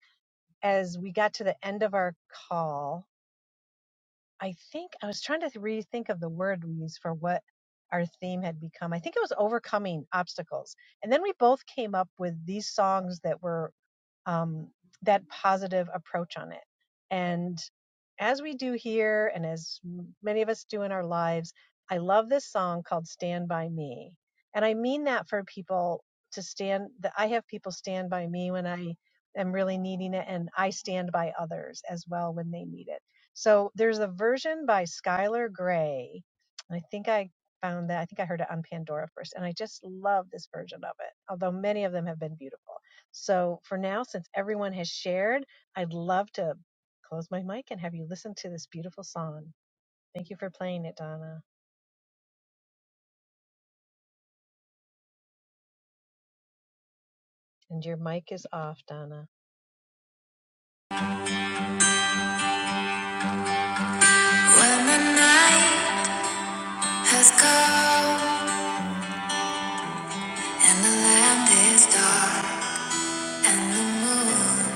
Speaker 28: as we got to the end of our call, I think I was trying to rethink of the word we used for what our theme had become. I think it was overcoming obstacles. And then we both came up with these songs that were um, that positive approach on it. And as we do here, and as many of us do in our lives, I love this song called Stand By Me. And I mean that for people to stand, that I have people stand by me when I am really needing it, and I stand by others as well when they need it. So there's a version by Skylar Gray. And I think I found that. I think I heard it on Pandora first. And I just love this version of it, although many of them have been beautiful. So for now, since everyone has shared, I'd love to close my mic and have you listen to this beautiful song. Thank you for playing it, Donna. And your mic is off, Donna.
Speaker 26: When the night has come and the land is dark and the moon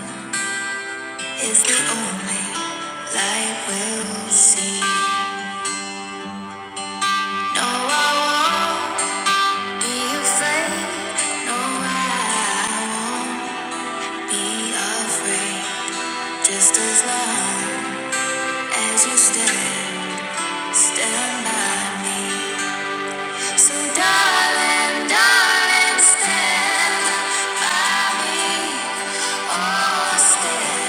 Speaker 26: is the only light we'll see. No, I won't be afraid. No, I won't be afraid. Just as long as you stand, stand by me. So, darling, darling, stand by me. Oh, stand.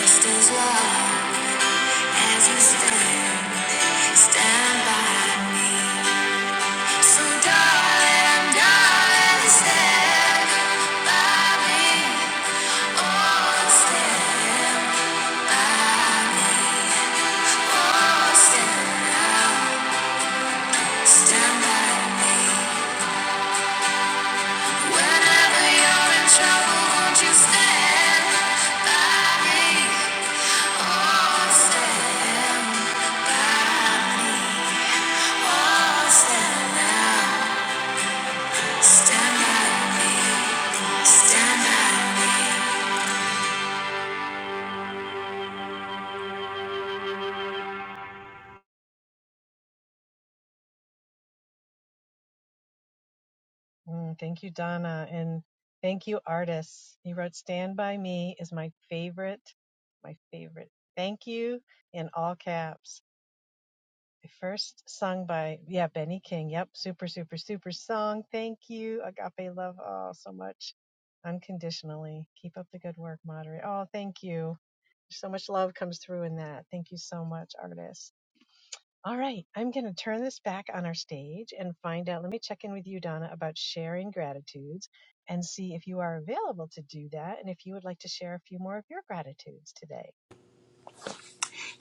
Speaker 26: Just as long as you stand, stand by. So darling, i stand by me. Oh, stand, oh, stand, stand by. Whenever you're in trouble, won't you stand by me? Oh, stand by me. Oh, stand, stand by, stand by.
Speaker 28: Mm, thank you, Donna. And thank you, artists. You wrote Stand By Me is my favorite, my favorite. Thank you in all caps. First sung by, yeah, Benny King. Yep. Super, super, super song. Thank you. Agape love. Oh, so much. Unconditionally. Keep up the good work, moderator. Oh, thank you. So much love comes through in that. Thank you so much, artist. All right. I'm going to turn this back on our stage and find out. Let me check in with you, Donna, about sharing gratitudes and see if you are available to do that and if you would like to share a few more of your gratitudes today.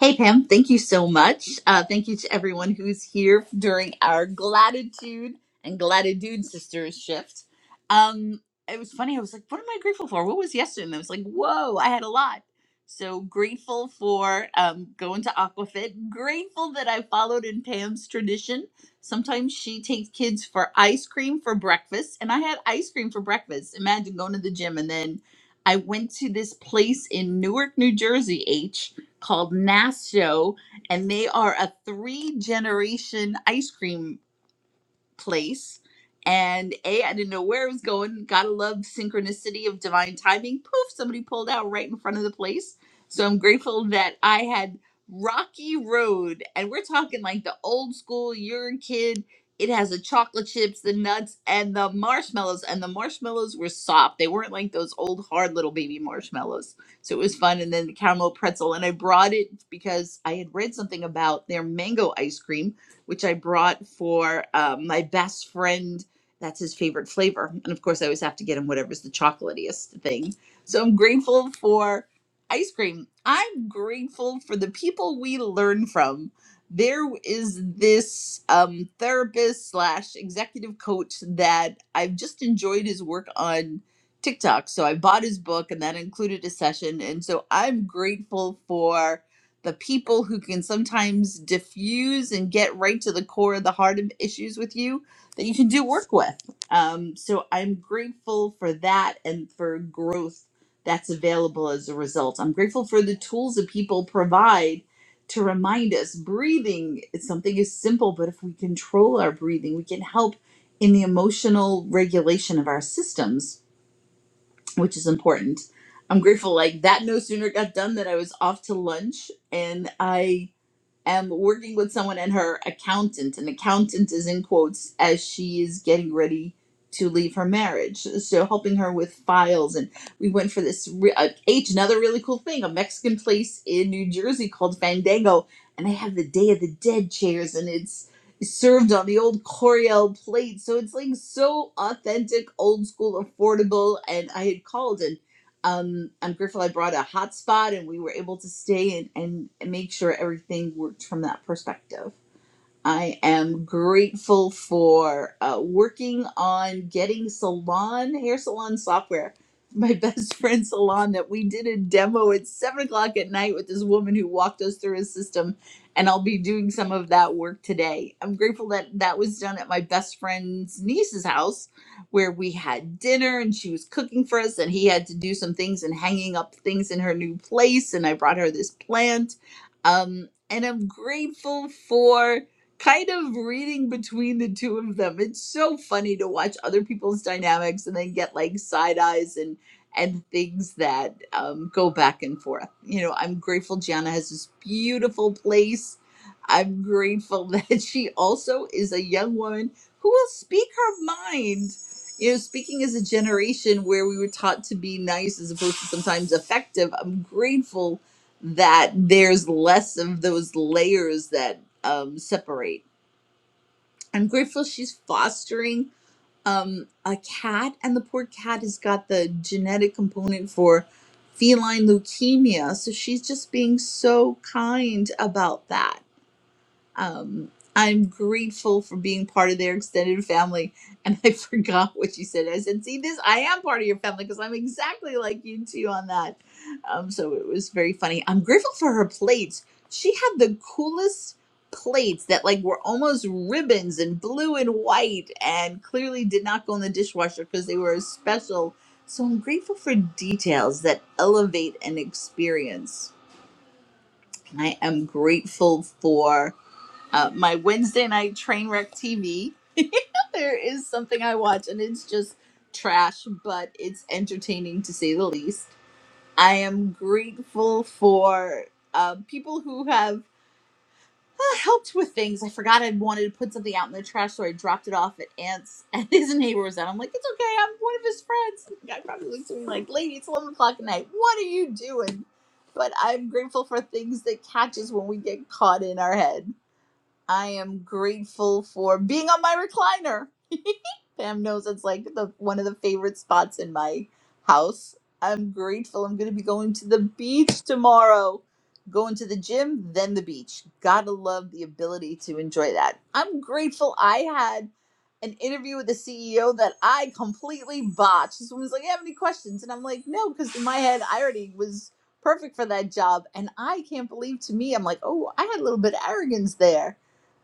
Speaker 26: Hey, Pam, thank you so much. Uh, thank you to everyone who's here during our gratitude and gratitude sisters shift. Um, it was funny. I was like, what am I grateful for? What was yesterday? And I was like, whoa, I had a lot. So grateful for um, going to Aquafit. Grateful that I followed in Pam's tradition. Sometimes she takes kids for ice cream for breakfast, and I had ice cream for breakfast. Imagine going to the gym and then I went to this place in Newark, New Jersey, H called Nasto, and they are a three generation ice cream place. And A, I didn't know where it was going. Gotta love synchronicity of divine timing. Poof, somebody pulled out right in front of the place. So I'm grateful that I had Rocky Road. And we're talking like the old school, you're a kid. It has the chocolate chips, the nuts, and the marshmallows. And the marshmallows were soft. They weren't like those old hard little baby marshmallows. So it was fun. And then the caramel pretzel. And I brought it because I had read something about their mango ice cream which I brought for uh, my best friend. That's his favorite flavor. And of course, I always have to get him whatever's the chocolatiest thing. So I'm grateful for ice cream. I'm grateful for the people we learn from. There is this um, therapist slash executive coach that I've just enjoyed his work on TikTok. So I bought his book and that included a session. And so I'm grateful for the people who can sometimes diffuse and get right to the core of the heart of issues with you that you can do work with. Um, so I'm grateful for that and for growth that's available as a result. I'm grateful for the tools that people provide to remind us breathing is something is simple, but if we control our breathing, we can help in the emotional regulation of our systems which is important. I'm grateful like that no sooner got done than I was off to lunch and I am working with someone and her accountant. And accountant is in quotes as she is getting ready to leave her marriage. So helping her with files. And we went for this re- uh, H, another really cool thing, a Mexican place in New Jersey called Fandango. And they have the Day of the Dead chairs and it's served on the old Coriel plate. So it's like so authentic, old school, affordable. And I had called and um, I'm grateful I brought a hotspot and we were able to stay and, and make sure everything worked from that perspective. I am grateful for uh, working on getting salon hair salon software. My best friend's salon that we did a demo at seven o'clock at night with this woman who walked us through his system, and I'll be doing some of that work today. I'm grateful that that was done at my best friend's niece's house, where we had dinner and she was cooking for us, and he had to do some things and hanging up things in her new place, and I brought her this plant, um, and I'm grateful for kind of reading between the two of them. It's so funny to watch other people's dynamics and then get like side eyes and and things that um, go back and forth. You know, I'm grateful Gianna has this beautiful place. I'm grateful that she also is a young woman who will speak her mind. You know, speaking as a generation where we were taught to be nice as opposed to sometimes effective, I'm grateful that there's less of those layers that um, separate. I'm grateful she's fostering um, a cat, and the poor cat has got the genetic component for feline leukemia. So she's just being so kind about that um, I'm grateful for being part of their extended family. And I forgot what you said. I said, see, this, I am part of your family because I'm exactly like you too on that. Um, so it was very funny. I'm grateful for her plates. She had the coolest plates that like were almost ribbons and blue and white and clearly did not go in the dishwasher because they were special. So I'm grateful for details that elevate an experience. I am grateful for uh, my Wednesday night train wreck TV. there is something I watch, and it's just trash, but it's entertaining to say the least. I am grateful for uh, people who have uh, helped with things. I forgot I wanted to put something out in the trash, so I dropped it off at Aunt's, and his neighbor was out. I'm like, it's okay, I'm one of his friends. And the guy probably looks at me like, lady, it's 11 o'clock at night. What are you doing? But I'm grateful for things that catches when we get caught in our head I am grateful for being on my recliner. Pam knows it's like the one of the favorite spots in my house. I'm grateful. I'm going to be going to the beach tomorrow. Going to the gym, then the beach. Gotta love the ability to enjoy that. I'm grateful I had an interview with the CEO that I completely botched. This woman's like, "You have any questions?" And I'm like, "No," because in my head, I already was perfect for that job. And I can't believe to me, I'm like, "Oh, I had a little bit of arrogance there."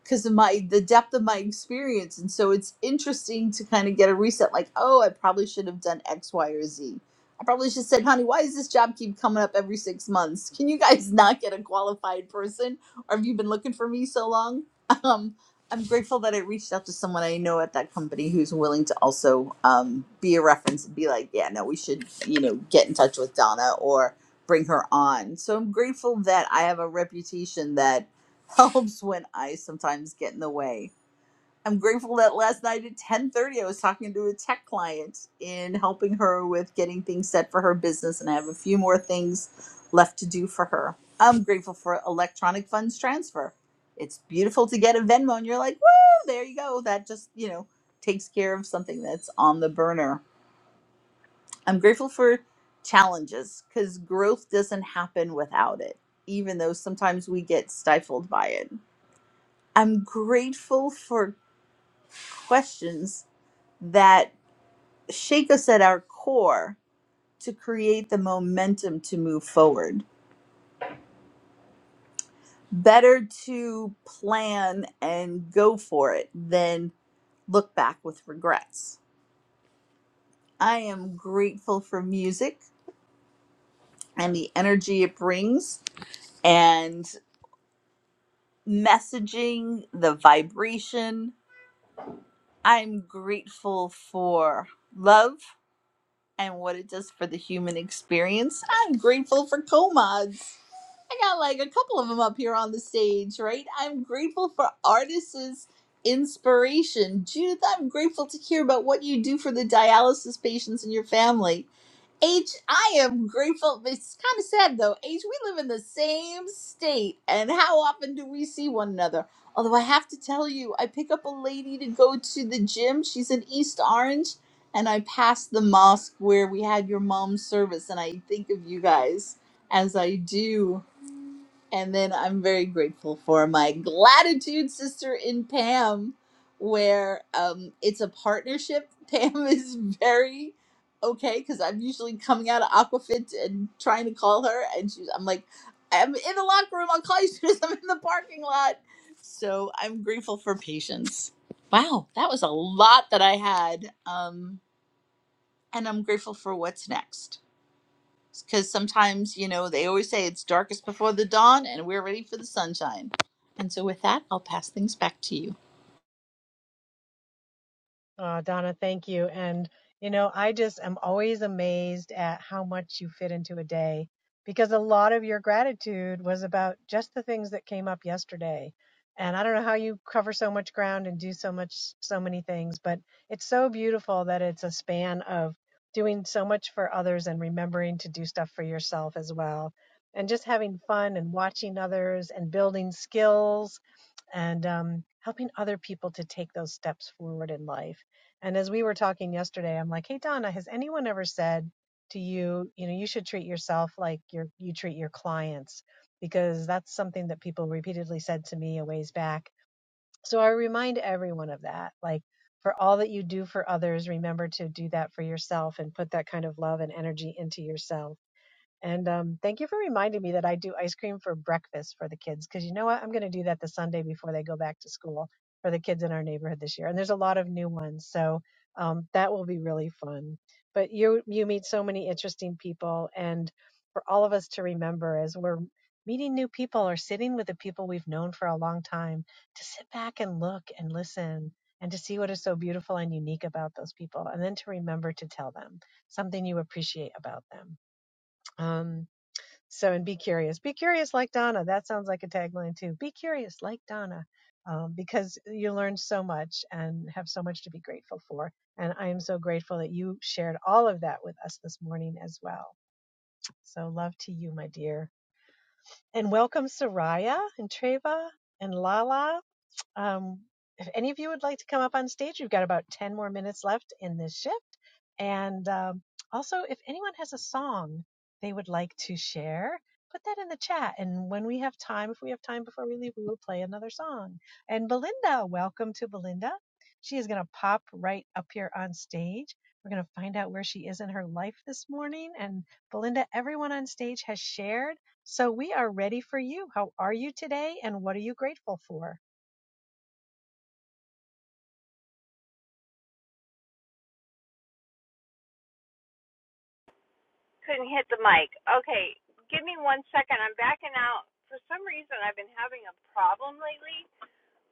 Speaker 26: because of my the depth of my experience and so it's interesting to kind of get a reset like oh i probably should have done x y or z i probably should have said honey why does this job keep coming up every six months can you guys not get a qualified person or have you been looking for me so long um i'm grateful that i reached out to someone i know at that company who's willing to also um, be a reference and be like yeah no we should you know get in touch with donna or bring her on so i'm grateful that i have a reputation that helps when I sometimes get in the way. I'm grateful that last night at 10:30 I was talking to a tech client in helping her with getting things set for her business and I have a few more things left to do for her. I'm grateful for electronic funds transfer. It's beautiful to get a Venmo and you're like, "Woo, there you go." That just, you know, takes care of something that's on the burner. I'm grateful for challenges cuz growth doesn't happen without it, even though sometimes we get stifled by it. I'm grateful for questions that shake us at our core to create the momentum to move forward. Better to plan and go for it than look back with regrets. I am grateful for music and the energy it brings and messaging, the vibration. I'm grateful for love and what it does for the human experience. I'm grateful for comods. I got like a couple of them up here on the stage, right? I'm grateful for artists' inspiration. Judith, I'm grateful to hear about what you do for the dialysis patients in your family. H, I am grateful. It's kind of sad though. H, we live in the same state, and how often do we see one another? Although I have to tell you, I pick up a lady to go to the gym. She's in East Orange, and I pass the mosque where we had your mom's service, and I think of you guys as I do. And then I'm very grateful for my gratitude sister in Pam, where um, it's a partnership. Pam is very okay because I'm usually coming out of Aquafit and trying to call her, and she's I'm like, I'm in the locker room. I'll call you as soon as I'm in the parking lot. So I'm grateful for patience. Wow, that was a lot that I had, um, and I'm grateful for what's next because sometimes you know they always say it's darkest before the dawn and we're ready for the sunshine and so with that i'll pass things back to you
Speaker 28: Uh, Donna, thank you. And, you know, I just am always amazed at how much you fit into a day because a lot of your gratitude was about just the things that came up yesterday. And I don't know how you cover so much ground and do so much, so many things, but it's so beautiful that it's a span of doing so much for others and remembering to do stuff for yourself as well. And just having fun and watching others and building skills and um, helping other people to take those steps forward in life. And as we were talking yesterday, I'm like, hey, Donna, has anyone ever said to you, you know, you should treat yourself like you you treat your clients? Because that's something that people repeatedly said to me a ways back. So I remind everyone of that. Like, for all that you do for others, remember to do that for yourself and put that kind of love and energy into yourself and um, thank you for reminding me that I do ice cream for breakfast for the kids because you know what? I'm going to do that the Sunday before they go back to school for the kids in our neighborhood this year. And there's a lot of new ones, so um, that will be really fun. But you you meet so many interesting people, and for all of us to remember as we're meeting new people or sitting with the people we've known for a long time, to sit back and look and listen and to see what is so beautiful and unique about those people, and then to remember to tell them something you appreciate about them. Um, so, and be curious. Be curious like Donna. That sounds like a tagline too. Be curious like Donna, um, because you learn so much and have so much to be grateful for. And I am so grateful that you shared all of that with us this morning as well. So, love to you, my dear. And welcome, Soraya and Treva and Lala. Um, if any of you would like to come up on stage, we've got about 10 more minutes left in this shift. And um, also, if anyone has a song they would like to share, put that in the chat. And when we have time, if we have time before we leave, we will play another song. And Belinda, welcome to Belinda. She is going to pop right up here on stage. We're going to find out where she is in her life this morning. And Belinda, everyone on stage has shared. So we are ready for you. How are you today? And what are you grateful for?
Speaker 33: Couldn't hit the mic. Okay, give me one second. I'm backing out. For some reason, I've been having a problem lately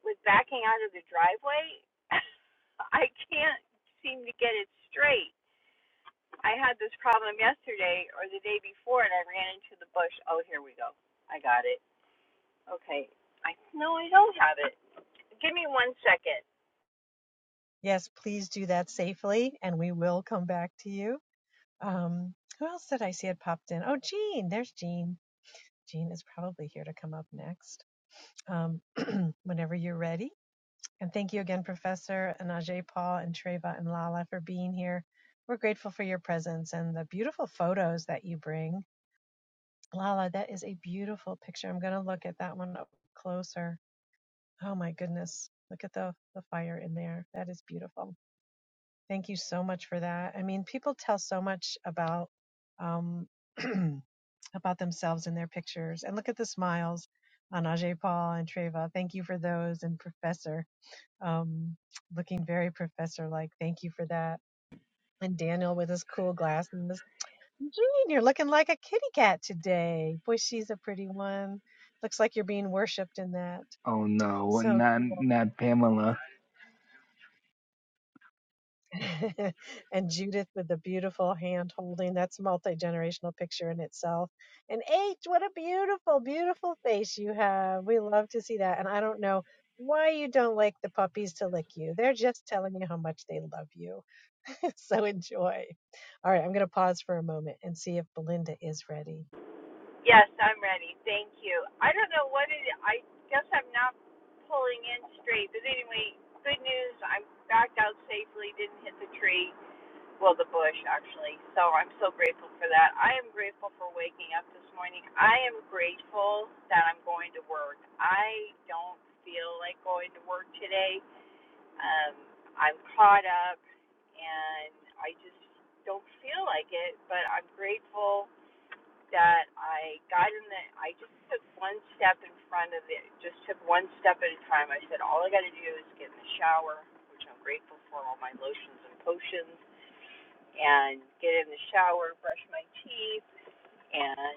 Speaker 33: with backing out of the driveway. I can't seem to get it straight. I had this problem yesterday or the day before, and I ran into the bush. Oh, here we go. I got it. Okay. I no, I don't have it. Give me one second.
Speaker 28: Yes, please do that safely, and we will come back to you. Um, who else did I see had popped in? Oh, Jean, there's Jean. Jean is probably here to come up next um, whenever you're ready. And thank you again, Professor and Ajay Paul and Treva and Lala for being here. We're grateful for your presence and the beautiful photos that you bring. Lala, that is a beautiful picture. I'm going to look at that one up closer. Oh my goodness. Look at the, the fire in there. That is beautiful. Thank you so much for that. I mean, people tell so much about um, about themselves in their pictures. And look at the smiles on Ajay Paul and Treva. Thank you for those. And Professor, um, looking very professor like. Thank you for that. And Daniel with his cool glass and this Junior looking like a kitty cat today. Boy, she's a pretty one. Looks like you're being worshipped in that.
Speaker 19: Oh no,
Speaker 28: So
Speaker 19: not
Speaker 28: cool.
Speaker 19: not Pamela.
Speaker 28: and Judith with the beautiful hand holding. That's a multi generational picture in itself. And H, what a beautiful, beautiful face you have. We love to see that. And I don't know why you don't like the puppies to lick you. They're just telling you how much they love you. so enjoy. All right, I'm going to pause for a moment and see if Belinda is ready.
Speaker 33: Yes, I'm ready. Thank you. I don't know what it. I guess I'm not pulling in straight, but anyway, good news. I'm backed out safely. Didn't hit the tree. Well, the bush actually. So I'm so grateful for that. I am grateful for waking up this morning. I am grateful that I'm going to work. I don't feel like going to work today. Um, I'm caught up, and I just don't feel like it. But I'm grateful that I got in the I just took one step in front of it just took one step at a time. I said all I gotta do is get in the shower, which I'm grateful for all my lotions and potions, and get in the shower, brush my teeth and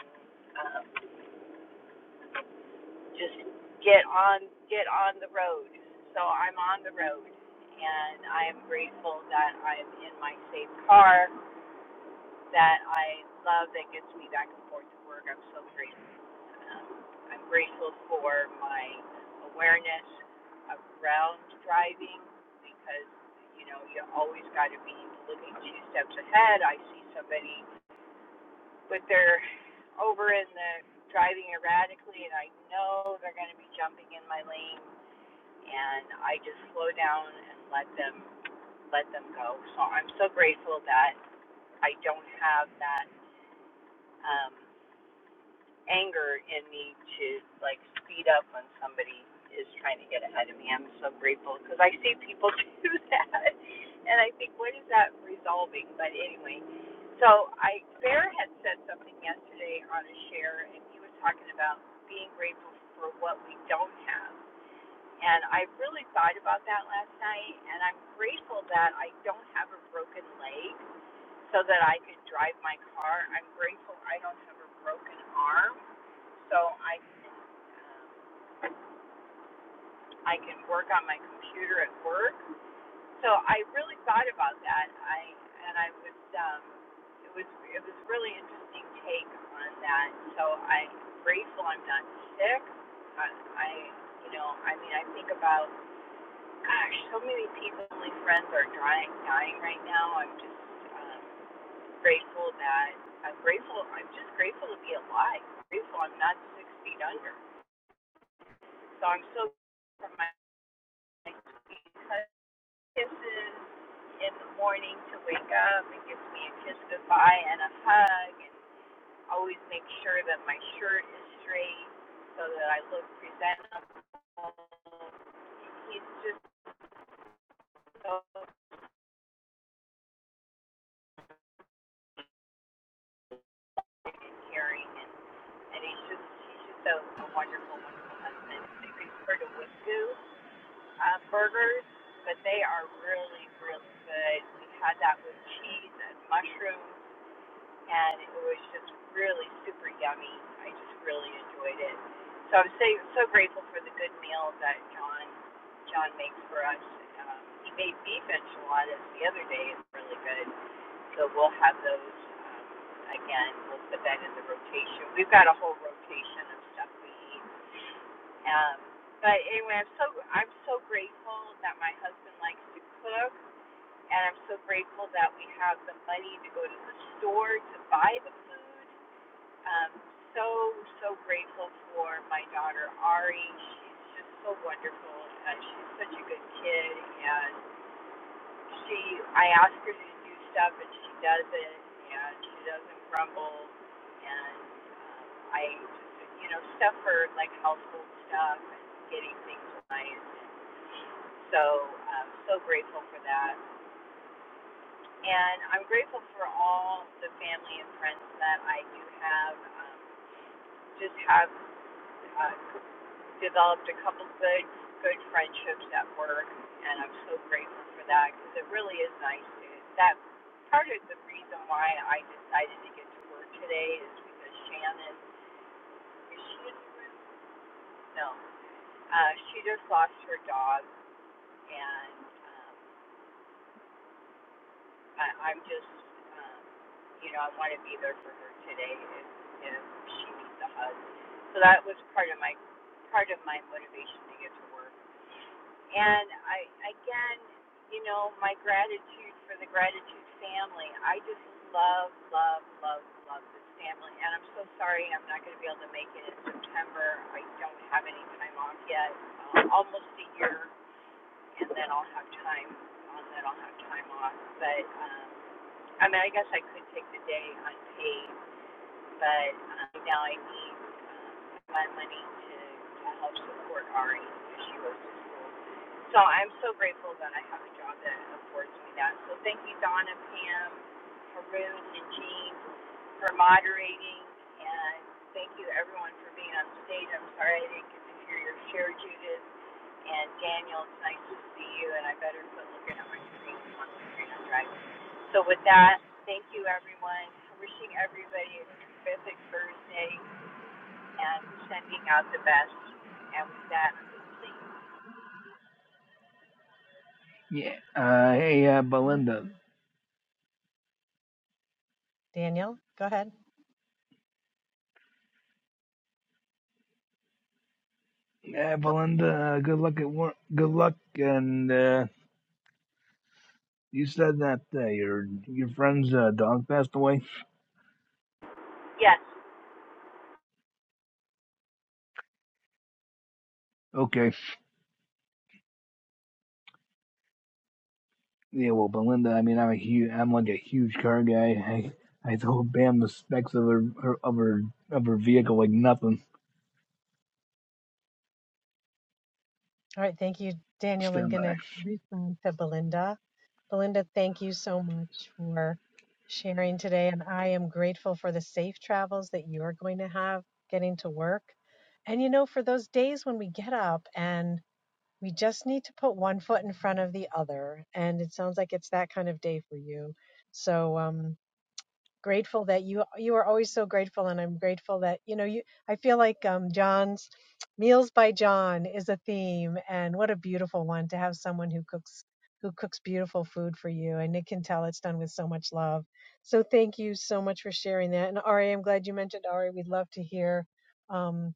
Speaker 33: um, just get on get on the road. So I'm on the road and I am grateful that I'm in my safe car that I love that gets me back and forth to work. I'm so grateful Um, I'm grateful for my awareness around driving because, you know, you always got to be looking two steps ahead. I see somebody with their over in the driving erratically, and I know they're going to be jumping in my lane, and I just slow down and let them let them go. So I'm so grateful that I don't have that. Um, anger in me to like speed up when somebody is trying to get ahead of me. I'm so grateful because I see people do that, and I think, what is that resolving? But anyway, so I Bear had said something yesterday on a share, and he was talking about being grateful for what we don't have. And I really thought about that last night, and I'm grateful that I don't have a broken leg so that I could drive my car. I'm grateful I don't have a broken arm, so I can um, I can work on my computer at work. So I really thought about that. I and I was um, it was it was really interesting take on that. So I'm grateful I'm not sick. I, I you know I mean I think about gosh so many people, my friends are dying dying right now. I'm just um, grateful that I'm grateful. I'm just grateful to be alive. I'm Grateful I'm not six feet under. So I'm so grateful for my because kisses in the morning to wake up and gives me a kiss goodbye and a hug and always make sure that my shirt is straight so that I look presentable. He's just so big and caring and, and he's just he's just a, a wonderful, wonderful husband. He's referred to Wingu uh, burgers, but they are really, really good. We had that with cheese and mushrooms, and it was just really super yummy. I just really enjoyed it. So I'm so, so grateful for the good meal that John John makes for us. Um, he made beef enchiladas the other day. It's really good. So we'll have those um, again. We'll put that in the rotation. We've got a whole rotation of stuff we eat um, but anyway, I'm so I'm so grateful that my husband likes to cook, and I'm so grateful that we have the money to go to the store to buy the food. Um, so so grateful for my daughter Ari. She's just so wonderful. Uh, she's such a good kid, And she I ask her to do stuff and she does it and she doesn't grumble and um, I you know stuff for like household stuff and getting things right. So I'm um, so grateful for that and I'm grateful for all the family and friends that I do have. Um, just have uh, developed a couple good, good friendships at work, and I'm so grateful for that because it really is nice. To, that part of the reason why I decided to get to work today is because Shannon, is she in the room? No, uh, she just lost her dog, and um, I, I'm just, um, you know, I want to be there for her today if, if she needs a hug. So that was part of my part of my motivation to get to work. And I again, you know, my gratitude for the gratitude family. I just love, love, love, love this family. And I'm so sorry I'm not going to be able to make it in September. I don't have any time off yet. Um, almost a year, and then I'll have time. And then I'll have time off. But um, I mean, I guess I could take the day unpaid but um, now I need um, my money to, to help support Ari as she goes to school. So I'm so grateful that I have a job that affords me that. So thank you, Donna, Pam, Haroon, and Jean for moderating, and thank you to everyone for being on stage. I'm sorry I didn't get to hear your share, Judith. And Daniel, it's nice to see you, and I better quit looking at my screen once I'm free on drive. So with that, thank you, everyone. Wishing everybody a terrific Thursday and sending out the best. And with that, I'm complete.
Speaker 19: Yeah. Uh, hey, uh,
Speaker 28: Mhm.
Speaker 19: Belinda.
Speaker 28: Daniel, go ahead.
Speaker 19: Yeah,
Speaker 28: Nope.
Speaker 19: Belinda. Uh, good luck at work. Good luck and uh, You said that uh, your your friend's uh, dog passed away.
Speaker 33: Yes,
Speaker 19: Okay. Yeah. Well, Belinda. I mean, I'm a huge. I'm like a huge car guy. I I told Bam the specs of her, her of her of her vehicle like nothing.
Speaker 28: All right. Thank you, Daniel. I'm
Speaker 19: Stand
Speaker 28: going
Speaker 19: by.
Speaker 28: to respond to Belinda. Belinda, thank you so much for sharing today. And I am grateful for the safe travels that you're going to have getting to work. And, you know, for those days when we get up and we just need to put one foot in front of the other. And it sounds like it's that kind of day for you. So, um, grateful that you you are always so grateful and i'm grateful that you know you i feel like um john's meals by john is a theme and what a beautiful one to have someone who cooks who cooks beautiful food for you and it can tell it's done with so much love so thank you so much for sharing that and ari i'm glad you mentioned ari we'd love to hear um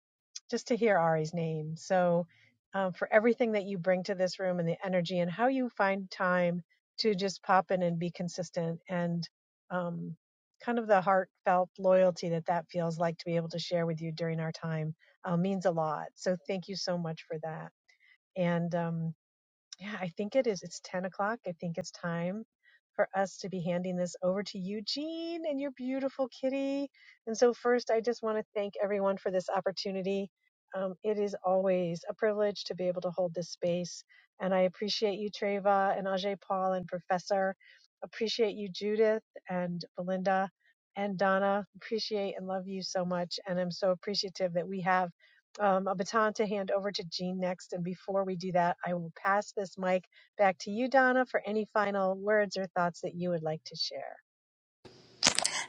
Speaker 28: just to hear ari's name so um, for everything that you bring to this room and the energy and how you find time to just pop in and be consistent and um, kind of the heartfelt loyalty that that feels like to be able to share with you during our time uh, means a lot. So thank you so much for that. And um, yeah, I think it is. It's 10 o'clock. I think it's time for us to be handing this over to Eugene and your beautiful kitty. And so, first, I just want to thank everyone for this opportunity. Um, it is always a privilege to be able to hold this space. And I appreciate you, Treva, and Ajay Paul, and Professor. Appreciate you, Judith, and Belinda, and Donna. Appreciate and love you so much. And I'm so appreciative that we have um, a baton to hand over to Jean next. And before we do that, I will pass this mic back to you, Donna, for any final words or thoughts that you would like to share.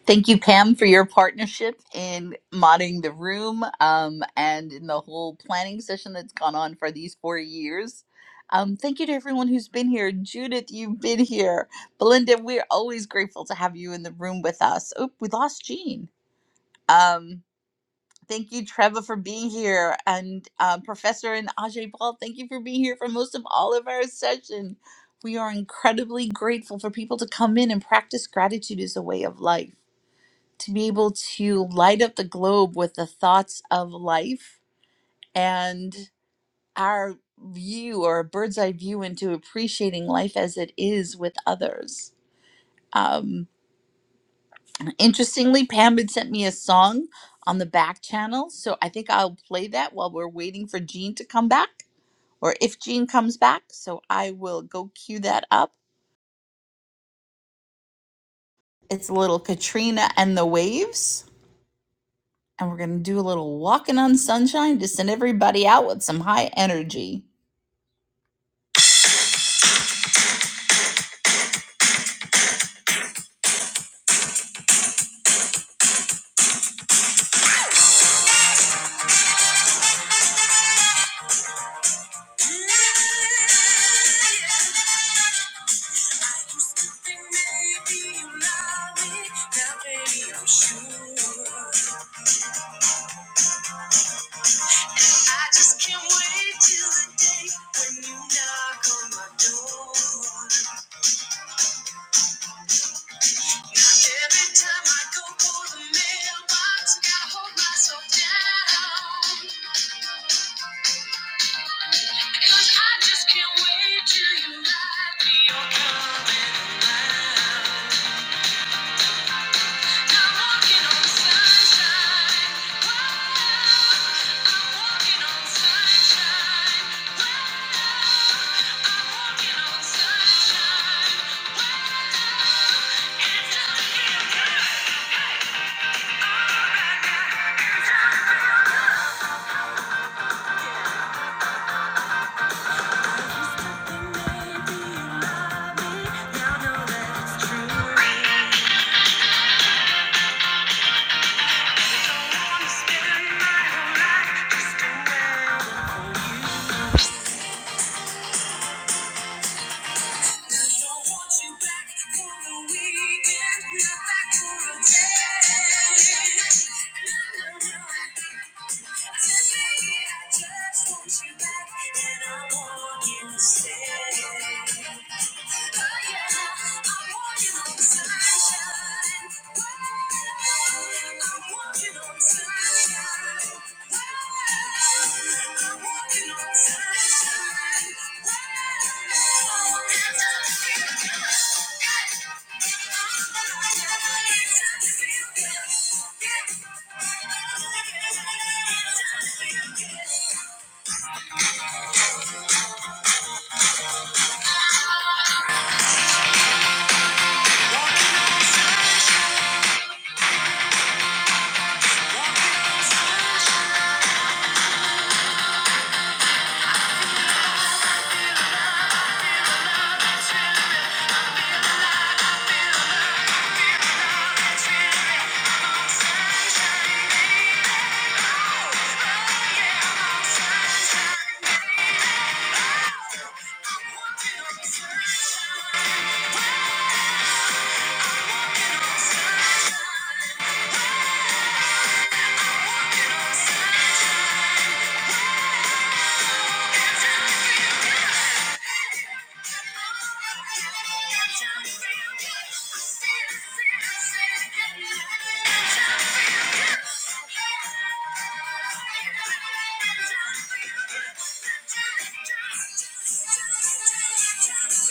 Speaker 26: thank you pam for your partnership in modding the room um, and in the whole planning session that's gone on for these four years um, thank you to everyone who's been here judith you've been here belinda we're always grateful to have you in the room with us Oop, we lost jean Um, Thank you, Trevor, for being here. And uh, Professor and Ajay Paul, thank you for being here for most of all of our session. We are incredibly grateful for people to come in and practice gratitude as a way of life, to be able to light up the globe with the thoughts of life and our view or a bird's eye view into appreciating life as it is with others. Um, Interestingly, Pam had sent me a song on the back channel, so I think I'll play that while we're waiting for Jean to come back, or if Jean comes back. So I will go cue that up. It's a little Katrina and the Waves, and we're gonna do a little walking on sunshine to send everybody out with some high energy. I just can't wait till the day when you knock on my door. Now every time I go for the mailbox, I gotta hold myself down. Cause I just can't wait till you knock me on coming around. Thank you Sunshine walking on Yeah. Sunshine. Thank you.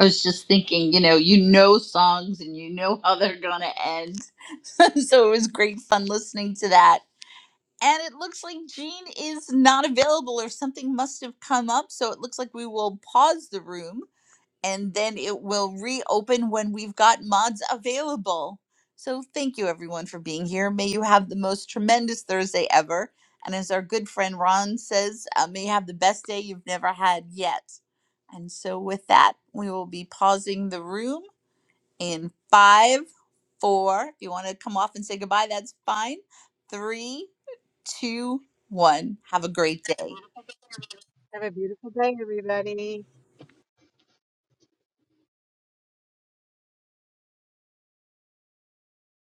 Speaker 26: I was just thinking, you know, you know songs and you know how they're gonna end. so it was great fun listening to that. And it looks like Jean is not available or something must have come up. So it looks like we will pause the room and then it will reopen when we've got mods available. So thank you everyone for being here. May you have the most tremendous Thursday ever. And as our good friend Ron says, uh, may you have the best day you've never had yet. And so with that, we will be pausing the room in five, four. If you want to come off and say goodbye, that's fine. Three two, one. Have a great day.